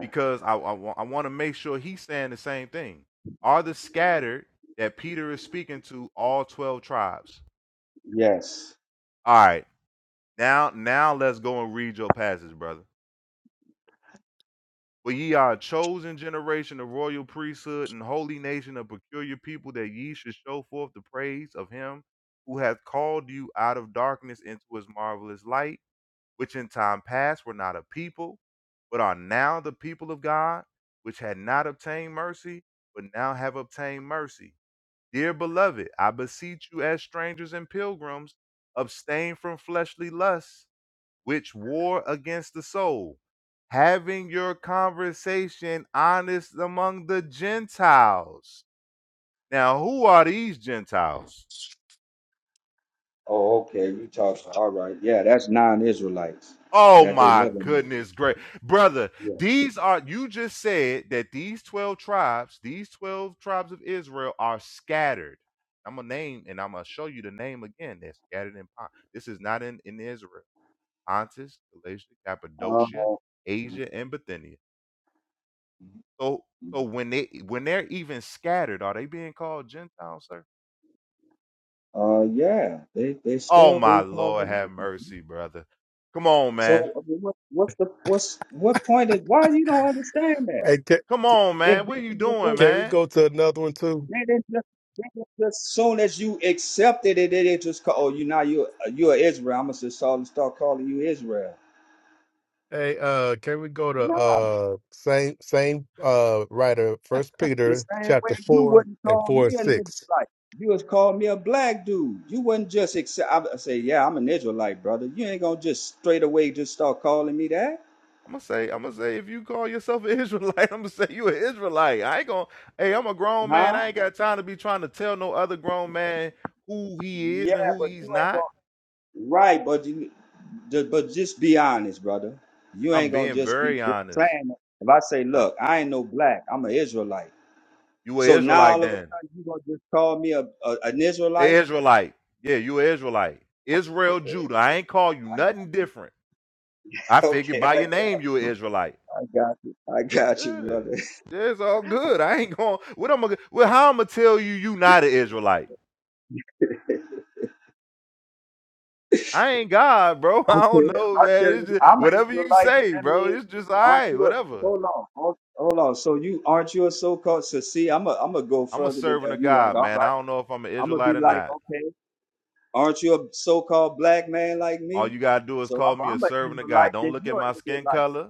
N: because I, I, I want to make sure he's saying the same thing. Are the scattered that Peter is speaking to all 12 tribes?
P: Yes.
N: All right, now now let's go and read your passage, brother. For ye are a chosen generation, a royal priesthood, and holy nation, a peculiar people, that ye should show forth the praise of him who hath called you out of darkness into his marvelous light which in time past were not a people, but are now the people of God, which had not obtained mercy, but now have obtained mercy. Dear beloved, I beseech you as strangers and pilgrims, abstain from fleshly lusts, which war against the soul, having your conversation honest among the Gentiles. Now, who are these Gentiles?
P: Oh, okay. You talk. All right. Yeah, that's non-Israelites
N: Oh
P: that they
N: my
P: live in.
N: goodness, great brother.
P: Yeah.
N: These are you just said that these 12 tribes, these 12 tribes of Israel are scattered. I'm gonna name and I'm gonna show you the name again. They're scattered in Pon- This is not in, in Israel. Pontus, Galatia,
P: Uh,
N: Cappadocia, Asia, and Bithynia. So so when they when they're even scattered, are they being called Gentiles, sir?
P: uh, yeah. They they
N: Oh
P: still
N: my
P: be called.
N: Lord,
P: Americans.
N: have mercy, brother. Come on, man.
P: So I mean, what, what's the what's what point is why you don't understand that
S: Hey, ca-
N: Come on,
P: if
N: man. What are
P: this
N: you
P: is what they
N: doing,
S: can we
N: man?
S: go to another one too?
P: Man, that's just, that's just as soon as you accepted it, it, it just called oh, you now you you're Israel. I'm gonna just start start calling you Israel.
S: Hey, uh, can we go to
P: No,
S: uh same same uh writer, First
P: the
S: Peter
P: same way
S: chapter
P: you
S: four
P: wouldn't
S: and
P: call
S: four and
P: me an
S: six.
P: Israelite. You was call me a black dude. You wouldn't just accept. I would say, yeah, I'm an Israelite, brother. You ain't gonna just straight away just start calling me that,
N: I'm gonna say, I'm gonna say, if you call yourself an Israelite, I'm gonna say you an Israelite. I ain't gonna. Hey, I'm a grown man.
P: huh?
N: I ain't got time to be trying to tell no other grown man who he is
P: Yeah,
N: and who
P: but
N: he's
P: you ain't
N: not.
P: gonna. Right, but you, ju- but just be honest, brother. You
N: I'm
P: ain't gonna
N: being
P: just be
N: very
P: just
N: honest.
P: saying. it. If I say,
N: That-
P: look, I ain't no black. I'm an Israelite.
N: You an
P: So now
N: Israelite
P: all of a
N: then?
P: sudden you gonna just call me a, a an
N: A
P: Israelite?
N: Israelite? Yeah, you an Israelite. Israel,
P: Okay,
N: Judah. I ain't call you
P: I got you.
N: nothing different. I figured
P: Okay,
N: by
P: I,
N: your name you an Israelite.
P: I got you. I got you,
N: Yeah,
P: brother.
N: yeah, it's all good. I ain't gonna. What I'm gonna? Well, how I'm gonna tell you you not an Israelite? I ain't God, bro. I
P: Okay, if
N: don't know,
P: I tell
N: man.
P: you,
N: It's
P: I'm
N: just
P: an
N: whatever you
P: Israelite.
N: say,
P: then That
N: bro.
P: mean,
N: It's just all
P: aren't
N: right,
P: you? A,
N: whatever.
P: hold on, hold, hold on. So you aren't you a so-called? So see, I'm a, I'm gonna go
N: I'm a
P: further than uh,
N: servant of
P: you. Like,
N: God,
P: all
N: man.
P: right,
N: I don't know if I'm an
P: I'm gonna be
N: Israelite or
P: like,
N: not.
P: okay, aren't you a so-called black man like
N: All
P: me?
N: you gotta do is
P: So
N: call me
P: I'm,
N: a
P: I'm an
N: servant of God.
P: Israelite.
N: Don't
P: Then
N: look at
P: you're
N: my
P: an
N: skin
P: Israelite.
N: color.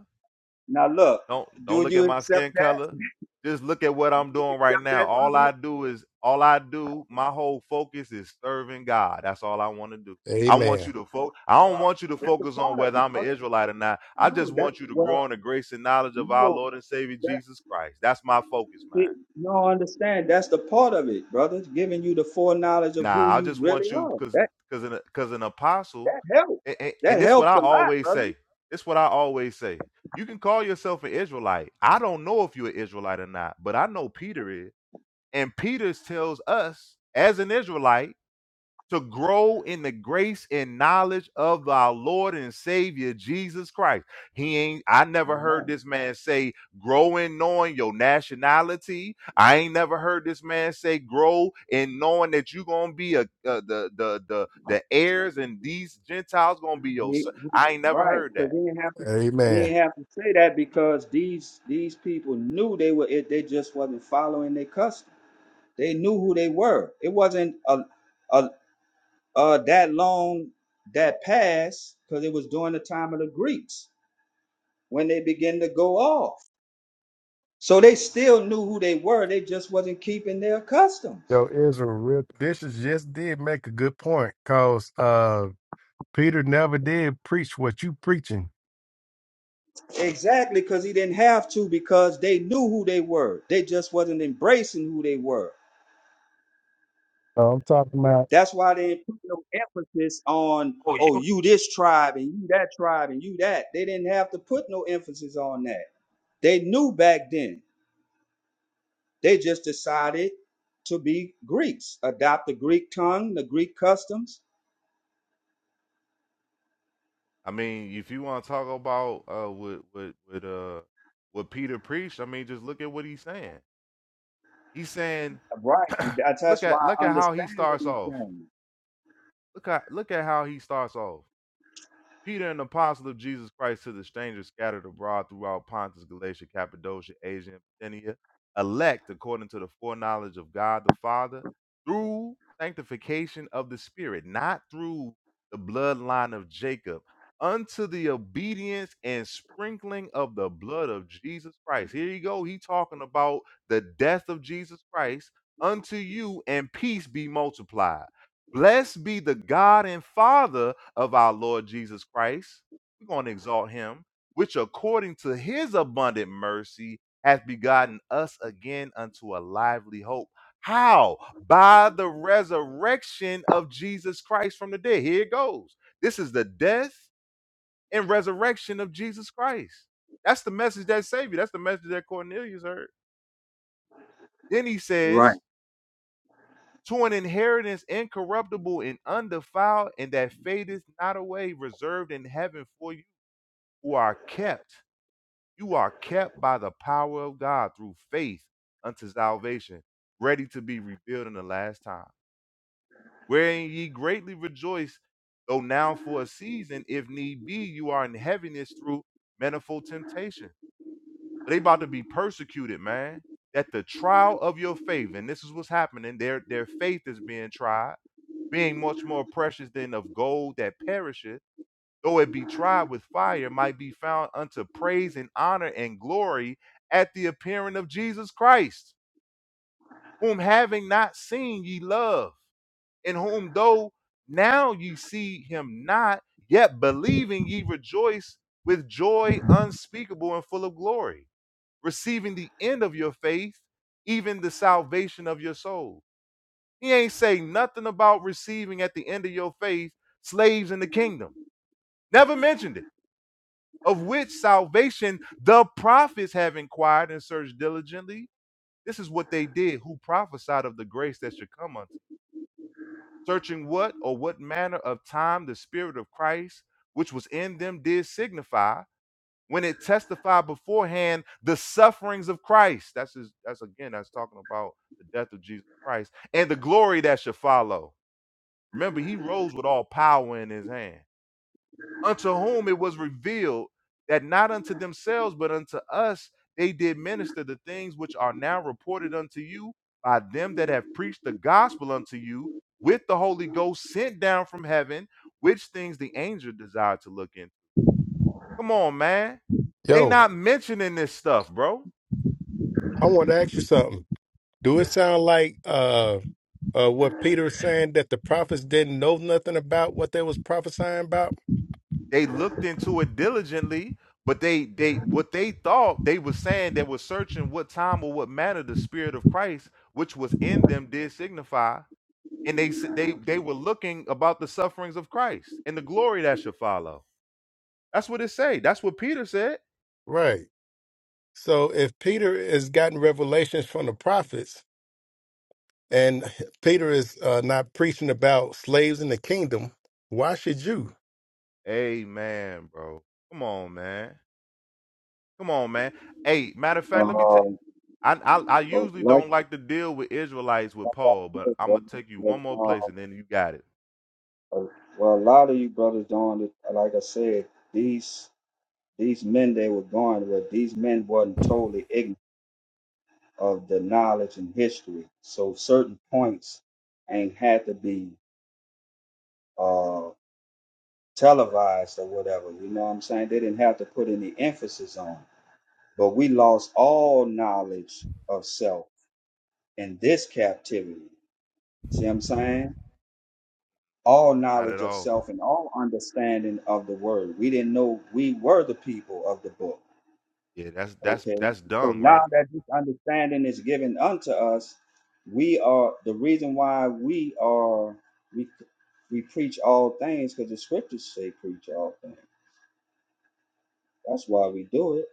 P: Now look,
N: Don't don't
P: do
N: look
P: you
N: at my
P: accept
N: skin
P: that?
N: color. Just look at what I'm
P: Do you
N: doing right
P: accept
N: now.
P: that,
N: All
P: brother?
N: I do is all I do. My whole focus is serving God. That's all I want to do. I want
S: Amen.
N: you to focus. I don't
P: Well,
N: want you to
P: that's
N: focus
P: a
N: on
P: part of
N: whether
P: it,
N: I'm an
P: brother.
N: Israelite or not. I
P: No,
N: just
P: that
N: want you to
P: well,
N: grow in the grace and knowledge of our
P: no,
N: Lord and Savior
P: that
N: Jesus Christ. That's my focus, man.
P: it, you don't understand. That's the part of it, brother. It's giving you the foreknowledge of who
N: Nah, I
P: you
N: just
P: really
N: want you
P: are.
N: because
P: That
N: because an, cause an apostle,
P: that helps.
N: and, and,
P: That
N: and this what
P: helps
N: I
P: a lot,
N: always
P: brother.
N: say. This what I always say. You can call yourself an Israelite. I don't know if you're an Israelite or not, but I know Peter is. And Peter tells us, as an Israelite, to grow in the grace and knowledge of our Lord and Savior Jesus Christ. He ain't, I never heard
P: Amen.
N: this man say, grow in knowing your nationality. I ain't never heard this man say, grow in knowing that you're going to be a, a- the, the, the, the heirs and these Gentiles going to be your,
P: He,
N: son.
P: he,
N: I ain't never
P: right,
N: heard
P: because
N: that.
P: he didn't have to. He
S: Amen.
P: didn't have to say that because these these people knew they were. It, they just wasn't following their custom. They knew who they were. It wasn't a a, a that long that pass because it was during the time of the Greeks when they began to go off. So they still knew who they were. They just wasn't keeping their customs.
S: Yo, Israel, real Bishop just did make a good point because uh Peter never did preach what you preaching.
P: Exactly, because he didn't have to, because they knew who they were. They just wasn't embracing who they were.
S: Oh, I'm talking about.
P: That's why they didn't put no emphasis on,
S: Oh,
P: oh,
S: you
P: you this tribe and you that tribe and you that. They didn't have to put no emphasis on that. They knew back then. They just decided to be Greeks, adopt the Greek tongue, the Greek customs.
N: I mean, if you want to talk about, uh, what what with, uh, what Peter preached, I mean, just look at what he's saying. He's saying,
P: Right. And that's
N: look
P: that's
N: at
P: why
N: look
P: I
N: at how he
P: understand what
N: starts
P: he's
N: off.
P: saying.
N: Look at look at how he starts off. Peter, an apostle of Jesus Christ to the strangers scattered abroad throughout Pontus, Galatia, Cappadocia, Asia, and Bithynia, elect according to the foreknowledge of God the Father through sanctification of the Spirit, not through the bloodline of Jacob, unto the obedience and sprinkling of the blood of Jesus Christ. Here you go. He talking about the death of Jesus Christ unto you, and peace be multiplied. Blessed be the God and Father of our Lord Jesus Christ. We're going to exalt him, which according to his abundant mercy hath begotten us again unto a lively hope. How? By the resurrection of Jesus Christ from the dead. Here it goes. This is the death and resurrection of Jesus Christ. That's the message that saved you. That's the message that Cornelius heard. Then he says,
P: Right.
N: to an inheritance incorruptible and undefiled, and that fadeth not away, reserved in heaven for you who are kept. You are kept by the power of God through faith unto salvation, ready to be revealed in the last time. Wherein ye greatly rejoice, though now for a season, if need be, you are in heaviness through manifold temptation. They about to be persecuted, man. That the trial of your faith, and this is what's happening, their their faith is being tried being much more precious than of gold that perisheth, though it be tried with fire, might be found unto praise and honor and glory at the appearing of Jesus Christ, whom having not seen ye love, in whom though now ye see him not, yet believing ye rejoice with joy unspeakable and full of glory, receiving the end of your faith, even the salvation of your souls. He ain't say nothing about receiving at the end of your faith slaves in the kingdom. Never mentioned it. Of which salvation the prophets have inquired and searched diligently. This is what they did, who prophesied of the grace that should come unto. you. Searching what or what manner of time the Spirit of Christ, which was in them, did signify when it testified beforehand the sufferings of Christ. That's his, that's again, that's talking about the death of Jesus Christ and the glory that should follow Remember, he rose with all power in his hand, unto whom it was revealed that not unto themselves, but unto us they did minister the things which are now reported unto you by them that have preached the gospel unto you with the Holy Ghost sent down from heaven, which things the angel desired to look in. Come on, man. They
S: Yo,
N: not mentioning this stuff, bro.
S: I want to ask you something. Do it sound like uh uh what Peter is saying that the prophets didn't know nothing about what they was prophesying about?
N: they looked into it diligently but they they what they thought they were saying they were searching what time or what manner the spirit of christ which was in them did signify and they s- they they were looking about the sufferings of christ and the glory that should follow that's what it say that's what peter said
S: Right. So if Peter has gotten revelations from the prophets and Peter is uh, not preaching about slaves in the kingdom, why should you?
N: amen bro come on man come on man hey matter of fact let me take
P: Um,
N: I, I I
P: But
N: usually
P: like
N: don't like to deal with Israelites with
P: like
N: Paul,
P: I
N: but
P: said,
N: I'm
P: brother,
N: gonna take you
P: that,
N: one more place
P: uh,
N: and then you got it.
P: well, a lot of you brothers don't. under- Like I said, these these men they were going with these men wasn't totally ignorant of the knowledge and history. So certain points ain't had to be uh, televised or whatever. You know what I'm saying? They didn't have to put any emphasis on. it. But we lost all knowledge of self in this captivity. See what I'm saying? all
N: Not at
P: knowledge of
N: all.
P: self and all understanding of the word. We didn't know we were the people of the book.
N: Yeah, that's that's
P: Okay.
N: that's
P: So
N: dung,
P: now
N: right?
P: that this understanding is given unto us, we are the reason why we are we we preach all things because the scriptures say preach all things. That's why we do it.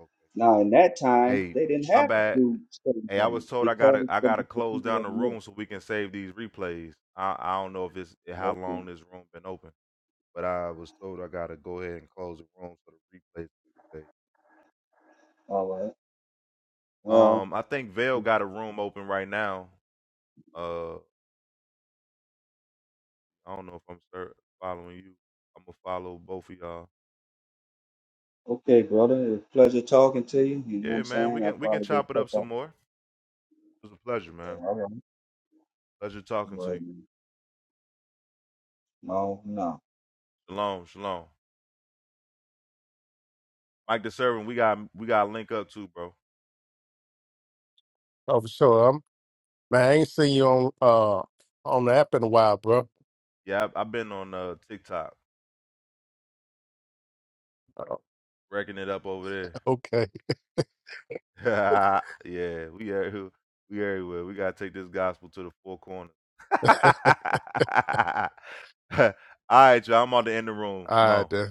N: Okay.
P: Now in that time
N: Hey,
P: they didn't
N: my
P: have to
N: bad.
P: do certain
N: Hey, I
P: things
N: was told I
P: because
N: gotta I
P: the,
N: gotta
P: the
N: close
P: people
N: down
P: of
N: the
P: the middle.
N: room so we can save these replays. I I don't know if it's how
P: Okay.
N: long this room been open, but I was told I gotta go ahead and close the room so the replays. can be saved.
P: All right. Well,
N: Um, I think Vale got a room open right now. Uh, I don't know if I'm start following you. I'm gonna follow both of y'all.
P: Okay, brother. It was a pleasure talking to you. You know what I'm
N: Yeah, man, we
P: saying? I'll
N: can we can
P: probably go
N: chop it
P: check
N: up
P: out. All
N: some more. It was a pleasure, man.
P: right.
N: Pleasure talking
P: All
N: to you.
P: right, man. No, no.
N: Shalom, shalom. Mike the servant, we got we got to link up too, bro.
S: Oh, for sure. I'm, man, I ain't seen you on uh on the app in a while, bro.
N: Yeah, I, I've been on uh TikTok
S: Uh,
N: wrecking it up over
S: Okay.
N: there. yeah, we are who we everywhere. We gotta take this gospel to the four corners.
S: All
N: All right, y'all. I'm on the end of the room. Shalom.
S: right.